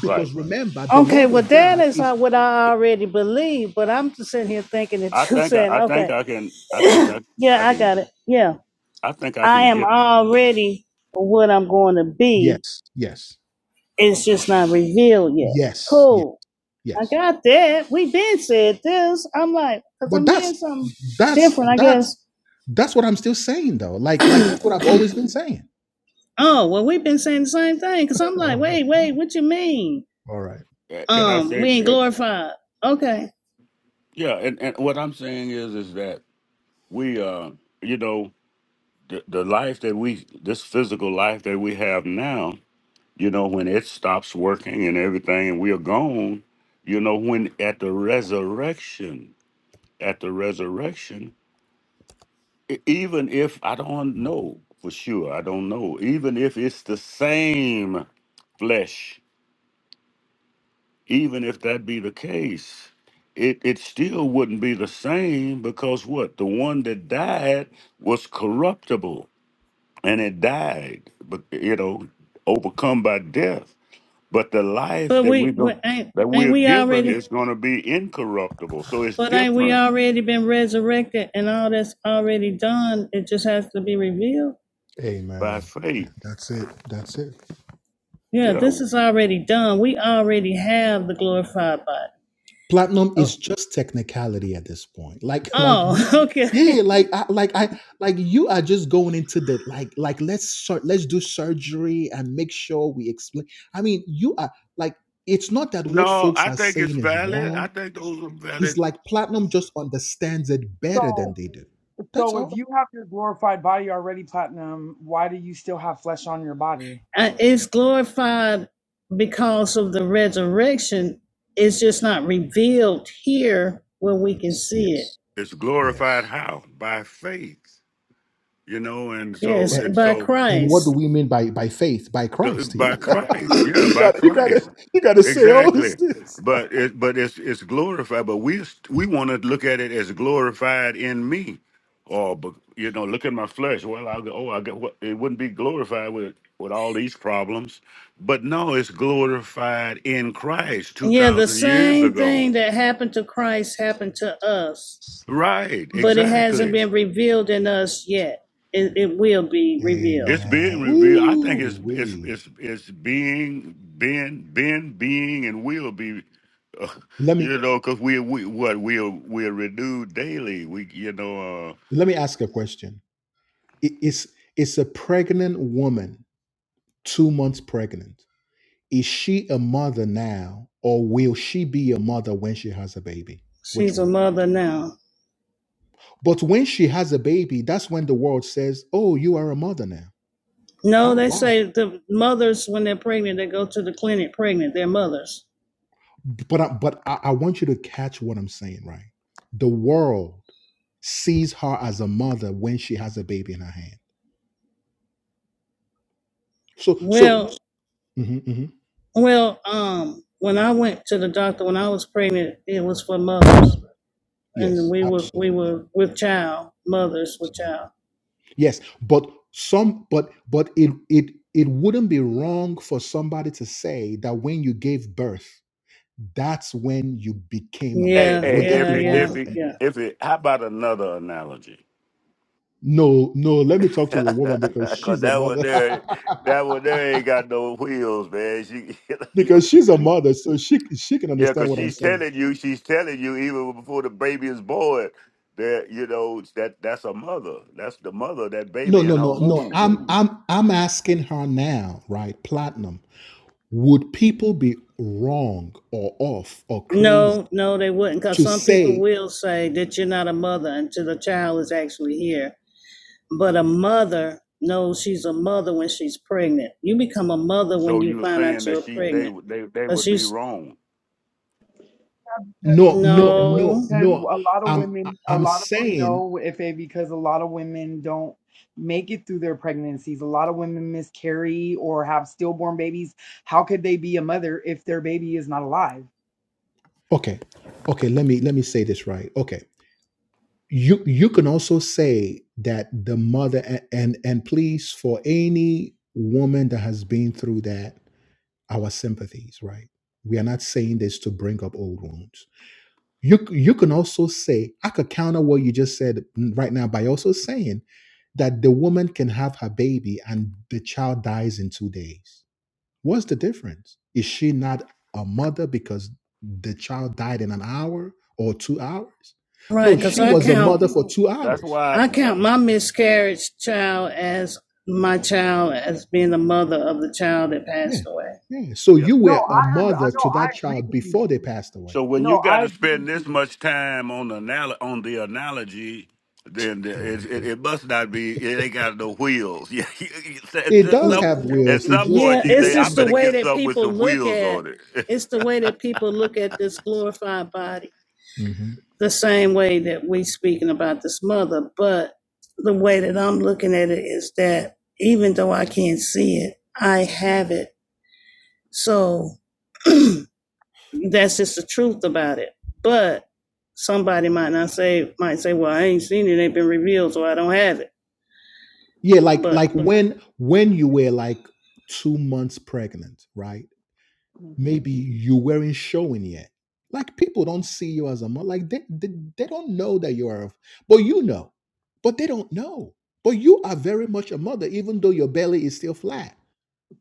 right. Because Right. remember, the Okay, love well, of that God is is uh, what I already believe, but I'm just sitting here thinking that I you're think I, saying, I think okay, I can. I think I I yeah, I can. got it. Yeah, I think I I can am get. already what I'm going to be. yes, yes, It's just not revealed yet. yes, yes, Cool. I yes. got that. we been said this. I'm like, because But I'm that's hearing something that's different, I that's guess. That's what I'm still saying though. Like like that's what I've always been saying. Oh, well, we've been saying the same thing because I'm like, All wait, wait, what you mean? right. All right. eh, Can I Um, say? we ain't eh, glorified. Okay. Yeah. And, and what I'm saying is is that we uh you know the, the life that we this physical life that we have now you know when it stops working and everything and we are gone you know when at the resurrection at the resurrection e- even if i don't know for sure i don't know even if it's the same flesh even if that be the case it, it still wouldn't be the same because what the one that died was corruptible and it died, but you know, overcome by death. But the life But that we we, we go ain't, that ain't we're we given already? is going to be incorruptible. So it's But ain't we different already been resurrected and all that's already done? It just has to be revealed. Amen. by faith. That's it. That's it. Yeah, Yeah. this is already done. We already have the glorified body. platinum is Oh, just technicality at this point like like you oh, Mhm. okay. yeah like I, like i like you are just going into the like like let's sur- let's do surgery and make sure we explain i mean you are like it's not that what No, folks I are think it's saying is valid. wrong I think those are it's valid. like platinum just understands it better So, than they do that's so if all you have your glorified body already, platinum, why do you still have flesh on your body? Uh, It's glorified because of the resurrection. It's just not revealed here where we can Yes. see it. Yes. It's glorified Yes. how by faith, you know, and so Yes, and by so And what do Christ. we mean by by faith? By the, Christ, yeah. by Christ. Yeah, you by got to you got to Christ. you got to say all these Exactly, things. but it but it's it's glorified. But we we want to look at it as glorified in me, or but, you know, look at my flesh. Well, I go, oh, I got what it wouldn't be glorified with with all these problems, but no, it's glorified in Christ two Yeah, the thousand years same ago. thing that happened to Christ happened to us. Right? but it hasn't Exactly. been revealed in us yet. It, it will be revealed. It's being Amen. revealed. I think Ooh, it's it's wee. it's it's being been been being and will be, uh, Let me you know, because we we what we're we're renewed daily. We you know, uh, let me ask a question. I- Is is a pregnant woman two months pregnant? Is she a mother now, or will she be a mother when she has a baby? Which She's a one? mother now. But when she has a baby, that's when the world says, "Oh, you are a mother now." No, How? they Why? say the mothers when they're pregnant, they go to the clinic pregnant. They're mothers. but I, but I, I want you to catch what I'm saying, right? The world sees her as a mother when she has a baby in her hand. So so Well, Mhm, mhm. well, um, when I went to the doctor when I was pregnant, it was for mothers, and yes, we were we absolutely, were with child mothers with absolutely. child. yes. But some but but it it it wouldn't be wrong for somebody to say that when you gave birth, that's when you became a hey mother. Yeah, hey Would that yeah, if be it wrong yeah, if for it them? yeah. if it how about another analogy? No, no. Let me talk to a woman because Cause she's a that one mother. there that one there ain't got no wheels, man. She you, because she's a mother, so she she can yeah, understand cause what I'm she's saying. telling you she's telling you even before the baby is born that you know that that's a mother. That's the mother that No, baby no, in her no, no. womb. I'm I'm I'm asking her now, right? Platinum. Would people be wrong or off or crazy No, no, they wouldn't, because to some people say will say that you're not a mother until the child is actually here But a mother knows she's a mother when she's pregnant. You become a mother when So you you were find out saying you're that she they pregnant. would they they Cause would you be wrong. Because no, yes, no, it would no, no because no? a lot of I'm women, a I'm lot of saying no, if they because a lot of women don't make it through their pregnancies. A lot of women miscarry or have stillborn babies. How could they be a mother if their baby is not alive? okay, okay. Let me let me say this right. Okay, you you can also say that the mother a- and and please for any woman that has been through that, our sympathies, right? We are not saying this to bring up old wounds. You you can also say I could counter what you just said right now by also saying that the woman can have her baby and the child dies in two days. What's the difference? Is she not a mother because the child died in an hour or two hours? No, right. Cause she It I was a count mother for two That's hours. why. I that- count my miscarriage child as my child as being the mother of the child that Yeah. passed away. Yeah. So yeah. you No, were a I under, I mother know to I that agree child with you. before they passed away. So when No, you got I to agree spend this with much time on the anal- on the analogy, then Here the- it, it it must not be. It ain't got no wheels. Yeah. you- you said It that does Mm. some have at wills. It some just point Yeah, you it it's say, just I just needs a the better way get that something with people some look wheels at. on it. It's the way that people look at this glorified body. Mhm. the same way that we speaking about this mother, but the way that I'm looking at it is that even though I can't see it, I have it. So that's just the truth about it. But somebody might not say might say, Well, I ain't seen it, it ain't been revealed, so I don't have it. Yeah, like But like when when you were like two months pregnant, right? you. Maybe you weren't showing yet. Like people don't see you as a mom. Like they, they they don't know that you are. a- But you know, but they don't know. But you are very much a mother, even though your belly is still flat.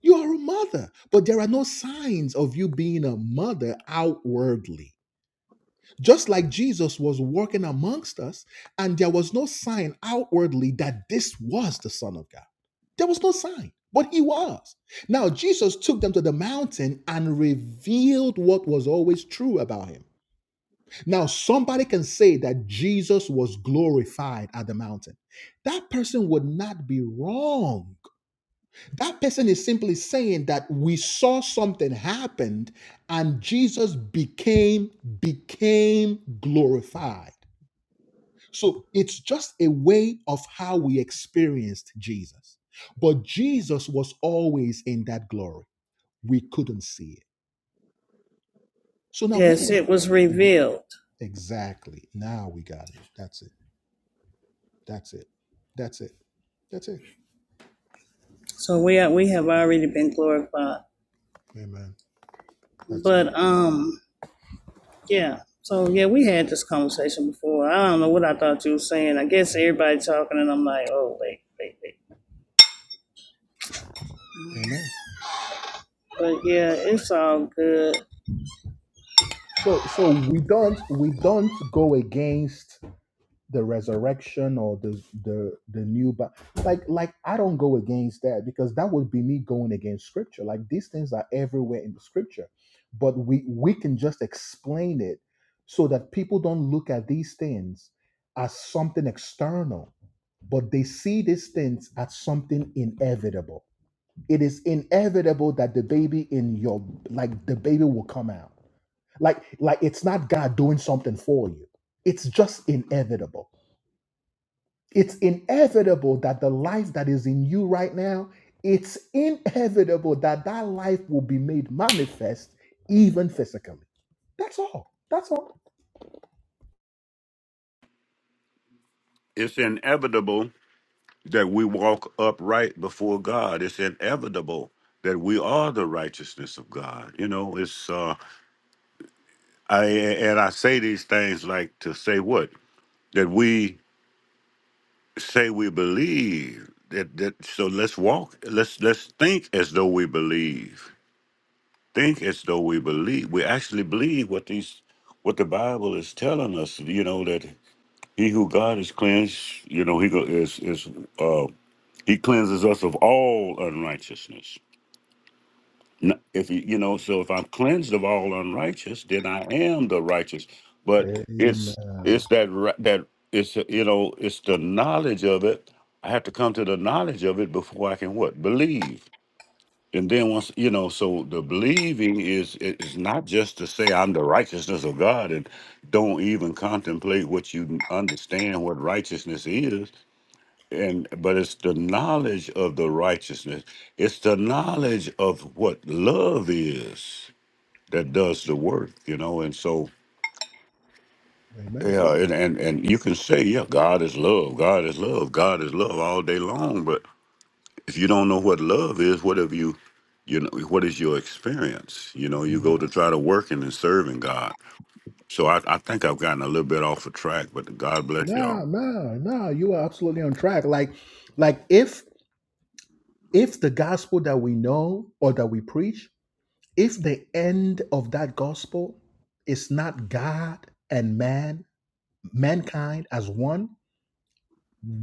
You are a mother, but there are no signs of you being a mother outwardly just like Jesus was working amongst us, and there was no sign outwardly that this was the Son of God. There was no sign, but he was. Now, Jesus took them to the mountain and revealed what was always true about him. Now, somebody can say that Jesus was glorified at the mountain. That person would not be wrong that person is simply saying that we saw something happened and Jesus became became glorified. So it's just a way of how we experienced Jesus. But Jesus was always in that glory. We couldn't see it. So now when we yes, it was Mhm. revealed. exactly now we got it. That's it. That's it. That's it. That's it. So we are we have already been glorified. Amen. That's it. But um Yeah. So yeah, we had this conversation before. I don't know what I thought you were saying. I guess everybody talking, and I'm like, oh wait, wait, wait. Mhm. Amen. But yeah, it's all good, So so we don't we don't go against the resurrection or the the the new but like like I don't go against that because that would be me going against scripture like these things are everywhere in the scripture but we we can just explain it so that people don't look at these things as something external but they see these things as something inevitable it is inevitable that the baby in your like the baby will come out like like it's not God doing something for you it's just inevitable it's inevitable that the life that is in you right now it's inevitable that that life will be made manifest even physically that's all that's all It's inevitable that we walk upright before God. It's inevitable that we are the righteousness of God. You know, it's uh I and I say these things like to say what? that we say we believe that that so let's walk let's let's think as though we believe think as though we believe we actually believe what these what the bible is telling us you know that he who god is cleansed you know he go is is uh he cleanses us of all unrighteousness N- if you you know so if i'm cleansed of all unrighteous then i am the righteous but it's Amen. it's that ri- that it's uh, you know it's the knowledge of it i have to come to the knowledge of it before i can what believe and then once you know so the believing is it is not just to say i'm the righteousness of god and don't even contemplate what you understand what righteousness is and but it's the knowledge of the righteousness it's the knowledge of what love is that does the work you know and so amen yeah and and, and you can say yeah god is love god is love god is love all day long but if you don't know what love is what have you you know what is your experience you know you go Mm. to try to working and serving god so i, I think i've gotten a little bit off the track but god bless y'all no no no you are absolutely on track like like if if the gospel that we know or that we preach if the end of that gospel is not god and man mankind as one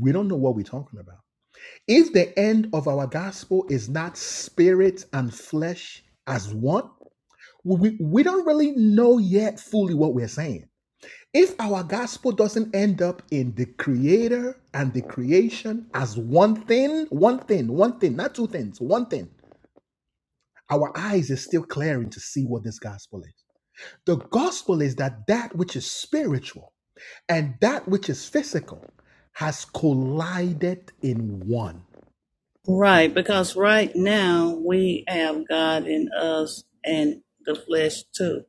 we don't know what we're talking about If the end of our gospel is not spirit and flesh as one, we, we don't really know yet fully what we're saying. If our gospel doesn't end up in the creator and the creation as one thing, one thing, one thing, not two things, one thing, our eyes is still clearing to see what this gospel is. The gospel is that that which is spiritual and that which is physical has collided in one. right? Because right now we have God in us and the flesh too,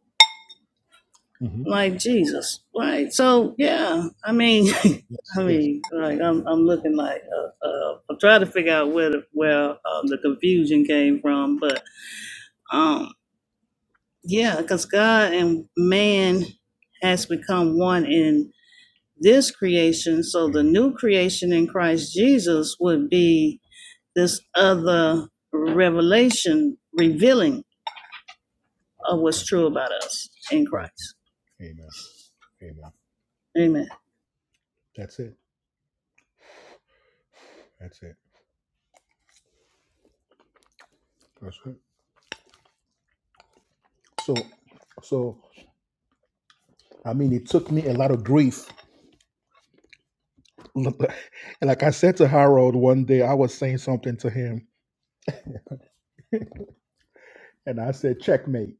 Mm-hmm. like Jesus, right? So yeah, I mean, Yes. I Yes. mean, like I'm, I'm looking like, uh, uh, I'm trying to figure out where the where um, the confusion came from, but um. Yeah, because God and man has become one in this creation. So the Amen. new creation in Christ Jesus would be this other revelation revealing of what's true about us in Amen. Christ. Amen. Amen. Amen. That's it. That's it. That's it. So, so I mean, it took me a lot of grief. And like I said to Harold one day, I was saying something to him, and I said, "Checkmate."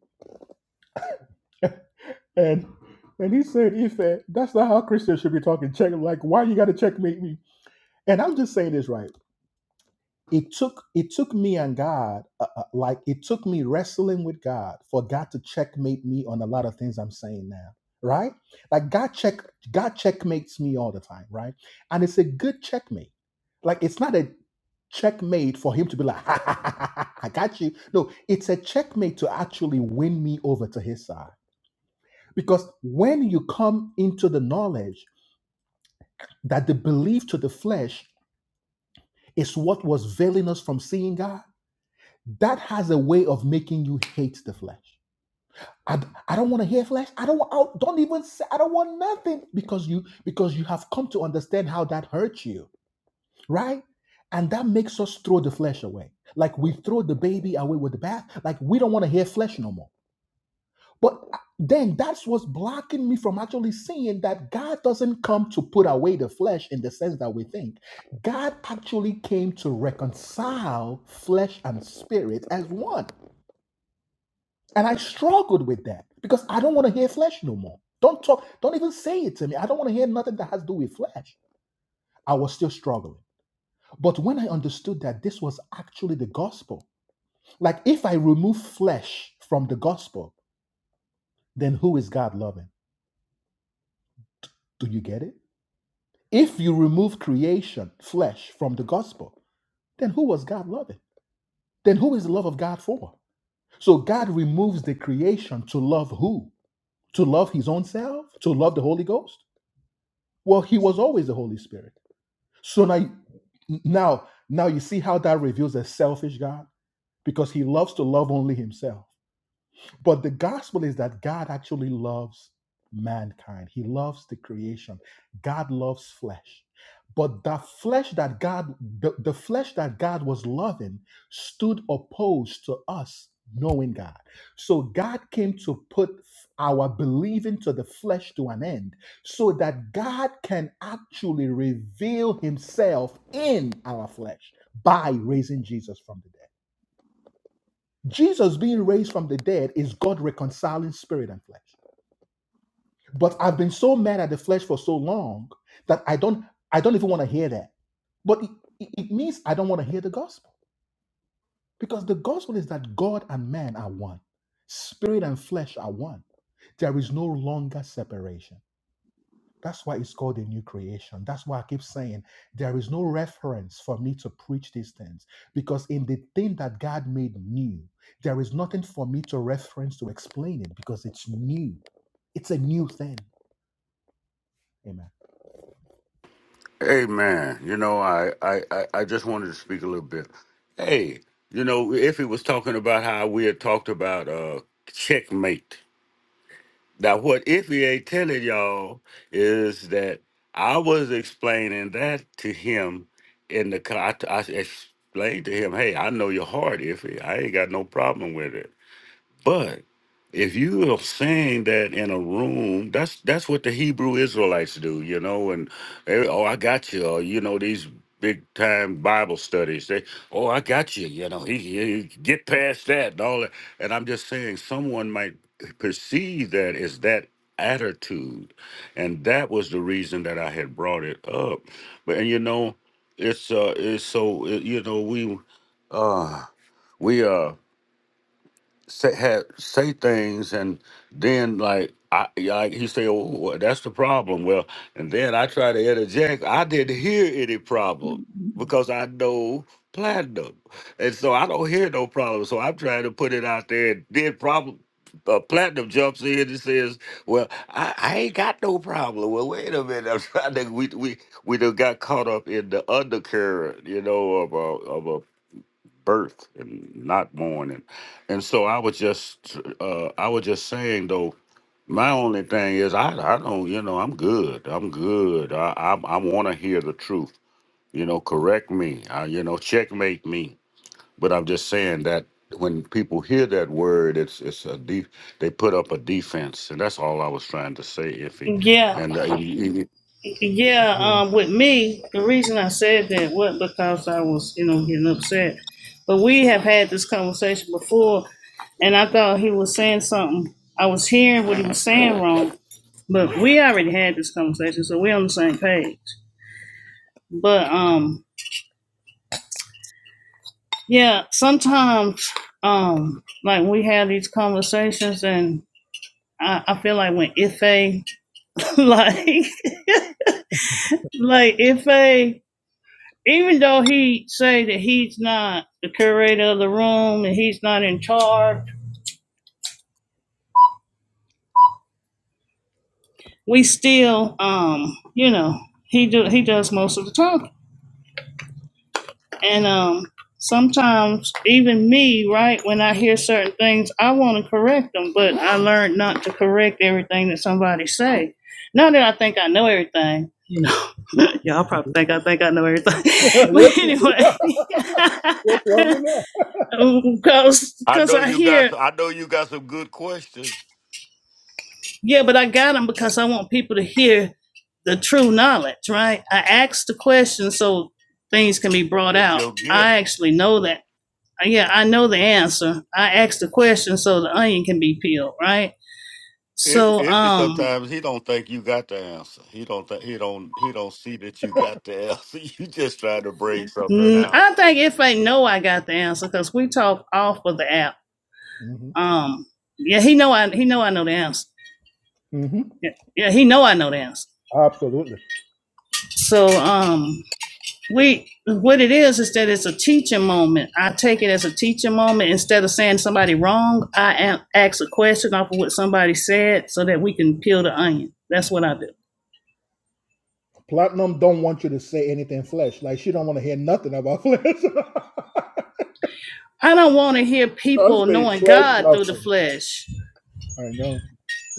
And and he said, "Ife, that's not how Christians should be talking. Check. Like, why you got to checkmate me?" And I'm just saying this right. it took it took me and God uh, uh, like it took me wrestling with God for God to checkmate me on a lot of things I'm saying now right like God check God checkmates me all the time right and it's a good checkmate like it's not a checkmate for him to be like ha, ha, ha, ha, ha, I got you no it's a checkmate to actually win me over to his side because when you come into the knowledge that the belief to the flesh is what was veiling us from seeing God that has a way of making you hate the flesh. I, I don't want to hear flesh. I don't want Don't even say I don't want nothing because you because you have come to understand how that hurts you, right? And that makes us throw the flesh away. Like we throw the baby away with the bath. Like we don't want to hear flesh no more. But uh, then that's what's blocking me from actually seeing that God doesn't come to put away the flesh in the sense that we think. God actually came to reconcile flesh and spirit as one. And I struggled with that because I don't want to hear flesh no more. Don't talk, don't even say it to me. I don't want to hear nothing that has to do with flesh. I was still struggling. But when I understood that this was actually the gospel, like if I remove flesh from the gospel, then who is God loving? Do you get it? If you remove creation, flesh, from the gospel, then who was God loving? Then who is the love of God for? So God removes the creation to love who? To love his own self? To love the Holy Ghost? Well, he was always the Holy Spirit. So now, now, now you see how that reveals a selfish God because he loves to love only himself. But the gospel is that God actually loves mankind, He loves the creation. God loves flesh. But the flesh that God, the, the flesh that God was loving stood opposed to us knowing God. So God came to put our believing to the flesh to an end so that God can actually reveal himself in our flesh by raising Jesus from the dead. Jesus being raised from the dead is God reconciling spirit and flesh. But I've been so mad at the flesh for so long that I don't I don't even want to hear that. But it, it it means I don't want to hear the gospel because the gospel is that God and man are one. Spirit and flesh are one. There is no longer separation. That's why it's called a new creation. That's why I keep saying there is no reference for me to preach these things because in the thing that God made new, there is nothing for me to reference to explain it because it's new. It's a new thing. Amen. Hey man, you know, I, I, I I just wanted to speak a little bit. Hey, you know, Iffy was talking about how we had talked about uh checkmate. Now what Iffy ain't telling y'all is that I was explaining that to him in the car. I, I explained to him, hey, I know your heart, Iffy. I ain't got no problem with it. But if you are saying that in a room, that's that's what the Hebrew Israelites do, you know, and eh, oh, I got you, or, you know, these big time Bible studies. They, oh, I got you, you know, he, he- he- get past that and all that. And I'm just saying, someone might perceive that as that attitude, and that was the reason that I had brought it up. But and you know, it's uh, it's so eh, you know we, uh, we uh say have say things and then like I yeah, like he say, oh, well, that's the problem. Well, and then I try to interject. I didn't hear any problem Mhm. because I know platinum, and so I don't hear no problem. So I'm trying to put it out there. And then problem. Uh, platinum jumps in and says, "Well, I, I ain't got no problem." Well, wait a minute. I'm trying to. We we we done got caught up in the undercurrent, you know, of a, birth and not born and and so i was just uh i was just saying though my only thing is i i don't you know i'm good i'm good i i, I want to hear the truth you know correct me I, you know checkmate me but i'm just saying that when people hear that word it's it's a deep they put up a defense and that's all i was trying to say iffy Yeah. and uh, you- you- Yeah, Yeah. um, with me, the reason I said that was because I was, you know, getting upset. But we have had this conversation before, and I thought he was saying something. I was hearing what he was saying wrong, but we already had this conversation, so we're on the same page. But um, yeah, sometimes um, like we have these conversations, and I, I feel like when Ife, like, like Ife even though he say that he's not the curator of the room and he's not in charge, we still, um, you know, he do he does most of the talking. And um, sometimes even me, right, when I hear certain things, I want to correct them, but I learned not to correct everything that somebody say. Not that I think I know everything, you know. Y'all probably think I think I know everything, yes. but anyway. What's wrong with that? i because know I you hear got some, i know you got some good questions Yeah, but I got them because I want people to hear the true knowledge, right? I asked the question so things can be brought out. I actually know that. Yeah, I know the answer. I asked the question so the onion can be peeled, right? If So, if he um, sometimes he don't think you got the answer. He don't think he don't he don't see that you got the answer. You just trying to bring something I out, think if I know I got the answer, because we talk off of the app. hmm Um, yeah, he know I he know I know the answer. hmm Yeah, yeah, he know I know the answer. Absolutely. So, um, we what it is is that it's a teaching moment. I take it as a teaching moment instead of saying somebody wrong. I am, ask a question off of what somebody said so that we can peel the onion. That's what I do. Platinum don't want you to say anything flesh. Like she don't want to hear nothing about flesh. I don't want to hear don't people say knowing flesh God through the nothing. flesh. I know.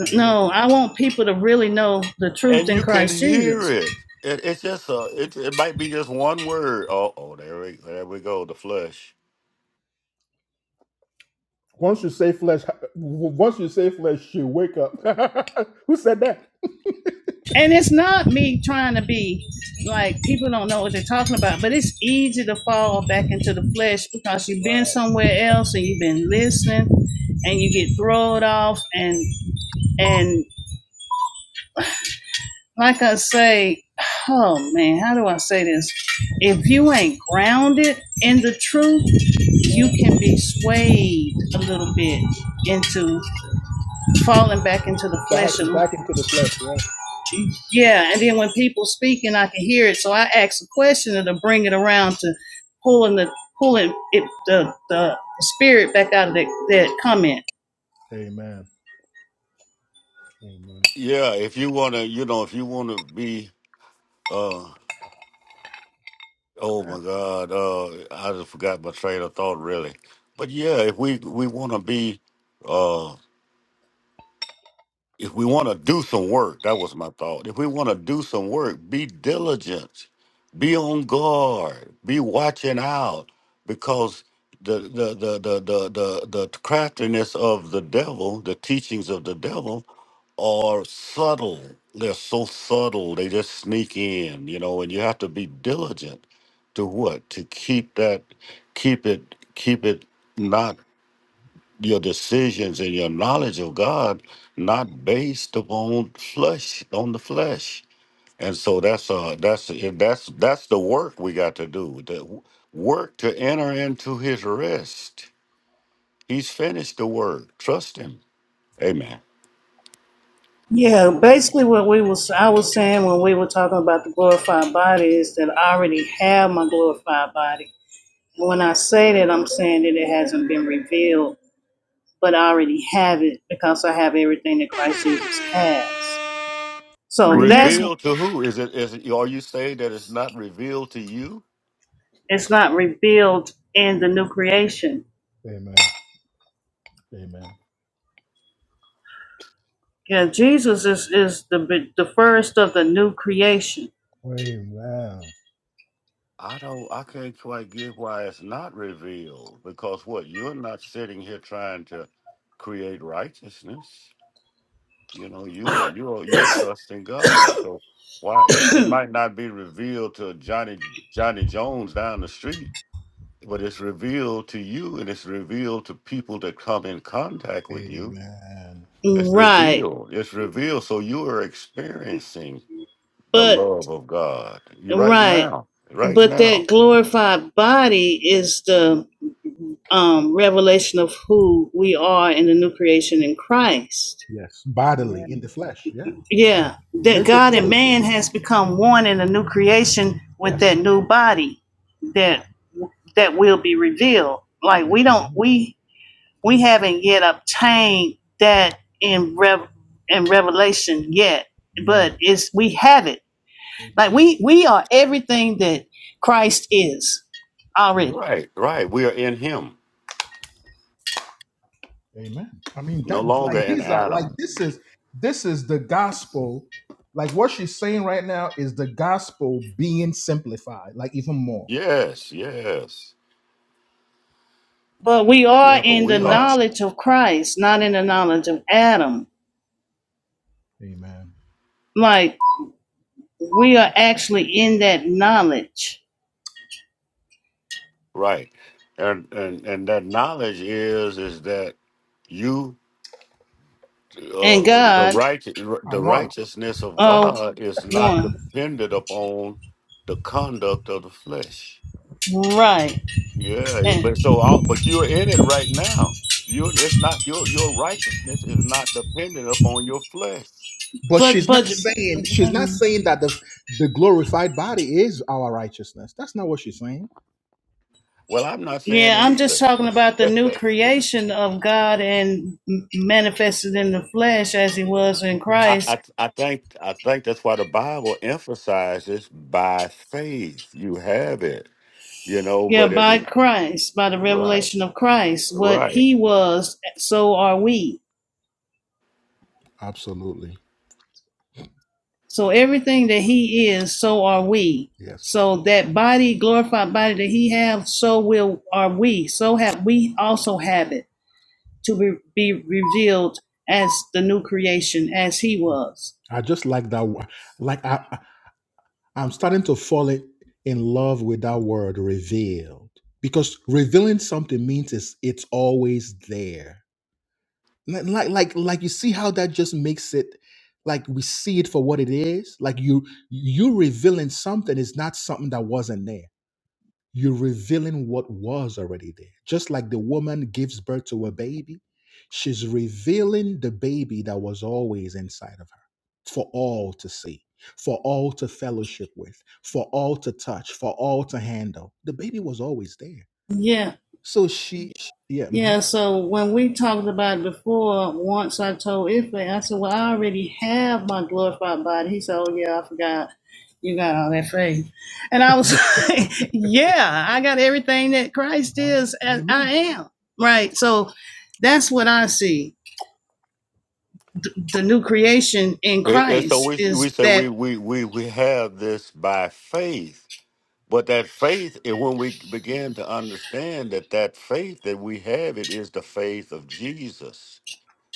I know. No, I want people to really know the truth and in you can Christ hear Jesus. it. it it's just a it it might be just one word. Oh oh there we there we go the flush. Once you say flesh, once you say flesh, she wake up. Who said that? and it's not me trying to be like people don't know what they're talking about, but it's easy to fall back into the flesh because you've been Wow. somewhere else and you've been listening and you get thrown off and and like I say, oh man, how do I say this? If you ain't grounded in the truth, you can be swayed a little bit into falling back into the Back, flesh a back into the flesh. Yeah. Yeah, and then when people speaking, I can hear it. So I ask a question and to bring it around to pulling the pulling it the the spirit back out of that, that comment. Amen. Amen. Yeah, if you wanna you know if you wanna be uh oh Crap. my god uh I just forgot my train of thought really. But yeah, if we we wanna be uh, if we want to do some work, that was my thought. If we want to do some work, be diligent, be on guard, be watching out, because the the the the the the, the craftiness of the devil, the teachings of the devil, are subtle. They're so subtle. They just sneak in, you know. And you have to be diligent to what to keep that, keep it, keep it not your decisions and your knowledge of God not based upon flesh on the flesh. And so that's uh that's that's that's the work we got to do. The w- work to enter into his rest. He's finished the work. Trust him. Amen. Yeah, basically what we was I was saying when we were talking about the glorified body is that I already have my glorified body. And when I say that, I'm saying that it hasn't been revealed, but I already have it because I have everything that Christ Jesus has. So that's Amen. Revealed to who? Is it is it are you saying that it's not revealed to you? it's not revealed in the new creation Amen. Yeah, Jesus is, is the be- the first of the new creation. Amen. Amen. I don't I can't quite get why it's not revealed. Because what? You're not sitting here trying to create righteousness. You know, you are you are you are trusting God. So why it's it might not be revealed to Johnny Johnny Jones down the street, but it's revealed to you and it's revealed to people that come in contact with you. Amen. It's Right. revealed. It's revealed. So you are experiencing the But love of God. You right right. now. Right But now. that glorified body is the um, revelation of who we are in the new creation in Christ. Yes. Bodily in Amen. the flesh. Yeah. Yeah. That Let's just God and say man has become one in the new creation with yes. that new body that that will be revealed. Like we don't Amen. we We haven't yet obtained that in rev in Revelation yet, but Amen. it's we have it. Like Amen. we we are everything that Christ is already. Right, right. We are in him. Amen. I mean No that longer like in these are like Adam. this is this is the gospel. Like what she's saying right now is the gospel being simplified, like even more. Yes, yes. But we are Yeah, but in the we Like are knowledge of Christ, not in the knowledge of Adam. Amen. Like we are actually in that knowledge. right. and that knowledge is is that you And uh, the God, right I the want. righteousness of oh God is not one. dependent upon the conduct of the flesh. Right. Yeah, And but so all, but you're in it right now. You it's not your your righteousness is not dependent upon flesh. But but she's not but saying she's not saying that the the glorified body is our righteousness. That's not what she's saying. Well, I'm not saying Yeah, it I'm just either. talking about the new creation of God and m- manifested in the flesh as he was in Okay. I, Christ. I I think I think that's why the Bible emphasizes by faith you have it. You know, Yeah, it, by Christ, by the right, revelation of Christ. What right. he was, so are we. Absolutely. So everything that he is, so are we. Yes. So that body, glorified body that he have, so will are we. So have we also have it to be, be revealed as the new creation as he was. I just like that. wo- Like I, I'm starting to fall in love with that word revealed because revealing something means it's, it's always there. Like, like, like like you see how that just makes it like we see it for what it is. Like you, you revealing something is not something that wasn't there. You're revealing what was already there. Just like the woman gives birth to a baby, she's revealing the baby that was always inside of her for all to see, for all to fellowship with, for all to touch, for all to handle. The baby was always there. Yeah. So she, yeah. mhm. Yeah, so when we talked about it before, once I told Ife, I said, Well, I already have my glorified body. He said, Oh, yeah, I forgot. You got all that faith. And I was like, Yeah, I got everything that Christ Oh, is, and amen. I am. Right. So that's what I see. The new creation in And and so Christ we we is say we that, we we we have this by faith, but that faith, and when we begin to understand that that faith that we have, it is the faith of Jesus,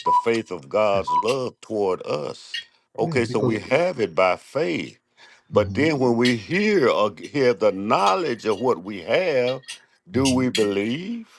the faith of Yes. God's love toward us. Yeah, Okay, so because, we have it by faith, but Mhm, then when we hear or hear the knowledge of what we have, do mhm. we believe?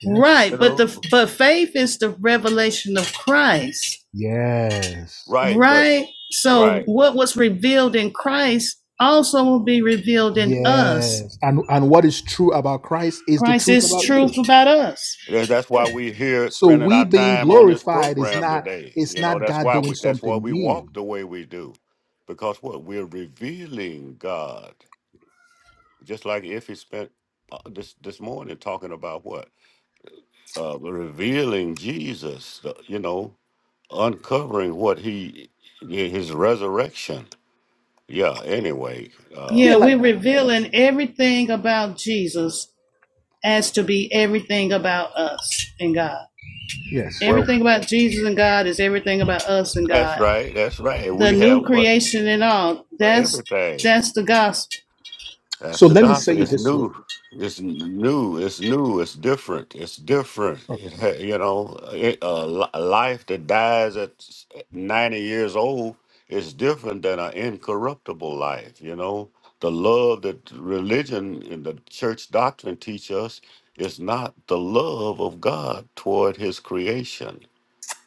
yes. right. You But the know, but faith is the revelation of Christ Yes. right? But Right? So, right. what was revealed in Christ also will be revealed in us. Yes. And, and what is true about Christ is the Christ truth is about you. truth about us. Yeah, That's Yeah. why we're here So spending we our being time on this glorified is program not today. it's You know, not that's God why doing we, that's why something we new. walk the way we do because what we're revealing God, just like if he spent uh, this this morning talking about what uh, revealing Jesus, uh, you know, uncovering what he yeah, his resurrection. Yeah. Anyway, uh, Yeah, Yeah, like we're revealing everything about Jesus as to be everything about us and God. yes. well, Everything about Jesus and God is everything about us and that's God. right. That's right. The We new have what creation and all, that's everything. that's the gospel. So That's the let me say gospel. it It's this way. new. It's n- new. It's new. It's different. It's different. Okay. It, ha- you know, it, a li- a life that dies at s- 90 years old is different than an incorruptible life. You know, the love that religion and the church doctrine teach us is not the love of God toward His creation,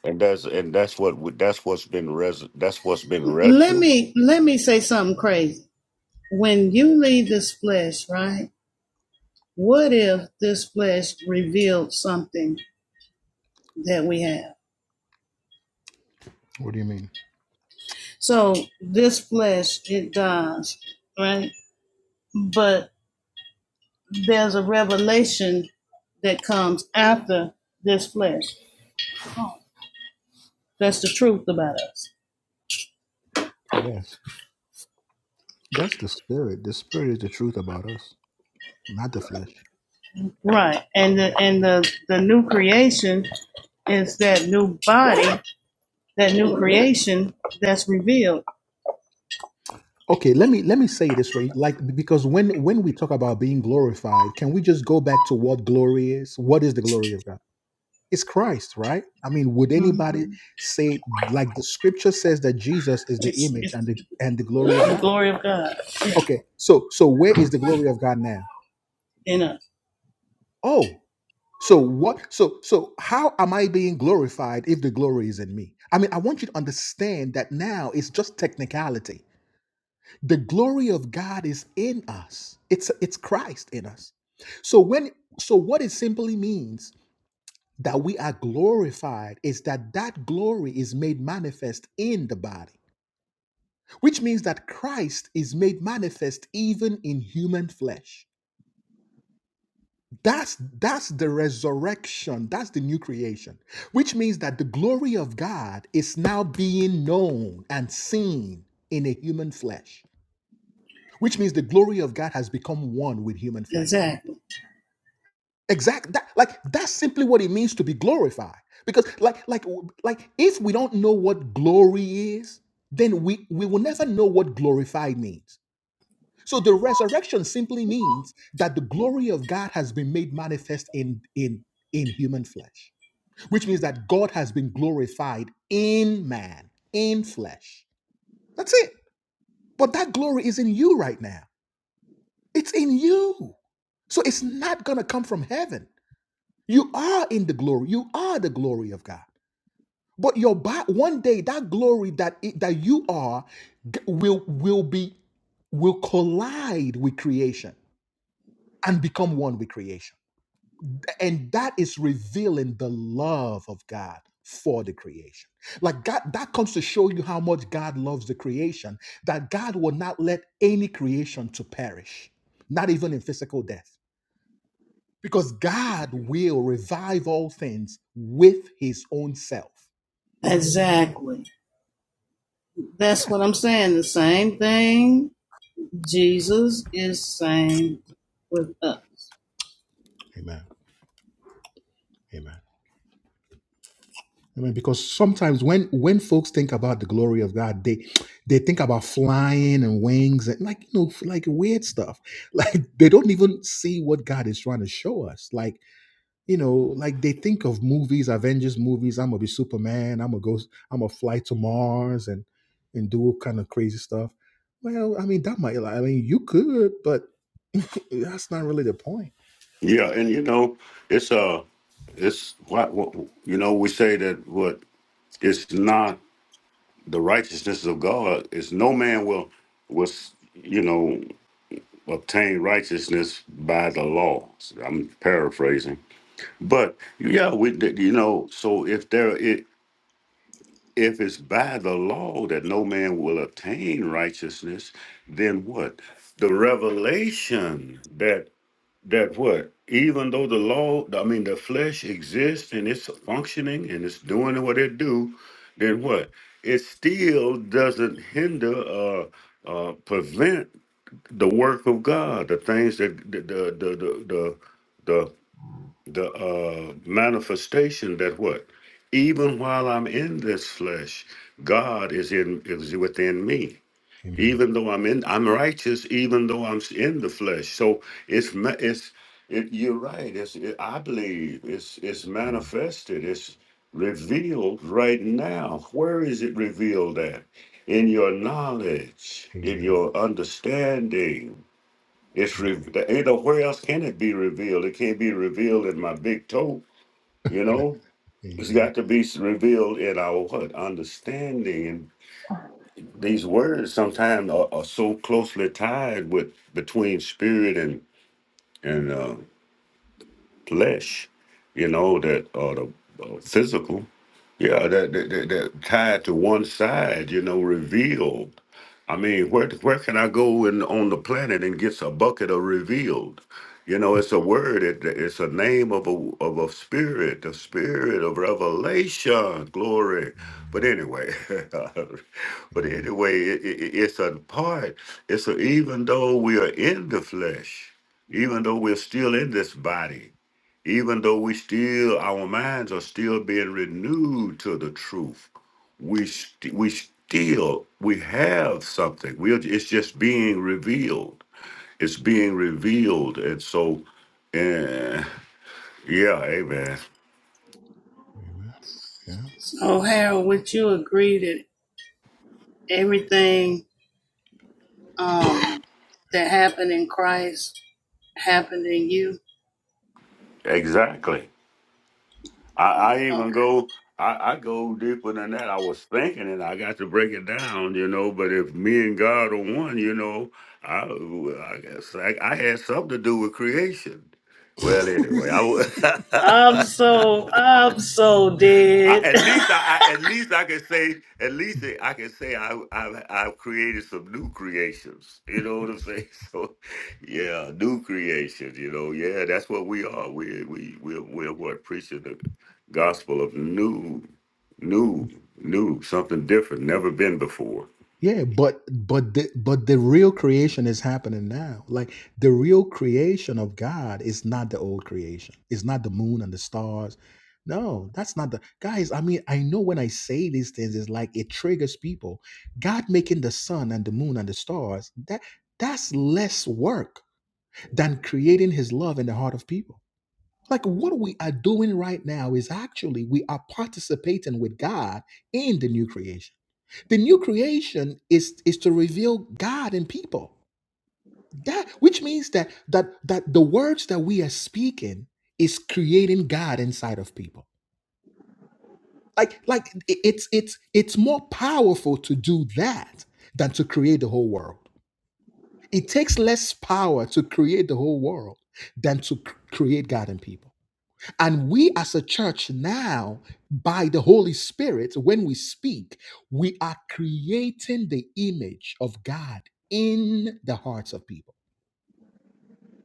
and that's and that's what we- that's what's been res- that's what's been Let read. me let me say something crazy. When you leave this flesh, right? What if this flesh revealed something that we have? What do you mean? So this flesh, it dies, right? But there's a revelation that comes after this flesh. That's the truth about us. Yes. That's the spirit. The spirit is the truth about us, not the flesh. Right. And the and the, the new creation is that new body, that new creation that's revealed. Okay, let me let me say it this way. Like because when when we talk about being glorified, can we just go back to what glory is? What is the glory of God? It's Christ, right? I mean, would Mhm. anybody Mhm. say like the scripture says that Jesus is the It's, image it's and the and the glory of the God? glory of God Okay. So so where is the glory of God now? in us. Oh, so what so so how am I being glorified if the glory is in me? I mean, I want you to understand that now it's just technicality. The glory of God is in us. It's it's Christ in us. So when so what it simply means that we are glorified is that that glory is made manifest in the body, which means that Christ is made manifest even in human flesh. That's that's the resurrection. That's the new creation, which means that the glory of God is now being known and seen in a human flesh. Which means the glory of God has become one with human flesh. Exactly. Exact that like that's simply what it means to be glorified. Because like like like if we don't know what glory is, then we we will never know what glorified means. So the resurrection simply means that the glory of God has been made manifest in in in human flesh, which means that God has been glorified in man, in flesh. That's it. But that glory is in you right now. It's in you. So it's not going to come from heaven. You are in the glory. You are the glory of God. But your body, one day that glory that it, that you are g- will will be will collide with creation and become one with creation. And that is revealing the love of God for the creation. Like God, that comes to show you how much God loves the creation, that God will not let any creation to perish, not even in physical death. Because God will revive all things with his own self. Exactly. That's what I'm saying. The same thing Jesus is saying with us. Amen. Amen. I mean, because sometimes when when folks think about the glory of God, they they think about flying and wings and like you know like weird stuff. Like they don't even see what God is trying to show us. Like you know, like they think of movies, Avengers movies. I'm gonna be Superman. I'm gonna go. I'm gonna fly to Mars and and do all kind of crazy stuff. Well, I mean that might. I mean you could, but that's not really the point. Yeah, and you know, it's uh it's what, what you know we say that what it's not the righteousness of God is no man will was you know obtain righteousness by the law. I'm paraphrasing, but yeah, we did- you know so if there it if it's by the law that no man will obtain righteousness, then what? The revelation that what even though the law i mean the flesh exists and it's functioning and it's doing what it do then what it still doesn't hinder or uh uh prevent the work of god the things that the the the the the, the, the uh manifestation that what even while i'm in this flesh god is in is within me Amen. even though I'm in, I'm righteous, even though I'm in the flesh. So it's ma- it's it, you're right. It's it, I believe it's it's Amen. manifested. It's revealed right now. Where is it revealed at? In your knowledge, in Amen. your understanding. It's re- you know where else can it be revealed? It can't be revealed in my big toe. You know, it's Amen. got to be s- revealed in our what understanding these words sometimes are, are so closely tied with between spirit and and uh, flesh, you know that or the uh, physical. Yeah, that, that, that that tied to one side, you know, reveal. I mean, where where can I go in on the planet and get a bucket of revealed? You know, it's a word. It, it's a name of a of a spirit, the spirit of revelation, glory. But anyway, but Amen. anyway, it, it, it's a part. It's a, even though we are in the flesh, even though we're still in this body, even though we still our minds are still being renewed to the truth we st- we still we have something we are, it's just being revealed it's being revealed and so eh, yeah amen Amen. Yeah. So Harold, would you agree that everything um that happened in Christ happened in you? exactly I, I Okay. even go I, I go deeper than that. I was thinking and I got to break it down, you know. But if me and God are one, you know, I well, I guess I, I had something to do with creation. Well, anyway, I I'm was. so I'm so I, dead. at least I, I at least I can say at least I can say I I've, I've created some new creations. You know what I'm saying? So yeah, new creation. You know, yeah, that's what we are. We we we we're what preaching the gospel of new, new, new, something different, never been before. Yeah, but but the but the real creation is happening now. Like the real creation of God is not the old creation. It's not the moon and the stars. No, that's not the guys. I mean, I know when I say these things, it's like it triggers people. God making the sun and the moon and the stars, that that's less work than creating his love in the heart of people. Like what we are doing right now is actually we are participating with God in the new creation the new creation is is to reveal God in people. That which means that that that the words that we are speaking is creating God inside of people. Like like it- it's it's it's more powerful to do that than to create the whole world. It takes less power to create the whole world than to cr- create God in people. And we as a church now, by the Holy Spirit, when we speak, we are creating the image of God in the hearts of people.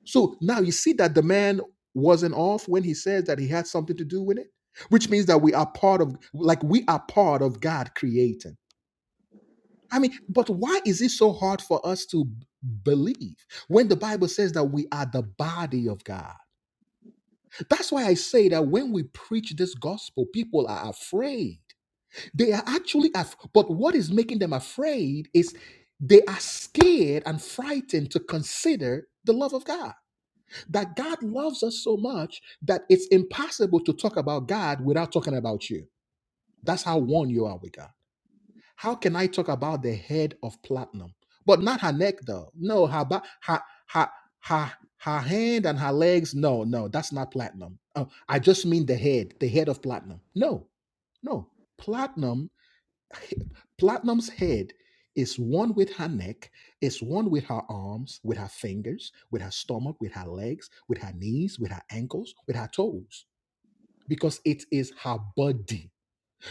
So now you see that the man wasn't off when he says that he had something to do with it, which means that we are part of, like, we are part of God creating. I mean, but why is it so hard for us to b- believe when the Bible says that we are the body of God? That's why I say that when we preach this gospel, people are afraid. They are actually, af- but what is making them afraid is they are scared and frightened to consider the love of God. That God loves us so much that it's impossible to talk about God without talking about you. That's how one you are with God. How can I talk about the head of platinum? But not her neck, though. No, her back, her, her, her, her hand and her legs. No, no, that's not platinum. Oh, I just mean the head, the head of platinum. No, no. Platinum, platinum's head is one with her neck, is one with her arms, with her fingers, with her stomach, with her legs, with her knees, with her ankles, with her toes, because it is her body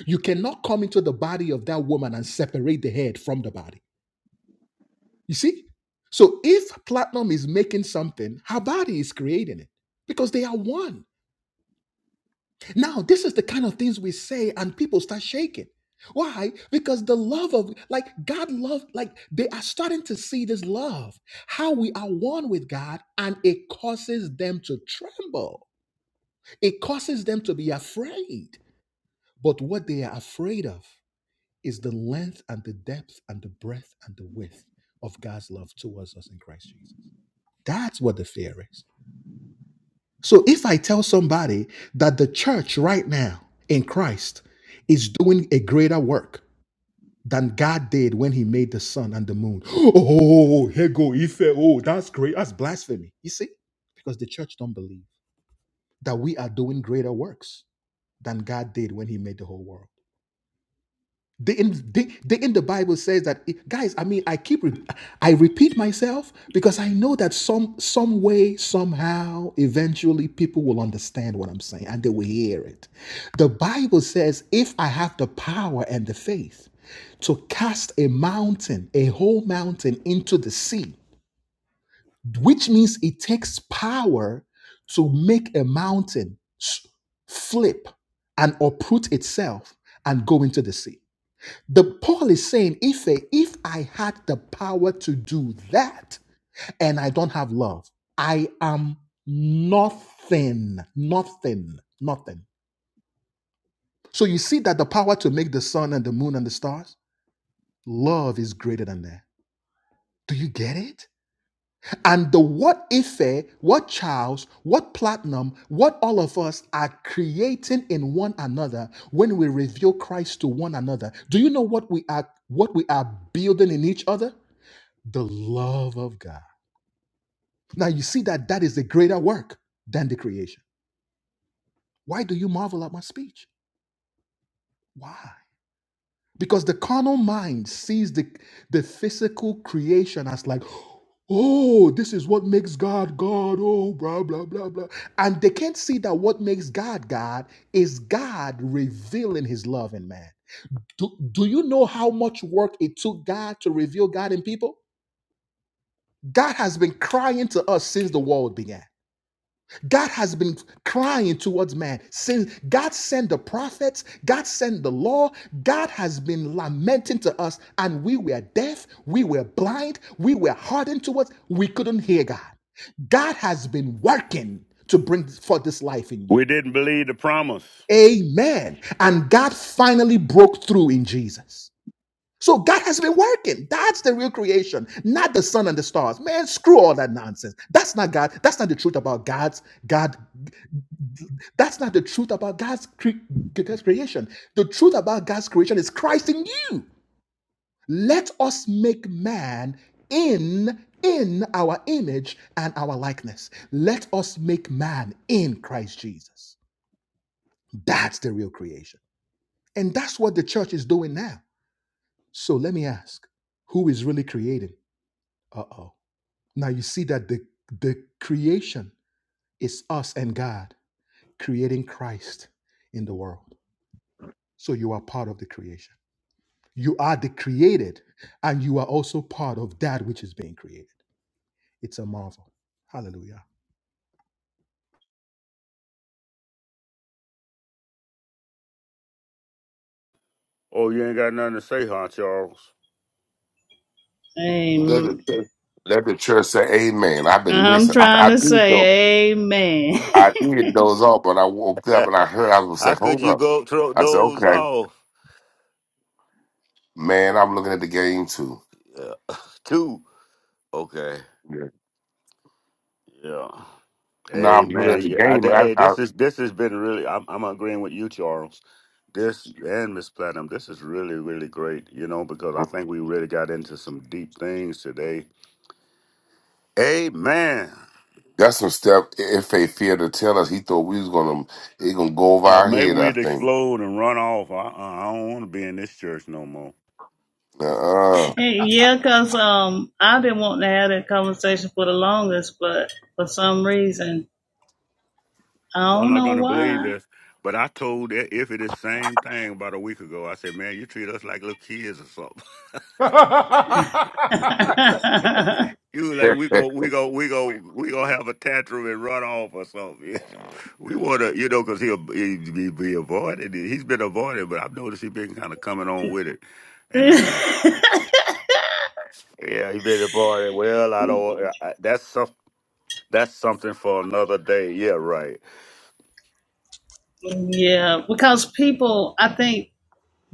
you cannot come into the body of that woman and separate the head from the body. You see? So if platinum is making something, her body is creating it because they are one. Now, this is the kind of things we say and people start shaking. Why? Because the love of, like, God love, like, they are starting to see this love, how we are one with God, and it causes them to tremble. It causes them to be afraid. But what they are afraid of is the length and the depth and the breadth and the width of God's love towards us in Christ Jesus. That's what the fear is. So if I tell somebody that the church right now in Christ is doing a greater work than God did when he made the sun and the moon. Oh, here go Ife. Oh, that's great. That's blasphemy. You see? Because the church don't believe that we are doing greater works than God did when he made the whole world. The in, they, they in the Bible says that it- guys. I mean, I keep re- I repeat myself because I know that some some way somehow eventually people will understand what I'm saying and they will hear it. The Bible says, if I have the power and the faith to cast a mountain, a whole mountain into the sea, which means it takes power to make a mountain s- flip and uproot itself and go into the sea. The Paul is saying, if a, if I had the power to do that and I don't have love, I am nothing, nothing, nothing. So you see that the power to make the sun and the moon and the stars, love is greater than that. Do you get it? And the what Ife, what Charles, what Platinum, what all of us are creating in one another when we reveal Christ to one another. Do you know what we are what we are building in each other? the love of God. Now you see that that is a greater work than the creation. Why do you marvel at my speech? Why? Because the carnal mind sees the, the physical creation as like, oh, this is what makes God God, oh, blah, blah, blah, blah. And they can't see that what makes God God is God revealing his love in man. Do, do you know how much work it took God to reveal God in people? God has been crying to us since the world began. God has been crying towards man since God sent the prophets, God sent the law, God has been lamenting to us, and we were deaf, we were blind, we were hardened towards, we couldn't hear God. God has been working to bring forth this life in you. We didn't believe the promise. Amen. And God finally broke through in Jesus. So God has been working. That's the real creation, not the sun and the stars. Man, screw all that nonsense. That's not God. That's not the truth about God's God. That's not the truth about God's, cre- God's creation. The truth about God's creation is Christ in you. Let us make man in in our image and our likeness. Let us make man in Christ Jesus. That's the real creation. And that's what the church is doing now. So let me ask, who is really creating? Uh-oh. Now you see that the the creation is us and God creating Christ in the world. So you are part of the creation. You are the created and you are also part of that which is being created. It's a marvel. Hallelujah. Oh, you ain't got nothing to say, huh, Charles? Let the Amen. church, let the church say, "Amen." I've been I'm listening. I, trying I to did though. say amen. I did doze off, but I woke up and I heard I was How gonna say, could "Hold you up." go throw I said, those "Okay, off? man, I'm looking at the game too." Yeah. Two. Okay. Yeah. Yeah. No, I'm looking at Amen. the Yeah, I, game. th- and hey, I, this is this has been really. I'm, I'm agreeing with you, Charles. This and Miss Platinum. This is really really great. You know, because I I think we really got into some deep things today. Amen. that's some stuff. If they fear to tell us, he thought we was gonna he gonna go over Uh, our may head. I we'd think. explode and run off. I, I I don't want to be in this church no more. Uh yeah, because um, I've been wanting to have that conversation for the longest, but for some reason, I Y'all don't not know gonna believe why. this, but I told that if it is same thing about a week ago. I said, man, you treat us like little kids or something. You was like uh we go we go we go we gonna have a tantrum and run off or something. We want to, you know, because he'll he, he be avoided. He's been avoided, but I've noticed he's been kind of coming on with it, and I'm like, yeah, he been avoided. Well, I don't. I, I- that's some. That's something for another day. Yeah, right. yeah, because people, I think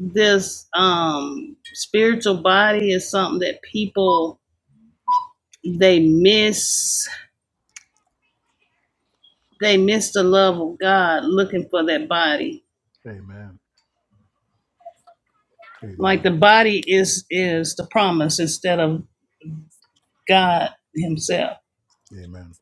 this um spiritual body is something that people they miss. They miss the love of God looking for that body. Amen. Like Amen. the body is is the promise instead of God Himself. Amen.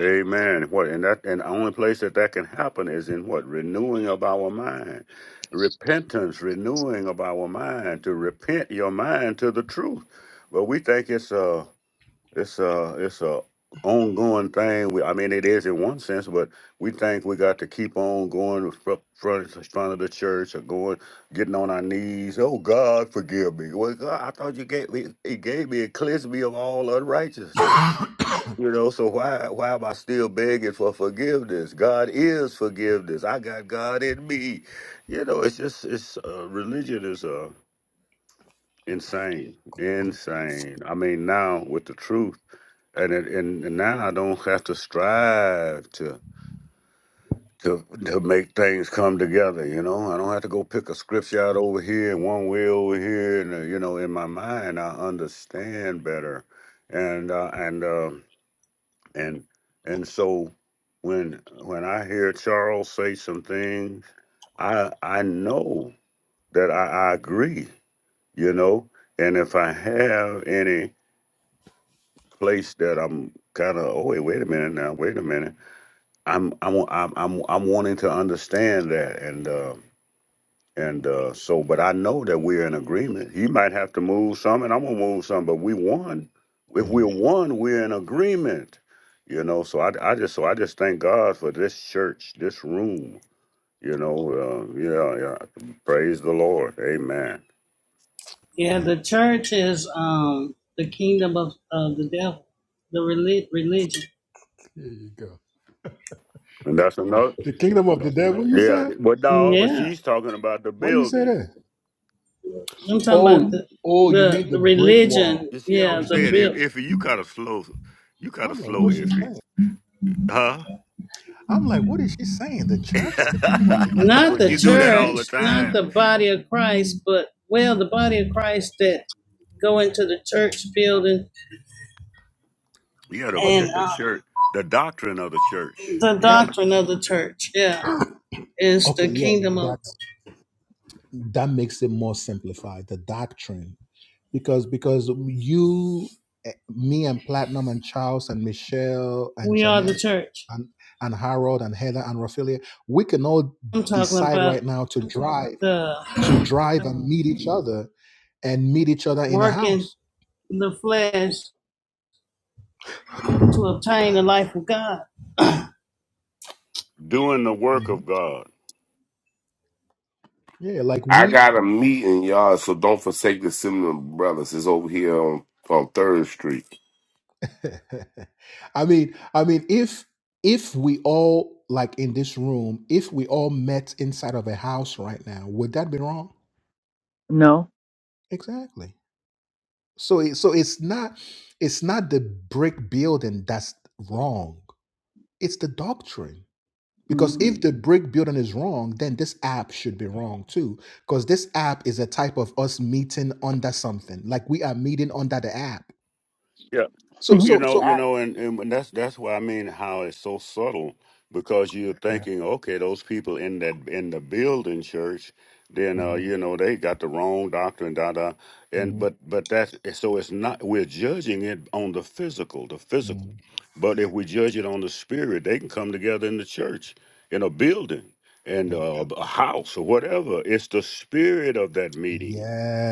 Amen. What and that and the only place that that can happen is in what renewing of our mind, repentance, renewing of our mind to repent your mind to the truth. But we think it's uh It's a it's a ongoing thing. We, I mean, it is in one sense, but we think we got to keep on going front front in front of the church or going getting on our knees. Oh God, forgive me. Well, God, I thought you gave me He gave me a cleanse me of all unrighteousness. You know, so why why am I still begging for forgiveness? God is forgiveness. I got God in me. You know, it's just it's uh, religion is uh insane, insane. I mean, now with the truth and it, and, and now I don't have to strive to to to make things come together. You know, I don't have to go pick a scripture out over here and one way over here, and uh, you know, in my mind I understand better, and uh, and uh, and and so when when I hear Charles say some things, I I know that I, I agree. You know, and if I have any place that I'm kind of, oh wait, wait a minute now, wait a minute. I'm I'm I'm I'm I'm wanting to understand that, and uh, and uh, so, but I know that we're in agreement. He might have to move some, and I'm gonna move some, but we won. If we're Amen. one, we're in agreement. You know, so I, I just so I just thank God for this church, this room. You know, uh, yeah, yeah. Praise the Lord, Amen. Yeah, Amen. the church is um the kingdom of, of the devil, the relig- religion. There you go. And that's another, The kingdom of the devil, you yeah. said? But no, but Yeah. she's talking about the What you say building. that? I'm She- talking about Oh, the oh, you the, mean the the brick wall. religion, You see how yeah, I The the brick said? wall. If, bill, if you got a slow, you got a I'm like, slow what's she iffy, saying? huh? I'm like, what is she saying? The church? The kingdom of the, I the know church not it. the You is, do that is all me. the church, not time. the body of Christ, but well, the body of Christ that go into the church building Yeah, the, But the, and the uh, church, the doctrine of the church. the but Yeah, doctrine of the church, yeah, is okay, the yeah, kingdom of that's that makes it more simplified, the doctrine. Because because you eh, me and Platinum and Charles and Michelle and we are Jamel the church. and, and Harold and Heather and Raphaelia, we can all I'm talking decide right about now to Mhm. drive, to the drive and meet each Mhm. other and meet each other in a working house. the flesh to obtain the life of God. doing the work Mhm. of God. Yeah, like I we, got a meeting, y'all, so don't forsake the Seminole Brothers. It's over here on, on Third Street. I mean, I mean, if, if we all like in this room, if we all met inside of a house right now, would that be wrong? No. Exactly. So, it, so it's not, it's not the brick building that's wrong. It's the doctrine Because mm if the brick building is wrong, then this app should be wrong too. Because this app is a type of us meeting under something, like we are meeting under the app. Yeah, So, Y- you Mhm. so know, you That, know, and and that's that's why I mean how it's so subtle because you're yeah. thinking, okay, those people in that in the building church, then uh, hmm you know they got the wrong doctrine, da da, and hmm but but that's eh, so it's not we're judging it on the physical, the hmm physical, but if we judge it on the spirit, they can come together in the church in a building and yeah. uh, a house or whatever. It's the spirit of that meeting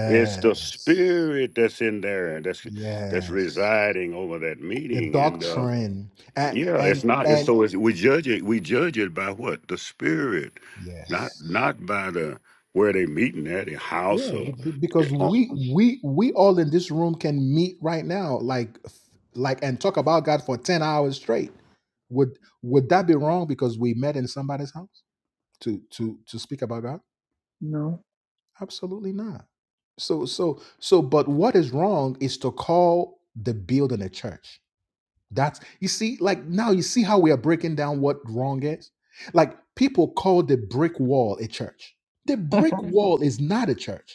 it's the Yes. spirit that's in there and that's that's Yes. residing over that The meeting. And uh doctrine and yeah, it's and not it's and so it's, we judge it we judge it by what? The spirit. Not yes. not by the where they meeting at, the house Yeah, be- or be- because Oh, we we we all in this room can meet right now, like like and talk about God for ten hours straight. Would would that be wrong because we met in somebody's house to to to speak about God? no. Absolutely not. So so so, but what is wrong is to call the building a church. That's you see, like now you see how we are breaking down what wrong is. Like people call the brick wall a church. The brick Mhm. wall is not a church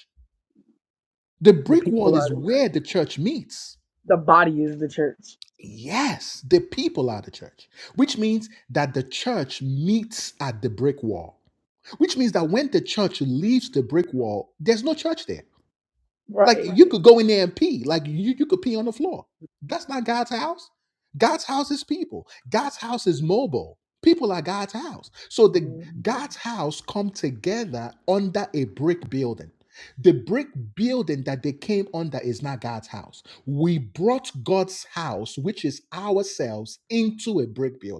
The The brick people wall is are, where the church meets. the body is the church. Yes, the people are the church, which means that the church meets at the brick wall, which means that when the church leaves the brick wall, there's no church there. Like Right. Right. you Right. could go in there and pee. Like you, you could pee on the floor. That's not God's house. God's house is people. God's house is mobile. People are God's house. So the Mhm. God's house come together under a brick building. The brick building that they came under is not God's house. We brought God's house, which is ourselves, into a brick building.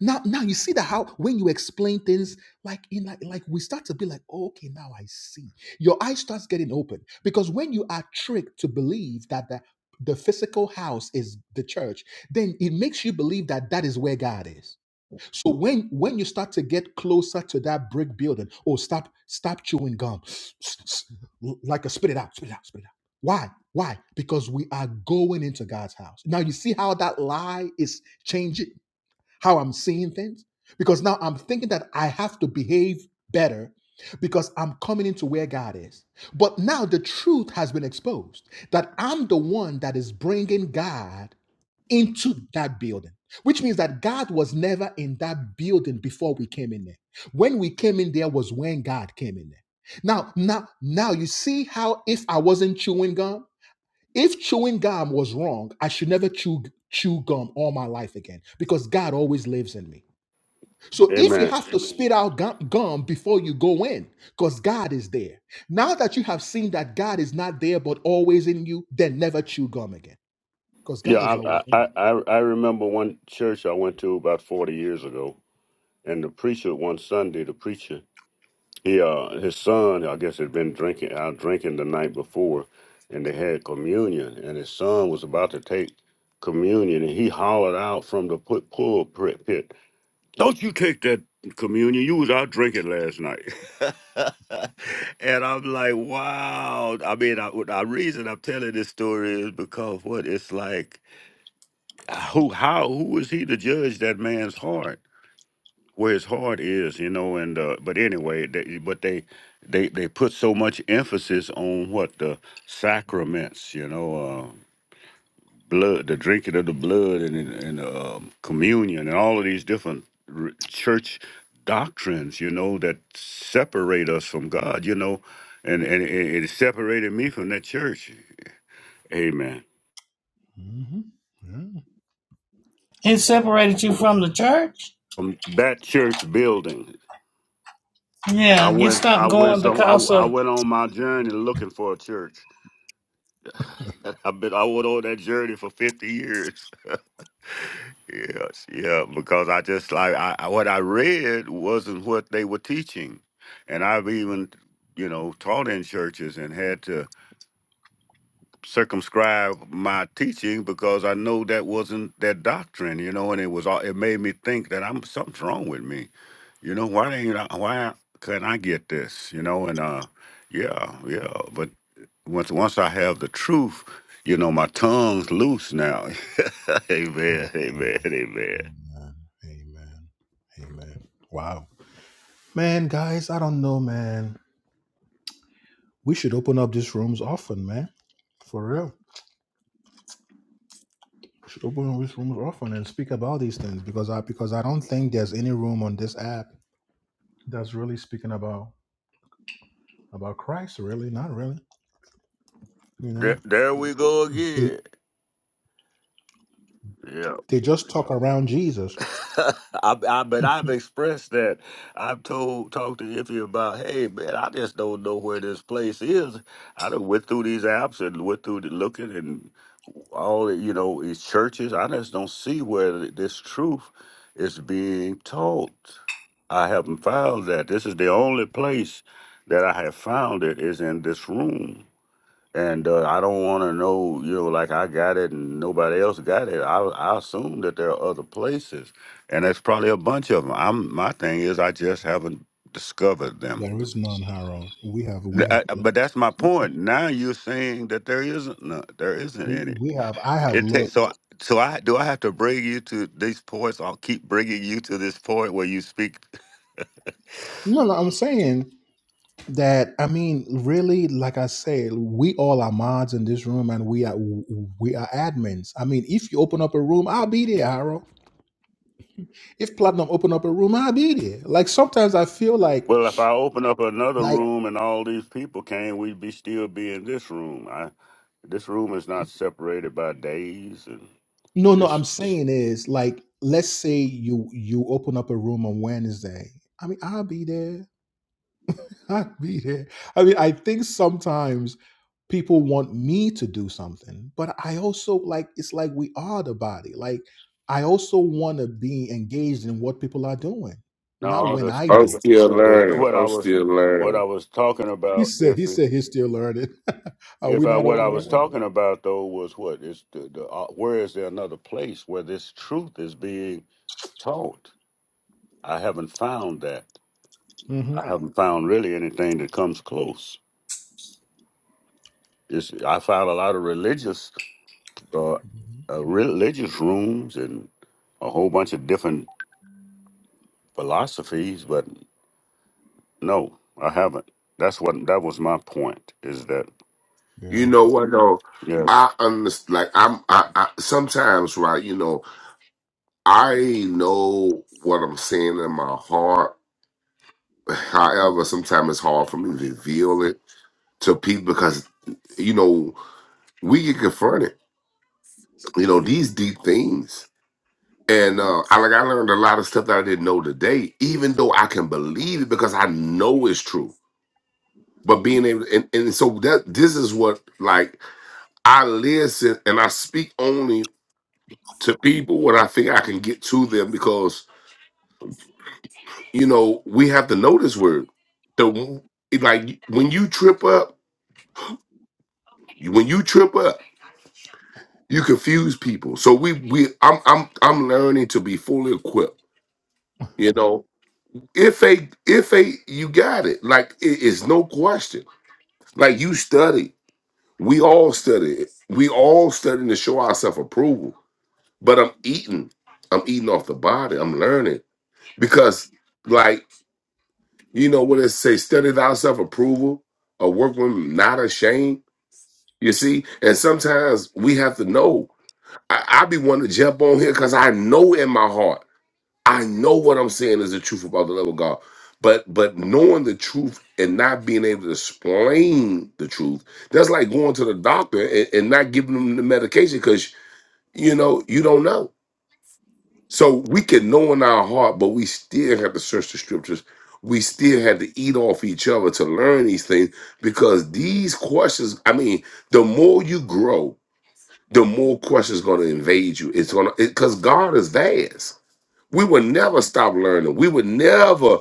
Now, now you see that how when you explain things like in like, like we start to be like, "Oh, okay, now I see. Your eye starts getting open because when you are tricked to believe that the, the physical house is the church, then it makes you believe that that is where God is. So when when you start to get closer to that brick building, oh, stop, stop chewing gum, like a spit it out, spit it out, spit it out. Why? Why? Because we are going into God's house. Now you see how that lie is changing how I'm seeing things, because now I'm thinking that I have to behave better because I'm coming into where God is. But now the truth has been exposed that I'm the one that is bringing God into that building, which means that God was never in that building before we came in there. When we came in there was when God came in there. Now, now, now you see how if I wasn't chewing gum, if chewing gum was wrong, I should never chew chew gum all my life again because God always lives in me. So if you Amen. have to spit out gum, gum before you go in, because God is there. Now that you have seen that God is not there but always in you, then never chew gum again because Yeah, God is always I, in I I I remember one church I went to about forty years ago, and the preacher one Sunday, the preacher He uh his son, I guess, had been drinking out drinking the night before and they had communion and his son was about to take communion and he hollered out from the put pull pit, pit, Don't you take that communion. You was out drinking last night. and I'm like, wow. I mean, I, the reason I'm telling this story is because what it's like, who, how, who is he to judge that man's heart? where his heart is, you know. And uh, but anyway, they, but they they they put so much emphasis on what the sacraments, you know, uh, blood, the drinking of the blood, and and uh, communion, and all of these different r- church doctrines, you know, that separate us from God, you know, and and it, it separated me from that church. Amen. you. hmm Yeah. It separated you from the church. From that church building, I Yeah, you went. I stopped went. going Some. I, because I of went on my journey looking for a church. I've been I went on that journey for fifty years. Yes, yeah, because I just like I I- what I read wasn't what they were teaching, and I've even you know taught in churches and had to circumscribe my teaching because I know that wasn't their doctrine, you know, and it was all it made me think that I'm something's wrong with me, you know, why ain't I, why can't I get this, you know, and uh. Yeah, yeah, but once once I have the truth, you know, my tongue's loose now. amen. Amen. Amen. Amen. Amen. Amen. Wow. Man, guys, I don't know, man. We should open up these rooms often, man. For real. should open these rooms often and speak about these things because I because I don't think there's any room on this app that's really speaking about about Christ. Really, not really. You know, There, there we go they, again. Yeah. they just talk around Jesus. I, I, but I've expressed that. I've told, talked to Iffy about, hey man, I just don't know where this place is. I done went through these apps and went through the looking and all the, you know these churches. I just don't see where th- this truth is being taught. I haven't found that. This is the only place that I have found it is in this room and uh, I don't want to know, you know, like I got it and nobody else got it. I, I assume that there are other places, and there's probably a bunch of them. I'm my thing is I just haven't discovered them. There is none, Harold. We have we Th- have I- but that's my point. Now you're saying that there isn't none, there isn't we any. we have I have It takes looked. so so I do I have to bring you to these points? I'll keep bringing you to this point where you speak. No, no, I'm saying that. I mean, really, like I said, we all are mods in this room, and we are we are admins. I mean, if you open up a room, I'll be there, Harold. If Platinum open up a room, I'll be there. Like sometimes I feel like Well, if I open up another like room and all these people came, we'd be still be in this room. This room is not separated by days and no no I'm this. saying is like let's say you you open up a room on Wednesday. I mean I'll be there. I'll be there. I mean I think sometimes people want me to do something, but I also like it's like we are the body. Like I also want to be engaged in what people are doing, not No, when the, I I'm do. the, still the, the learning. what I I'm was still what I learning. was talking He about. said he If it, said he's still learning. are if we I not all what I was learning? talking about though was what is the, the uh, where is there another place where this truth is being taught? I haven't found that. hmm I haven't found really anything that comes close. It's, I found a lot of religious uh, uh, religious rooms and a whole bunch of different philosophies, but No, I haven't. That's what that was my point. Is that Yeah. You know what though? yes, I understand. Like I'm. I, I sometimes right. You know, I know what I'm saying in my heart. However, sometimes it's hard for me to reveal it to people because you know we get confronted. You know these deep things. And uh, I like I learned a lot of stuff that I didn't know today, even though I can believe it because I know it's true. But being able and, and so that this is what like I listen and I speak only to people when I think I can get to them because you know we have to know this word. The it like when you trip up, when you trip up, you confuse people. So we we I'm I'm I'm learning to be fully equipped. You know, If a if a you got it. Like it is no question. Like you study. We all study it. We all studying to show ourselves approval. But I'm eating. I'm eating off the body. I'm learning. Because like, you know what it say, study thyself approval, a workman not ashamed. You see? And sometimes we have to know. I, I be wanting to jump on here because I know in my heart. I know what I'm saying is the truth about the love of God. But but knowing the truth and not being able to explain the truth, that's like going to the doctor and, and not giving them the medication because you know you don't know. So we can know in our heart, but we still have to search the scriptures. We still have to eat off each other to learn these things because these questions, I mean, the more you grow, the more questions gonna invade you. It's gonna because God is vast. We would never stop learning. We would never,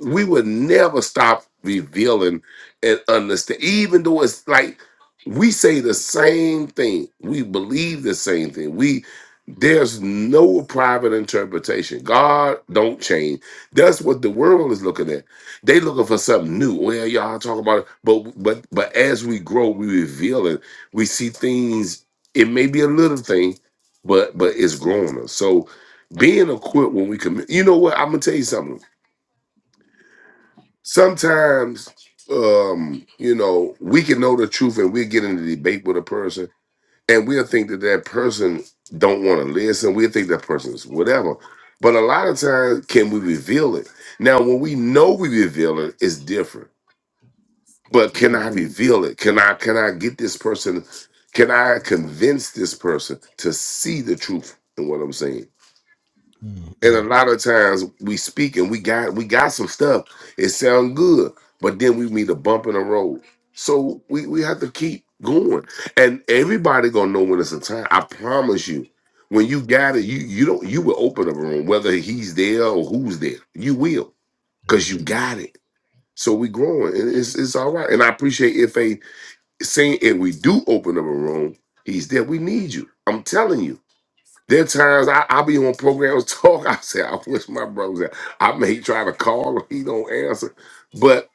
we would never stop revealing and understand. Even though it's like we say the same thing, we believe the same thing. We there's no private interpretation. God don't change. That's what the world is looking at. They looking for something new. Well, y'all talk about it, but but but as we grow, we reveal it. We see things. It may be a little thing, but but it's growing us. So being equipped when we commit. You know what? I'm gonna tell you something. Sometimes, um, you know, we can know the truth and we get into debate with a person, and we'll think that that person don't want to listen. We'll think that person's whatever. But a lot of times, can we reveal it? Now, when we know we reveal it, it's different. But can I reveal it? Can I can I get this person? Can I convince this person to see the truth in what I'm saying? Mm-mm. And a Amen. lot of times we speak and we got we got some stuff. It sounds good, but then we meet a bump in the road. So we, we have to keep going. And everybody gonna know when it's a time. I promise you. When you got it, you you don't you will open up a room, whether he's there or who's there. You will, because Amen. you got it. So we growing and it's it's all right. And I appreciate if a saying if we do open up a room, he's there. We need you. I'm telling you. There are times I, I be on programs talk. I say, I wish my brothers there. I may try to call him, he don't answer. But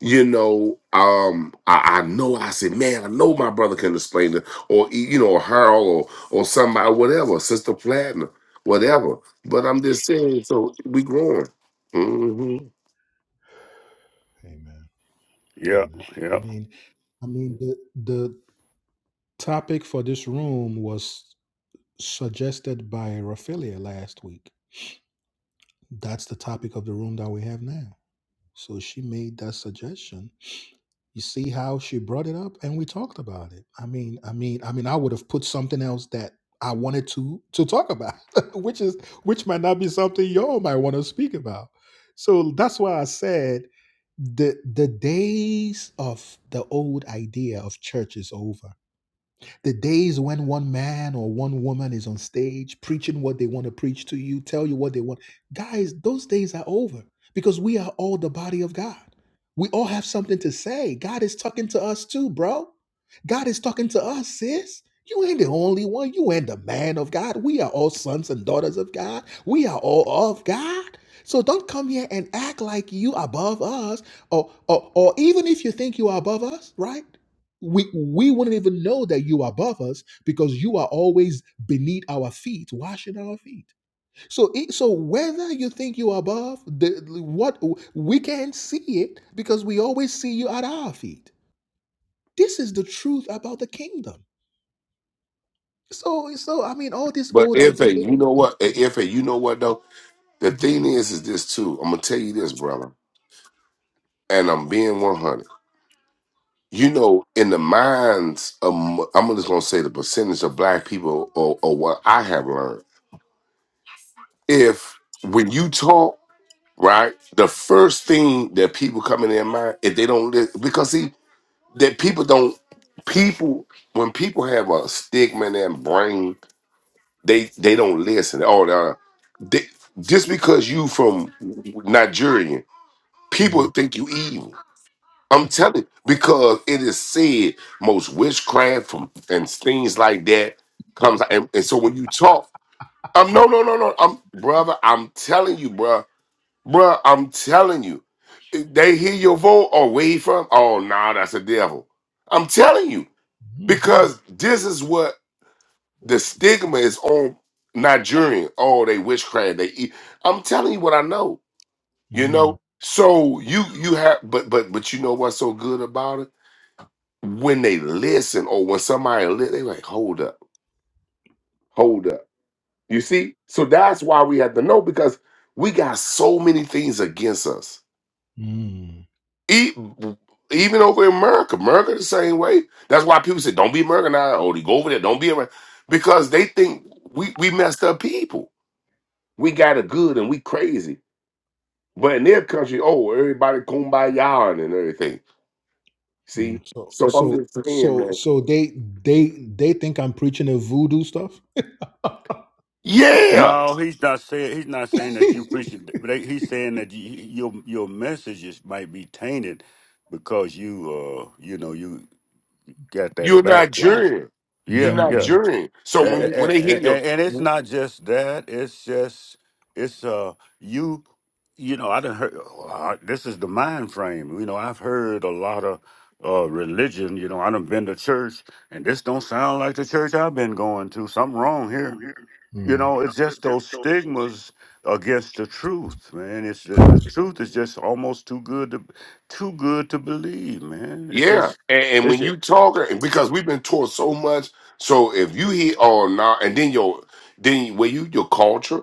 you know, um, I, I know I said, man, I know my brother can explain it, or e, you know, Harold or or somebody, whatever, Sister Platinum, whatever. But I'm just saying, so we growing. hmm Amen. yeah, I yeah. mean, I mean, the the topic for this room was suggested by Raphaelia last week. That's the topic of the room that we have now. So she made that suggestion You see how she brought it up and we talked about it. I mean, I mean, I mean, I would have put something else that I wanted to to talk about, which is which might not be something y'all might want to speak about. So that's why I said the the days of the old idea of church is over the days when one man or one woman is on stage preaching what they want to preach to you, tell you what they want. Guys, those days are over because we are all the body of God. We all have something to say. God is talking to us too, bro. God is talking to us, sis. You ain't the only one. You ain't the man of God. We are all sons and daughters of God. We are all of God. So don't come here and act like you above us, or, or or even if you think you are above us, right? we we wouldn't even know that you are above us because you are always beneath our feet washing our feet so it, so whether you think you are above the what we can't see it because we always see you at our feet this is the truth about the kingdom so so i mean all this But old if a, idea you know what, if a, you know what though, the Mhm. thing is, is this too. I'm gonna tell you this, brother, and I'm being 100. you know, in the minds of m- I'm just gonna say the percentage of black people, or, or what I have learned, if when you talk, right, the first thing that people come in their mind, if they don't listen, because see that people don't people when people have a stigma in their brain, they they don't listen. Oh, nah, they, just because you from Nigerian, Mm, people think you evil. I'm telling you, because it is said most witchcraft from and things like that comes out. And, and so when you talk, um, no, no, no, no, I'm brother. I'm telling you, bruh, bruh. I'm telling you, they hear your vote or wave from. Oh, nah, that's a devil. I'm telling you because this is what the stigma is on Nigerian. Oh, they witchcraft. They eat. I'm telling you what I know. You mm, know. So you you have, but but but you know what's so good about it? when they listen or when somebody li- they like hold up hold up you see so that's why we have to know because we got so many things against us mm, E- even over in america america the same way that's why people say don't be americanized or they go over there don't be american because they think we, we messed up people we got it good and we crazy but in their country oh everybody kumbaya and everything see mm. so so i'm so just saying so man so they they they think i'm preaching a voodoo stuff yeah No, he's not saying he's not saying that you preach it, but they- he's saying that you, your your messages might be tainted because you uh you know you got that You're background. Nigerian. You're Yeah, yeah. Mm, Nigerian. So when you when and, they hear your and it's not just that. It's just it's uh you you know I done heard uh, this is the mind frame. You know I've heard a lot of uh religion. You know I done been to church, and this don't sound like the church I've been going to. Something wrong here. You mm. know it's just those stigmas against the truth, man. It's the, the truth is just almost too good to too good to believe, man. It's yeah, just. and, and it's when you talk, and because we've been taught so much, so if you hear oh no, nah, and then your then where you your culture,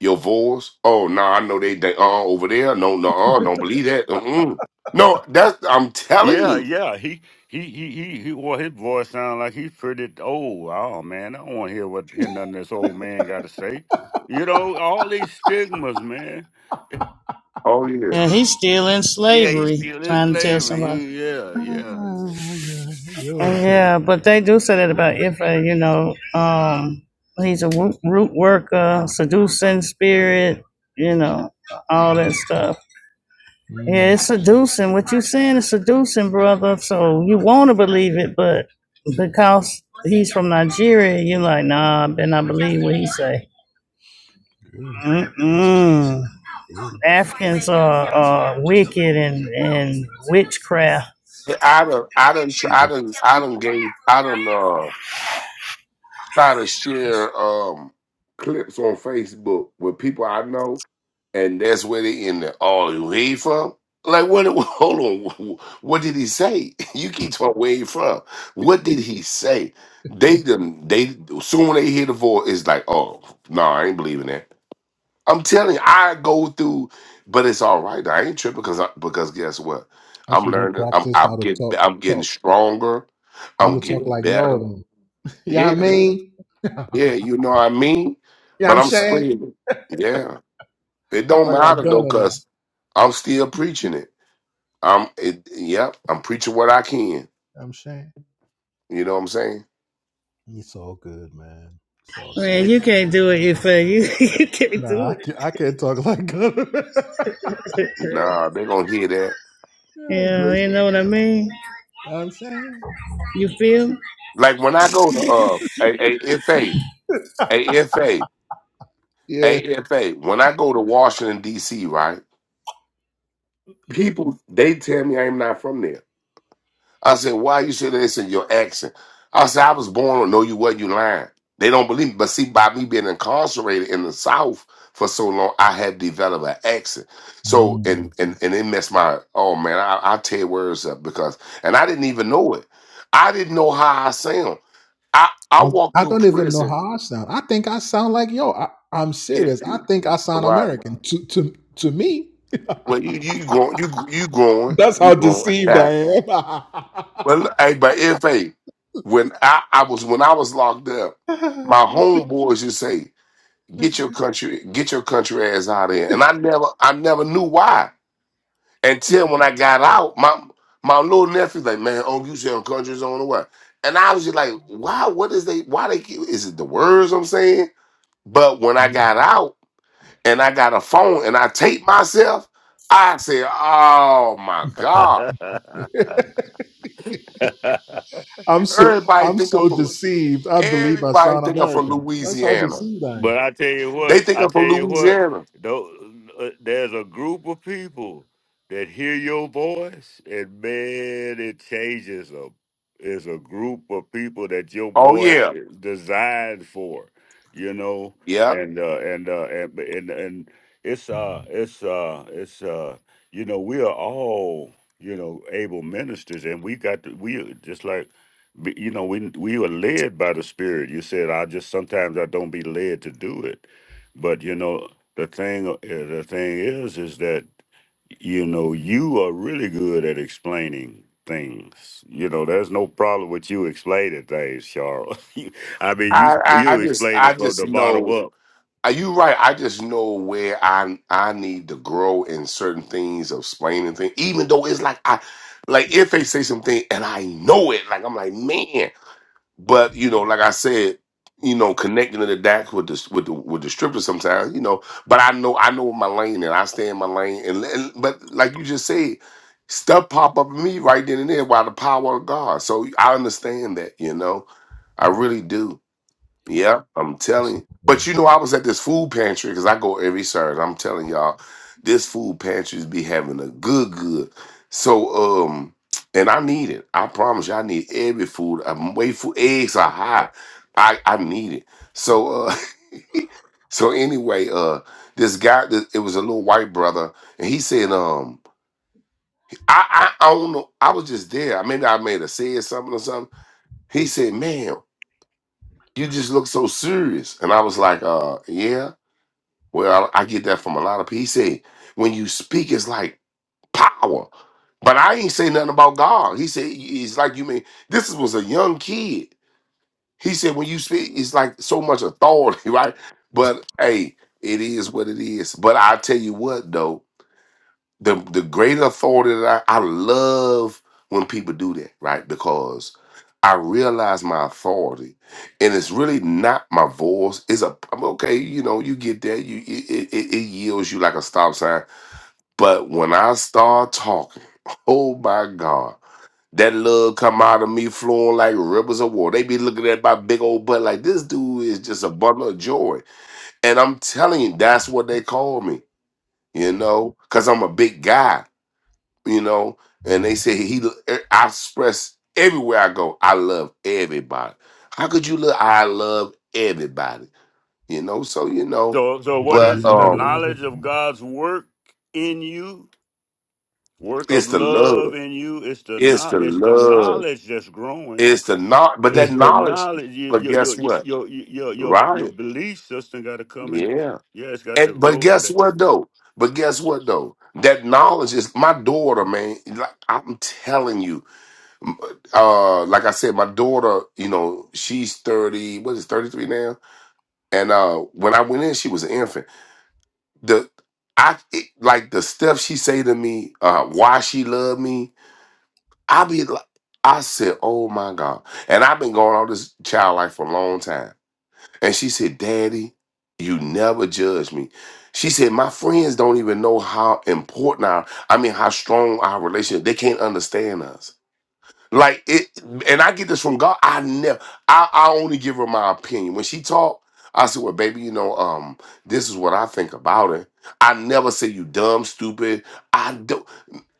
your voice, oh no, nah, I know they they uh over there, no no uh, don't believe that. Mm-mm. No, that's I'm telling Yeah, you. yeah. He he he he. he well, his voice sounds like he's pretty old. Oh wow, man, I don't want to hear what hear nothing this old man got to say. You know, all these stigmas, man. Oh yeah, And he's still in Yeah, he slavery, still in trying to tell somebody. slavery. Yeah, Oh my god, Oh, you're crazy. yeah, but they do say that about Ifa, you know, um, he's a root, worker, seducing spirit, you know, all that stuff. Yeah, Mm, it's seducing. What you saying is seducing, brother. So you want to believe it, but because he's from Nigeria, you're like, nah, I better not believe what he say. good, Mm-mm. good, Africans are, are wicked and, and witchcraft Yeah, I done I done tr- I good. done I done gave I done uh try to share um clips on Facebook with people I know and that's where they in there. Oh, you he from? Like what? Hold on. What did he say? You keep talking where he from? What did he say? They them they soon when they hear the voice, it's like, oh no, I ain't believing that. I'm telling you, I go through, but it's all right. I ain't tripping because I, because guess what? I I'm should go learning. I'm practice I'm how to getting talk, I'm getting talk, stronger. how I'm to talk getting like y'all. better. Then. You know what I Yeah, mean? You yeah. You know what I mean? know what But I'm I'm saying? screaming. Yeah. It I don't talk like matter though, Gunner now. You know cause I'm still preaching it. I'm it, yep, I'm preaching what I can. what I'm saying? You know what I'm saying? It's all good, man. It's all good. Man, yeah. you can't do it, you fat. You, you can't Nah, do I can't, I can't talk like Gunner. it. Nah, they gonna hear that. yeah, yeah, Grace, you you know what I mean? know what I'm saying? You feel? Like when I go to uh AFA, AFA, Yeah. AFA, when I go to Washington DC, right? People they tell me I'm not from there. I said, why you say this in your accent? I said, I was born, no, you wasn't, you lying. They don't believe me. But see, by me being incarcerated in the South for so long, I had developed an accent. So, Mm. and and and it messed my, oh man, I, I tear words up because, and I didn't even know it. I didn't know how I sound. I, I walked I, I through don't even know prison. how I sound. I think I sound like yo. I, I'm It, serious. I think I sound right. American. To to to me. Well, you you growing, you you growing, That's you how growing. deceived I Well, hey, but if hey, when I, I was when I was locked up, am. my homeboys you say, get your country, get your country ass out of here. And I never I never knew why. Until when I got out, my my little nephew's like, man, oh, you saying country's on the way. And I was just like, why, what is they why they keep- is it the words I'm saying? But when I got out and I got a phone and I taped myself, I said, Oh my God. I'm so Everybody I'm think I'm so from deceived. I believe I Everybody sound think I'm from American. That's how Louisiana. deceived I But am. I tell you They what, think I I'm tell from you what, Louisiana. tho- uh, there's a group of people that hear your voice, and man, it changes them. It's a group of people that your Oh voice yeah, is designed for, you know, yeah. and uh, and, uh, and and and it's uh it's uh it's uh you know we are all you know able ministers, and we got to we just like but, you know, we we were led by the Spirit. You said, I just sometimes I don't be led to do it. But you know, the thing uh, the thing is, is that you know you are really good at explaining things. You know, there's no problem with you explaining things, Charles. You- I mean, Uh, you I, I I you just explain I it from just the bottom know. up. Are you right? I just know where I I need to grow in certain things of explaining things. Even though it's like I like if they say something and I know it, like I'm like man. But you know, like I said, you know, connecting to the DAC with the with the with the stripper sometimes, you know. But I know I know what my lane and I stay in my lane. And, and but like you just said, stuff pop up in me right then and there by the power of God. So I understand that, you know, I really do. Yeah, I'm it's telling up you. there. But you know, I was at this food pantry because I go every Saturday. I'm telling y'all, this food pantry's be having a good, good. So, um, and I need it. I promise you, I need every food. I'm waiting for eggs are high. I I need it. So, uh, so anyway, uh, this guy, th- it was a little white brother, and he said, um, I I, I don't know. I was just there. I mean, I may have said something or something. He said, man you just look so serious. And I was like, uh, yeah, well, I I get that from a lot of people. He said, when you speak, it's like power. But I ain't say nothing about God. He said, it's like you mean, this was a young kid. He said, when you speak, it's like so much authority, right? But hey, it is what it is. But I tell you what, though the the greater authority that I, I love when people do that, right? Because I realize my authority, and it's really not my voice. It's a I'm okay, you know. You get that, you it, it, it yields you like a stop sign. But when I start talking, oh my God, that love come out of me flowing like rivers of water. They be looking at my big old butt like this dude is just a bundle of joy, and I'm telling you, that's what they call me, you know, because I'm a big guy you know. And they say he, eh, I express everywhere I go, I love everybody. How could you love? I love everybody, you know. So you know, So so what Because but you is it? know The the um, love of knowledge of God God's work in you, work of it's the love love, in you. It's the it's the not. It's the love, knowledge that's growing it's the not, but that is It's the the. knowledge. knowledge. You, But your your guess what? your your your your your Right? belief system got to come and Yeah. yeah, it's got to And but grow to guess that. what though? But guess what though? That knowledge is my daughter, man. Like I'm telling you. uh like I said, my daughter, you know, she's 30, what is it, 33 now? And uh when I went in, she was an infant. The I it, like the stuff she say to me, uh why she love me, I be like I said, "Oh my god." And I've been going all this child life for a long time. And she said, "Daddy, you never judge me." She said, "My friends don't even know how important our I mean how strong our relationship. They can't understand us." Like it, and I get this from God. I never, I, I only give her my opinion. When she talk, I say, "Well, baby, you know, um, this is what I think about it." I never say you dumb, stupid. I don't,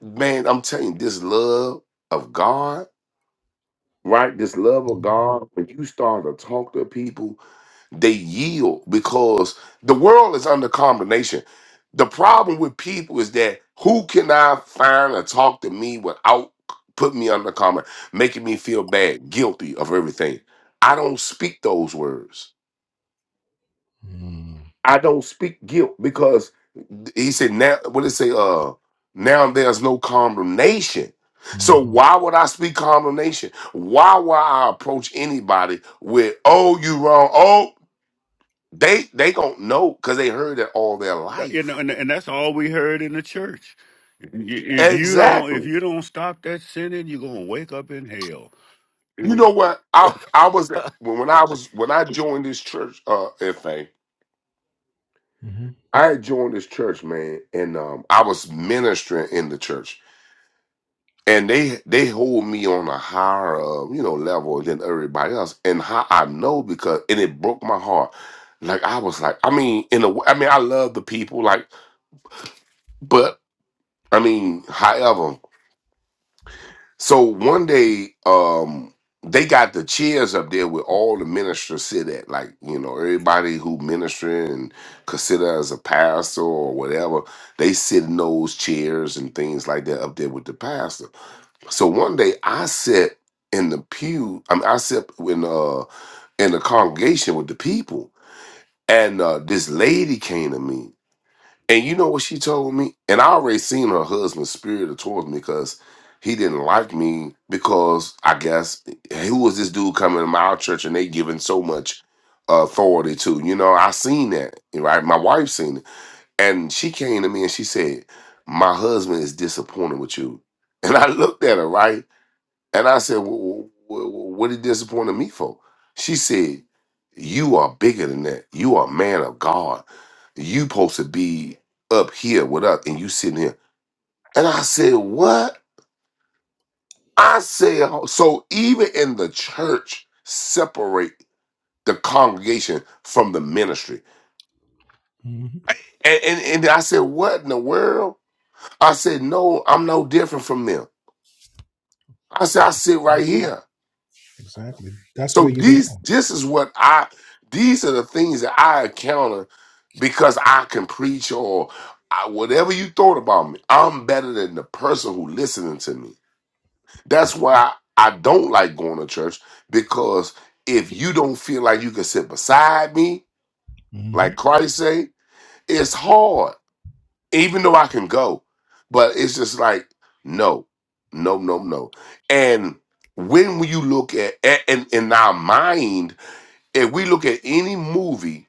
man. I'm telling you, this love of God right? This love of God, when you start to talk to people, they yield because the world is under condemnation. The problem with people is that who can I find to talk to me without put me under comment, making me feel bad, guilty of everything. I don't speak those words. Mm, I don't speak guilt because he said now what did it say uh now there's no condemnation. So mhm, why would I speak condemnation? Why would I approach anybody with oh you wrong? Oh they they don't know because they heard it all their You got- you life. know, and and that's all we heard in the church. Y- If you don't if Exactly. you don't stop that sinning, you're gonna wake up in hell. You And- know what? I I was when when I was when I joined this church uh FA, mhm, I had joined this church, man, and um I was ministering in the church and they they hold me on a higher uh, you know level than everybody else and how i know because and it broke my heart like i was like i mean in a w- I mean i love the people like but i mean however so one day um they got the chairs up there where all the ministers sit at like you know everybody who ministering and consider as a pastor or whatever they sit in those chairs and things like that up there with the pastor So one day I sat in the pew. I mean, I sat in uh in the congregation with the people, and uh, this lady came to me, and you know what she told me? And I already seen her husband spirited towards me because he didn't like me because I guess eh, who was this dude coming to my church and they giving so much authority to? You know, I seen that, right? My wife seen it, and she came to me and she said, "My husband is disappointed with you." And I looked at her, right? And I said, well, What are you disappointing me for? She said, You are bigger than that. You are a man of God. You supposed to be up here with us, and you sitting here. And I said, What? I said, "Oh, So even in the church, separate the congregation from the ministry. mhm. And, and, and I said, What in the world? I said, No, I'm no different from them. I said, I sit right here. Exactly. That's So where you these belong. this is what I these are the things that I encounter because I can preach or I, whatever you thought about me. I'm better than the person who listening to me. That's why I don't like going to church because if you don't feel like you can sit beside me, hmm like Christ say, it's hard. Even though I can go, but it's just like no, no, no, no. And when you look at and in our mind if we look at any movie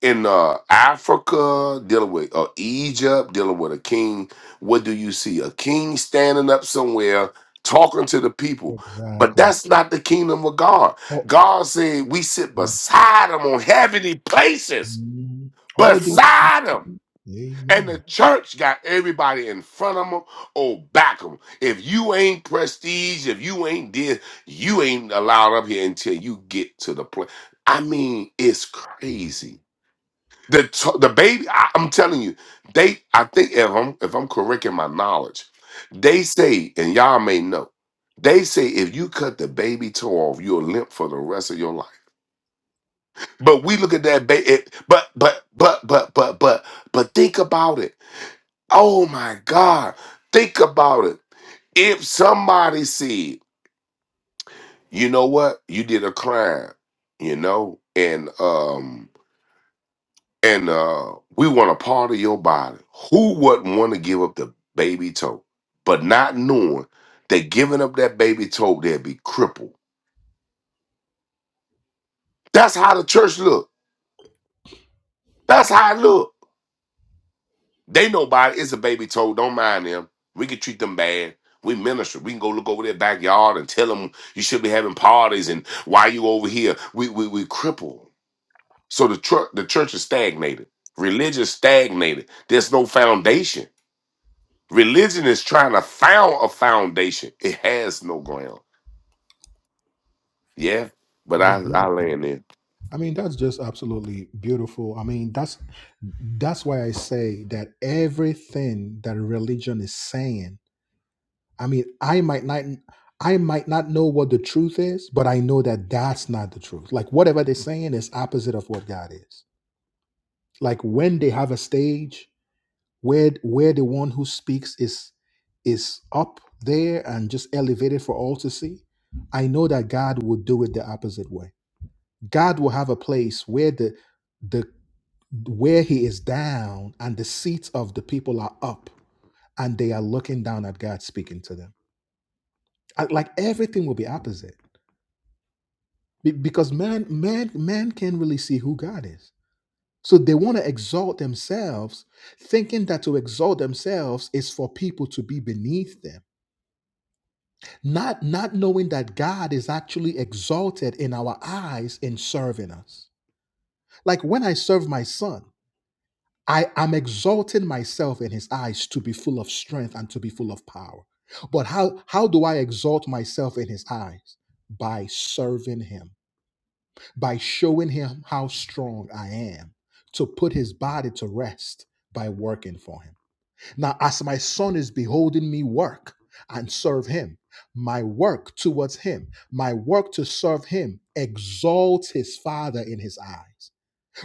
in uh, Africa, dealing with uh, Egypt, dealing with a king, what do you see? A king standing up somewhere talking to the people. But Exactly. that's not the kingdom of God. Oh, God said we sit beside him on heavenly places, mhm. all these. beside him. And the Amen. church got everybody in front of them or back them. If you ain't prestige, if you ain't this, you ain't allowed up here until you get to the place. I mean, it's crazy. The t- the baby, I, I'm telling you, they. I think if I'm if I'm correct in my knowledge, they say, and y'all may know, they say if you cut the baby toe off, you're limp for the rest of your life. But we look at that baby. But but but but but but but think about it Oh my God. Think about it. If somebody said, you know what, you did a crime, you know, and um and uh we want a part of your body, who wouldn't want to give up the baby toe? But not knowing that giving up that baby toe, they'd be crippled. That's how the church look. That's how it look. They know about it. It's a baby toe. Don't mind them. We can treat them bad. We minister. We can go look over their backyard and tell them you should be having parties and why you over here. We we we cripple. So the tr- the church is stagnated. Religion stagnated. There's no foundation. Religion is trying to found a foundation. It has no ground. Yeah, but That's I beautiful. I land there. I mean, that's just absolutely beautiful. I mean, that's that's why I say that everything that religion is saying. I mean, I might not I might not know what the truth is, but I know that that's not the truth. Like whatever they're saying is opposite of what God is. Like when they have a stage where where the one who speaks is is up there and just elevated for all to see, I know that God will do it the opposite way. God will have a place where the the where he is down and the seats of the people are up and they are looking down at God speaking to them. I- Like everything will be opposite Be- because man, man, man can't really see who God is. So they want to exalt themselves, thinking that to exalt themselves is for people to be beneath them, not not knowing that God is actually exalted in our eyes in serving us. Like when I serve my son. I am exalting myself in his eyes to be full of strength and to be full of power. But how, how do I exalt myself in his eyes? By serving him, by showing him how strong I am, to put his body to rest by working for him. Now, as my son is beholding me work and serve him, my work towards him, my work to serve him exalts his father in his eyes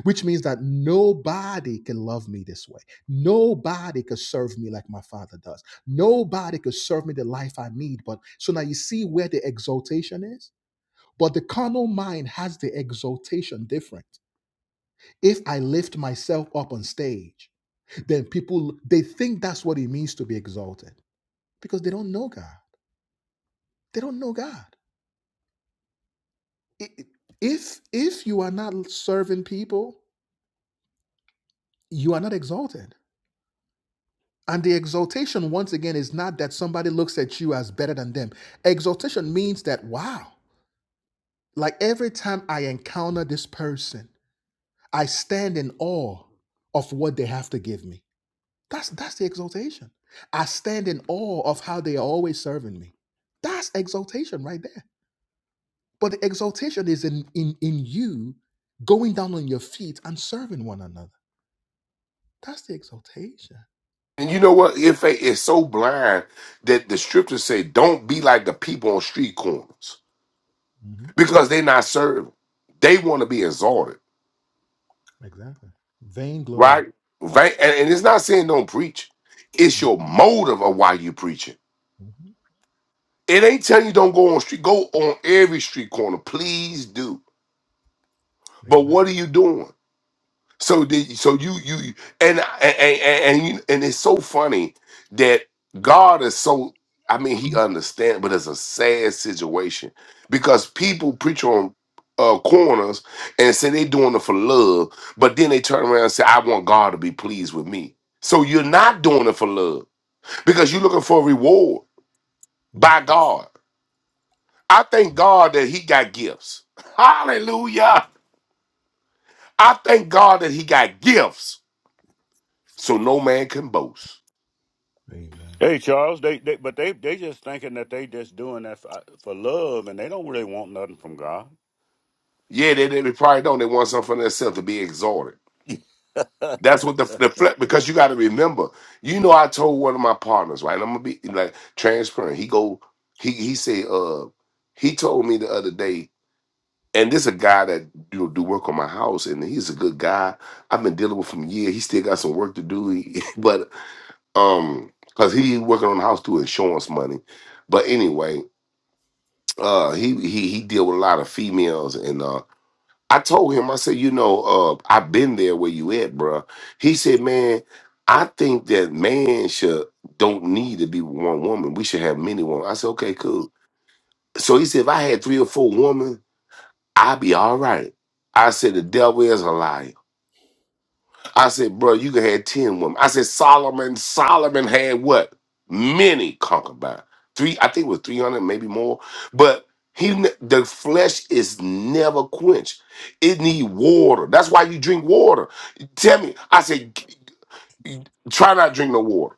which means that nobody can love me this way. Nobody could serve me like my father does. Nobody could serve me the life I need. But so now you see where the exaltation is. But the carnal mind has the exaltation different. If I lift myself up on stage, then people they think that's what it means to be exalted because they don't know God. They don't know God. If if you are not serving people, you are not exalted And the exaltation, once again, is not that somebody looks at you as better than them. Exaltation means that, wow, like every time I encounter this person, I stand in awe of what they have to give me. That's, that's the exaltation. I stand in awe of how they are always serving me. That's exaltation right there. But the exaltation is in, in, in you going down on your feet and serving one another. That's the exaltation. And you know what? If it's so blind that the scriptures say, "Don't be like the people on street corners." Mhm. because they not serving. They want to be exalted, Exactly. Vainglory. right? Right? And, and it's not saying don't preach. It's your motive of why you preaching. It ain't telling you don't go on street. Go on every street corner, please do. But glory. what are you doing? So did so you you and and and and, you, and it's so funny that God is so I mean he understands, but it's a sad situation because people preach on uh, corners and say they doing it for love, but then they turn around and say I want God to be pleased with me. So you're not doing it for love because you're looking for a reward Mm. by God. I thank God that He got gifts. Hallelujah! I thank God that He got gifts, so no man can boast. Amen. Hey Charles, they, they but they they just thinking that they just doing that for, for love, and they don't really want nothing from God. Yeah, they, they probably don't. They want something for themselves to be exalted. That's what the the fle- because you got to remember. You know, I told one of my partners, right? I'm gonna be like transparent. He go, he he said, uh, he told me the other day, and this a guy that do do work on my house, and he's a good guy. I've been dealing with him year. He still got some work to do, he- but um, cause he working on the house through insurance money. But anyway, uh, he he he deal with a lot of females, and uh, I told him, I said, you know, uh, I've been there where you at, bro. He said, man, I think that man should don't need to be with one woman. We should have many women. I said, okay, cool. So he said, if I had three or four women, I'd be all right. I said, the devil is a liar. I said, bro, you could have 10 women. I said, Solomon, Solomon had what? Many concubines. Three, I think it was 300, maybe more. But he, ne- the flesh is never quenched. It need water. That's why you drink water. Tell me, I said, g- g- try not to drink no water.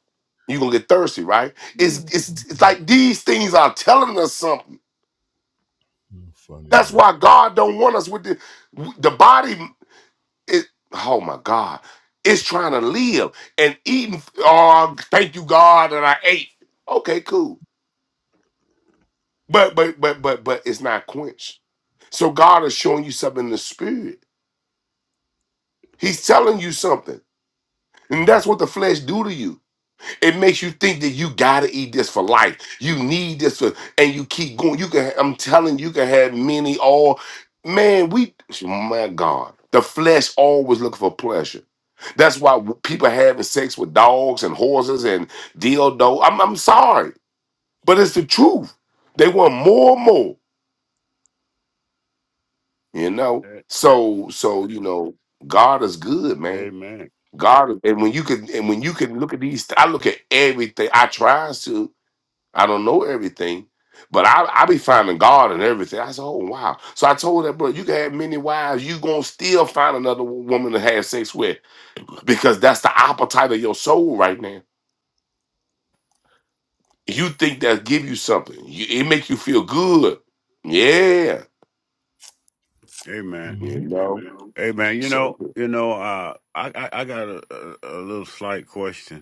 you going to get thirsty, right? It's, it's, it's like these things are telling us something. Mm, Funny That's man. why God don't want us with the, the body it oh my god it's trying to live and eating oh thank you god that i ate okay cool but but but but but it's not quenched so god is showing you something in the spirit he's telling you something and Amen. that's what the flesh do to you It makes you think that you gotta eat this for life. You need this for, and you keep going. You can, I'm telling you, you can have many. All man, we, my God, the flesh always looking for pleasure. That's why people having sex with dogs and horses and dildo. I'm, I'm sorry, but it's the truth. They want more and more. You know, Eh, eh. so so you know, God is good, man. Amen. God, and when you can, and when you can look at these, I look at everything. I tries to. I don't know everything, but I, I be finding God and everything. I said, oh wow. So I told that brother, you can have many wives, you gonna still find another woman to have sex with because that's the appetite of your soul right now. You think that give you something? You, it make you feel good. Yeah, Amen. you hmm know. Amen. You So know, you know, uh, I, I I got a, a, a little slight question.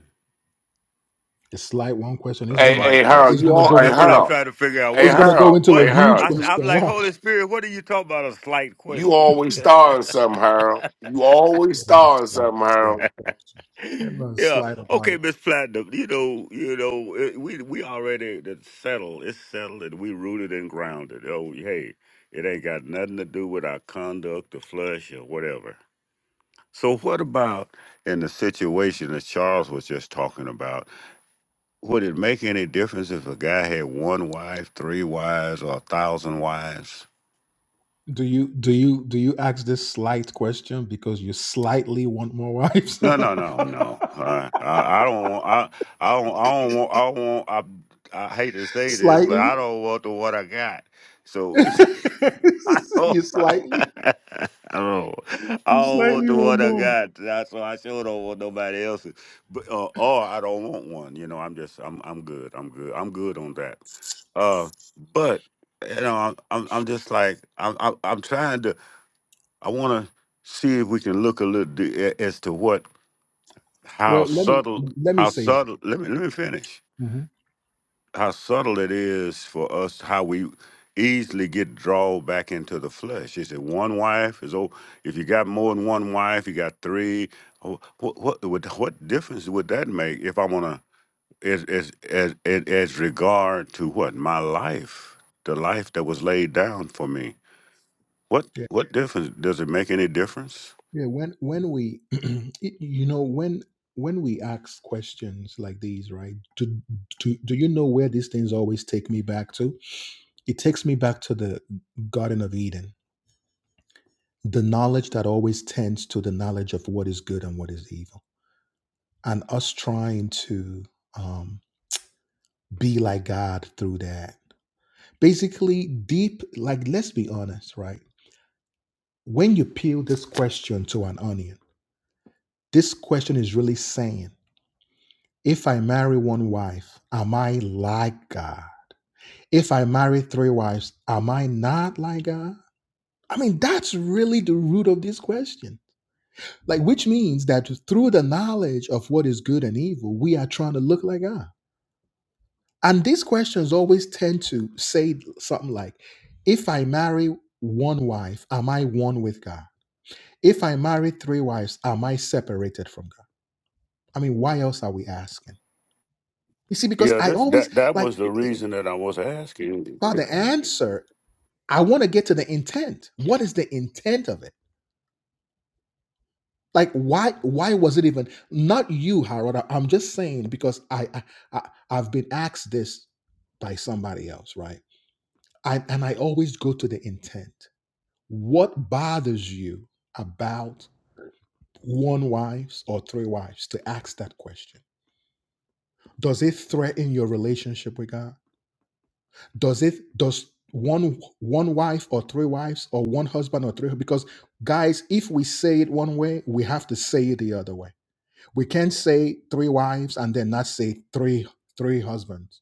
The slight one question A is hey, gonna hey slight is Harold, question. you gonna I, all, go hey that's what into I'm a Harold, trying to figure out. hey it's What's a gonna go Harold, into a hey what? huge Harold, I, question. you am like Watch. Holy Spirit. What are you talking about? A slight you question. always starting something, Harold. You always Talk about a starting Slight, something, slight Harold. question. And not yeah. slight about Okay, it. Miss Platinum. You know. You know. It, we we already it's settled. It's settled, and we rooted and grounded. Oh, hey, it ain't got nothing to do with our conduct, or flesh, or whatever. So what about in the situation that Charles was just talking about? Would it make any difference if a guy had one wife, three wives, or a thousand wives? Do you do you do you ask this slight question because you slightly want more wives? No, no, no, no. Uh, I, I don't want. I, I don't. I don't want. I don't want. I, I hate to say this, but slightly? I don't want the what I got. So, you so I slightly don't. I you don't want slightly the want what I more. got. That's why I sure don't want nobody else's. But uh, or I don't want one. You know, I'm just. I'm. I'm good. I'm good. I'm good on that. Uh, but you know, I'm. I'm, I'm just like. I'm. I'm I'm trying to. I want to see if we can look a little di- as to what how Well, let me subtle let me how say this. subtle let me let me finish Mhm. how subtle it is for us how we easily get drawn back into the flesh is it one wife is oh if you got more than one wife you got three. Oh, what what would what difference would that make if i want to as as as as as regard to what my life the life that was laid down for me what what difference does it make any difference Yeah, when when we y- you know when when we ask questions like these, right? Do, do do you know where these things always take me back to? It takes me back to the Garden of Eden, the knowledge that always tends to the knowledge of what is good and what is evil, and us trying to um, be like God through that. Basically, deep like let's be honest, right? When you peel this question to an onion, this question is really saying. If I marry one wife, am I like God? If I marry three wives, am I not like God? I mean, that's really the root of this question. Like, which means that through the knowledge of what is good and evil, we are trying to look like God. And these questions always tend to say something like, if I marry one wife, am I one with God? If I marry three wives, am I separated from God? I mean, why else are we asking? You see, because yeah I this always that that like, was the reason that i was asking well, the answer I want to get to the intent. What is the intent of it? Like why why was it even not you, Harold? I- I'm just saying because I, I, I I've been asked this by somebody else, right? I, and I always go to the intent. What bothers you about one wives or three wives to ask that question? Does it threaten your relationship with God? does it does one one wife or three wives or one husband or three because guys if we say it one way we have to say it the other way we can't say three wives and then not say three three husbands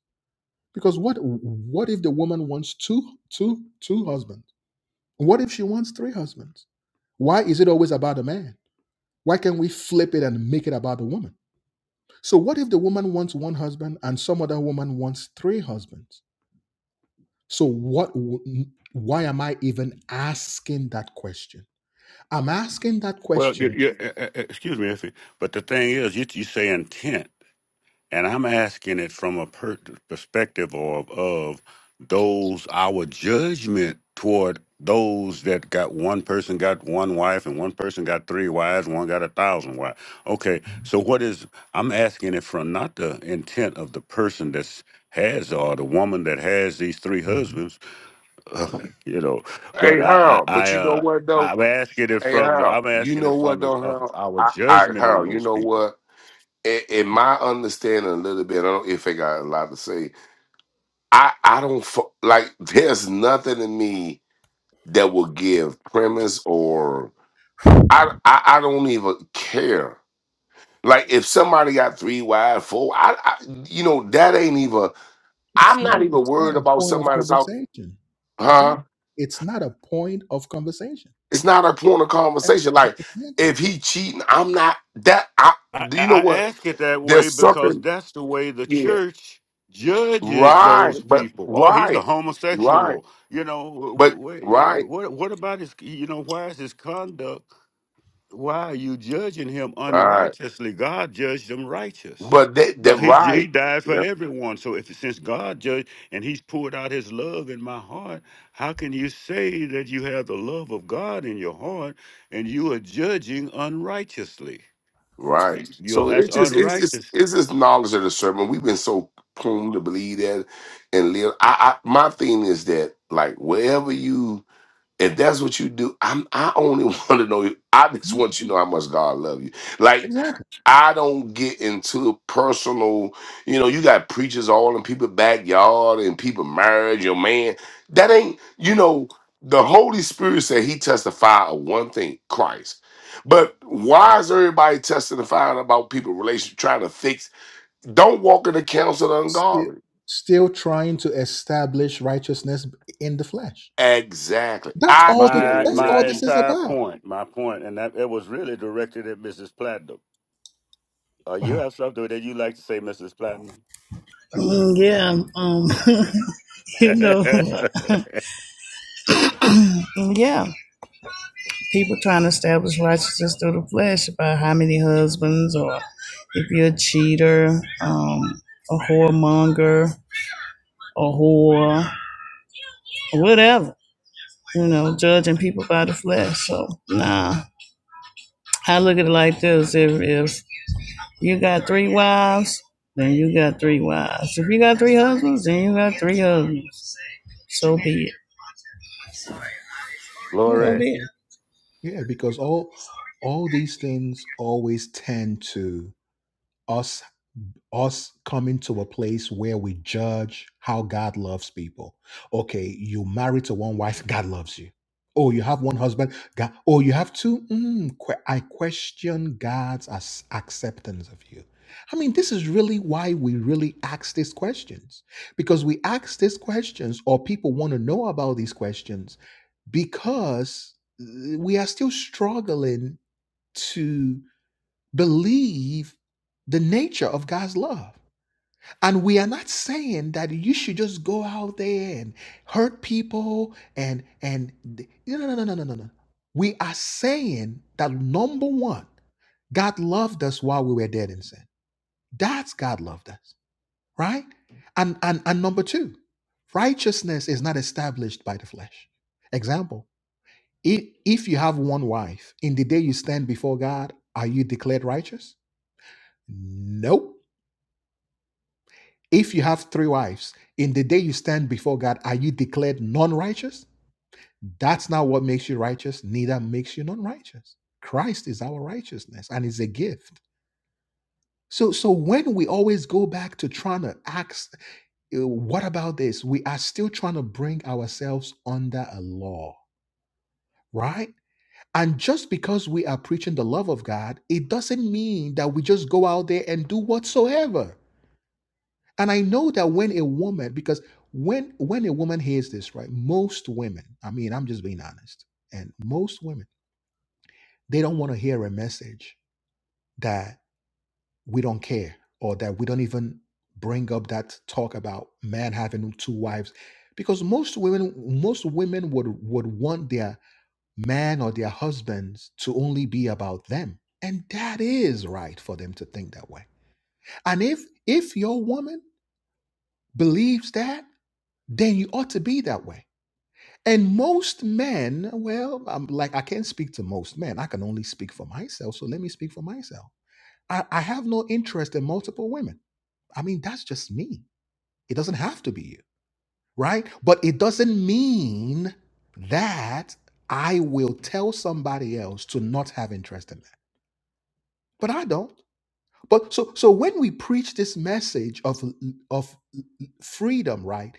because what what if the woman wants two two two husbands what if she wants three husbands why is it always about a man why can't we flip it and make it about the woman so what if the woman wants one husband and some other woman wants three husbands So what w- why am I even asking that question? I'm asking that Well, question. you Right. you uh, uh, excuse me, if but the thing is, you, you say intent, and I'm asking it from a per- perspective of of those our judgment toward those that got one person got one wife and one person got three wives, one got a thousand wives. Okay, Mhm. so what is I'm asking it from not the intent of the person that's has or the woman that has these three Mhm. husbands you know. Hey But I, I, Harold, but I you know uh, what though? I'm asking it Hey, from the, Harold, I'm you asking know it from what the, though, of Harold? our I, I judgment on Harold, you those know people. what? In, in my understanding, a little bit, I don't if I got a lot to say. I I don't fo- like. There's nothing in me that will give premise or I I, I don't even care. Like if somebody got three wide, four, I, I you know that ain't even. It's I'm not not even it's not worried a about point of somebody that's out, conversation. huh? Exactly. It's not a point of conversation. It's not a point of E- conversation. e- Like Exactly. if he cheating, I'm not that. I I, do you know I what? ask it that way There's because something that's the way the Yeah. church judges Right. those But people. Oh, he's a right. Right. homosexual. You know, But what right. what, what about his? You know, why is his conduct? why are you judging him Right. unrighteously? God judged him righteous. But that that God, he, he right. died for Yeah. everyone. So if since God judged and he's poured out his love in my heart, how can you say that you have the love of God in your heart and you are judging unrighteously? Right. You're So that's it's just it's just unrighteous. it's just knowledge of the serpent. We've been so prone to believe that and live. I, I my thing is that like wherever you if that's what you do, I'm I only want to know. I just Mhm. want you to know how much God love you. Like Exactly. I don't get into personal. You know, you got preachers all in people's backyard and people marriage. Your man, that ain't. You know, the Holy Spirit said He testified of one thing, Christ. But why is everybody testifying about people relationship trying to fix? Don't walk in the counsel of the Still ungodly. still trying to establish righteousness in the flesh. Exactly. That's I all this My can that's live. all my this is entire about. point, my point, and that it was really directed at Mrs. Platinum. Uh, you Uh-huh. have something that you like to say, Mrs. Platinum? Mm, Yeah, um, you know, yeah, people trying to establish righteousness through the flesh about how many husbands, or if you're a cheater, um, a whoremonger, a whore, whatever, you know, judging people by the flesh. So, nah, I look at it like this: if if You got three wives, then you got three wives. If you got three husbands, then you got three husbands. So be it. So Glory. be Yeah. it. Yeah, because all all these things always tend to us us coming to a place where we judge how God loves people. Okay, you married to one wife, God loves you. Oh, you have one husband, God. Oh, you have two. Mm, que- I question God's as- acceptance of you. I mean, this is really why we really ask these questions because we ask these questions, or people want to know about these questions because uh, we are still struggling to believe the nature of God's love. And we are not saying that you should just go out there and hurt people and and no no no no no no no. no. We are saying that number one, God loved us while we were dead in sin. That's God loved us, right? And and and number two, righteousness is not established by the flesh. Example. If, if you have one wife, in the day you stand before God, are you declared righteous? No. If you have three wives, in the day you stand before God, are you declared non righteous? That's not what makes you righteous, neither makes you non righteous. Christ is our righteousness and it's a gift. So, so when we always go back to trying to ask, uh, what about this? We are still trying to bring ourselves under a law, right? And just because we are preaching the love of God, it doesn't mean that we just go out there and do whatsoever. And I know that when a woman, because when when a woman hears this, right? Most women, I mean, I'm just being honest, and most women, they don't want to hear a message that we don't care or that we don't even bring up that talk about man having two wives. Because most women, most women would would want their men or their husbands to only be about them. And that is right for them to think that way. And if if your woman believes that, then you ought to be that way. And most men, well, I'm like I can't speak to most men. I can only speak for myself. So let me speak for myself. I, I have no interest in multiple women. I mean, that's just me. It doesn't have to be you, right? But it doesn't mean that I will tell somebody else to not have interest in me. but I don't. But so so when we preach this message of of freedom, right?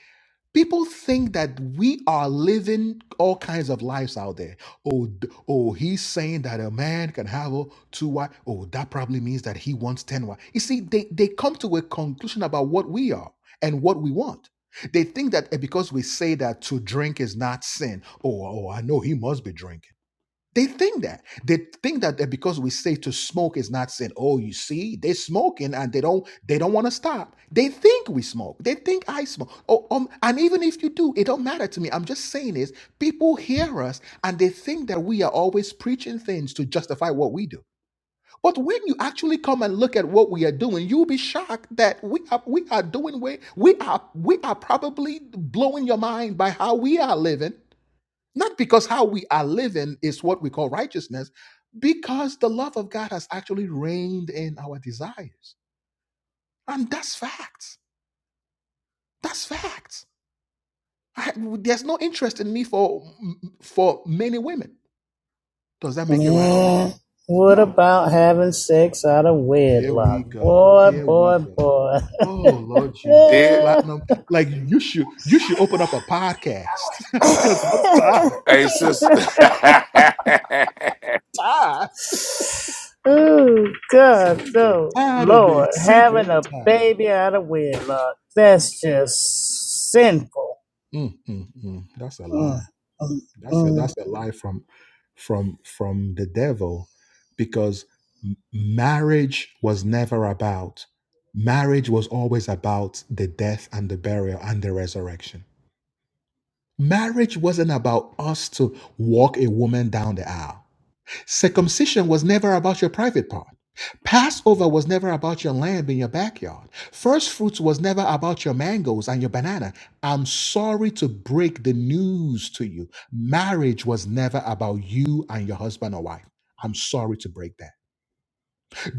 People think that we are living all kinds of lives out there. Oh, d- oh, he's saying that a man can have oh, two wives. Oh, that probably means that he wants ten wives. You see, they they come to a conclusion about what we are and what we want. They think that eh, because we say that to drink is not sin. Oh, oh, I know he must be drinking. They think that. They think that, that because we say to smoke is not sin. Oh, you see, they smoking and they don't they don't want to stop. They think we smoke. They think I smoke. Oh, um, and even if you do, it don't matter to me. I'm just saying is people hear us and they think that we are always preaching things to justify what we do. But when you actually come and look at what we are doing, you'll be shocked that we are we are doing way we are we are probably blowing your mind by how we are living not because how we are living is what we call righteousness, because the love of God has actually reigned in our desires. And that's facts. That's facts. I- there's no interest in me for for many women. Does that make it right or wrong? Man, what No. about having sex out of Here wedlock? we go. Boy, Here we boy, go. boy. Oh Lord Jesus, platinum. Like you should you should open up a podcast because I'm tired, Hey, sister. uh tired, Oh sick God, and oh, tired of being Lord, sick and having a tired. baby out of wedlock. That's just sinful. Mm, mm, mm. That's a Mm, lie. mm, That's a mm. that's a lie from from from the devil because m- marriage was never about marriage was always about the death and the burial and the resurrection. Marriage wasn't about us to walk a woman down the aisle. Circumcision was never about your private part. Passover was never about your lamb in your backyard. First fruits was never about your mangoes and your banana. I'm sorry to break the news to you. Marriage was never about you and your husband or wife. I'm sorry to break that.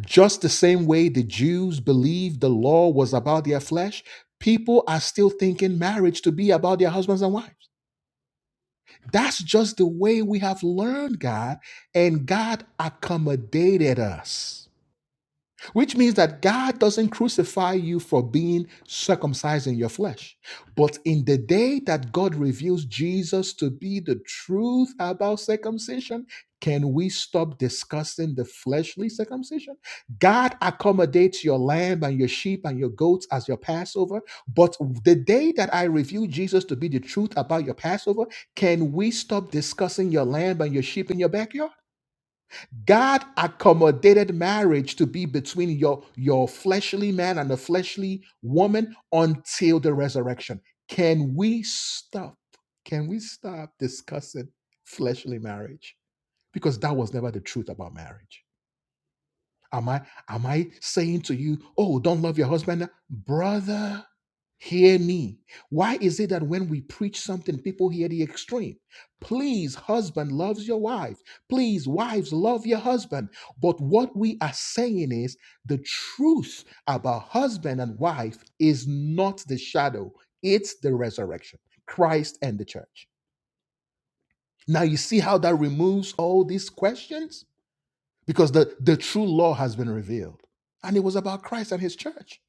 Just the same way the Jews believed the law was about their flesh, people are still thinking marriage to be about their husbands and wives. That's just the way we have learned God, and God accommodated us which means that God doesn't crucify you for being circumcised in your flesh. But in the day that God reveals Jesus to be the truth about circumcision, can we stop discussing the fleshly circumcision? God accommodates your lamb and your sheep and your goats as your Passover. But the day that I reveal Jesus to be the truth about your Passover, can we stop discussing your lamb and your sheep in your backyard? God accommodated marriage to be between your, your fleshly man and a fleshly woman until the resurrection. Can we stop? Can we stop discussing fleshly marriage? Because that was never the truth about marriage. Am I am I saying to you, oh, don't love your husband? Brother, hear me. Why is it that when we preach something, people hear the extreme? Please, husband loves your wife. Please, wives love your husband. But what we are saying is the truth about husband and wife is not the shadow, it's the resurrection, Christ and the church. Now you see how that removes all these questions? because the, the true law has been revealed. And it was about Christ and his church.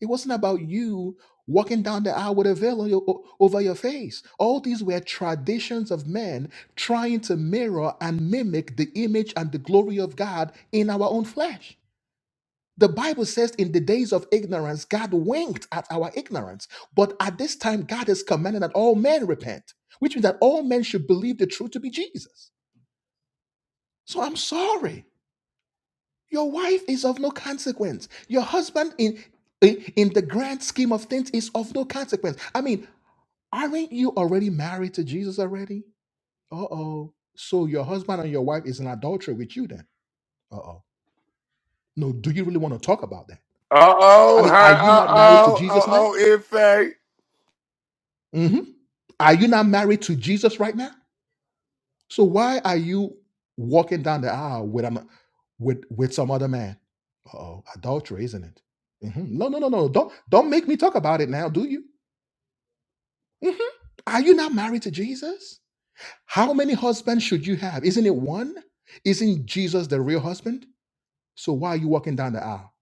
It wasn't about you walking down the aisle with a veil on your, o- over your face. All these were traditions of men trying to mirror and mimic the image and the glory of God in our own flesh. The Bible says, in the days of ignorance, God winked at our ignorance. But at this time, God is commanding that all men repent, which means that all men should believe the truth to be Jesus. So I'm sorry. Your wife is of no consequence. Your husband, in, in in the grand scheme of things, is of no consequence. I mean, aren't you already married to Jesus already? Uh oh. So your husband and your wife is in adultery with you then? Uh oh. No, do you really want to talk about that? I oh, mean, her. are you Uh not married to oh, Jesus uh now? oh. In fact, hmm Are you not married to Jesus right now? So why are you walking down the aisle with an, with with some other man? Uh oh, adultery, isn't it? Mhm. No, no, no, no. Don't don't make me talk about it now, do you? Mhm. Are you not married to Jesus? How many husbands should you have? Isn't it one? Isn't Jesus the real husband? So why are you walking down the aisle?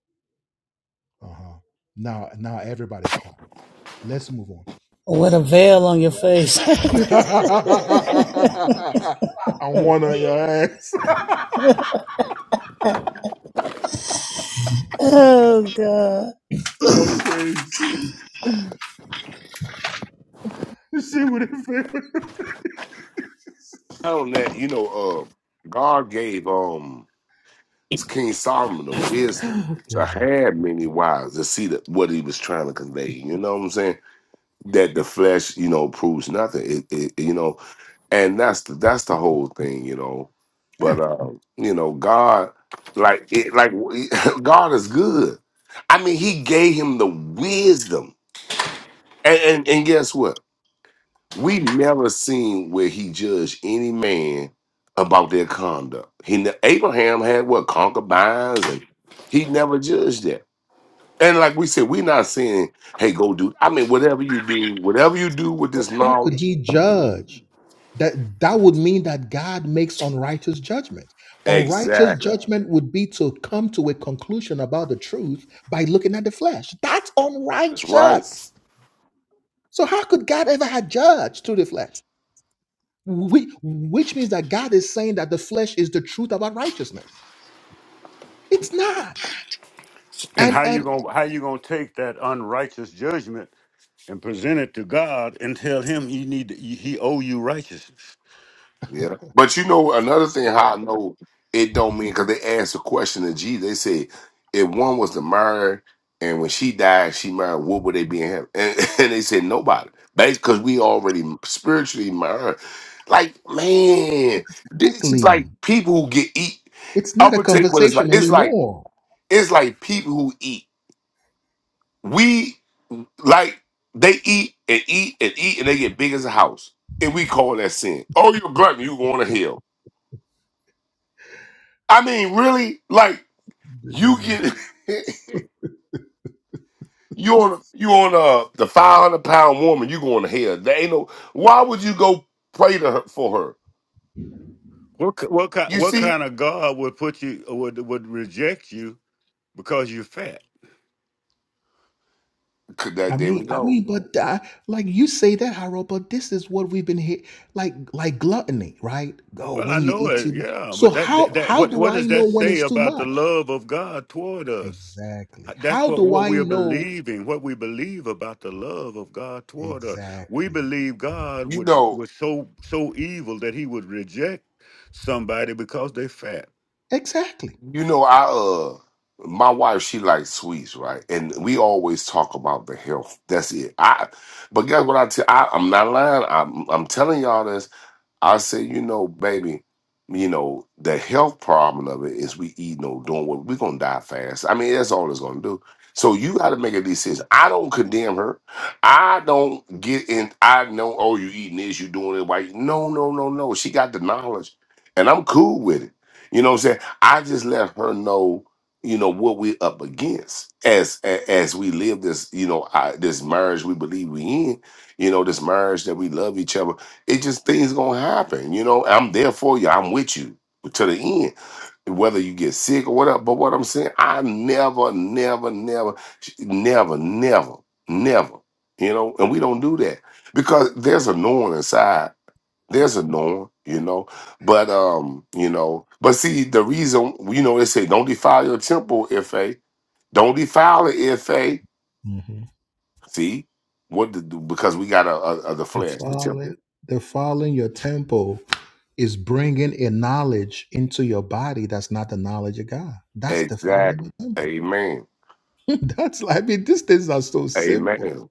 Uh-huh. Now, now everybody's quiet. Let's move on. With a veil on your face. I am one on your ass. oh God. oh, crazy. She would have on that, you know, uh, God gave um King Solomon the wisdom to have many wives to see that what he was trying to convey. You know what I'm saying? That the flesh, you know, proves nothing. It, it you know, and that's the that's the whole thing, you know. But uh, you know, God, like it, like God is good. I mean, He gave him the wisdom And, and and guess what? We never seen where he judged any man about their conduct. He ne- Abraham had what concubines, and he never judged that. And like we said, we're not saying, "Hey, go do." I mean, whatever you do, whatever you do with But this how could knowledge, he judge? That that would mean that God makes unrighteous judgment. Unrighteous exactly. judgment would be to come to a conclusion about the truth by looking at the flesh. That's That's right. unrighteous. So how could God ever have judged through the flesh? We, Which means that God is saying that the flesh is the truth about righteousness. It's not. And And how you and gonna how you gonna take that unrighteous judgment and present it to God and tell Him He need He owe you righteousness? Yeah. But you know, another thing how I know it don't mean because they asked a question to Jesus. They said, if one was to marry and when she died, she married, what would they be in heaven? And, and they said nobody. Basically, because we already spiritually married. Like, man, this is like exactly, people who get eat. it's not I'm a gonna tell you what it's like. conversation It's like anymore. it's like people who eat. We like they eat and eat and eat and they get big as a house. And we call that sin. Oh, you're a glutton, you going to hell. I mean, really, like you get you on you on uh the five hundred pound woman, you going to hell. There ain't no. Why would you go pray to her for her? What ki- what kind You what see, kind of God would put you would would reject you because you're fat? 'Cause that I there we mean, I go. mean, but uh, like you say that, Haro, but this is what we've been hit like, like gluttony, right? Oh, Well, I when you know eat too it, much. yeah, So but that how that, that how what do what I does know that when say it's too about the much? love of God toward us? Exactly. That's How what, do what I we're know? believing, what we believe about the love of God toward us. We Exactly. believe God You would know, was so so evil that he would reject somebody because they fat. Exactly. you know, I uh. My wife, she likes sweets, right? And we always talk about the health. That's it. I, but guess what I tell? I, I'm not lying. I'm, I'm telling y'all this. I said, you know, baby, you know, the health problem of it is we eating or doing what we're gonna die fast. I mean, that's all it's gonna do. So you gotta make a decision. I don't condemn her. I don't get in, I know, oh, you eating this, you doing it right. No, no, no, no. She got the knowledge and I'm cool with it. You know what I'm saying? I just let her know, you know, what we're up against as a- as we live this, you know, I, this marriage we believe we in, you know, this marriage that we love each other it just things gonna happen, you know. I'm there for you. I'm with you to the end, whether you get sick or whatever. But what I'm saying, I never, never, never, never, never, never, you know. And we don't do that because there's a knowing inside. There's a knowing, you know. But um, you know, but see, the reason, you know, they say don't defile your temple, if a don't defile it, if a Mhm. see what the, because we got a, a, a the The flesh, the temple. falling, the fall in your temple is bringing a knowledge into your body that's not the knowledge of God. That's the fall in Exactly. your temple. Amen. that's like, I mean, these things are so simple. Amen.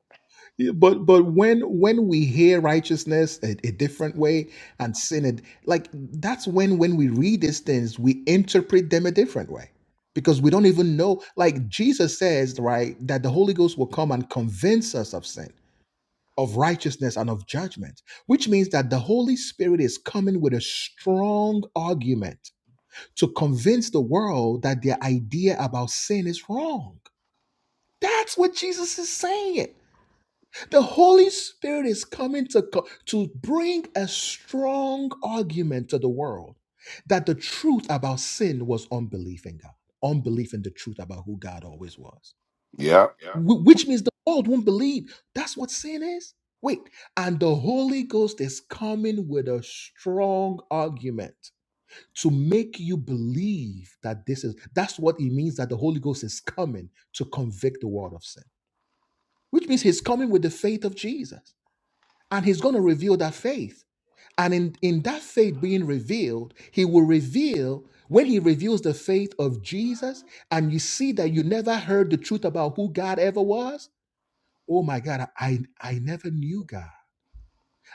Yeah, but but when when we hear righteousness a, a different way and sin it like that's when when we read these things we interpret them a different way because we don't even know like jesus says right that the holy ghost will come and convince us of sin of righteousness and of judgment which means that the holy spirit is coming with a strong argument to convince the world that their idea about sin is wrong that's what jesus is saying the Holy Spirit is coming to, co- to bring a strong argument to the world that the truth about sin was unbelief in God, unbelief in the truth about who God always was, Yeah. Wh- which means the world won't believe that's what sin is. Wait, and the Holy Ghost is coming with a strong argument to make you believe that this is that's what it means that the Holy Ghost is coming to convict the world of sin, which means he's coming with the faith of Jesus and he's going to reveal that faith and in, in that faith being revealed he will reveal when he reveals the faith of jesus and you see that you never heard the truth about who god ever was oh my god i i never knew god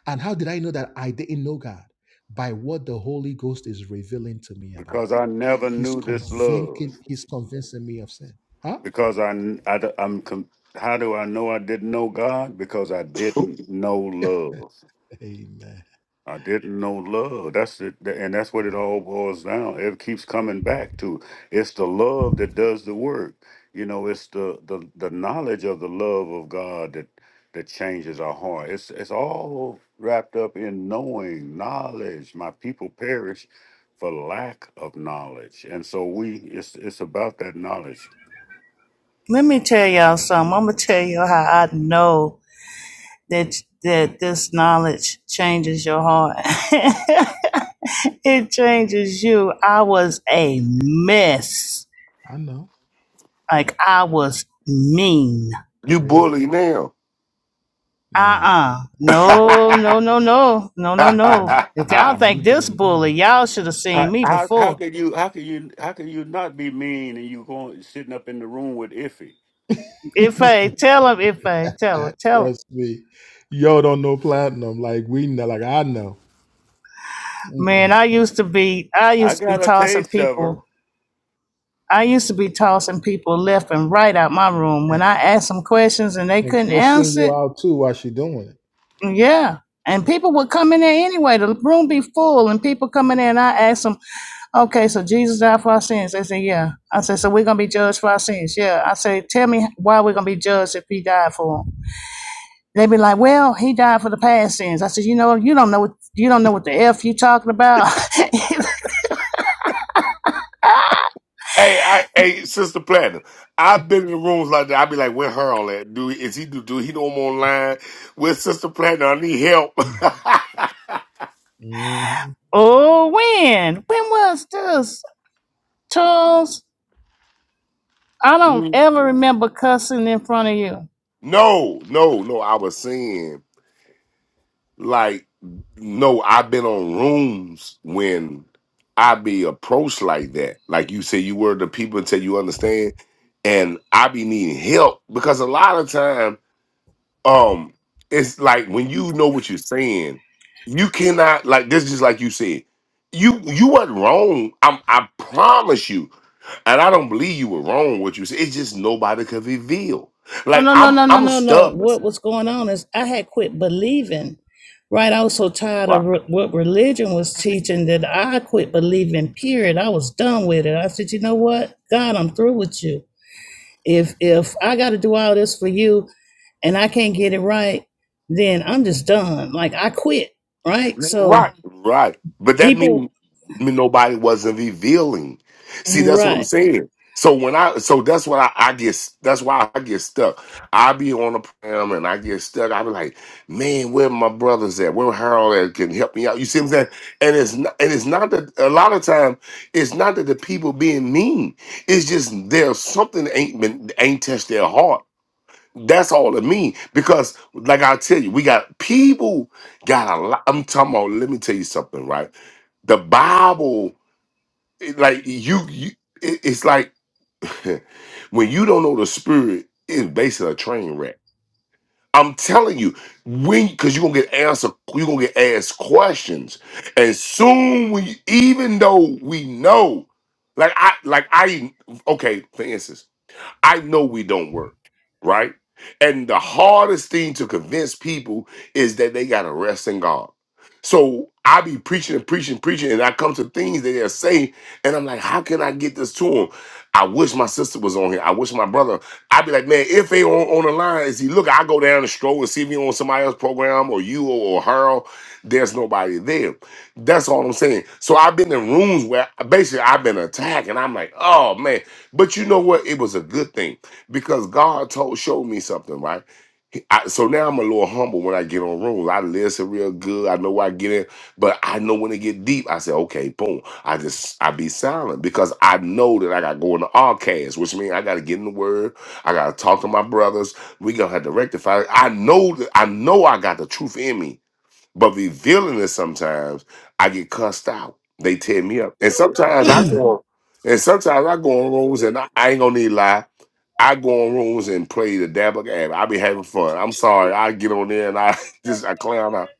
and how did i know that i didn't know god by what the holy ghost is revealing to me about Because god I never he's knew this love. convincing he's convincing me of sin huh Because I, I am how do I know I didn't know God? Because I didn't know love. amen I didn't know love. That's it, th- and that's what it all boils down. It keeps coming back to. It's the love that does the work. You know, it's the the, the knowledge of the love of God that that changes our heart. It's it's all wrapped up in knowing knowledge. My people perish for lack of knowledge, and so we. It's it's about that knowledge. Let me tell y'all something. I'm gonna tell you how I know that that this knowledge changes your heart. it changes you. I was a mess. i know Like I was mean. You great bully now. nah Uh-uh. hey, um, No, no, no, no. No, no, you no. you- If y'all think you this don't bully, know y'all should have How seen me how how before. could you how could you how could you not be mean and you going sitting up in the room with Iffy? If I tell him, if I tell him, I- tell him. Trust me, y'all don't know platinum like we know, like I know. Man, Mm-mm. I used to be I I used to be got a tossing taste of her. people. I used to be tossing people left and right out my room And, when I asked them questions and they and couldn't cursing answer you it. out too while she doing Yeah. And people would come in there anyway. The room be full and people come in there and I ask them, okay, so Jesus died for our sins. They said, yeah. I said, so we're going to be judged for our sins. Yeah. I said, tell me why we're going to be judged if he died for them. They be like, well, he died for the past sins. I said, you know, you don't know, what you don't know what the F you talking about. I, hey, Sister Platinum. I've been in rooms like that. i be like, where Harold at? Do is he do, do he know I'm online? Where's Sister Platinum? I need help. it. hmm Oh, when? When was this, Charles? I don't Hmm. ever remember cussing in front of you. no, no, no. I was saying, like, no, I've been on rooms when I be approached like that. Like you say you were the people until you understand. And I be needing help because a lot of time. um it's like when you know what you're saying you cannot like this is just like you said you you wasn't wrong i'm i promise you and i don't believe you were wrong what you said it's just nobody could reveal No, like no, no, i'm no, no, i'm no, no. stubborn What was going on is I had quit believing, right? I was so tired of re- what religion was teaching that I quit believing, period. I was done with it. I said, you know what? God, I'm through with you. If if I got to do all this for you and I can't get it right, then I'm just done. Like I quit, right? So Right, right. But that means people, nobody wasn't revealing. See, that's what right? I'm saying. So when I, so that's what I, I get. That's why I get stuck. I be on a program and I get stuck. I be like, man, where my brothers at? Where Harold at? Can help me out? You see what I'm saying? And it's not, and it's not that a lot of time it's not that the people being mean. It's just there's something that ain't been ain't touched their heart that's all it mean because, like I tell you, we got people got a lot. I'm talking about. Let me tell you something, right? The Bible, it, like you, you it- it's like when you don't know the spirit, it's basically a train wreck. I'm telling you, when because you're gonna get answer, you're gonna get asked questions, and soon we, even though we know, like I, like I, okay, for instance. I know we don't work, right? And the hardest thing to convince people is that they got to rest in God. So I be preaching and preaching, preaching, and I come to things that they're saying, and I'm like, how can I get this to them? I wish my sister was on here. I wish my brother. I'd be like, man, if they on, on the line, is he look? I go down the stroll and see if he on somebody else's program or you or, or her. There's nobody there. That's all I'm saying. So I've been in rooms where basically I've been attacked, and I'm like, oh man. But you know what? It was a good thing because God told showed me something, right? He- I, so now I'm a little humble when I get on rooms. I listen real good. I know where I get in, but I know when it get deep. I say, okay, boom. I just I be silent because I know that I got to go into all cast, which means I got to get in the word. I got to talk to my brothers. We gonna have to rectify. it. I know that I know I got the truth in me, but revealing it sometimes, I get cussed out. They tear me up. And sometimes I go and sometimes I go on rooms and I, I ain't gonna need to lie. I go on rooms and play the dabble game. I be having fun. I'm sorry. I get on there and I just I clown out.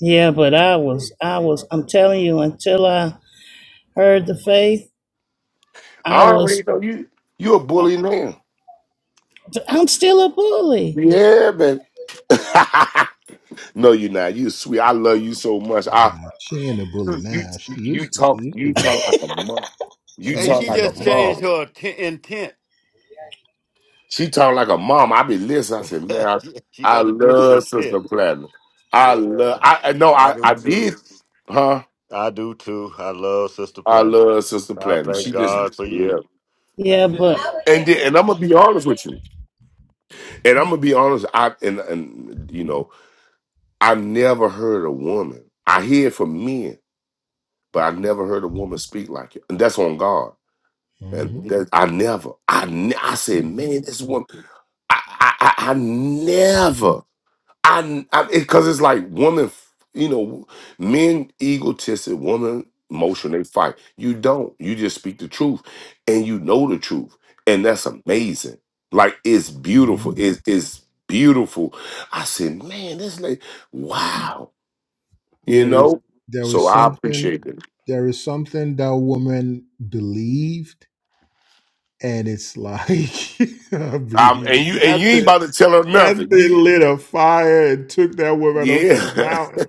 Yeah, but I was, I was, I'm telling you, until I heard the faith, I I was, already know you you a uh, bully now. I'm still a bully. Yeah, man. no, you're not. You sweet. I love you so much. I Nah, she ain't a bully you now. She you, you used to. She talk used to you be. talk like a mom. She You And used talk she to like be a just now. changed mom. her t- intent. She talk like a mom. I be listening. I said, man, I, she I got a different love intent. Sister Platinum. I Yeah, love. I I- no, I I do I too. did, huh? I do too. I love Sister I Platinum. love Sister I Platinum. thank She just God for you. yeah. Yeah, but And then, and I'm gonna be honest with you. And I'm gonna be honest. I and and you know I never heard a woman. I hear it from men, but I never heard a woman speak like it. And that's on God. And Mm-hmm. that, I never. I ne- I said, man, this woman. I, I I I never. I, I because it's like women, f- you know, men egotistic, women emotional, they fight. You don't. You just speak the truth, and you know the truth, and that's amazing. Like it's hmm beautiful. It's it's beautiful. I said, man, this lady, wow, you There is know. there So is I something appreciate it. there is something that woman believed, and it's like I Um, mean, and you and you that ain't thing, about to tell her that nothing. You, thing lit a fire and took that woman up to the yeah. mountain.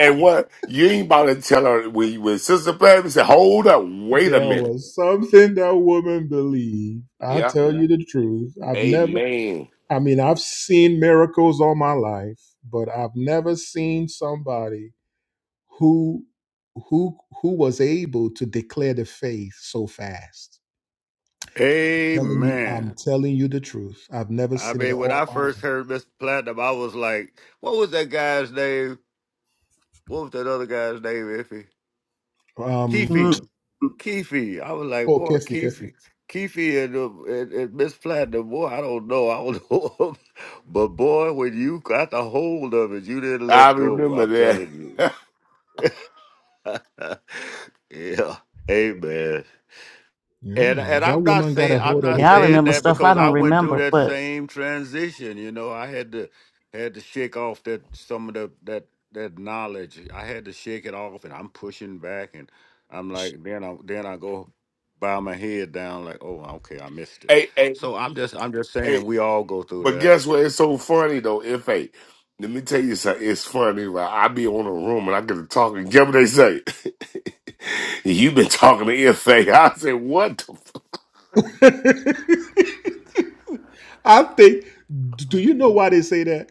And what you ain't about to tell her when, when Sister Pam said, hold up, wait a There minute. was something that woman believed. I Yeah. tell Yeah. you the truth. I've never, Amen. I mean, I've seen miracles all my life, but I've never seen somebody who who who was able to declare the faith so fast. Telling you, Amen. I'm telling you the truth. I've never I seen it mean, when all I my first heard Mr. Platinum, I was like, what was that guy's name? What was that other guy's name, Iffy? life. Um, Keefe. mm, Keefe. I was like, oh, boy, Kefi, Kefi. Keefe, Keefe and, uh, and, and Miss Platinum, boy, I don't know. I don't know. but boy, when you got the hold of it, you didn't I let go. remember I'm that. telling you. yeah. Amen. And Yeah, and that I'm not woman got a saying I'm hold of not the yeah, I faith. saying remember that stuff I because I don't went through remember, that but same transition. You know, I had to had to shake off that some of the that that knowledge. I had to shake it off, and I'm pushing back, and I'm like, then I then I go bow my head down, like, oh, okay, I missed it. hey, hey, So I'm just I'm just saying hey. we all go through But that. guess what? It's so funny though. If hey, let me tell you something. It's funny. Like I be on a room and I get to talking. Guess what they say? you been talking to if hey. I say what? The f-? I think. Do you know why they say that?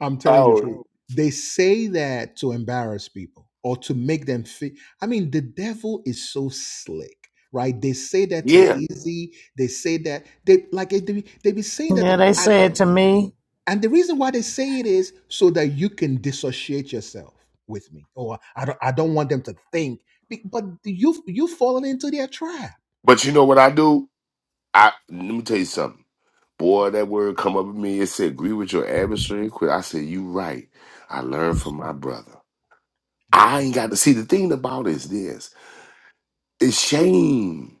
I'm telling you the Oh truth. Oh. They say that to embarrass people or to make them feel. I mean, the devil is so slick, right? They say that to yeah. Easy. They say that they like they be, they be saying that, to, yeah, they and said to me, and the reason why they say it is so that you can dissociate yourself with me, or I don't I don't want them to think. Be- But you you've fallen into their trap. But you know what I do? I let me tell you something. Boy, that word come up with me. It said agree with your adversary. and Quit. I said you right. I learned from my brother. I ain't got to see the thing about it is this. It's shame.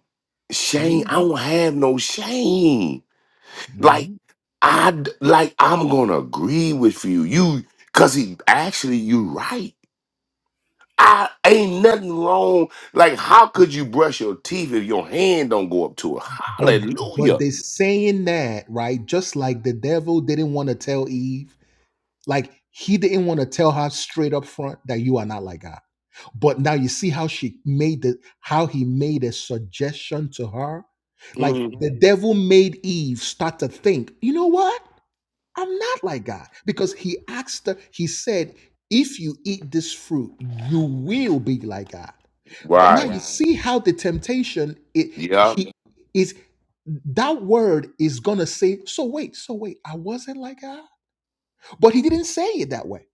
Shame. Mhm. I don't have no shame. Mhm. Like I d- like I'm gonna agree with you. You cause he actually you right. I ain't nothing wrong. Like, how could you brush your teeth if your hand don't go up to it? But but Hallelujah. they saying that, right? Just like the devil didn't want to tell Eve, like he didn't want to tell her straight up front that you are not like God. But now you see how she made the how he made a suggestion to her. Like Mm, the Mhm. devil made Eve start to think, you know what? I'm not like God. Because he asked her, he said, if you eat this fruit, you will be like God. But now wow. Right. you Right. see how the temptation it Yeah. he is that word is gonna say, so wait, so wait, I wasn't like her. But he didn't say it that way.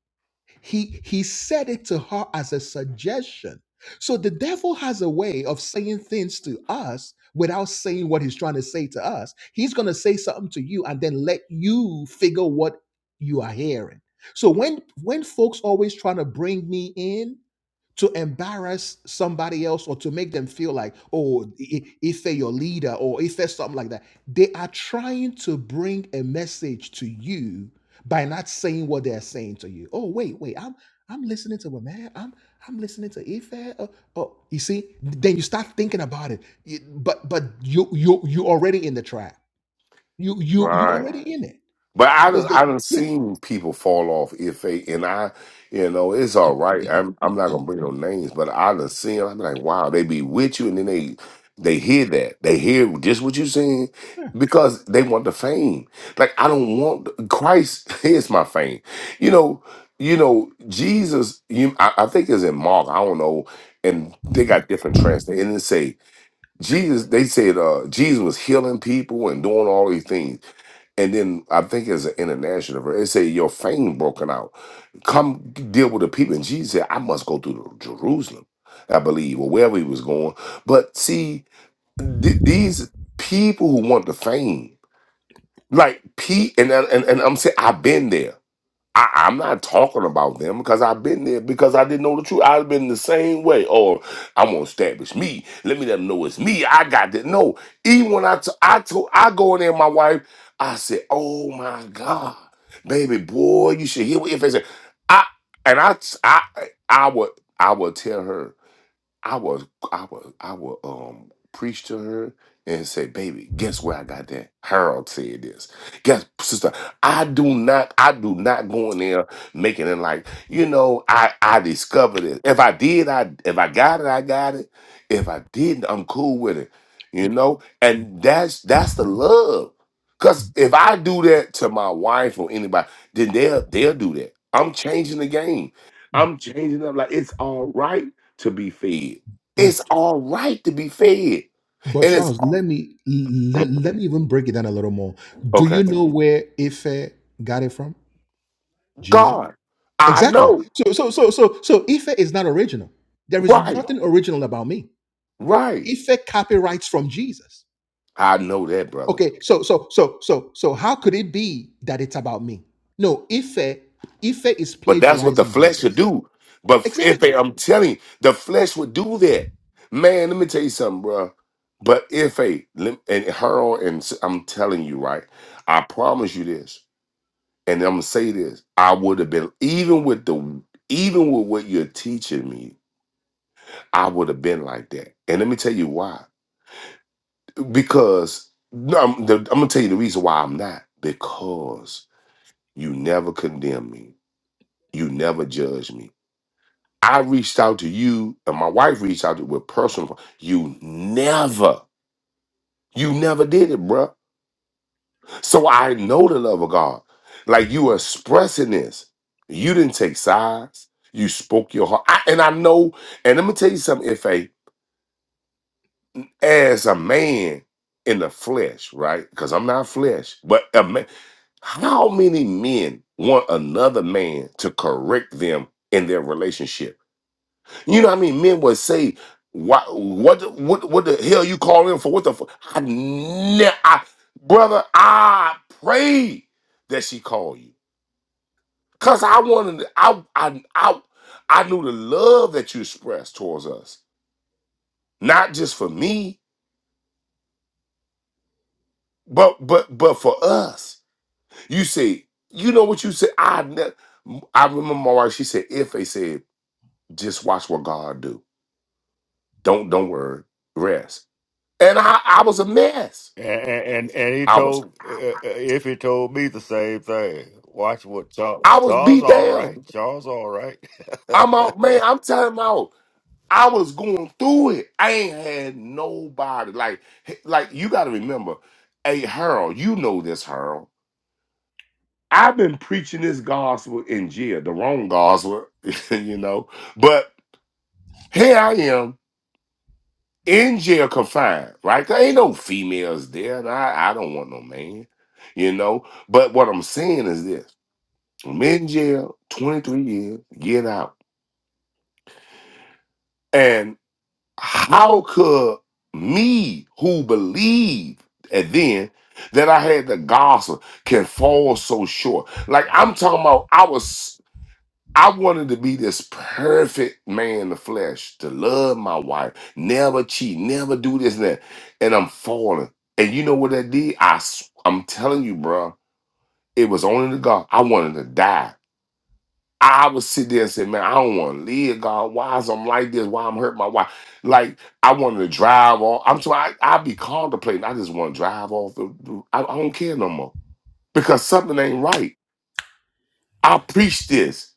He he said it to her as a suggestion. So the devil has a way of saying things to us without saying what he's trying to say to us. He's gonna say something to you and then let you figure what you are hearing. So when when folks always trying to bring me in to embarrass somebody else or to make them feel like, oh, I- Ife your leader or Ife something like that. They are trying to bring a message to you by not saying what they're saying to you. Oh, wait, wait, I'm I'm listening to a man. I'm I'm listening to Ife. Oh, oh, you see, then you start thinking about it. You- But but you you you already in the trap. You you you Right. already in it But I because done, they I done yeah. seen people fall off if they and I, you know, it's all right. I'm I'm not gonna bring no names, but I done seen. I'm like, wow, they be with you, and then they they hear that they hear just what you saying because they want the fame. Like I don't want Christ is my fame. You know, you know Jesus. You I, I think it's in Mark. I don't know, and they got different translations. And they say Jesus. They said uh, Jesus was healing people and doing all these things. And then I think as an international verse, it say your fame broken out. Come deal with the people. And Jesus said, I must go through to Jerusalem, I believe, or wherever he was going. But see, th- these people who want the fame, like Pete, and, and and I'm saying I've been there. I, I'm not talking about them because I've been there because I didn't know the truth. I've been the same way. Or I'm gonna establish me. Let me let them know it's me. I got that. No, even when I t- I told I go in there, my wife, I said, "Oh my God, baby boy, you should hear what if I said." I and I t- I I would I would tell her. I was I was I would um preach to her and say, baby, guess where I got that? Harold said this. Guess sister, I do not I do not go in there making it like, you know, I I discovered it. If I did, I if I got it, I got it. If I didn't, I'm cool with it. You know? And that's that's the love. Cause if I do that to my wife or anybody, then they'll they'll do that. I'm changing the game. I'm changing up like it's all right to be fed. yeah. It's all right to be fed. But And it's Charles, let me let, Mhm. let me even break it down a little more. Do okay. you know where Ife got it from? Jesus. God, I Exactly. know. So so so so so Ife is not original. There is Right, nothing original about me. right. Ife copyrights from Jesus. I know that, brother. Okay, so so so so so how could it be that it's about me? No, Ife Ife is But that's what the plagiarizing flesh would Jesus. do. But if they, Exactly. I'm telling you, the flesh would do that. Man, let me tell you something, bro. But if a lem- and Harold and s- I'm telling you, right? I promise you this, and I'm gonna say this. I would have been even with the even with what you're teaching me. I would have been like that. And let me tell you why. Because no, I'm, the, I'm gonna tell you the reason why I'm not. Because you never condemned me. You never judged me. I reached out to you, and my wife reached out to with personal. You never, you never did it, bruh. So I know the love of God. Like you expressing this, you didn't take sides. You spoke your heart, I, and I know. And let me tell you something, Fa. as a man in the flesh, right? Because I'm not flesh, but a man, how many men want another man to correct them in their relationship? You know what I mean? Men would say, "What? What? What? What the hell you call him for? What the? fuck?" I, ne- I, brother, I pray that she call you, cause I wanted, to- I, I, I, I knew the love that you expressed towards us, not just for me, but, but, but for us You see, you know what you said. I ne- I remember my wife. She said, "If they said, just watch what God do. Don't don't worry, rest." And I I was a mess. And and, and he I was told uh, uh, if he told me the same thing. Watch what Charles I was Charles beat all right. down. Charles all right. I'm out, man. I'm telling you, out. I was going through it. I ain't had nobody. Like like you got to remember, hey Harold, you know this Harold. I've been preaching this gospel in jail, the wrong gospel, you know. But here I am. in jail confined, right? There ain't no females there, and I, I don't want no man, you know. But what I'm saying is this: I'm in jail, 23 years, get out. And how could me, who believed and then that I had the gospel, can fall so short? Like I'm talking about, I was. I wanted to be this perfect man in the flesh, to love my wife, never cheat, never do this and that. And I'm falling. And you know what that did? I, s- I'm telling you, bro, it was only the God. I wanted to die. I would sit there and say, man, I don't want to live, God. Why is I'm like this? Why I'm hurting my wife? Like, I wanted to drive off. I'm so I, I be contemplating. I just want to drive off. The, I, I don't care no more because something ain't right. I preach this.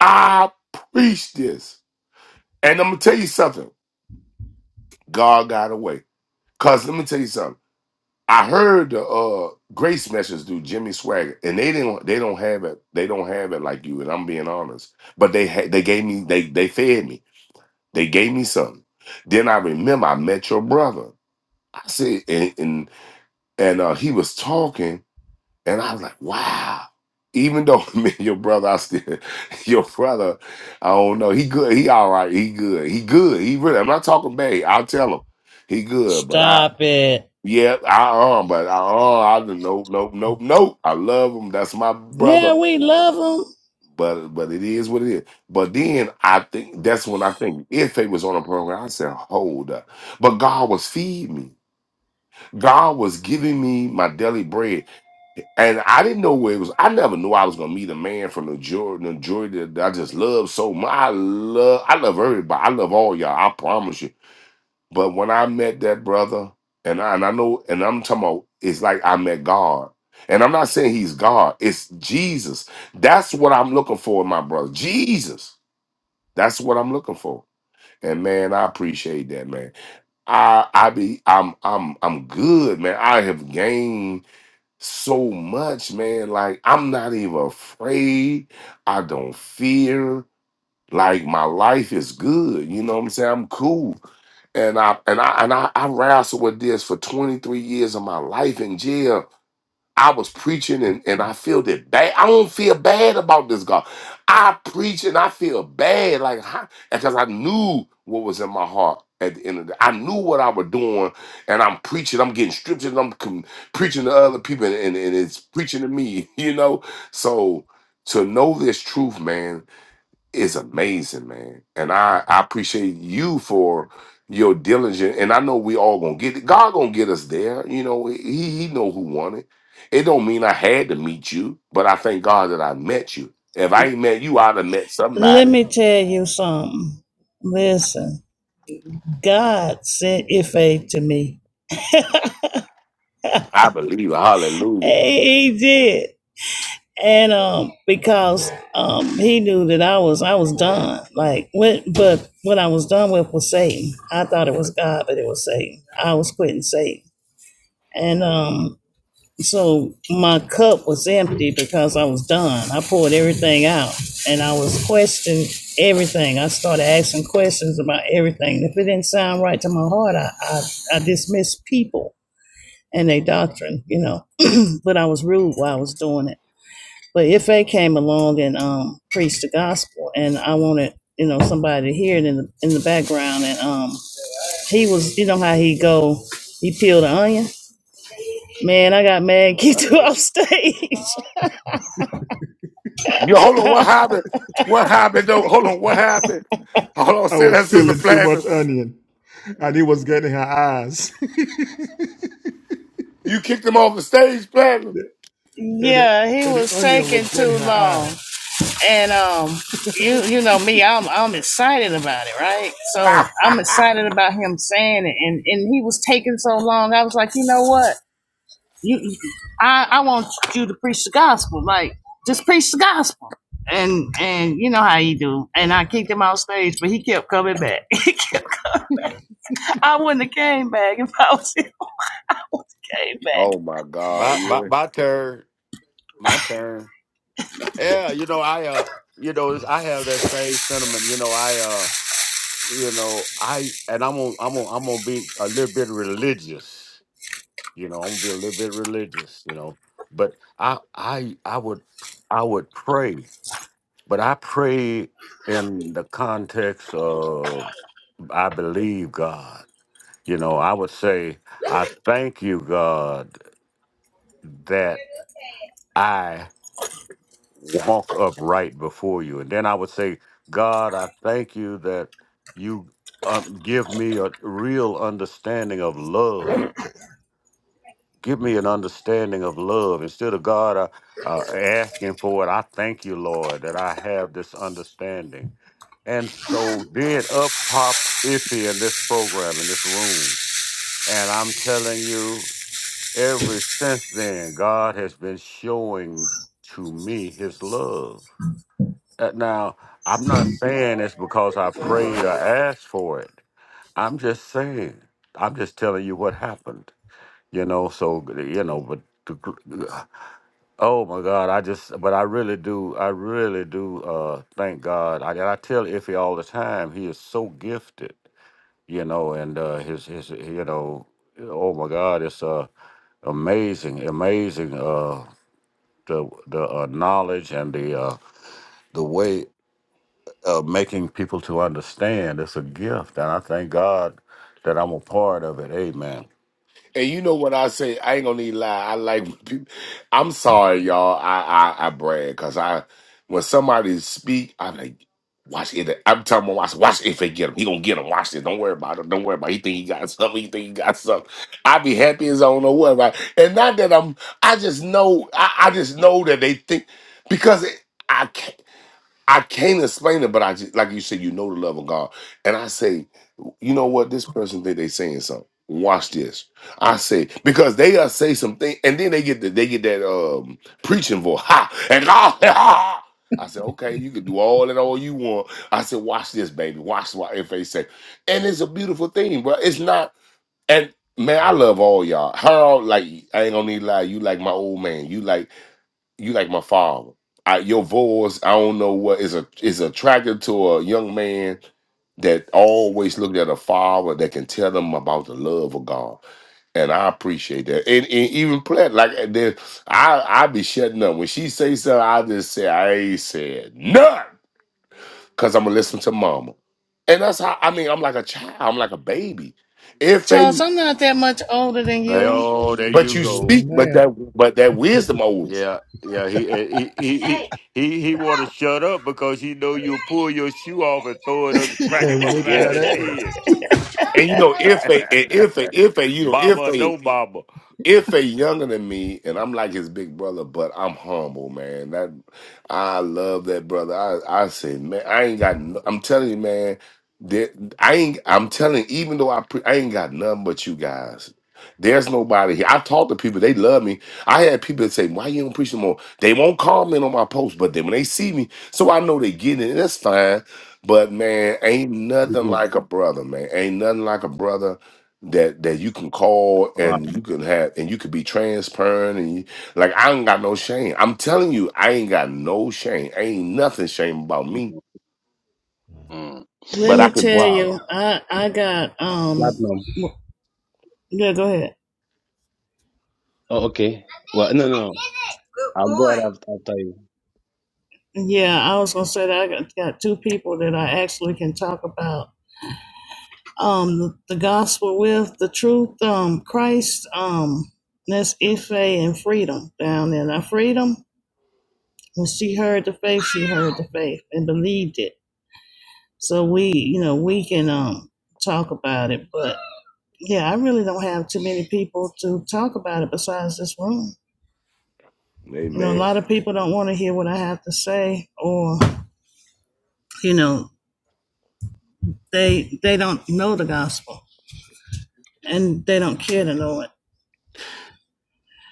I preach this. And I'm gonna tell you something. God got away. Cause let me tell you something. I heard the uh, Grace message do Jimmy Swagger, and they didn't. They don't have it. They don't have it like you. And I'm being honest. But they ha- they gave me. They they fed me. They gave me something. Then I remember I met your brother. I said, and and, and uh, he was talking. And I was like, wow. Even though me and your brother, I still your brother, I don't know. He good. He all right. He good. He good. He really. I'm not talking bad. I'll tell him. He good. But I "Stop it." yeah, I um, but I uh I don't- nope, nope, nope, nope. I love him. That's my brother. Yeah, we love them. But but it is what it is. But then I think that's when I think if they was on a program, I said, hold up. But God was feeding me. God was giving me my daily bread and I didn't know where it was. I never knew I was gonna meet a man from the Jordan, the Jordan that I just love so much. I love, I love everybody. I love all y'all. I promise you. But when I met that brother, and I, and I know, and I'm talking about, it's like I met God. And I'm not saying he's God. It's Jesus. That's what I'm looking for in my brother. Jesus. That's what I'm looking for. And man, I appreciate that, man. I I be I'm I'm I'm good, man. I have gained so much, man. Like, I'm not even afraid. I don't fear. Like, my life is good. You know what I'm saying? I'm cool. And I and I and I, I wrestled with this for 23 years of my life in jail. I was preaching and, and I feel it bad. I don't feel bad about this God. I preach and I feel bad, like how, because I knew what was in my heart at the end of the day. I knew what I was doing, and I'm preaching, I'm getting stripped, and I'm com- preaching to other people, and, and, and it's preaching to me, you know. So to know this truth, man, is amazing, man. And I, I appreciate you for your diligence. And I know we all gonna get it. God gonna get us there. You know, he he know who won it. It don't mean I had to meet you, but I thank God that I met you. If I ain't met you, I'd have met Let somebody. me tell you something. Listen, God sent Ife to me. I believe. it. Hallelujah. He he did. and um because um he knew that I was I was done. Like what but what I was done with was Satan. I thought it was God, but it was Satan. I was quitting Satan. And um so my cup was empty because I was done. I poured everything out and I was questioning everything. I started asking questions about everything. If it didn't sound right to my heart, I, I, I dismissed people and their doctrine, you know. But I was rude while I was doing it but if they came along and um, preached the gospel, and I wanted you know somebody to hear it in the in the background, and um, he was you know how he go, he peeled the onion. Man, I got mad, kicked him off stage. Yo, hold on, what happened? What happened though? Hold on, what happened? Hold on, I say was that sister peeling too much platinum. onion and it was getting her eyes. You kicked him off the stage, platinum. and the, yeah, he and was the onion taking was in too her eye. long, and um, you you know me, I'm I'm excited about it, right? So I'm excited about him saying it, and and he was taking so long. I was like, you know what? you, you- I, I want you to preach the gospel. Like, just preach the gospel. And and you know how he do. And I kicked him off stage, but he kept coming back. I wouldn't have came back if I was he came back. oh my God, my my Yeah. my turn. My turn. Yeah, you know, I uh you know, it's- I have that same sentiment. You know, I uh you know, I and I'm gonna I'm gonna I'm gonna be a little bit religious. You know, I'm gonna be a little bit religious, you know. But I I I would I would pray, but I pray in the context of I believe God. You know, I would say, I thank you, God, that I walk upright before you. And then I would say, God, I thank you that you uh, give me a real understanding of love. Give me an understanding of love. Instead of God uh, uh, asking for it, I thank you, Lord, that I have this understanding. And so did up pop Iffy in this program, in this room. And I'm telling you, ever since then, God has been showing to me his love Uh, Now, I'm not saying it's because I prayed or asked for it. I'm just saying. I'm just telling you what happened. You know, so you know, but the gr- uh, oh my God, I just, but I really do, I really do. Uh, thank God. I, and I tell Iffy all the time, he is so gifted. You know, and uh, his his you know, oh my God, it's uh amazing, amazing. Uh, the the uh, knowledge and the uh, the way. of making people to understand. It's a gift, and I thank God that I'm a part of it. Amen. And you know what I say? I ain't gonna need to lie. I like. when people- I'm sorry, y'all. I I, I brag because I when somebody speak, I'm like, watch it. I'm telling them, watch, watch if they get him. He gonna get him. Watch this. Don't worry about it. Don't worry about. It. He think he got something. He think he got something. I be happy as I don't know what. About. And not that I'm. I just know. I, I just know that they think because it, I can't. I can't explain it, but I just like you said, you know the love of God. And I say, you know what? This person think they saying something. Watch this. I say because they uh, say something, and then they get the, they get that um preaching voice. Ha and ah, ha. I said, okay, you can do all and all you want. I said, watch this, baby. Watch what if they say. And it's a beautiful thing, bro. It's not. And man, I love all y'all. Harold, like I ain't gonna need to lie. You like my old man. You like you like my father. I, your voice, I don't know what is a is attractive to a young man that always looked at a father that can tell them about the love of God. And I appreciate that. And, and even play like uh, there, I I be shutting up. When she say something, I just say, I ain't said nothing. Cause I'm gonna listen to mama. And that's how I mean, I'm like a child, I'm like a baby. If Charles, they I'm not that much older than Hey, you. oh, there but you you Well, you go. speak, on but that that but that wisdom always. Yeah, yeah. He eh, he he he he, he want to shut up because he know you'll pull your shoe off and throw it up, crack him and whip yeah. upside that his ass. head. And you know, if they, and if they, if they, you know, Baba, if or they, no Baba. if they younger than me and I'm like his big brother, but I'm humble, man. That I love that brother. I I say, man, I ain't got. no- I'm telling you, man. That I ain't. I'm telling. Even though I pre, I ain't got nothing but you guys. There's nobody here. I talk to people. They love me. I had people that say, "Why you don't preach no more?" They won't comment on my post, but then when they see me, so I know they get it. and That's fine. But man, ain't nothing Platinum. like a brother, man. Ain't nothing like a brother that that you can call Wow. and you can have and you can be transparent and you, like I ain't got no shame. I'm telling you, I ain't got no shame. Ain't nothing shame about me. Mm. Let But me I can, tell Wow. you, I I got um Platinum. yeah, go ahead. Oh, okay. Well, no, no, no. I'll go right after, after you. Yeah, I was gonna say that I got, got two people that I actually can talk about um the gospel with the truth um christ um that's ife and freedom down there. Now, freedom when she heard the faith she heard the faith and believed it so we you know we can um talk about it but yeah i really don't have too many people to talk about it besides this room you know a amen. lot of people don't want to hear what i have to say or you know they they don't know the gospel and they don't care to know it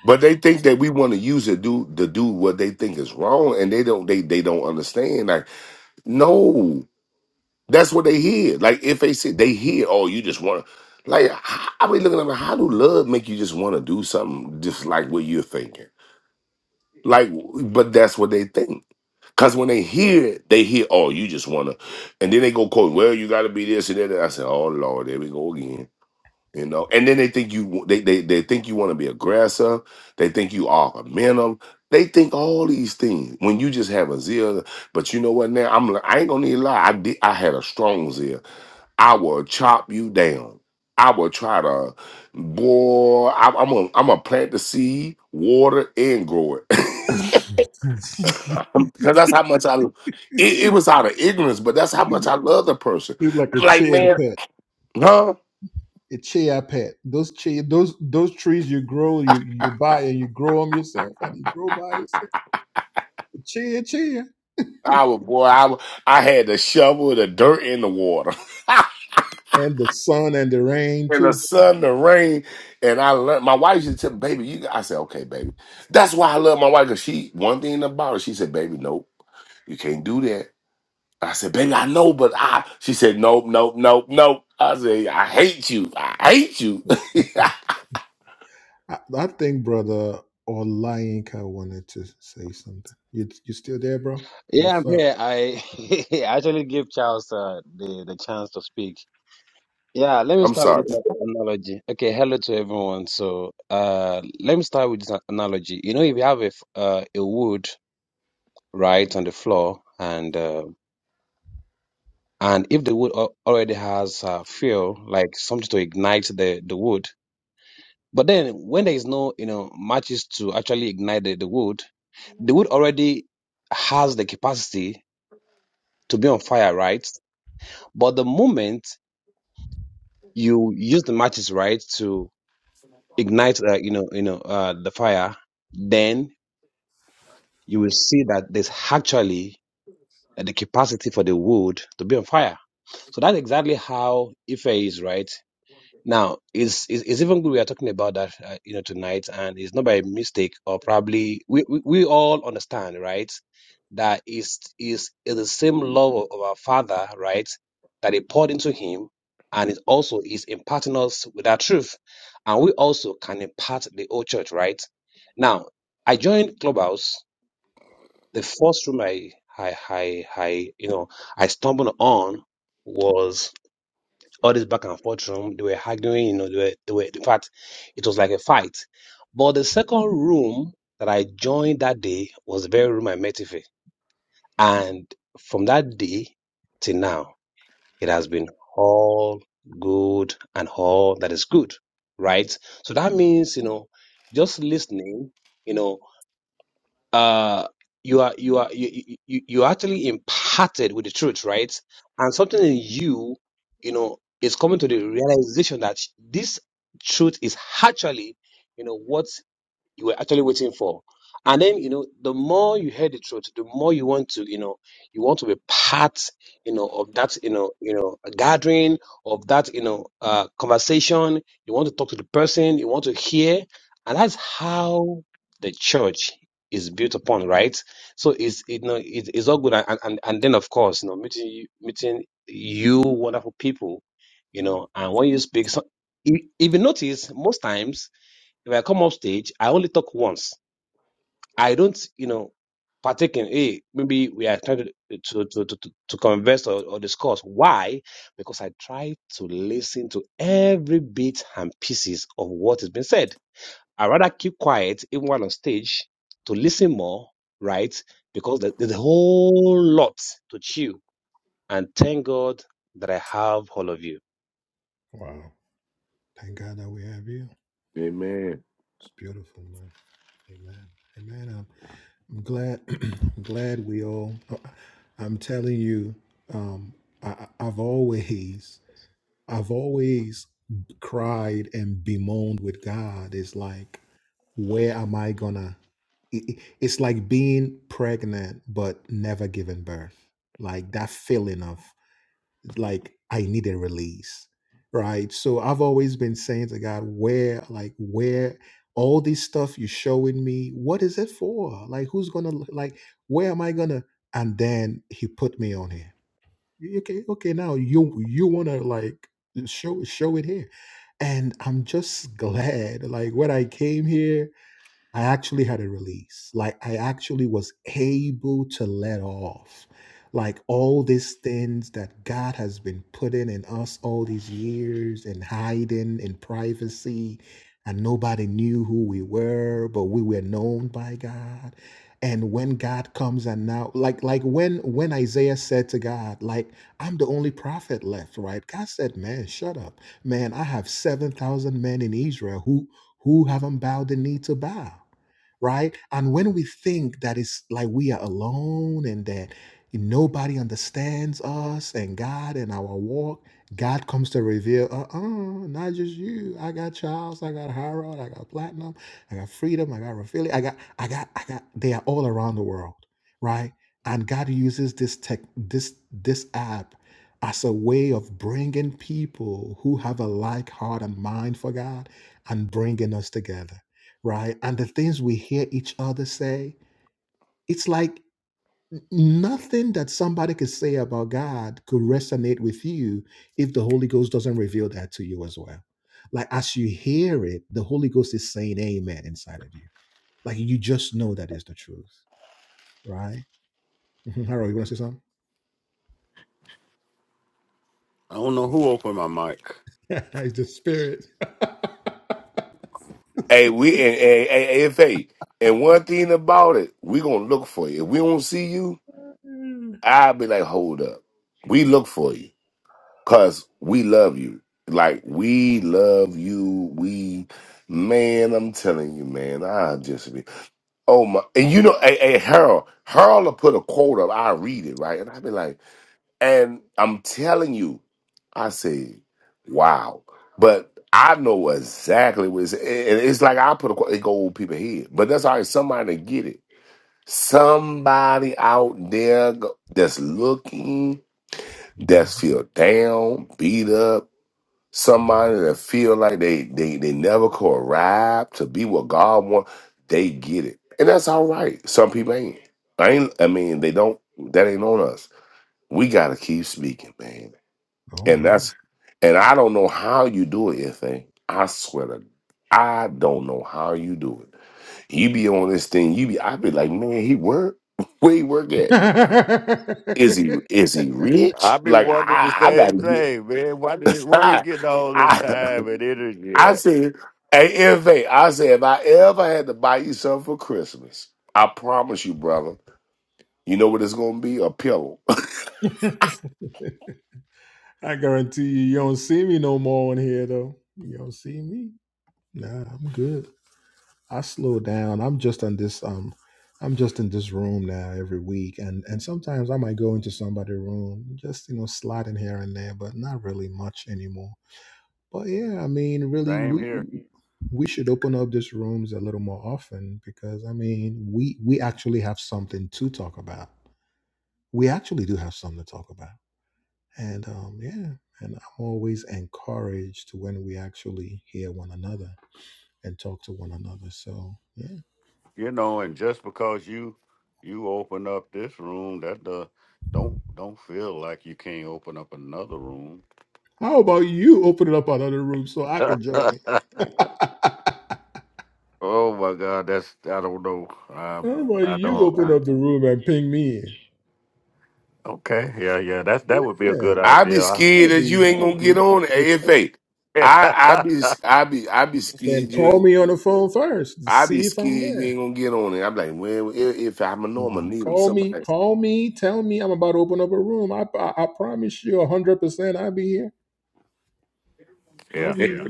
But they think that we want to use it do to do what they think is wrong, and they don't they they don't understand. Like no, that's what they hear. Like if they say they hear, oh, you just want to. Like I I be looking at them, how do love make you just want to do something just like what you're thinking? Like, but that's what they think. Cause when they hear it, they hear, oh, you just wanna, and then they go quote, well, you gotta be this and that. I said, oh Lord, there we go again, you know. And then they think you, they they, they think you want to be aggressive. They think you argumentative. They think all these things when you just have a zeal. But you know what? Now I'm, like, I ain't gonna need a lie. I did, I had a strong zeal. I will chop you down. I will try to, boy. I, I'm i I'm gonna plant the seed, water and grow it. because that's how much I. It, it was out of ignorance, but that's how He's much I love the person. he's like I'm a like, chair man, pet, huh? a chair pet. Those chair, those those trees you grow, you you buy and you grow them yourself, and you grow by yourself. A chair, chair, I was boy. I would- I had to shovel the dirt in the water, and the sun and the rain in the too. sun, the rain, and I learned. My wife used to tell me, "Baby, you." I said, "Okay, baby." That's why I love my wife because she. One thing about her, she said, "Baby, nope, you can't do that." I said, "Baby, I know, but I." She said, "Nope, nope, nope, nope." I said, "I hate you. I hate you." I, I think brother or Lionka wanted to say something. You you still there, bro? Yeah, What's I'm up? here. I I actually give Charles uh, the the chance to speak. Yeah, let me I'm start sorry, with this analogy. Okay, hello to everyone. So, uh, let me start with this analogy. You know, if you have a f- uh, a wood right on the floor, and uh, and if the wood al- already has uh, fuel, like something to ignite the the wood. But then when there is no, you know, matches to actually ignite the, the wood, the wood already has the capacity to be on fire, right? But the moment you use the matches, right, to ignite, uh, you know, you know, uh, the fire, then you will see that there's actually uh, the capacity for the wood to be on fire. So that's exactly how Ife is, right? Now, it's, it's, it's even good we are talking about that, uh, you know, tonight, and it's not by mistake or probably we, we, we all understand, right, that is is is the same love of of our Father, right, that He poured into Him, and it also is imparting us with that truth, and we also can impart the whole church, right? Now, I joined Clubhouse. The first room I I I, I you know I stumbled on was all this back and forth room. They were arguing, you know, they were, they were, in fact, it was like a fight. But the second room that I joined that day was the very room I met Ife. And from that day till now, it has been all good and all that is good, right? So that means, you know, just listening, you know, uh you are you are you, you you you are actually imparted with the truth right and something in you you know is coming to the realization that this truth is actually you know what you were actually waiting for. And then, you know, the more you hear the truth, the more you want to, you know, you want to be part, you know, of that, you know, you know, gathering of that, you know, uh, conversation. You want to talk to the person. You want to hear, and that's how the church is built upon, right? So it's, you know, it, it's all good. And, and, and then, of course, you know, meeting, you- meeting you wonderful people, you know, and when you speak, so, if if you notice, most times if I come off stage, I only talk once. I don't, you know, partake in, hey, maybe we are trying to, to, to, to, to to converse or, or discuss. Why? Because I try to listen to every bit and pieces of what is being said. I rather keep quiet even while on stage to listen more, right? Because there- there's a whole lot to chew. And thank God that I have all of you. Wow! Thank God that we have you. baby. Amen. It's beautiful, man. Amen. Amen. I'm glad, I'm glad we all. uh, I'm telling you, um, I, I- have always, I've always cried and bemoaned with God. It's like, where am I gonna? i- i- It's like being pregnant but never giving birth. Like that feeling of like I need a release, right? So I've always been saying to God, where, like, where all this stuff you're showing me, what is it for? Like, who's gonna, like, where am I gonna? And then He put me on here. Okay, okay, now you you wanna like show show it here, and I'm just glad like when I came here. I actually had a release. Like I actually was able to let off. Like all these things that God has been putting in us all these years and hiding in privacy. And nobody knew who we were, but we were known by God. And when God comes and now, like like when when Isaiah said to God, like, I'm the only prophet left, right? God said, Man, shut up. Man, I have seven thousand men in Israel who who haven't bowed the knee to Baal? right? And when we think that it's like we are alone and that nobody understands us and God and our walk, God comes to reveal, uh uh not just you. I got Charles, I got Harold, I got Platinum, I got Freedom, I got Raphael, I got, I got, I got, they are all around the world, right? And God uses this tech, this, this app as a way of bringing people who have a like heart and mind for God and bringing us together right? And the things we hear each other say, it's like n- nothing that somebody could say about God could resonate with you if the Holy Ghost doesn't reveal that to you as well. Like as you hear it, the Holy Ghost is saying amen inside of you. Like you just know that is the truth, right? Mhm. Harold, you want to say something? I don't know who opened my mic. it's the spirit. Hey, we and, and, and, and AFA. And one thing about it, we gonna look for you. If we don't see you, I'll be like, hold up. We look for you. Cause we love you. Like we love you. We man, I'm telling you, man, I just be oh my and you know, hey, hey Harold, Harold will put a quote up, I read it, right? And I be like, and I'm telling you, I say, wow. But I know exactly what it's, and it's like I put a, it go old people head. But that's all right. Somebody get it. Somebody out there go- that's looking, that's feel down, beat up. Mm. Somebody that feel like they they they never could arrive to be what God wants. They get it, and that's all right. Some people ain't. I ain't. I mean, they don't. That ain't on us. We gotta keep speaking, man Oh, and that's and I don't know how you do it, thing. I swear to I don't know how you do it. You be on this thing, you be I be like, man, he work. Where he work yeah. at? Is he is he I rich? be Like wondering the I I gotta same get thing, man. Why did, where he I getting all this I time and energy I at? said hey MV, I said if I ever had to buy you something for Christmas, I promise you, brother, you know what it's gonna be? A pillow. I guarantee you, you don't see me no more in here, though. You don't see me. Nah, I'm good. I slow down. I'm just in this um I'm just in this room now every week and and sometimes I might go into somebody's room, just you know, slide in here and there, but not really much anymore. But yeah, I mean really Same here. we we should open up these rooms a little more often because I mean we we actually have something to talk about. We actually do have something to talk about. And um yeah, and I'm always encouraged when we actually hear one another and talk to one another. So yeah. you know and just because you you open up this room that the don't don't feel like you can't open up another room How about you open it up another room so I can join? How oh my god that's i don't know i, about I you don't open I- up the room and ping me in? okay yeah yeah that's that would be a Yeah, good I be idea that scared would that be you that ain't would gonna be get that on would be perfect. AFA. I I, I be I be I be Then scared you call ain't me on the phone first to I be see if I'm scared you there. ain't gonna get on it. I'm like, well, if, if I'm a normal, Nah, need him call me, somebody. call me, tell me I'm about to open up a room. I I, I promise you hundred percent I'll be here. I'll yeah be,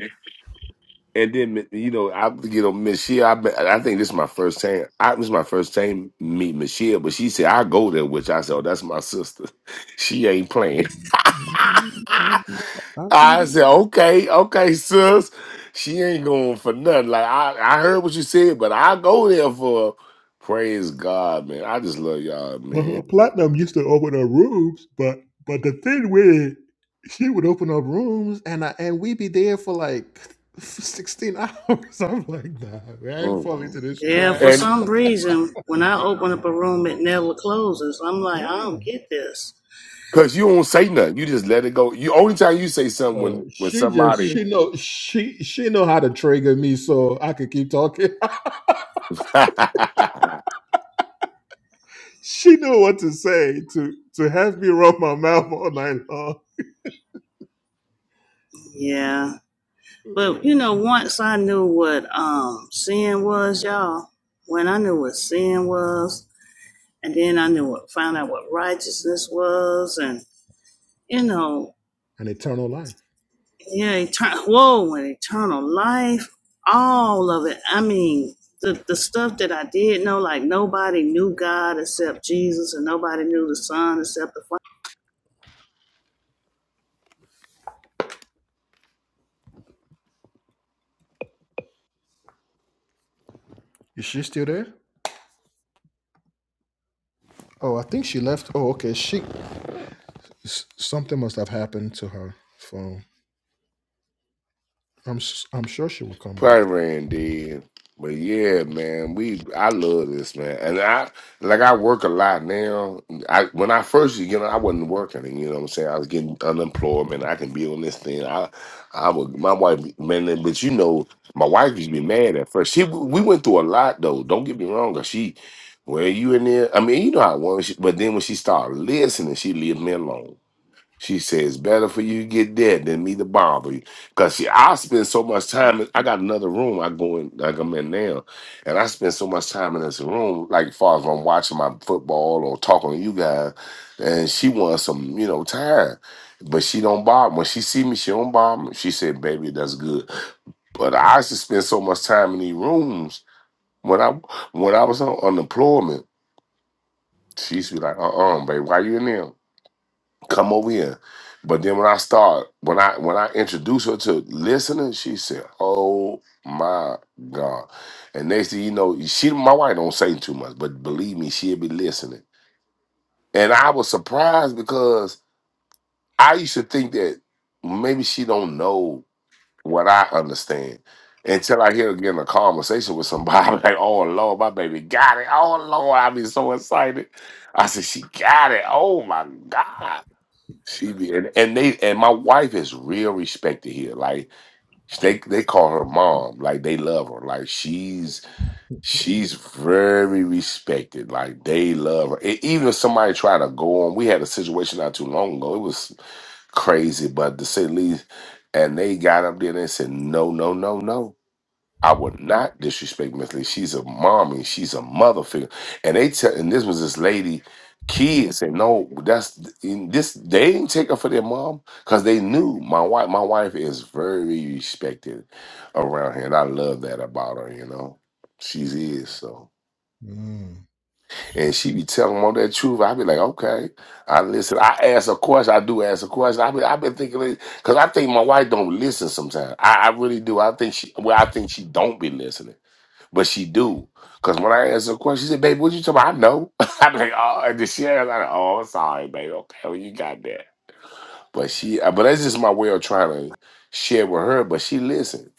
And then you know, I you know, Michelle. I bet- I think this is my first time. I this is my first time meet Michelle, but she said I go there, which I said, oh, that's my sister. She ain't playing. I'll be, I'll be I said, okay, okay, sis. She ain't going for nothing. Like I, I heard what you said, but I go there for praise God, man. I just love y'all, Uh, man. Platinum used to open her rooms, but but the thing with it, she would open up rooms, and I, and we'd be there for like sixteen hours. I'm like, nah, man, I ain't Mm. falling to this Yeah, trap. for And some reason, when I open up a room, it never closes. I'm like, I Yeah. don't get this. cause you don't say nothing, you just let it go. You only time you say something No, when when she just somebody. she know she she know how to trigger me, so I could keep talking. she knew what to say to to have me run my mouth all night long. Yeah. But, Yeah. you know, once I knew what um, sin was, y'all, when I knew what sin was, and then I knew what, found out what righteousness was, and, you know, An eternal life. yeah, eternal, whoa, and eternal life, all of it. I mean, the, the stuff that I did know, like nobody knew God except Jesus, and nobody knew the Son except the Is she still there? Oh, I think she left. Oh, okay. She s- something must have happened to her phone. I'm s- I'm sure she will come back. Probably ran dead. But yeah, man, we I love this man, and I like I work a lot now. I when I first, you know, I wasn't working. You know what I'm saying? I was getting unemployment. I can be on this thing. I, I would my wife, man. But you know, my wife used to be mad at first. She we went through a lot though. Don't get me wrong. 'cause she, well, you in there? I mean, you know how it was. She- But then when she started listening, she leave me alone. She says, better for you to get dead than me to bother you. Because, see, I spend so much time. I got another room I go in, like I'm in now. And I spend so much time in this room, like, as far as I'm watching my football or talking to you guys. And she wants some, you know, time. But she don't bother. When she see me, she don't bother me. She said, baby, that's good. But I used to spend so much time in these rooms. When I when I was on unemployment, she used to be like, uh-uh, baby, why you in there? come over here. But then when I start, when I when I introduce her to listening, she said, "Oh my God!" And next thing you know, she my wife don't say too much, but believe me, she'll be listening. And I was surprised because I used to think that maybe she don't know what I understand until I hear her again a conversation with somebody. I'm like, "Oh Lord, my baby got it! Oh Lord, I be so excited!" I said, "She got it! Oh my God!" She be and, and they and my wife is real respected here. Like they they call her mom. Like they love her. Like she's she's very respected. Like they love her. E- even if somebody try to go on, we had a situation not too long ago. It was crazy, but to say the least. And they got up there and they said, no, no, no, no. I would not disrespect Miss Lee. She's a mommy. She's a mother figure. And they tell, and this was this lady, kid said, no, that's in this. They didn't take her for their mom because they knew my wife. My wife is very respected around here, and I love that about her. You know, she's is so, Mm, and she be telling all that truth. I be like, okay, I listen. I ask a question. I do ask a question. I be, I've been thinking because I think my wife don't listen sometimes. I, I really do. I think she. Well, I think she don't be listening. But she do. Cause when I asked her a question, she said, baby, what you talking about? I know. I'm like, oh, and then she asked, I'm like, oh, I'm sorry, baby. Okay, well, you got that. But she uh, but that's just my way of trying to share with her. But she listened.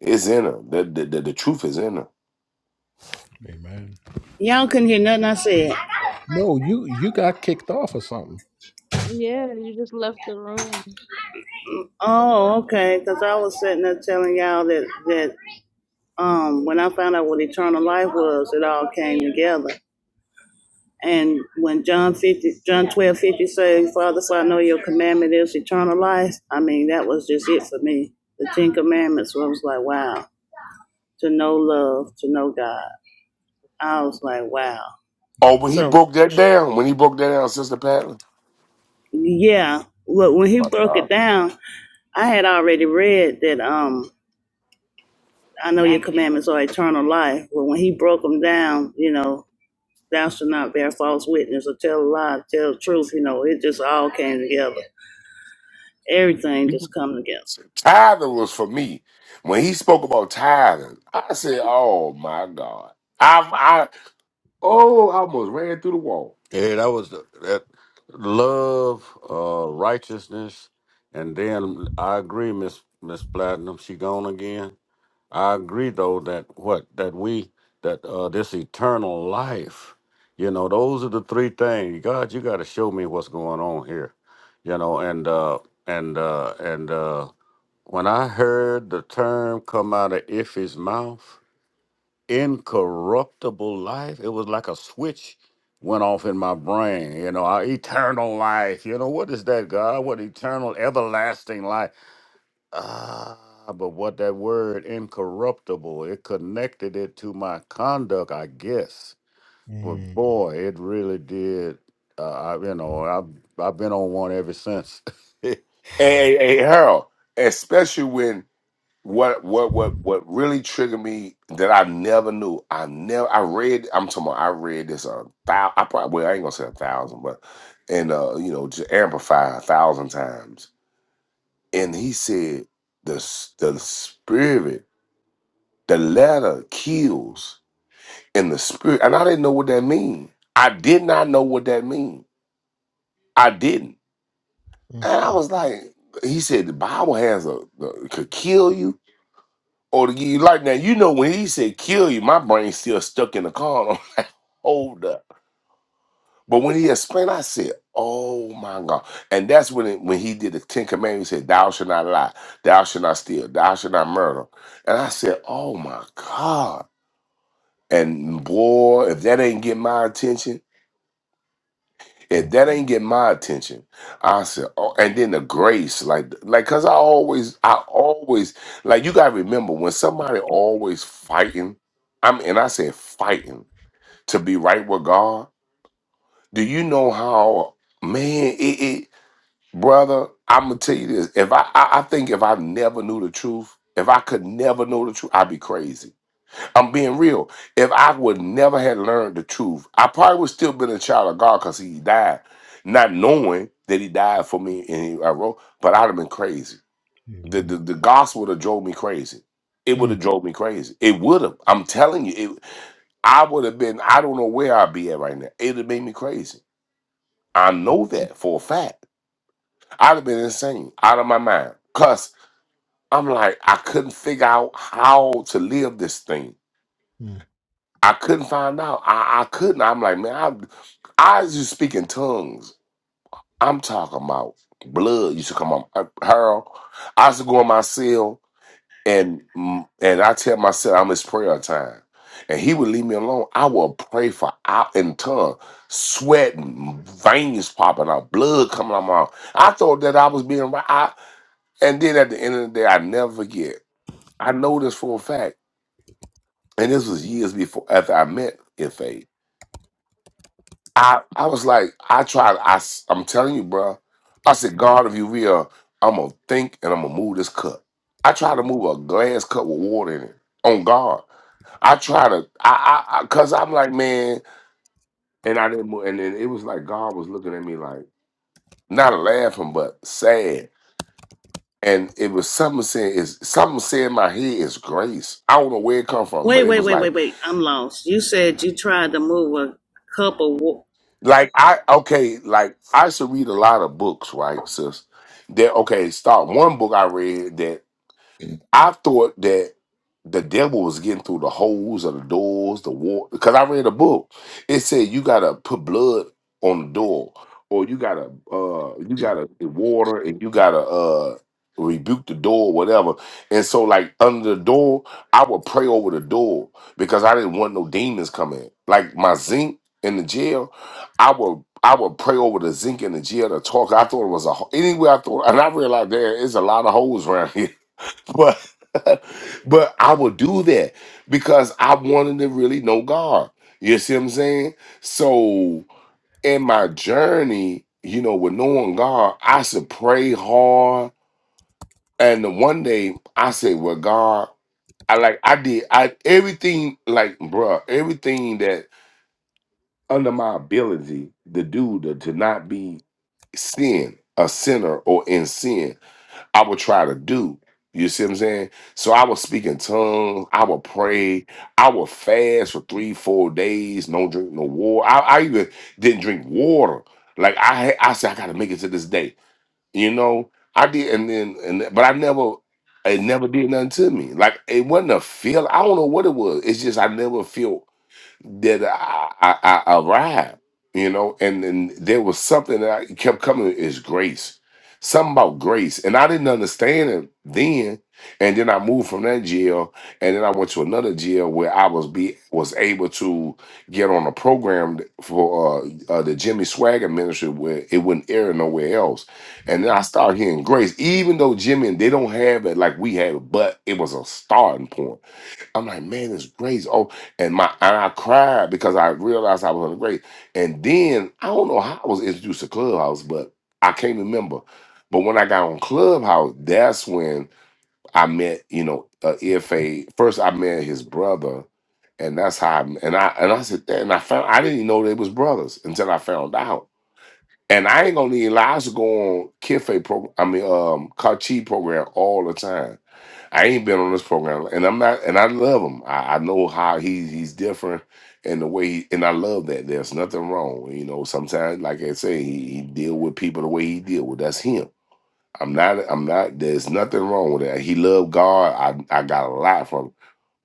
It's in her. The, the, the, the truth is in her. amen. Y'all couldn't hear nothing I said. No, you you got kicked off or something. Yeah, you just left the room. Oh, okay. Because I was sitting there telling y'all that that um when I found out what eternal life was, it all came together. And when John fifty, John twelve fifty says, "Father, for I know your commandment is eternal life." I mean, that was just it for me. The Ten Commandments. I was like, wow. To know love, to know God. I was like, wow. Oh, when he So broke that down, when he broke that down, Sister Patton. yeah, but when he My broke God. it down, I had already read that. Um, I know your commandments are eternal life. But when he broke them down, you know, thou shalt not bear false witness or tell a lie, tell the truth, you know, it just all came together. Everything just come together. Tithing was for me. When he spoke about tithing, I said, Oh my God. I I oh I almost ran through the wall. yeah that was the, that love uh righteousness and then i agree miss miss platinum she gone again I agree though that what that we that uh this eternal life, you know, those are the three things. God, you got to show me what's going on here, you know, and uh and uh and uh when I heard the term come out of Iffy's mouth, incorruptible life, it was like a switch went off in my brain. You know, our eternal life. You know, what is that, God? What eternal, everlasting life? Ah, but what that word incorruptible, it connected it to my conduct, I guess. But Amen. Mm, boy, it really did. Uh, I, you know, I've I've been on one ever since. Hey, hey, hey, Harold, especially when what what what what really triggered me that I never knew. I never I read I'm talking about I read this a thou I probably well, I ain't gonna say a thousand, but and uh, you know, just amplify a thousand times. And he said the s- the spirit, the letter kills and the spirit and I didn't know what that mean. I did not know what that mean. I didn't. mm, And I mm, was like, he said the Bible has a, a could kill you or to give you life. Now you know when he said kill you, my brain still stuck in the car. Hold up. But when he explained, I said, "Oh my God!" And that's when it, when he did the Ten Commandments. He said, "Thou shalt not lie. Thou shalt not steal. Thou shalt not murder." And I said, "Oh my God!" And boy, if that ain't get my attention. if mm. that ain't get my attention, I said, oh, and then the grace, like, like, cause I always, I always, like, you gotta remember when somebody always fighting, I mean, and I said fighting to be right with God. Do you know how, man, it, it brother? I'm gonna tell you this. If I, I, I think if I never knew the truth, if I could never know the truth, I'd be crazy I'm being real. If I would never had learned the truth, I probably would still been a child of God because he died, not knowing that he died for me and he, I wrote, but I'd have been crazy. The, Amen. the the gospel would have drove me crazy. It would Mm, have drove me crazy. It would have. I'm telling you, it, I would have been, I don't know where I'd be at right now. It'd have made me crazy. I know that for a fact. I'd have been insane, out of my mind. Cause I'm like, I couldn't figure out how to live this thing. mm. I couldn't find out. I, I couldn't. I'm like, man, I I used to speak in tongues. I'm talking about blood used to come on uh, Harold. I used to go in my cell and mm, and I tell myself I'm his prayer time. And he would leave me alone. I would pray for out in tongue, sweating, veins popping out, blood coming out my mouth. I thought that I was being right. I, and then at the end of the day, I never forget. I know this for a fact. And this was years before after I met Ife. I I was like, I tried. I s- I'm telling you, bro. I said, God, if you real, I'm gonna think and I'm gonna move this cup. I tried to move a glass cup with water in it. On God, I try to. I I, I cause I'm like, man, and I didn't move. And then it was like God was looking at me like, not laughing, but sad. And it was something saying is something saying in my head is grace. I don't know where it come from, but Wait, it wait, was wait, like. wait, wait. I'm lost. You said you tried to move a cup of water. Like I okay, like I used to read a lot of books, right, sis? That okay, start one book I read I thought that the devil was getting through the holes of the doors, the wall. Because I read a book, it said you gotta put blood on the door, or you gotta uh you gotta get water, and you gotta uh rebuke the door, whatever. And so like under the door, I would pray over the door because I didn't want no demons coming. Like my zinc in the jail, I would. I would pray over the zinc in the jail to talk. I thought it was a ho- anyway. I thought, and I realized there is a lot of holes around here but but I would do that because I wanted to really know God. You see what I'm saying? So in my journey, you know, with knowing God, I should pray hard. And the one day I said, Well, God, I like I did I everything like bruh, everything that under my ability to do to, to not be sin, a sinner or in sin. I would try to do. You see what I'm saying? So I would speak in tongues. I would pray. I would fast for three, four days. No drink, no water. I, I even didn't drink water. Like I, had- I said, I got to make it to this day. You know, I did, and then, and but I never, it never did nothing to me. Like it wasn't a feel. I don't know what it was. It's just I never felt that I, I, I arrived, you know, and then there was something that I kept coming is grace. Something about grace. And I didn't understand it then. And then I moved from that jail and then I went to another jail where I was be was able to get on a program for uh, uh the Jimmy Swagger ministry where it wouldn't air nowhere else. And then I started hearing grace, even though Jimmy and they don't have it like we have, but it was a starting point I'm like, man, it's grace. Oh, and my and I cried because I realized I was under grace. And then I don't know how I was introduced to Clubhouse, but I can't remember. But when I got on Clubhouse, that's when I met, you know, uh, EFA. First, I met his brother, and that's how. I, and I and I said, and I found I didn't even know they was brothers until I found out. And I ain't gonna need lies to go on Kife program. I mean, um, Kachi program all the time I ain't been on this program, and I'm not, and I love him. I, I know how he he's different, and the way, he, and I love that. There's nothing wrong, you know. Sometimes, like I say, he, he deal with people the way he deal with. That's him. I'm not. I'm not. There's nothing wrong with that. He loved God. I I got a lot from him.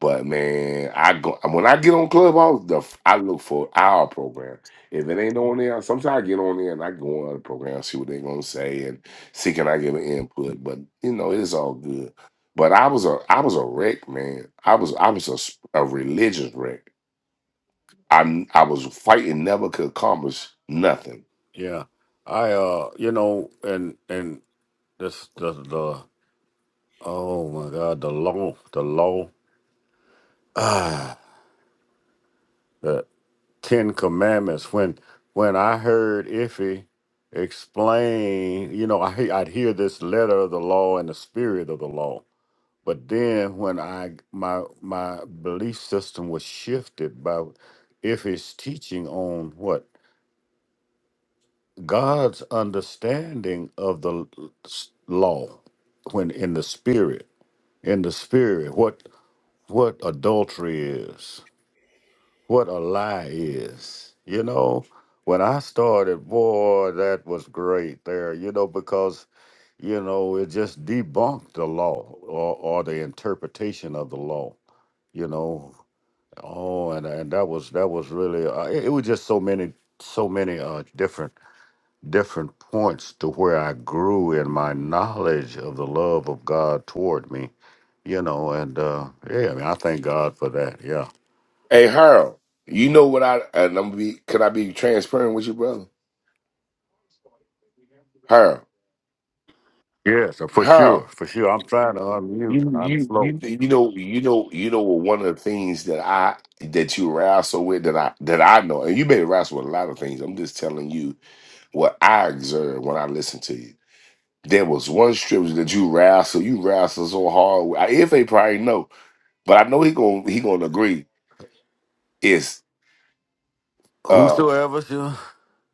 But man, I go when I get on Clubhouse, the f- I look for our program. If it ain't on there, sometimes I get on there and I go on other programs, see what they are gonna say, and see can I give an input. But you know, it's all good. But I was a I was a wreck, man. I was I was a, s- a religious wreck. I I was fighting, never could accomplish nothing. yeah, I uh, you know, and and this the the oh my God, the law, the law, the Ten Commandments. When when I heard Iffy explain, you know, I he- I'd hear this letter of the law and the spirit of the law But then when I my my belief system was shifted by if it's teaching on what God's understanding of the l- s- law when in the spirit, in the spirit, what what adultery is, what a lie is. You know, when I started, boy, that was great there, you know, because you know, it just debunked the law or, or the interpretation of the law you know Oh, and and that was that was really uh, it, it was just so many so many uh different different points to where I grew in my knowledge of the love of God toward me, you know, and uh yeah, I mean I thank God for that. Yeah. Hey, Harold, you know what I and I'm gonna be? Could I be transparent with you, brother? Her, Yes, uh, for her, sure, for sure. I'm trying to unmute. You I'm you slow. you you know you know you know one of the things that I that you wrestle with that I that I know and you may wrestle with a lot of things. I'm just telling you what I observed when I listened to you. There was one scripture that you wrestle, you wrestle so hard. With. I- If they probably know, but I know he gonna he gonna agree. Is uh Whosoever shall-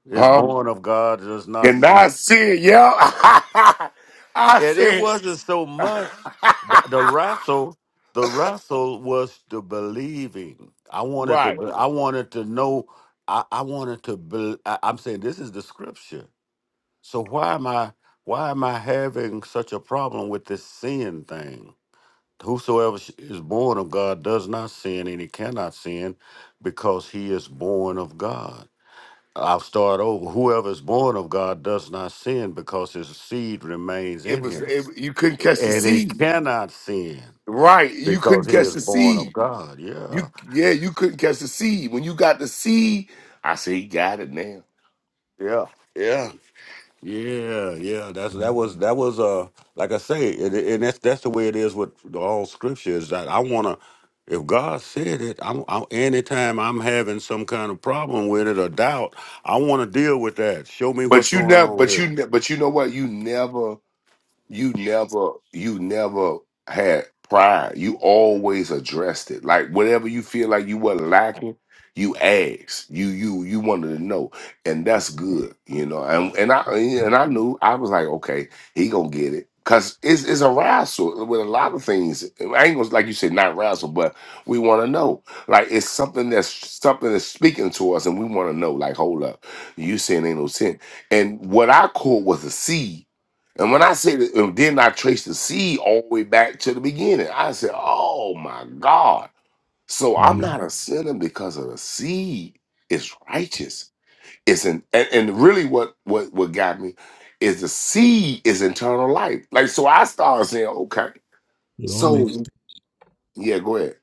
is huh? born of God does not And sin. I said, yeah, I and it said, wasn't so much the, the wrestle. The wrestle was the believing. I wanted to. right. be- I wanted to know. I, I wanted to. Be, I, I'm saying this is the scripture. So why am I? Why am I having such a problem with this sin thing? Whosoever sh- is born of God does not sin, and he cannot sin, because he is born of God. I'll start over. Whoever is born of God does not sin, because his seed remains It in was him it, you couldn't catch the and he seed. cannot sin Right. You because couldn't he catch is the born of seed. God. Yeah, You yeah, you couldn't catch the seed. When you got the seed, I say he got it now. yeah, yeah, yeah, yeah. That's that was that was uh like I say, and, and that's that's the way it is with all Scripture. Is that I wanna. If God said it, I'm, I'm anytime I'm having some kind of problem with it or doubt, I want to deal with that. Show me what's But you going never on but here. you ne- but you know what? You never you never you never had pride. You always addressed it. Like whatever you feel like you were lacking, you asked. You you you wanted to know, and that's good, you know. And and I and I knew I was like, okay, he gonna get it. Cause it's, it's a wrestle with a lot of things. I ain't gonna like you said, not wrestle, but we want to know. Like it's something that's something that's speaking to us, and we want to know. Like, hold up, you saying ain't no sin. And what I caught was a seed and when I say that, and then I trace the seed all the way back to the beginning. I said, oh my God. So I'm Mhm. not a sinner because of the seed. It's righteous. It's an, and, and really what, what what got me is the seed is eternal life. Like so I started saying, okay. It all So makes yeah, go ahead.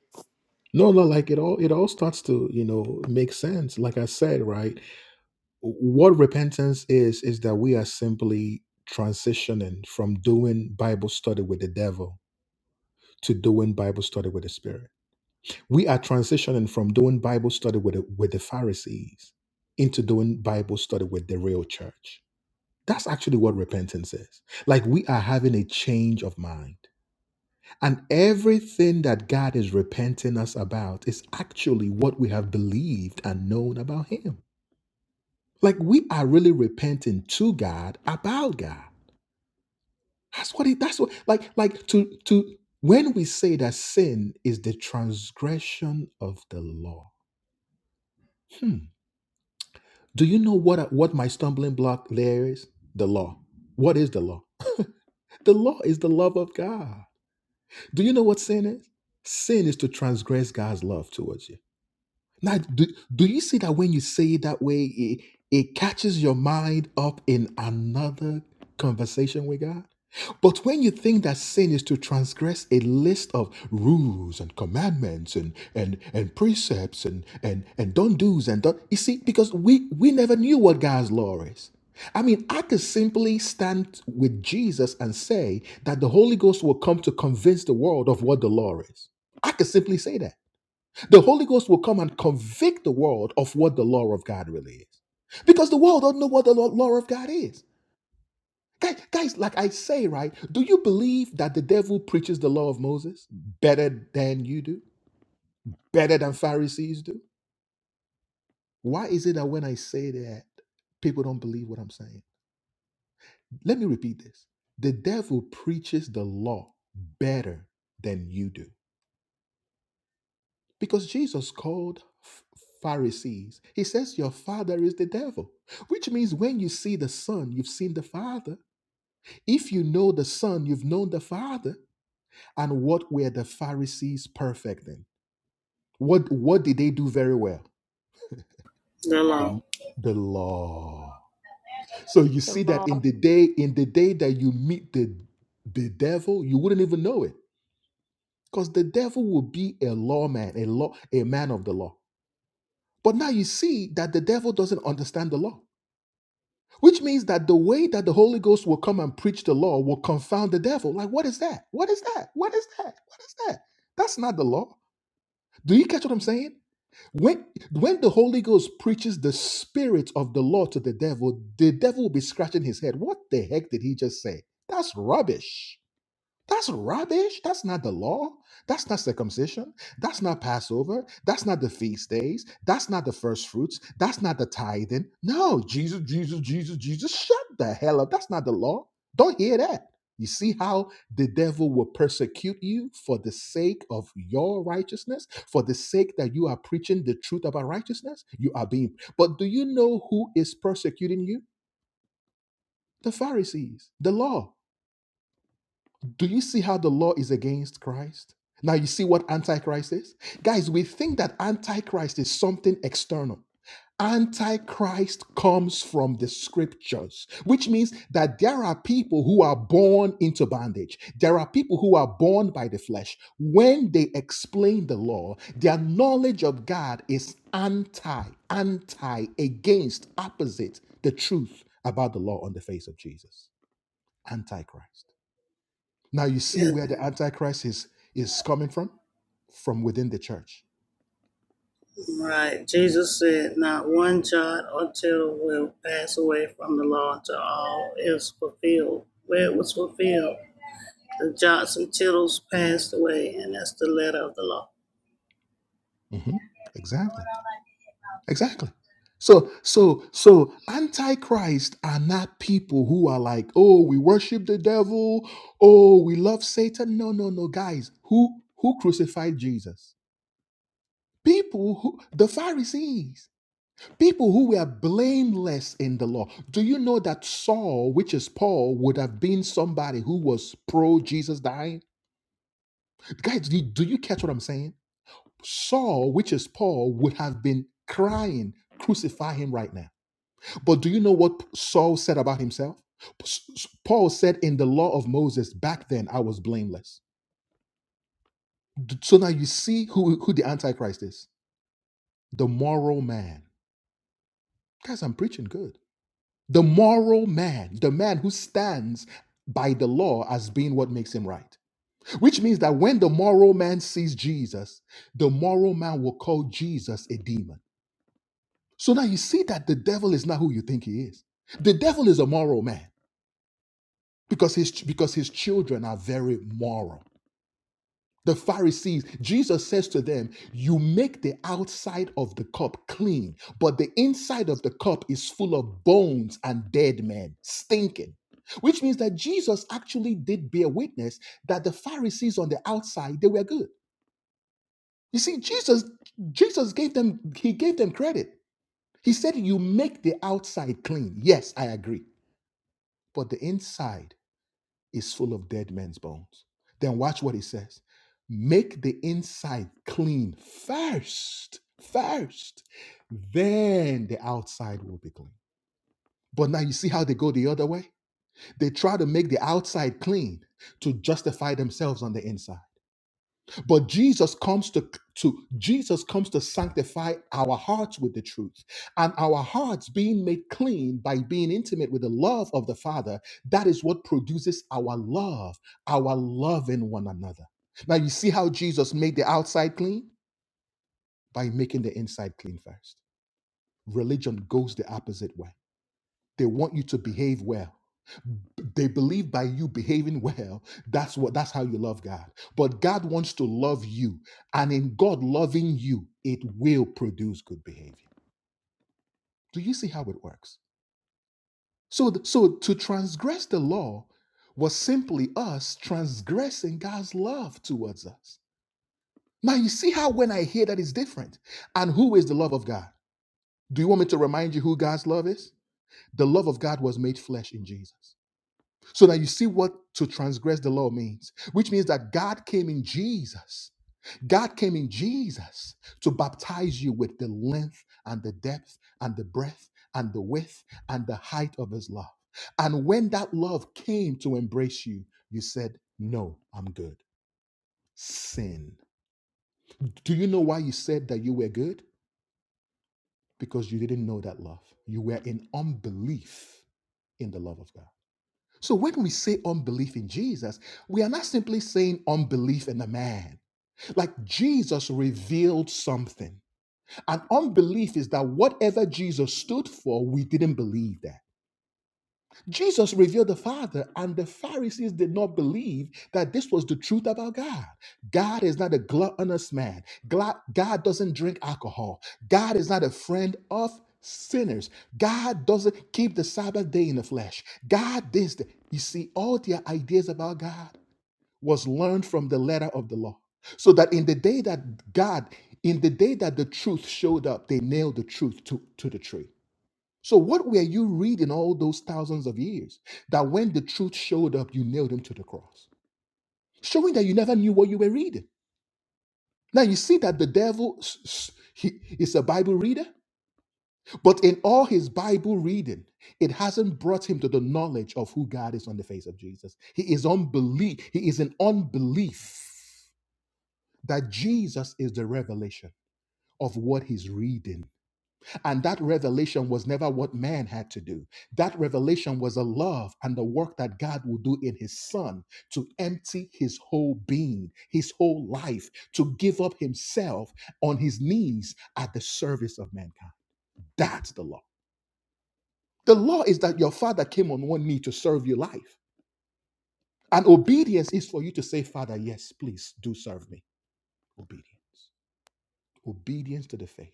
no, no. Like it all, it all starts to you know make sense. Like I said, right? What repentance is is that we are simply transitioning from doing Bible study with the devil to doing Bible study with the Spirit. We are transitioning from doing Bible study with the, with the Pharisees into doing Bible study with the real church. That's actually what repentance is. Like we are having a change of mind. And everything that God is repenting us about is actually what we have believed and known about Him. Like we are really repenting to God about God. That's what it that's what like like to to when we say that sin is the transgression of the law Do you know what I- what my stumbling block there is? The law. What is the law? The law is the love of God. Do you know what sin is? Sin is to transgress God's love towards you. Now, do, do you see that when you say it that way, it, it catches your mind up in another conversation with God? But when you think that sin is to transgress a list of rules and commandments and and, and precepts and, and and don't do's and don't you see, because we we never knew what God's law is. I mean, I could simply stand with Jesus and say that the Holy Ghost will come to convince the world of what the law is. I could simply say that. The Holy Ghost will come and convict the world of what the law of God really is. Because the world don't know what the law law of God is. Guys, guys, like I say, right? Do you believe that the devil preaches the law of Moses better than you do? Better than Pharisees do? Why is it that when I say that, people don't believe what I'm saying? Let me repeat this. The devil preaches the law better than you do. Because Jesus called Ph- Pharisees, he says, Your father is the devil, which means when you see the Son, you've seen the Father. If you know the Son, you've known the Father. And what were the Pharisees perfect in? What, what did they do very well? The, along. the law. So you The see that law. in the day, in the day that you meet the, the devil, you wouldn't even know it. Because the devil will be a lawman, a law, a man of the law. But now you see that the devil doesn't understand the law. Which means that the way that the Holy Ghost will come and preach the law will confound the devil. Like, what is that? What is that? What is that? What is that? That's not the law. Do you catch what I'm saying? When when the Holy Ghost preaches the spirit of the law to the devil, the devil will be scratching his head. What the heck did he just say? That's rubbish. That's rubbish. That's not the law. That's not circumcision. That's not Passover. That's not the feast days. That's not the first fruits. That's not the tithing. No, Jesus, Jesus, Jesus, Jesus, shut the hell up. That's not the law. Don't hear that. You see how the devil will persecute you for the sake of your righteousness, for the sake that you are preaching the truth about righteousness? You are being. But do you know who is persecuting you? The Pharisees, the law. Do you see how the law is against Christ? Now you see what antichrist is? Guys, we think that antichrist is something external. Antichrist comes from the scriptures, which means that there are people who are born into bondage. There are people who are born by the flesh. When they explain the law, their knowledge of God is anti, anti, against, opposite the truth about the law on the face of Jesus. Antichrist. Now you see Yeah, where the Antichrist is, is coming from? From within the church. right. Jesus said, not one jot or tittle will pass away from the law until all is fulfilled. Where it was fulfilled, the jots and tittles passed away, and that's the letter of the law. hmm Exactly. Exactly. So, so, so, antichrist are not people who are like, oh, we worship the devil, oh, we love Satan. No, no, no, guys. Who who crucified Jesus? People who the Pharisees, people who were blameless in the law. Do you know that Saul, which is Paul, would have been somebody who was pro Jesus dying? Guys, do do you catch what I'm saying? Saul, which is Paul, would have been crying, crucify him right now But do you know what Saul said about himself? Paul said, In the law of Moses, back then I was blameless. So now you see who, who the Antichrist is the moral man. Guys, I'm preaching good. The moral man, the man who stands by the law as being what makes him right. Which means that when the moral man sees Jesus, the moral man will call Jesus a demon. So now you see that the devil is not who you think he is. The devil is a moral man. because his because his children are very moral the pharisees jesus says to them you make the outside of the cup clean but the inside of the cup is full of bones and dead men stinking which means that jesus actually did bear witness that the pharisees on the outside they were good you see jesus jesus gave them he gave them credit he said you make the outside clean yes i agree but the inside is full of dead men's bones. Then watch what he says. Make the inside clean first, first, then the outside will be clean. But now you see how they go the other way? They try to make the outside clean to justify themselves on the inside. But Jesus comes to, to Jesus comes to sanctify our hearts with the truth. And our hearts being made clean by being intimate with the love of the Father, that is what produces our love, our love in one another. Now you see how Jesus made the outside clean? By making the inside clean first. Religion goes the opposite way. They want you to behave well they believe by you behaving well that's what that's how you love god but god wants to love you and in god loving you it will produce good behavior do you see how it works so th- so to transgress the law was simply us transgressing god's love towards us now you see how when i hear that is different and who is the love of god do you want me to remind you who god's love is the love of god was made flesh in jesus So now you see what to transgress the law means, which means that God came in Jesus. God came in Jesus to baptize you with the length and the depth and the breadth and the width and the height of his love. And when that love came to embrace you, you said, No, I'm good. Sin. Do you know why you said that you were good? Because you didn't know that love. You were in unbelief in the love of God. So when we say unbelief in Jesus, we are not simply saying unbelief in a man. Like Jesus revealed something. And unbelief is that whatever Jesus stood for, we didn't believe that. Jesus revealed the Father, and the Pharisees did not believe that this was the truth about God. God is not a gluttonous man. Gla- God doesn't drink alcohol. God is not a friend of sinners. God doesn't keep the Sabbath day in the flesh. God this. that. You see, all their ideas about God was learned from the letter of the law. So that in the day that God, in the day that the truth showed up, they nailed the truth to, to the tree. So, what were you reading all those thousands of years that when the truth showed up, you nailed him to the cross, showing that you never knew what you were reading? Now, you see that the devil s- s- he is a Bible reader, but in all his Bible reading, it hasn't brought him to the knowledge of who God is on the face of Jesus. He is unbelief. He is in unbelief that Jesus is the revelation of what he's reading And that revelation was never what man had to do. That revelation was a love and the work that God will do in his son to empty his whole being, his whole life, to give up himself on his knees at the service of mankind. That's the law. The law is that your father came on one knee to serve your life. And obedience is for you to say, Father, yes, please do serve me. Obedience. Obedience to the faith.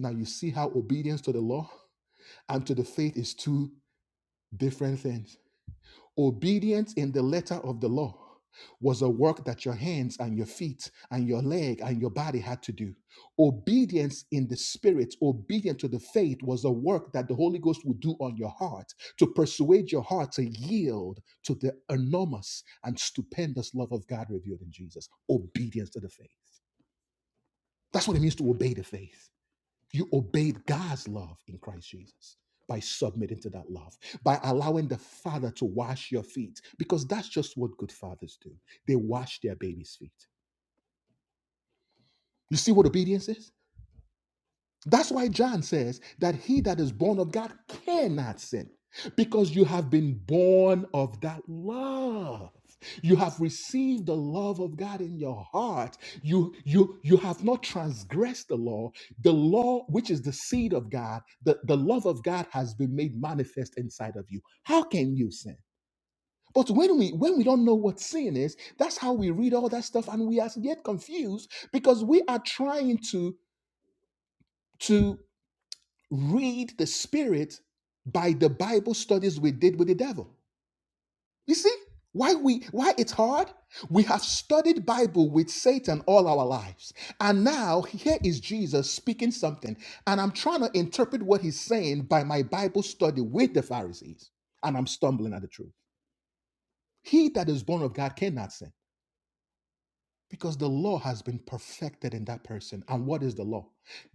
Now you see how obedience to the law and to the faith is two. Different things. Obedience in the letter of the law was a work that your hands and your feet and your leg and your body had to do. Obedience in the spirit, obedience to the faith was a work that the Holy Ghost would do on your heart to persuade your heart to yield to the enormous and stupendous love of God revealed in Jesus. Obedience to the faith. That's what it means to obey the faith. You obeyed God's love in Christ Jesus by submitting to that love, by allowing the Father to wash your feet, because that's just what good fathers do. They wash their babies' feet. You see what obedience is? That's why John says that he that is born of God cannot sin because you have been born of that love. You have received the love of God in your heart. You you you have not transgressed the law. The law which is the seed of God, the, the love of God has been made manifest inside of you. How can you sin? But when we when we don't know what sin is, that's how we read all that stuff and we are yet confused because we are trying to to read the spirit by the bible studies we did with the devil you see why we why it's hard we have studied bible with satan all our lives and now here is jesus speaking something and i'm trying to interpret what he's saying by my bible study with the pharisees and i'm stumbling at the truth he that is born of god cannot sin Because the law has been perfected in that person. And what is the law?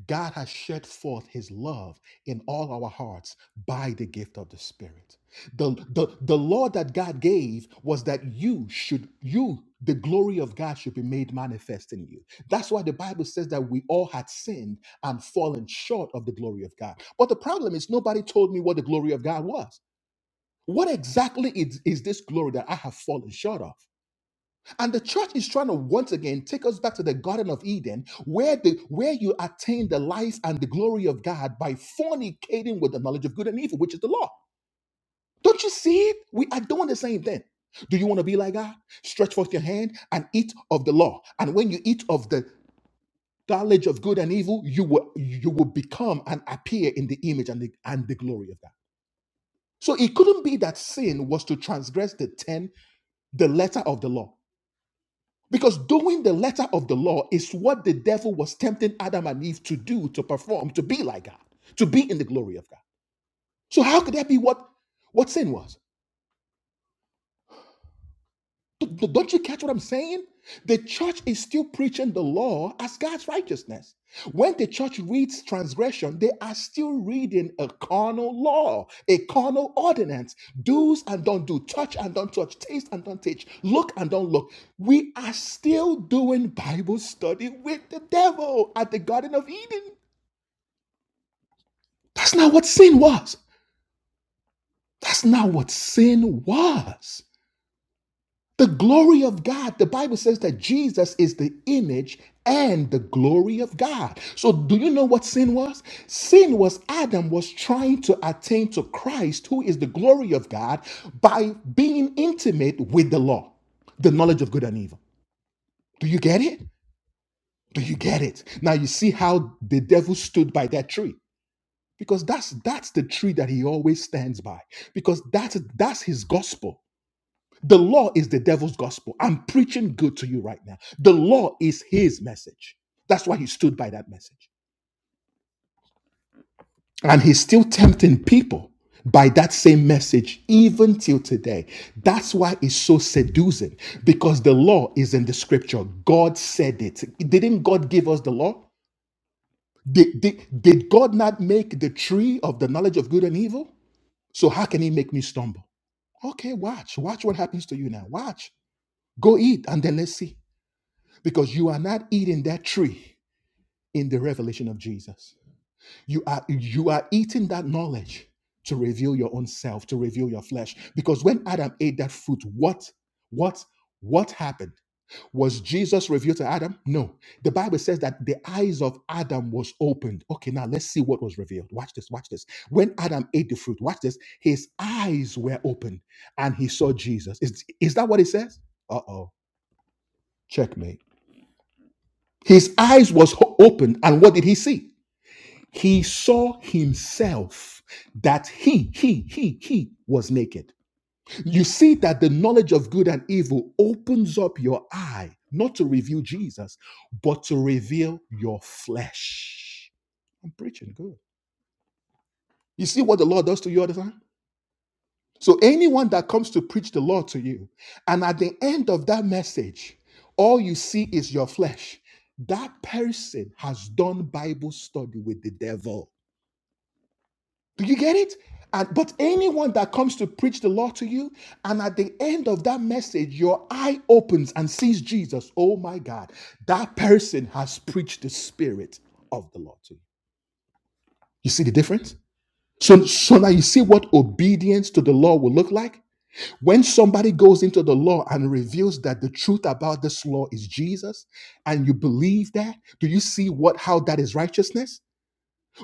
God has shed forth his love in all our hearts by the gift of the Spirit. The, the, the law that God gave was that you should, you, the glory of God should be made manifest in you. That's why the Bible says that we all had sinned and fallen short of the glory of God. But the problem is nobody told me what the glory of God was. What exactly is, is this glory that I have fallen short of? And the church is trying to once again take us back to the Garden of Eden, where the where you attain the life and the glory of God by fornicating with the knowledge of good and evil, which is the law. Don't you see it? We are doing the same thing. Do you want to be like God? Stretch forth your hand and eat of the law. And when you eat of the knowledge of good and evil, you will you will become and appear in the image and the and the glory of God. So it couldn't be that sin was to transgress the ten, the letter of the law Because doing the letter of the law is what the devil was tempting Adam and Eve to do, to perform, to be like God, to be in the glory of God. So how could that be what, what sin was? D- Don't you catch what I'm saying? The church is still preaching the law as God's righteousness. When the church reads transgression, they are still reading a carnal law, a carnal ordinance. Do's and don't do, touch and don't touch, taste and don't taste, look and don't look. We are still doing Bible study with the devil at the Garden of Eden. That's not what sin was. That's not what sin was. The glory of God, the Bible says that Jesus is the image and the glory of God. So, do you know what sin was? Sin was Adam was trying to attain to Christ, who is the glory of God, by being intimate with the law, the knowledge of good and evil. Do you get it? Do you get it? Now, you see how the devil stood by that tree. Because that's that's the tree that he always stands by. Because that's that's his gospel the law is the devil's gospel. I'm preaching good to you right now. The law is his message. That's why he stood by that message. And he's still tempting people by that same message even till today. That's why it's so seducing because the law is in the scripture. God said it. Didn't God give us the law? Did, did, did God not make the tree of the knowledge of good and evil? So how can he make me stumble? Okay, watch. Watch what happens to you now. Watch. Go eat and then let's see. because you are not eating that tree in the revelation of Jesus. You are you are eating that knowledge to reveal your own self, to reveal your flesh. Because when Adam ate that fruit, what what what happened? Was Jesus revealed to Adam? No. The Bible says that the eyes of Adam was opened. Okay, now let's see what was revealed. Watch this, watch this. When Adam ate the fruit, watch this, his eyes were opened and he saw Jesus. Is, is that what it says? Uh-oh. Checkmate. His eyes was opened and what did he see? He saw himself that he he he he was naked. You see that the knowledge of good and evil opens up your eye not to reveal Jesus, but to reveal your flesh. I'm preaching good. You see what the Lord does to you all the time? So anyone that comes to preach the law to you, and at the end of that message, all you see is your flesh, that person has done Bible study with the devil. Do you get it? And but anyone that comes to preach the law to you, and at the end of that message, your eye opens and sees Jesus. Oh my God, that person has preached the spirit of the law to you. You see the difference? So, so now you see what obedience to the law will look like. When somebody goes into the law and reveals that the truth about this law is Jesus, and you believe that, do you see what how that is righteousness?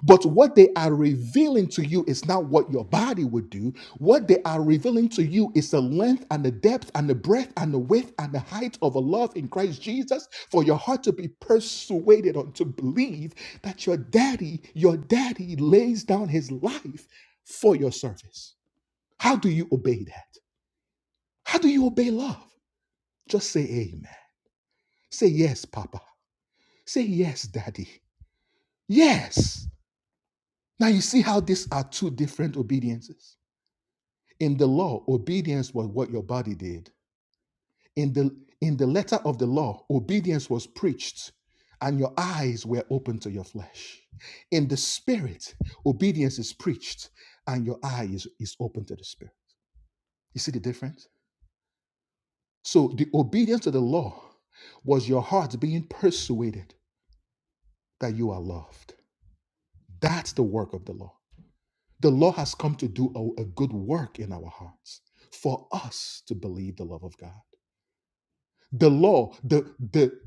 But what they are revealing to you is not what your body would do. What they are revealing to you is the length and the depth and the breadth and the width and the height of a love in Christ Jesus for your heart to be persuaded on to believe that your daddy, your daddy lays down his life for your service. How do you obey that? How do you obey love? Just say amen. Say yes, Papa. Say yes, Daddy. Yes. Now you see how these are two different obediences. In the law, obedience was what your body did. In the in the letter of the law, obedience was preached, and your eyes were open to your flesh. In the spirit, obedience is preached, and your eye is, is open to the spirit. You see the difference? So the obedience to the law was your heart being persuaded that you are loved. That's the work of the law. The law has come to do a, a good work in our hearts for us to believe the love of God. The law, the the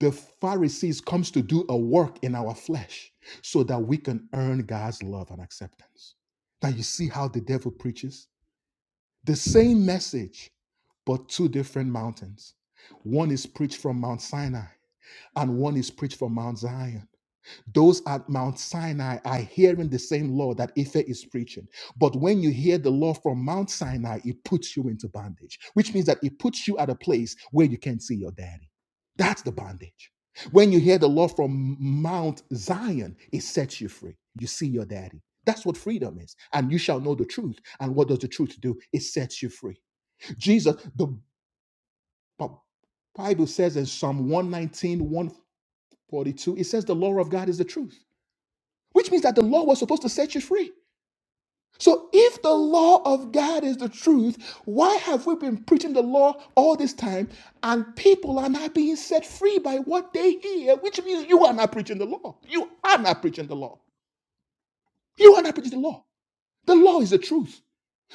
the Pharisees comes to do a work in our flesh so that we can earn God's love and acceptance. Now you see how the devil preaches the same message, but two different mountains. One is preached from Mount Sinai, and one is preached from Mount Zion Those at Mount Sinai are hearing the same law that Ife is preaching. But when you hear the law from Mount Sinai, it puts you into bondage, which means that it puts you at a place where you can't see your daddy. That's the bondage. When you hear the law from Mount Zion, it sets you free. You see your daddy. That's what freedom is. And you shall know the truth. And what does the truth do? It sets you free. Jesus, the Bible says in Psalm one nineteen one forty two, it says the law of God is the truth which means that the law was supposed to set you free. So if the law of God is the truth, why have we been preaching the law all this time and people are not being set free by what they hear, which means you are not preaching the law. You are not preaching the law. You are not preaching the law. The law is the truth.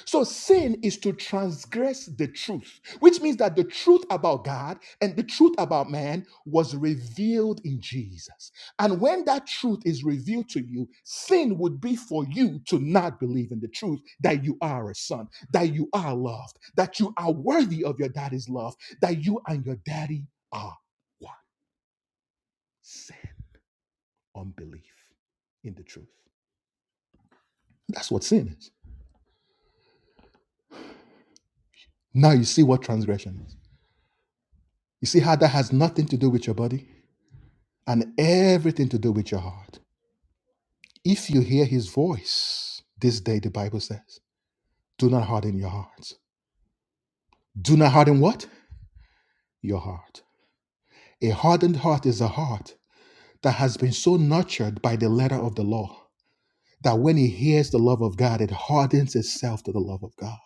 So sin is to transgress the truth, which means that the truth about God and the truth about man was revealed in Jesus. And when that truth is revealed to you, sin would be for you to not believe in the truth that you are a son, that you are loved, that you are worthy of your daddy's love, that you and your daddy are one. Sin, unbelief in the truth. That's what sin is. Now you see what transgression is. You see how that has nothing to do with your body? and everything to do with your heart. If you hear his voice this day, the Bible says, do not harden your hearts. Do not harden what? Your heart. A hardened heart is a heart that has been so nurtured by the letter of the law that when it hears the love of God, it hardens itself to the love of God.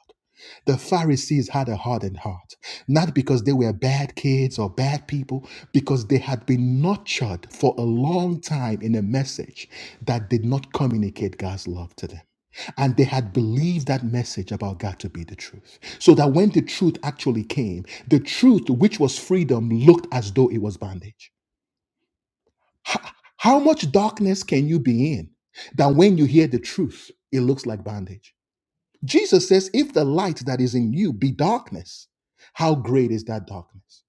The Pharisees had a hardened heart, not because they were bad kids or bad people, because they had been nurtured for a long time in a message that did not communicate God's love to them. And they had believed that message about God to be the truth. So that when the truth actually came, the truth, which was freedom, looked as though it was bondage. H- How much darkness can you be in that when you hear the truth, it looks like bondage? Jesus says, if the light that is in you be darkness, how great is that darkness?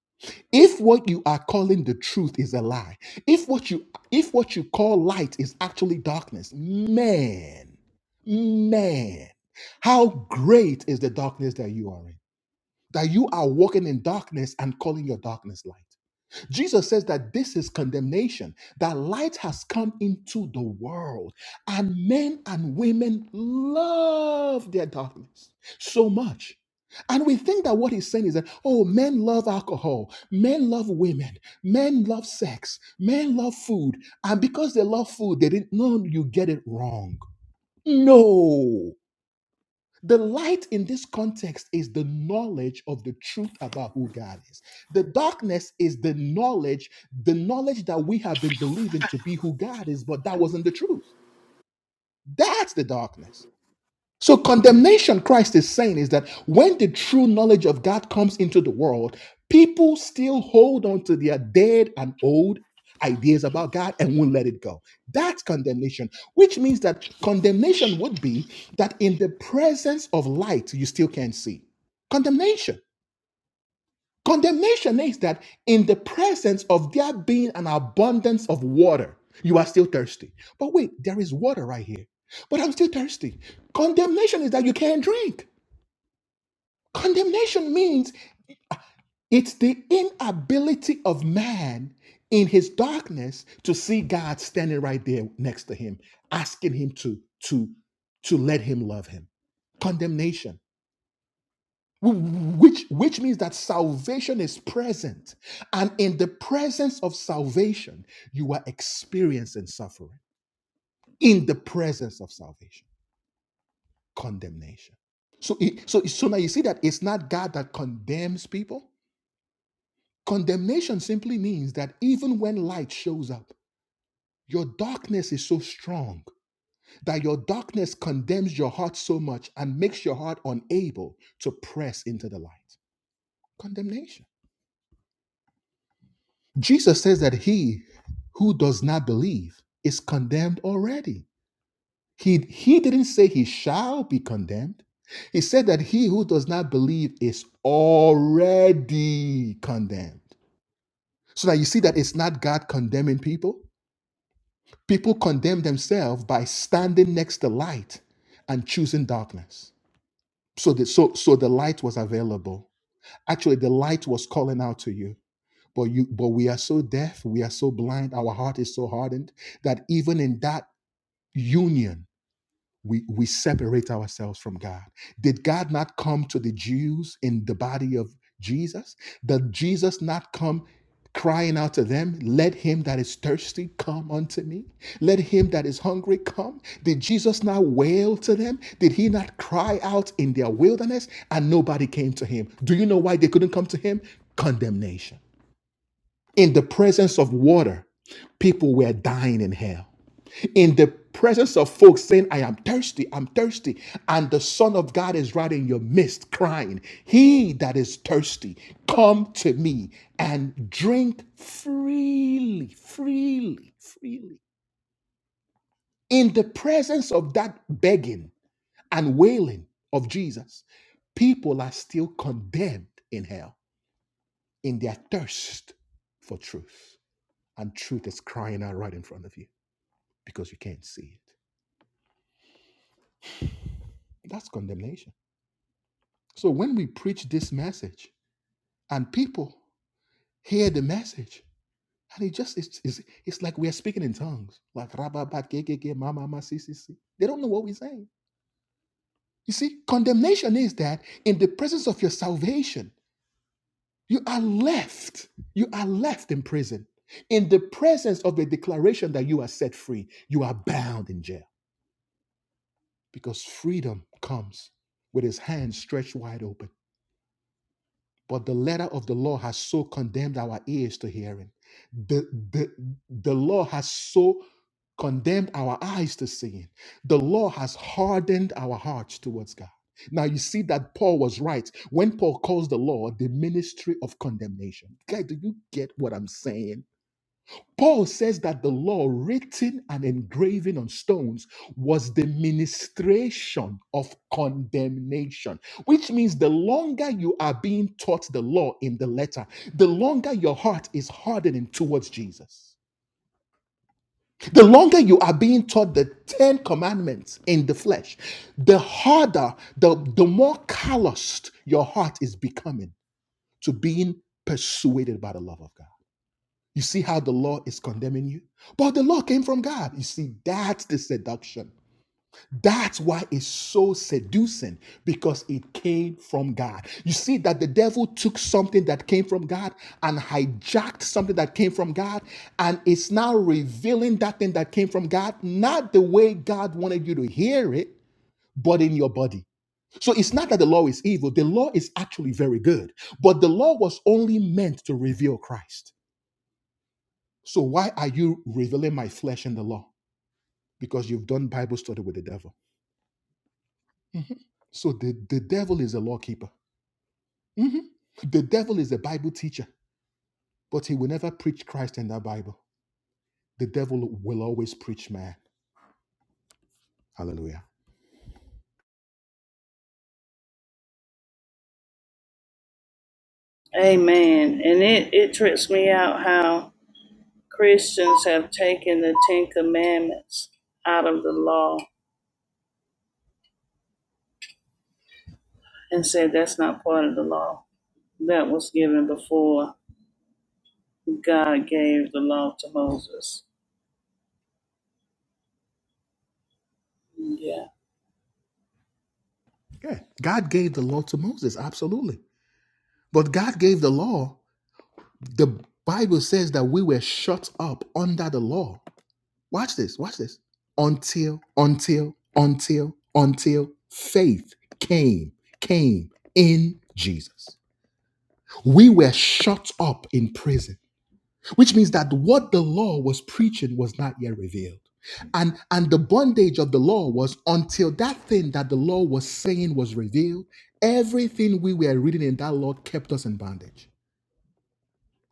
If what you are calling the truth is a lie, if what you if what you call light is actually darkness, man, man, how great is the darkness that you are in? That you are walking in darkness and calling your darkness light. Jesus says that this is condemnation, that light has come into the world, and men and women love their darkness so much. And we think that what he's saying is that, oh, men love alcohol, men love women, men love sex, men love food, and because they love food, they didn't know you get it wrong. No. The light in this context is the knowledge of the truth about who God is. The darkness is the knowledge, the knowledge that we have been believing to be who God is, but that wasn't the truth. That's the darkness. So, condemnation, Christ is saying, is that when the true knowledge of God comes into the world, people still hold on to their dead and old ideas about God and won't let it go. That's condemnation, which means that condemnation would be that in the presence of light, you still can't see. Condemnation. Condemnation is that in the presence of there being an abundance of water, you are still thirsty. But wait, there is water right here. But I'm still thirsty. Condemnation is that you can't drink. Condemnation means it's the inability of man in his darkness to see God standing right there next to him, asking him to to to let him love him. Condemnation which which means that salvation is present and in the presence of salvation you are experiencing suffering in the presence of salvation condemnation so it, so so now you see that it's not god that condemns people condemnation simply means that even when light shows up your darkness is so strong that your darkness condemns your heart so much and makes your heart unable to press into the light condemnation Jesus says that he who does not believe is condemned already. He, he didn't say he shall be condemned. He said that he who does not believe is already condemned. So now you see that it's not God condemning people. People condemn themselves by standing next to light and choosing darkness. So the, so, so the light was available. Actually, the light was calling out to you. But you but we are so deaf, we are so blind, our heart is so hardened that even in that union, we, we separate ourselves from God. Did God not come to the Jews in the body of Jesus? Did Jesus not come crying out to them, Let him that is thirsty come unto me? Let him that is hungry come? Did Jesus not wail to them? Did he not cry out in their wilderness? And nobody came to him. Do you know why they couldn't come to him? Condemnation in the presence of water, people were dying in hell. In the presence of folks saying, I am thirsty, I'm thirsty, and the Son of God is right in your midst crying, He that is thirsty, come to me and drink freely, freely, freely. In the presence of that begging and wailing of Jesus, people are still condemned in hell in their thirst for truth. and truth is crying out right in front of you because you can't see it. That's condemnation. So when we preach this message and people hear the message, and it just it's it's, it's like we're speaking in tongues, like rababat kekeke mama ma, si si si. They don't know what we're saying. You see, condemnation is that in the presence of your salvation, you are left. You are left in prison. In the presence of the declaration that you are set free, you are bound in jail. because freedom comes with his hands stretched wide open. But the letter of the law has so condemned our ears to hearing. The, the, the law has so condemned our eyes to seeing. The law has hardened our hearts towards God. Now you see that Paul was right when Paul calls the law the ministry of condemnation. Guy, do you get what I'm saying? Paul says that the law written and engraving on stones was the ministration of condemnation, which means the longer you are being taught the law in the letter, the longer your heart is hardening towards Jesus. The longer you are being taught the 10 commandments in the flesh, the harder, the, the more calloused your heart is becoming to being persuaded by the love of God. You see how the law is condemning you? But the law came from God. You see, that's the seduction. That's why it's so seducing because it came from God. You see that the devil took something that came from God and hijacked something that came from God, and it's now revealing that thing that came from God, not the way God wanted you to hear it, but in your body. So it's not that the law is evil, the law is actually very good, but the law was only meant to reveal Christ. So why are you revealing my flesh in the law? Because you've done Bible study with the devil. Mhm. So the, the devil is a law keeper. Mhm. The devil is a Bible teacher, but he will never preach Christ in that Bible. The devil will always preach man. Hallelujah. Amen. And it, it trips me out how Christians have taken the Ten Commandments out of the law and said that's not part of the law. That was given before God gave the law to Moses. Yeah. Yeah. God gave the law to Moses, absolutely. But God gave the law. The Bible says that we were shut up under the law Watch this, watch this. Until, until, until, until faith came, came in Jesus. We were shut up in prison, which means that what the law was preaching was not yet revealed. And and the bondage of the law was until that thing that the law was saying was revealed, everything we were reading in that law kept us in bondage.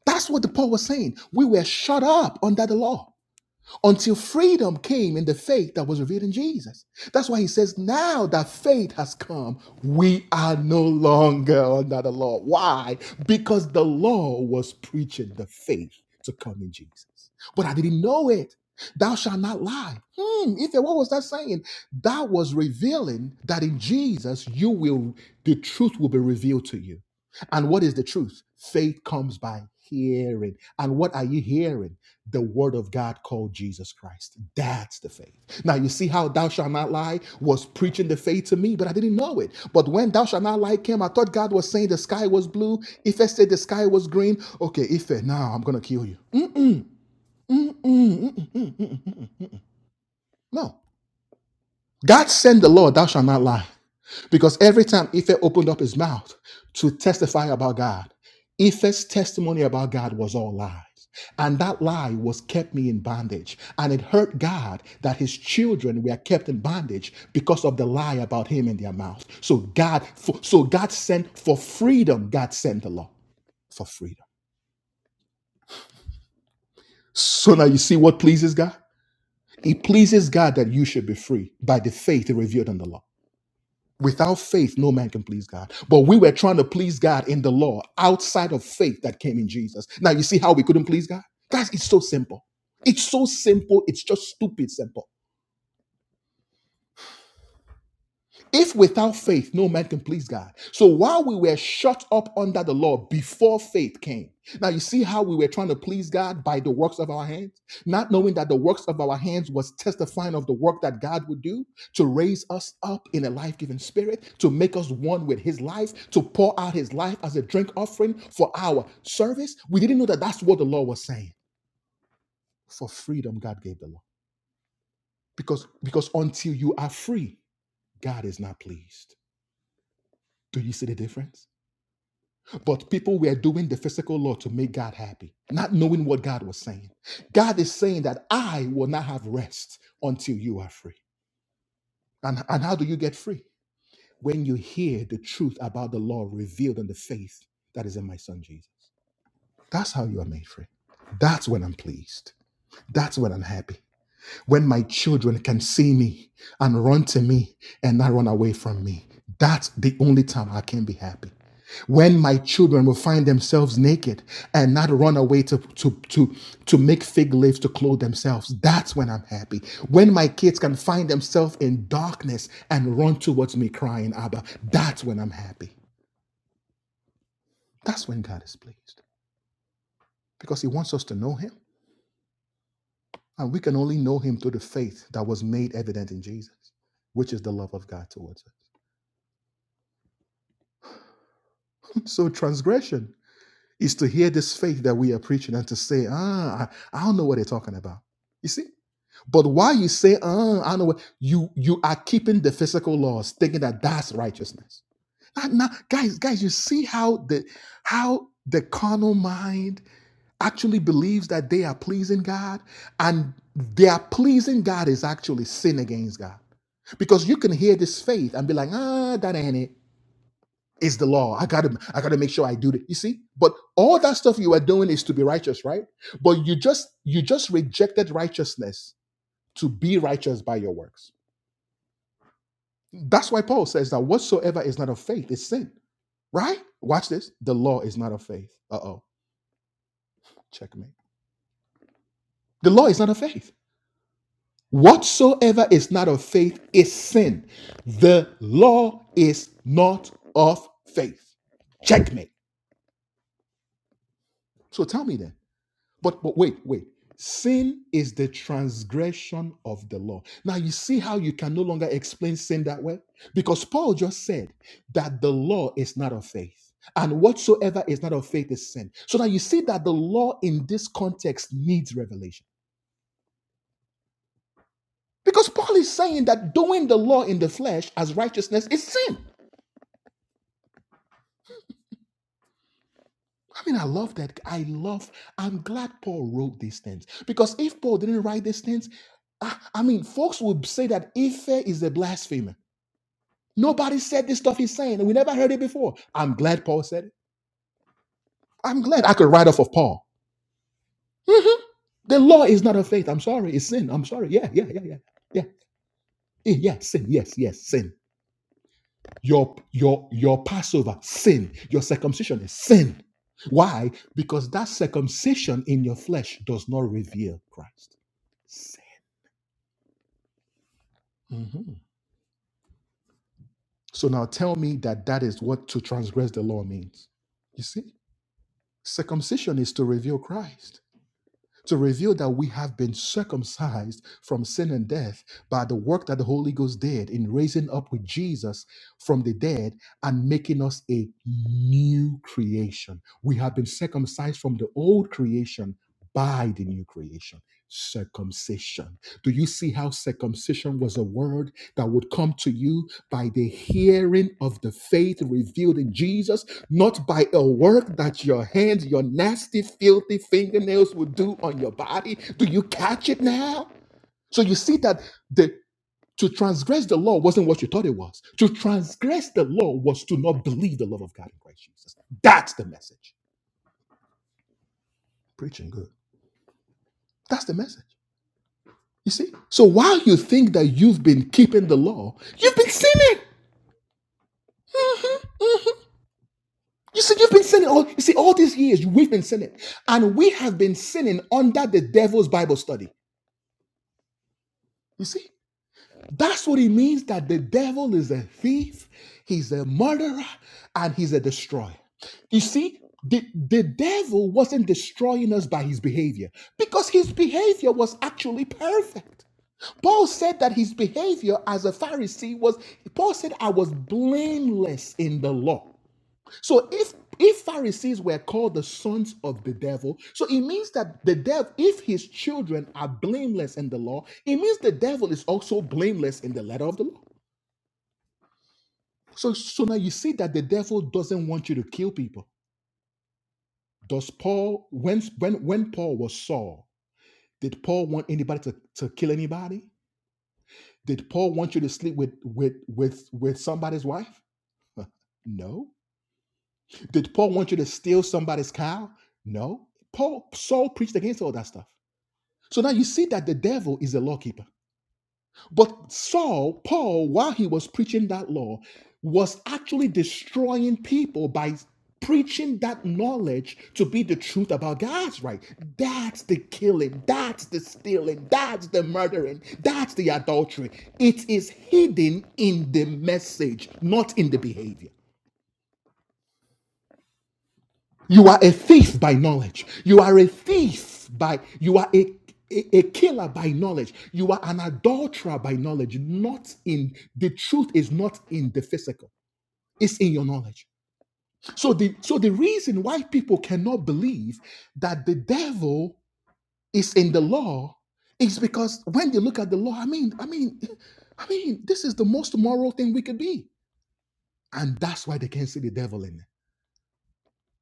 That's what the Paul was saying. We were shut up under the law. until freedom came in the faith that was revealed in Jesus. That's why he says, now that faith has come, we are no longer under the law. Why? Because the law was preaching the faith to come in Jesus. But I didn't know it. Thou shalt not lie. Hmm, Ife, what was that saying? That was revealing that in Jesus you will the truth will be revealed to you. And what is the truth? Faith comes by hearing. And what are you hearing? the word of God called Jesus Christ. That's the faith. Now you see how thou shalt not lie was preaching the faith to me, but I didn't know it. But when thou shalt not lie came, I thought God was saying the sky was blue. If I said the sky was green, okay, Ife, now I'm gonna kill you. Mm-mm, mm-mm, mm-mm, mm-mm, mm-mm. No. God sent the Lord, thou shalt not lie. Because every time Ife opened up his mouth to testify about God, Ife's testimony about God was all lies. And that lie was kept me in bondage. And it hurt God that his children were kept in bondage because of the lie about him in their mouth. So God, so God sent for freedom, God sent the law for freedom. So now you see what pleases God? It pleases God that you should be free by the faith revealed in the law. Without faith, no man can please God. But we were trying to please God in the law outside of faith that came in Jesus. Now you see how we couldn't please God? Guys, it's so simple. It's so simple. It's just stupid simple. If without faith, no man can please God. So while we were shut up under the law before faith came, now you see how we were trying to please God by the works of our hands, not knowing that the works of our hands was testifying of the work that God would do to raise us up in a life giving spirit, to make us one with His life, to pour out His life as a drink offering for our service. We didn't know that that's what the law was saying. For freedom, God gave the law. Because, because until you are free, God is not pleased. Do you see the difference? But people were doing the physical law to make God happy, not knowing what God was saying. God is saying that I will not have rest until you are free. And, and how do you get free? When you hear the truth about the law revealed in the faith that is in my son Jesus. That's how you are made free. That's when I'm pleased. That's when I'm happy when my children can see me and run to me and not run away from me. That's the only time I can be happy. When my children will find themselves naked and not run away to, to, to, to make fig leaves to clothe themselves, that's when I'm happy. When my kids can find themselves in darkness and run towards me crying, Abba, that's when I'm happy. That's when God is pleased because He wants us to know Him. And we can only know Him through the faith that was made evident in Jesus, which is the love of God towards us. So transgression is to hear this faith that we are preaching and to say, ah, I don't know what they're talking about. You see? But while you say, ah, I don't know what you you are keeping the physical laws, thinking that that's righteousness. Now, now, guys, guys, you see how the how the carnal mind actually believes that they are pleasing God, and their pleasing God is actually sin against God. Because you can hear this faith and be like, ah, that ain't it. Is the law. I gotta, I gotta make sure I do it. You see, but all that stuff you are doing is to be righteous, right? But you just, you just rejected righteousness to be righteous by your works. That's why Paul says that whatsoever is not of faith is sin, right? Watch this. The law is not of faith. Uh oh, checkmate. The law is not of faith. Whatsoever is not of faith is sin. The law is not of faith. Checkmate. So tell me then. But but wait, wait. Sin is the transgression of the law. Now you see how you can no longer explain sin that way? Because Paul just said that the law is not of faith. And whatsoever is not of faith is sin. So now you see that the law in this context needs revelation. Because Paul is saying that doing the law in the flesh as righteousness is sin. I mean, I love that. I love, I'm glad Paul wrote these things because if Paul didn't write these things, I, I mean, folks would say that Ife is a blasphemer. Nobody said this stuff he's saying, and we never heard it before. I'm glad Paul said it. I'm glad I could write off of Paul. Mhm. The law is not of faith. I'm sorry. It's sin. I'm sorry. Yeah, yeah, yeah, yeah. Yeah. Yeah, yeah, sin. Yes, yes, sin. Your your your Passover, sin. Your circumcision is sin. Why? Because that circumcision in your flesh does not reveal Christ. Mhm. So now tell me that that is what to transgress the law means. You see, circumcision is to reveal Christ. to reveal that we have been circumcised from sin and death by the work that the Holy Ghost did in raising up with Jesus from the dead and making us a new creation. We have been circumcised from the old creation by the new creation. Circumcision. Do you see how circumcision was a word that would come to you by the hearing of the faith revealed in Jesus? not by a work that your hands, your nasty, filthy fingernails will do on your body. Do you catch it now? So you see that the to transgress the law wasn't what you thought it was. To transgress the law was to not believe the love of God in Christ Jesus. That's the message. Preaching good. That's the message. You see? So while you think that you've been keeping the law, you've been sinning. Mhm, mhm. You see, you've been sinning all you see all these years. We've been sinning, and we have been sinning under the devil's Bible study. You see, that's what he means that the devil is a thief, he's a murderer, and he's a destroyer. You see, the, the devil wasn't destroying us by his behavior because his behavior was actually perfect. Paul said that his behavior as a Pharisee was, Paul said, I was blameless in the law. So if if Pharisees were called the sons of the devil, so it means that the devil, if his children are blameless in the law, it means the devil is also blameless in the letter of the law. So so now you see that the devil doesn't want you to kill people. Does Paul when when when Paul was Saul, did Paul want anybody to, to kill anybody? Did Paul want you to sleep with with with with somebody's wife? No. Did Paul want you to steal somebody's cow? No. Paul Saul preached against all that stuff. So now you see that the devil is a lawkeeper. But Saul, Paul, while he was preaching that law, was actually destroying people by preaching that knowledge to be the truth about God's right. That's the killing, that's the stealing, that's the murdering, that's the adultery. It is hidden in the message, not in the behavior. You are a thief by knowledge. You are a thief by, you are a, a, a killer by knowledge. You are an adulterer by knowledge. Not in, the truth is not in the physical, it's in your knowledge. So the, so the reason why people cannot believe that the devil is in the law is because when they look at the law, I mean, I mean, I mean, this is the most moral thing we could be. And that's why they can't see the devil in it.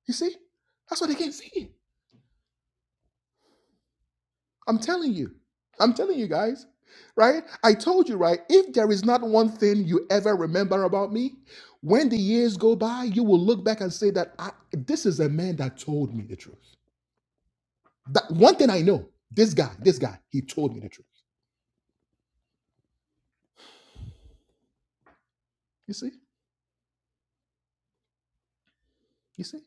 You see? That's why they can't see it. I'm telling you. I'm telling you guys. Right? I told you, right? If there is not one thing you ever remember about me, when the years go by, you will look back and say that I, this is a man that told me the truth. That one thing I know, this guy, this guy, he told me the truth. You see? You see?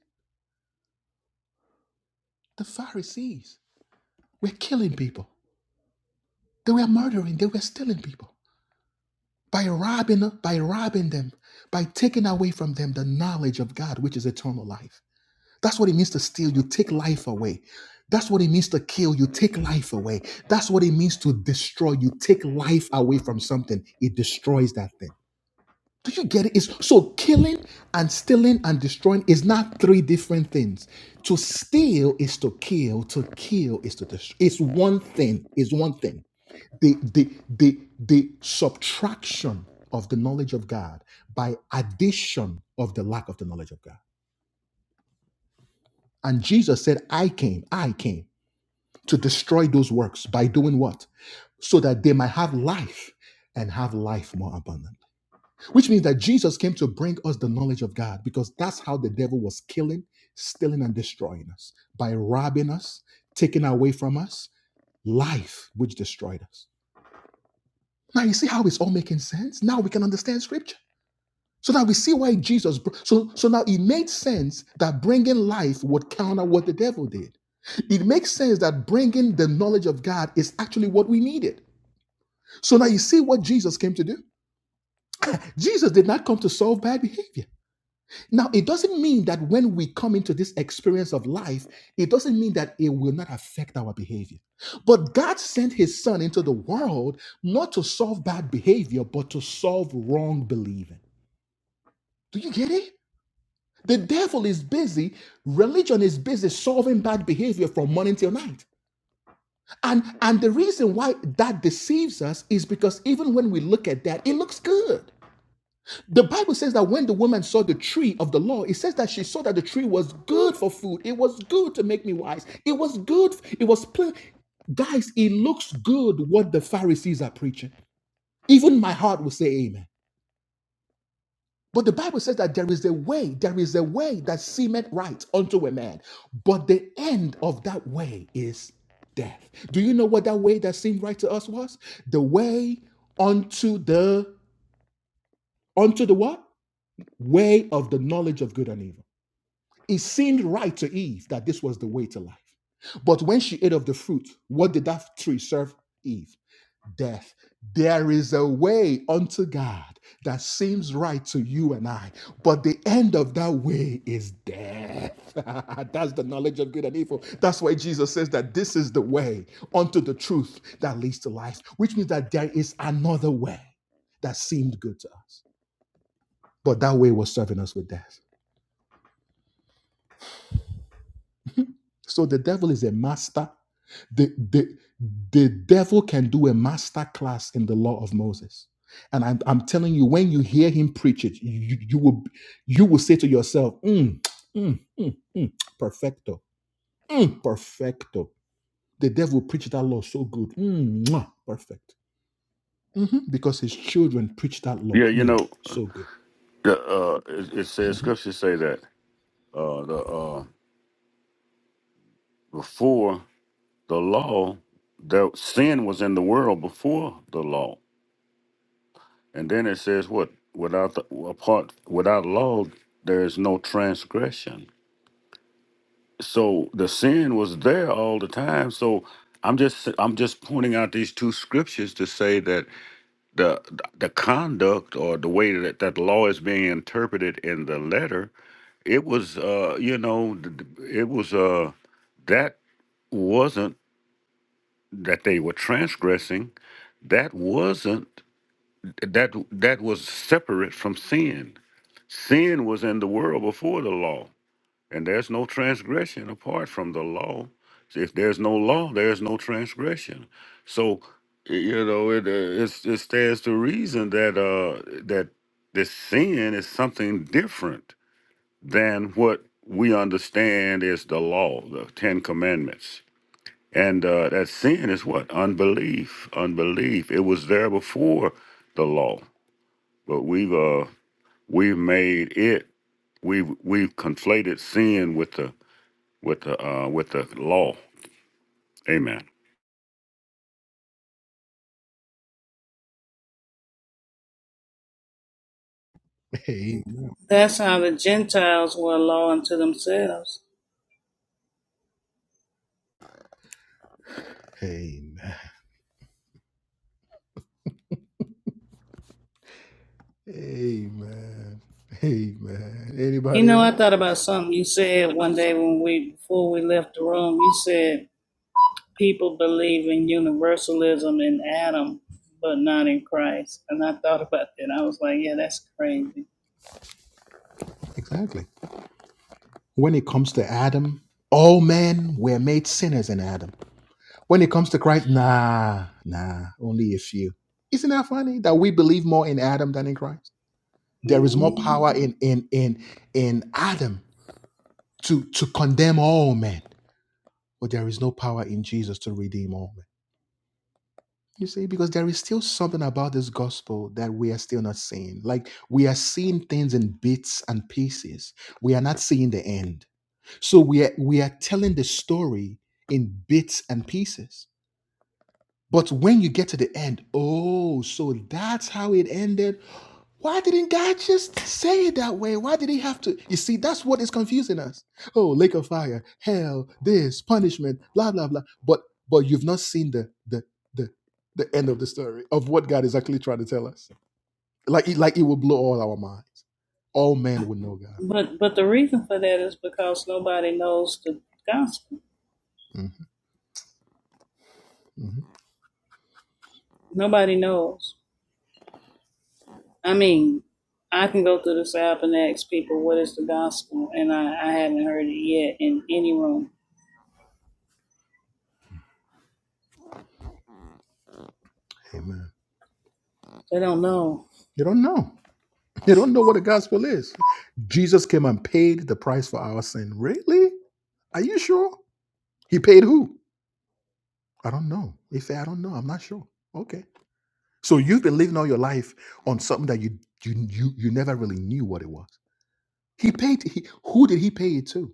The Pharisees were killing people. They were murdering, they were stealing people. By robbing by robbing them, by taking away from them the knowledge of God, which is eternal life. That's what it means to steal. You take life away. That's what it means to kill. You take life away. That's what it means to destroy. You take life away from something, it destroys that thing. Do you get it? It's, so killing and stealing and destroying is not three different things. To steal is to kill. To kill is to destroy. It's one thing. It's one thing. The the the the subtraction of the knowledge of God by addition of the lack of the knowledge of God. And Jesus said, I came, I came. to destroy those works by doing what? So that they might have life and have life more abundant. Which means that Jesus came to bring us the knowledge of God because that's how the devil was killing, stealing, and destroying us by robbing us, taking away from us life, which destroyed us. Now, you see how it's all making sense? Now we can understand scripture. So now we see why Jesus. br- So so now it made sense that bringing life would counter what the devil did. It makes sense that bringing the knowledge of God is actually what we needed. So now you see what Jesus came to do. Jesus did not come to solve bad behavior. Now it doesn't mean that when we come into this experience of life, it doesn't mean that it will not affect our behavior. But God sent His Son into the world not to solve bad behavior, but to solve wrong believing. Do you get it? The devil is busy, religion is busy solving bad behavior from morning till night. And and the reason why that deceives us is because even when we look at that, it looks good. The Bible says that when the woman saw the tree of the law, it says that she saw that the tree was good for food. It was good to make me wise. It was good. It was pl- guys, it looks good what the Pharisees are preaching. Even my heart will say amen. But the Bible says that there is a way, there is a way that seemeth right unto a man, but the end of that way is death. Do you know what that way that seemed right to us was? The way unto the unto the what? Way of the knowledge of good and evil. It seemed right to Eve that this was the way to life. But when she ate of the fruit, what did that tree serve Eve? death. There is a way unto God that seems right to you and I, but the end of that way is death. That's the knowledge of good and evil. That's why Jesus says that this is the way unto the truth that leads to life, which means that there is another way that seemed good to us, but that way was serving us with death. So the devil is a master The, the, the devil can do a master class in the law of Moses. And I'm, I'm telling you, when you hear him preach it, you, you will you will say to yourself, mm, mm, mm, mm, perfecto, mm, perfecto. The devil preached that law so good, mm, mwah, perfect. Mhm. Because his children preach that law, Yeah, you mm, know, so good. the, uh, it, it says Mhm. Scripture say that uh, the uh, before the law the sin was in the world before the law and then it says what without the apart without law there is no transgression so the sin was there all the time so i'm just i'm just pointing out these two scriptures to say that the the conduct or the way that that law is being interpreted in the letter it was uh you know it was uh that wasn't that they were transgressing that wasn't that that was separate from sin. Sin was in the world before the law, and there's no transgression apart from the law. If there's no law, there's no transgression. So, you know, it uh, it's, it stands to reason that uh that this sin is something different than what we understand is the law, the Ten Commandments. And uh, that sin is what unbelief. Unbelief. It was there before the law, but we've uh, We've made it. We've we've conflated sin with the with the uh, with the law. Amen. Amen. That's how the Gentiles were a law unto themselves. Mhm. Amen. Amen. Amen. You Anybody know, I else? thought about something you said one day when we before we left the room. You said people believe in universalism in Adam, but not in Christ. And I thought about that. I was like, yeah, that's crazy. Exactly. When it comes to Adam, all men were made sinners in Adam. When it comes to Christ, nah, nah, only a few. Isn't that funny that we believe more in Adam than in Christ? There is more Mhm. power in in in in Adam to to condemn all men, but there is no power in Jesus to redeem all men. You see, because there is still something about this gospel that we are still not seeing. Like we are seeing things in bits and pieces. We are not seeing the end. So we are, we are telling the story in bits and pieces. But when you get to the end, oh, so that's how it ended. Why didn't God just say it that way? Why did he have to? You see, that's what is confusing us. Oh, lake of fire, hell, this punishment, blah blah blah. But but you've not seen the the the the end of the story of what God is actually trying to tell us. Like it- like it will blow all our minds. All men would know God. But but the reason for that is because nobody knows the gospel. Mhm, mhm. Nobody knows. I mean, I can go through this app and ask people what is the gospel, and I, I haven't heard it yet in any room. Amen. They don't know. You don't know. They don't know what the gospel is. Jesus came and paid the price for our sin. Really? Are you sure? He paid who? I don't know. He said, I don't know. I'm not sure. Okay. So you've been living all your life on something that you you you, you never really knew what it was. He paid he, who did he pay it to?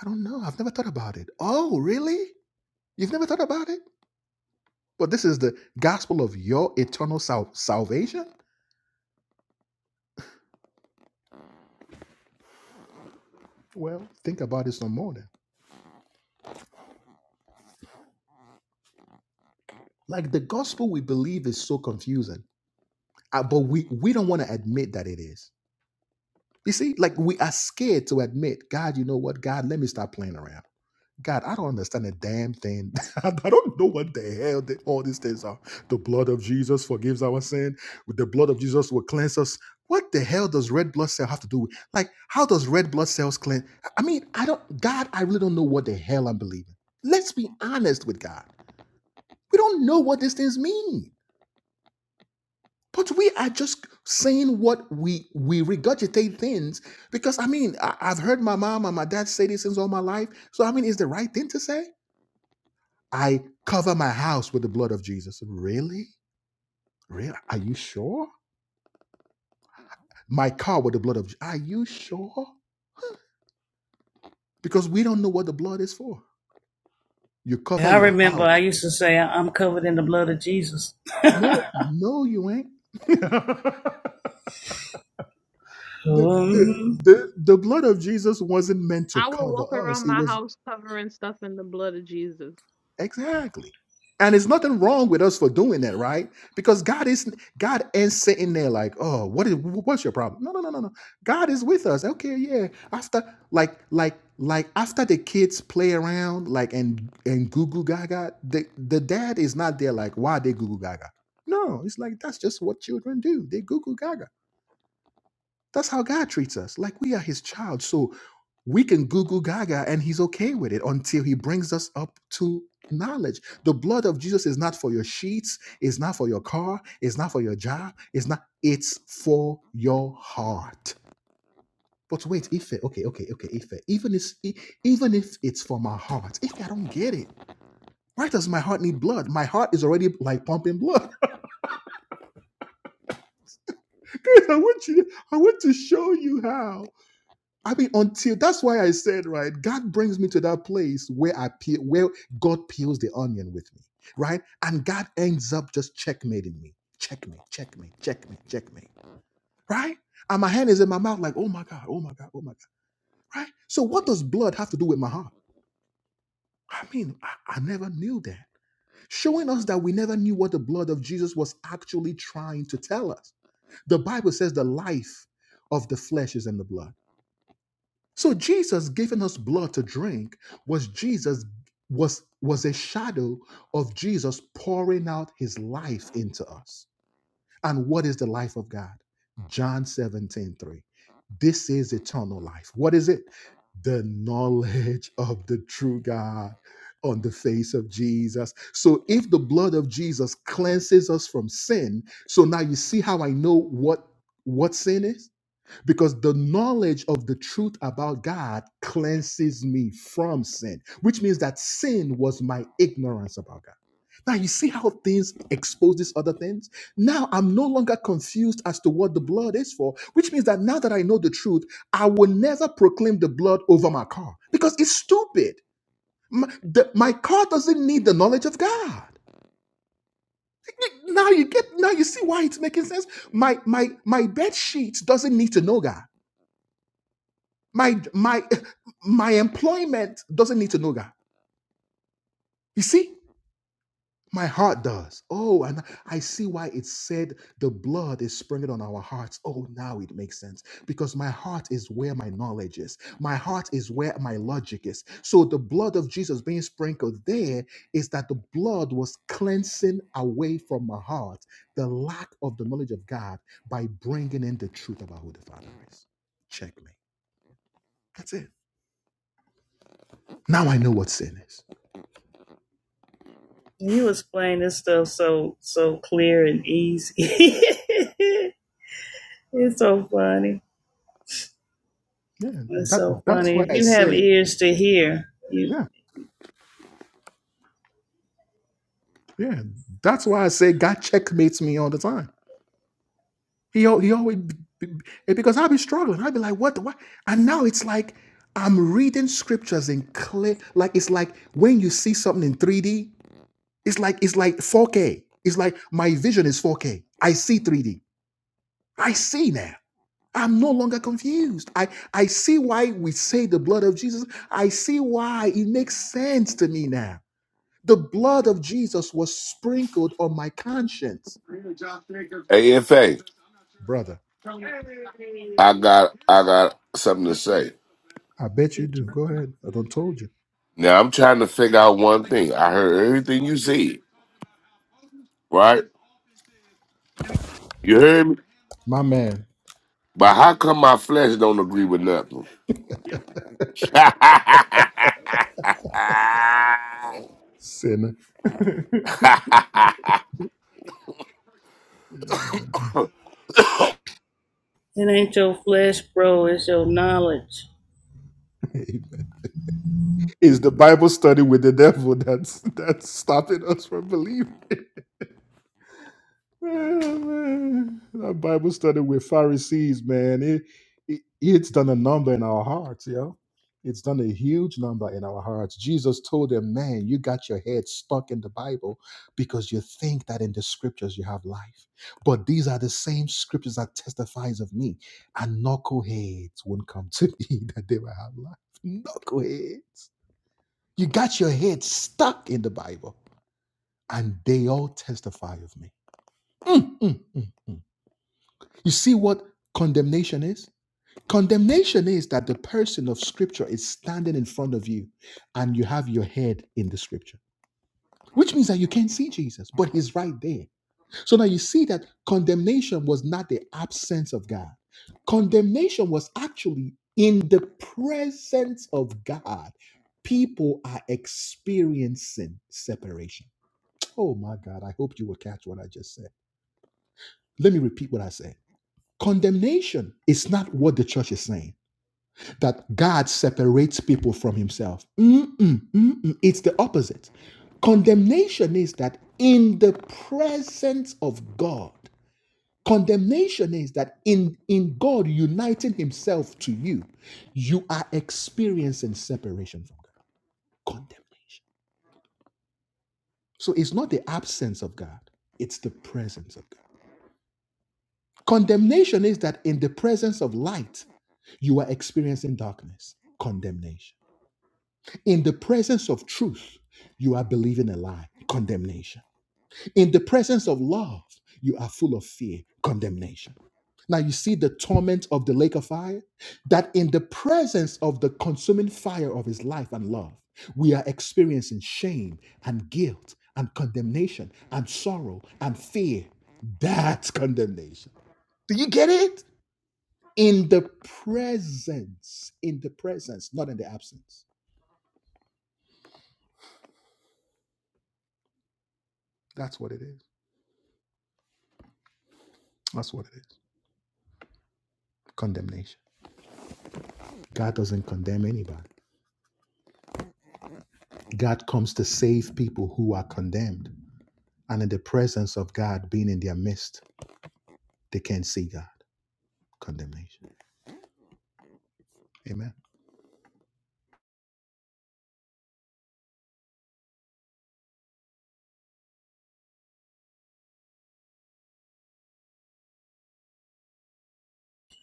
I don't know. I've never thought about it. Oh, really? You've never thought about it? But this is the gospel of your eternal sal- salvation? Well, think about it some more then. Like the gospel we believe is so confusing Uh, but we we don't want to admit that it is. You see, like we are scared to admit, God, you know what? God, let me stop playing around. God, I don't understand a damn thing. I don't know what the hell that all these things are. The blood of Jesus forgives our sin. The blood of Jesus will cleanse us. What the hell does red blood cell have to do with? Like, how does red blood cells cleanse? I mean, I don't, God, I really don't know what the hell I'm believing. Let's be honest with God. We don't know what these things mean. But we are just saying what we we regurgitate things because I mean I, I've heard my mom and my dad say these things all my life. So I mean, is the right thing to say? I cover my house with the blood of Jesus. Really? Really? Are you sure? My car with the blood of. Je- Are you sure? Because we don't know what the blood is for. You cover I your Wow. remember house. I used to say I- am covered in the blood of Jesus. No, no, you ain't. The, the, Mhm. the, the blood of Jesus wasn't meant to I will cover walk us. around It my was. house covering stuff in the blood of Jesus. Exactly. And it's nothing wrong with us for doing that, right? Because God is God ain't sitting there like, oh, what is what's your problem? No, no, no, no, no. God is with us. Okay, yeah. After like like like after the kids play around like and and goo goo gaga, the the dad is not there like why they goo goo gaga. No, it's like that's just what children do. They goo goo gaga that's how God treats us. Like we are his child. So we can goo goo gaga and he's okay with it until he brings us up to knowledge. The blood of Jesus is not for your sheets, it's not for your car, it's not for your job, it's not, it's for your heart. But wait, Ife, okay, okay, okay, Ife. Even if, e- even if it's for my heart, Ife, I don't get it. Why does my heart need blood? My heart is already like pumping blood. Chris, I want you. to- I want to show you how. I mean, until that's why I said, right, God brings me to that place where I peel, where God peels the onion with me, right? And God ends up just checkmating me. Checkmate, checkmate, checkmate, checkmate. Right? And my hand is in my mouth, like, oh my God, oh my God, oh my God. Right? So what does blood have to do with my heart? I mean, I, I never knew that. Showing us that we never knew what the blood of Jesus was actually trying to tell us. The Bible says the life of the flesh is in the blood So Jesus giving us blood to drink was Jesus was was a shadow of Jesus pouring out his life into us. And what is the life of God? John 17 3. This is eternal life. What is it? The knowledge of the true God on the face of Jesus. So if the blood of Jesus cleanses us from sin, so now you see how I know what what sin is? because the knowledge of the truth about God cleanses me from sin, which means that sin was my ignorance about God. Now you see how things expose these other things? Now I'm no longer confused as to what the blood is for, which means that now that I know the truth, I will never proclaim the blood over my car because it's stupid. My, the- my car doesn't need the knowledge of God. Now you get now you see why it's making sense. My my my bed sheet doesn't need to know God. My my my employment doesn't need to know that. You see, my heart does. Oh, and I see why it said the blood is sprinkled on our hearts. Oh, now it makes sense because my heart is where my knowledge is. My heart is where my logic is. So the blood of Jesus being sprinkled there is that the blood was cleansing away from my heart the lack of the knowledge of God by bringing in the truth about who the Father is. Check me. That's it. Now I know what sin is. You explain this stuff so so clear and easy. it's so funny. Yeah, It's that so that's funny. why If I you have say, ears to hear, you yeah, yeah, that's why I say God checkmates me all the time. He al- he always b- b- b- because I'll be struggling. I'll be like, what, what? And now it's like I'm reading scriptures in clear, like it's like when you see something in 3D, it's like it's like 4K. It's like my vision is 4K. I see 3D. I see now. I'm no longer confused. I I see why we say the blood of Jesus. I see why it makes sense to me now. The blood of Jesus was sprinkled on my conscience. AFA, Brother, I got I got something to say. I bet you do. Go ahead. I done told you. Now I'm trying to figure out one thing. I heard everything you said, right? You heard me? My man, But how come my flesh don't agree with nothing? sinner. it ain't your flesh, bro. It's your knowledge. Amen. It's the Bible study with the devil that's that's stopping us from believing. Man, that Bible study with Pharisees, man, it, it it's done a number in our hearts, yo. It's done a huge number in our hearts. Jesus told them, man, you got your head stuck in the Bible because you think that in the scriptures you have life. But these are the same scriptures that testifies of me. And knuckleheads won't come to me that they will have life. Knuckleheads. You got your head stuck in the Bible and they all testify of me. Mm, mm, mm. You see what condemnation is? Condemnation is that the person of scripture is standing in front of you and you have your head in the scripture, which means that you can't see Jesus, but he's right there. So now you see that condemnation was not the absence of God, condemnation was actually in the presence of God. People are experiencing separation. Oh my God, I hope you will catch what I just said. Let me repeat what I said Condemnation is not what the church is saying, that God separates people from himself. Mm-mm, mm-mm. It's the opposite. Condemnation is that in the presence of God, condemnation is that in, in God uniting himself to you, you are experiencing separation from God. Condemnation. So it's not the absence of God, it's the presence of God. Condemnation is that in the presence of light, you are experiencing darkness, condemnation. In the presence of truth, you are believing a lie, condemnation. In the presence of love, you are full of fear, condemnation. Now you see the torment of the lake of fire, that in the presence of the consuming fire of his life and love, we are experiencing shame and guilt and condemnation and sorrow and fear. That's condemnation. Do you get it? in the presence, in the presence, not in the absence. That's what it is. Condemnation. God doesn't condemn anybody. God comes to save people who are condemned. And in the presence of God being in their midst, they can't see God. Condemnation. Amen.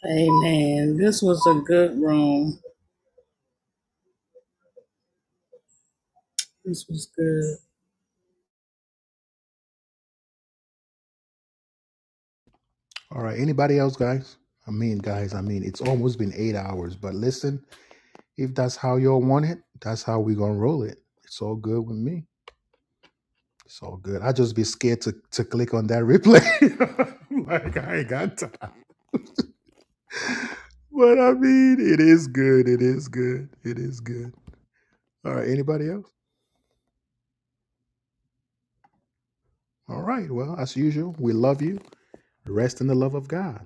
Amen. This was a good room. This was good. All right. Anybody else, guys? I mean, guys, I mean, it's almost been eight hours, but listen, if that's how y'all want it, that's how we going to roll it. It's all good with me. It's all good. I just be scared to to click on that replay. like I ain't got time. But I mean, it is good. It is good. It is good. All right. Anybody else? All right. Well, as usual, we love you. Rest in the love of God.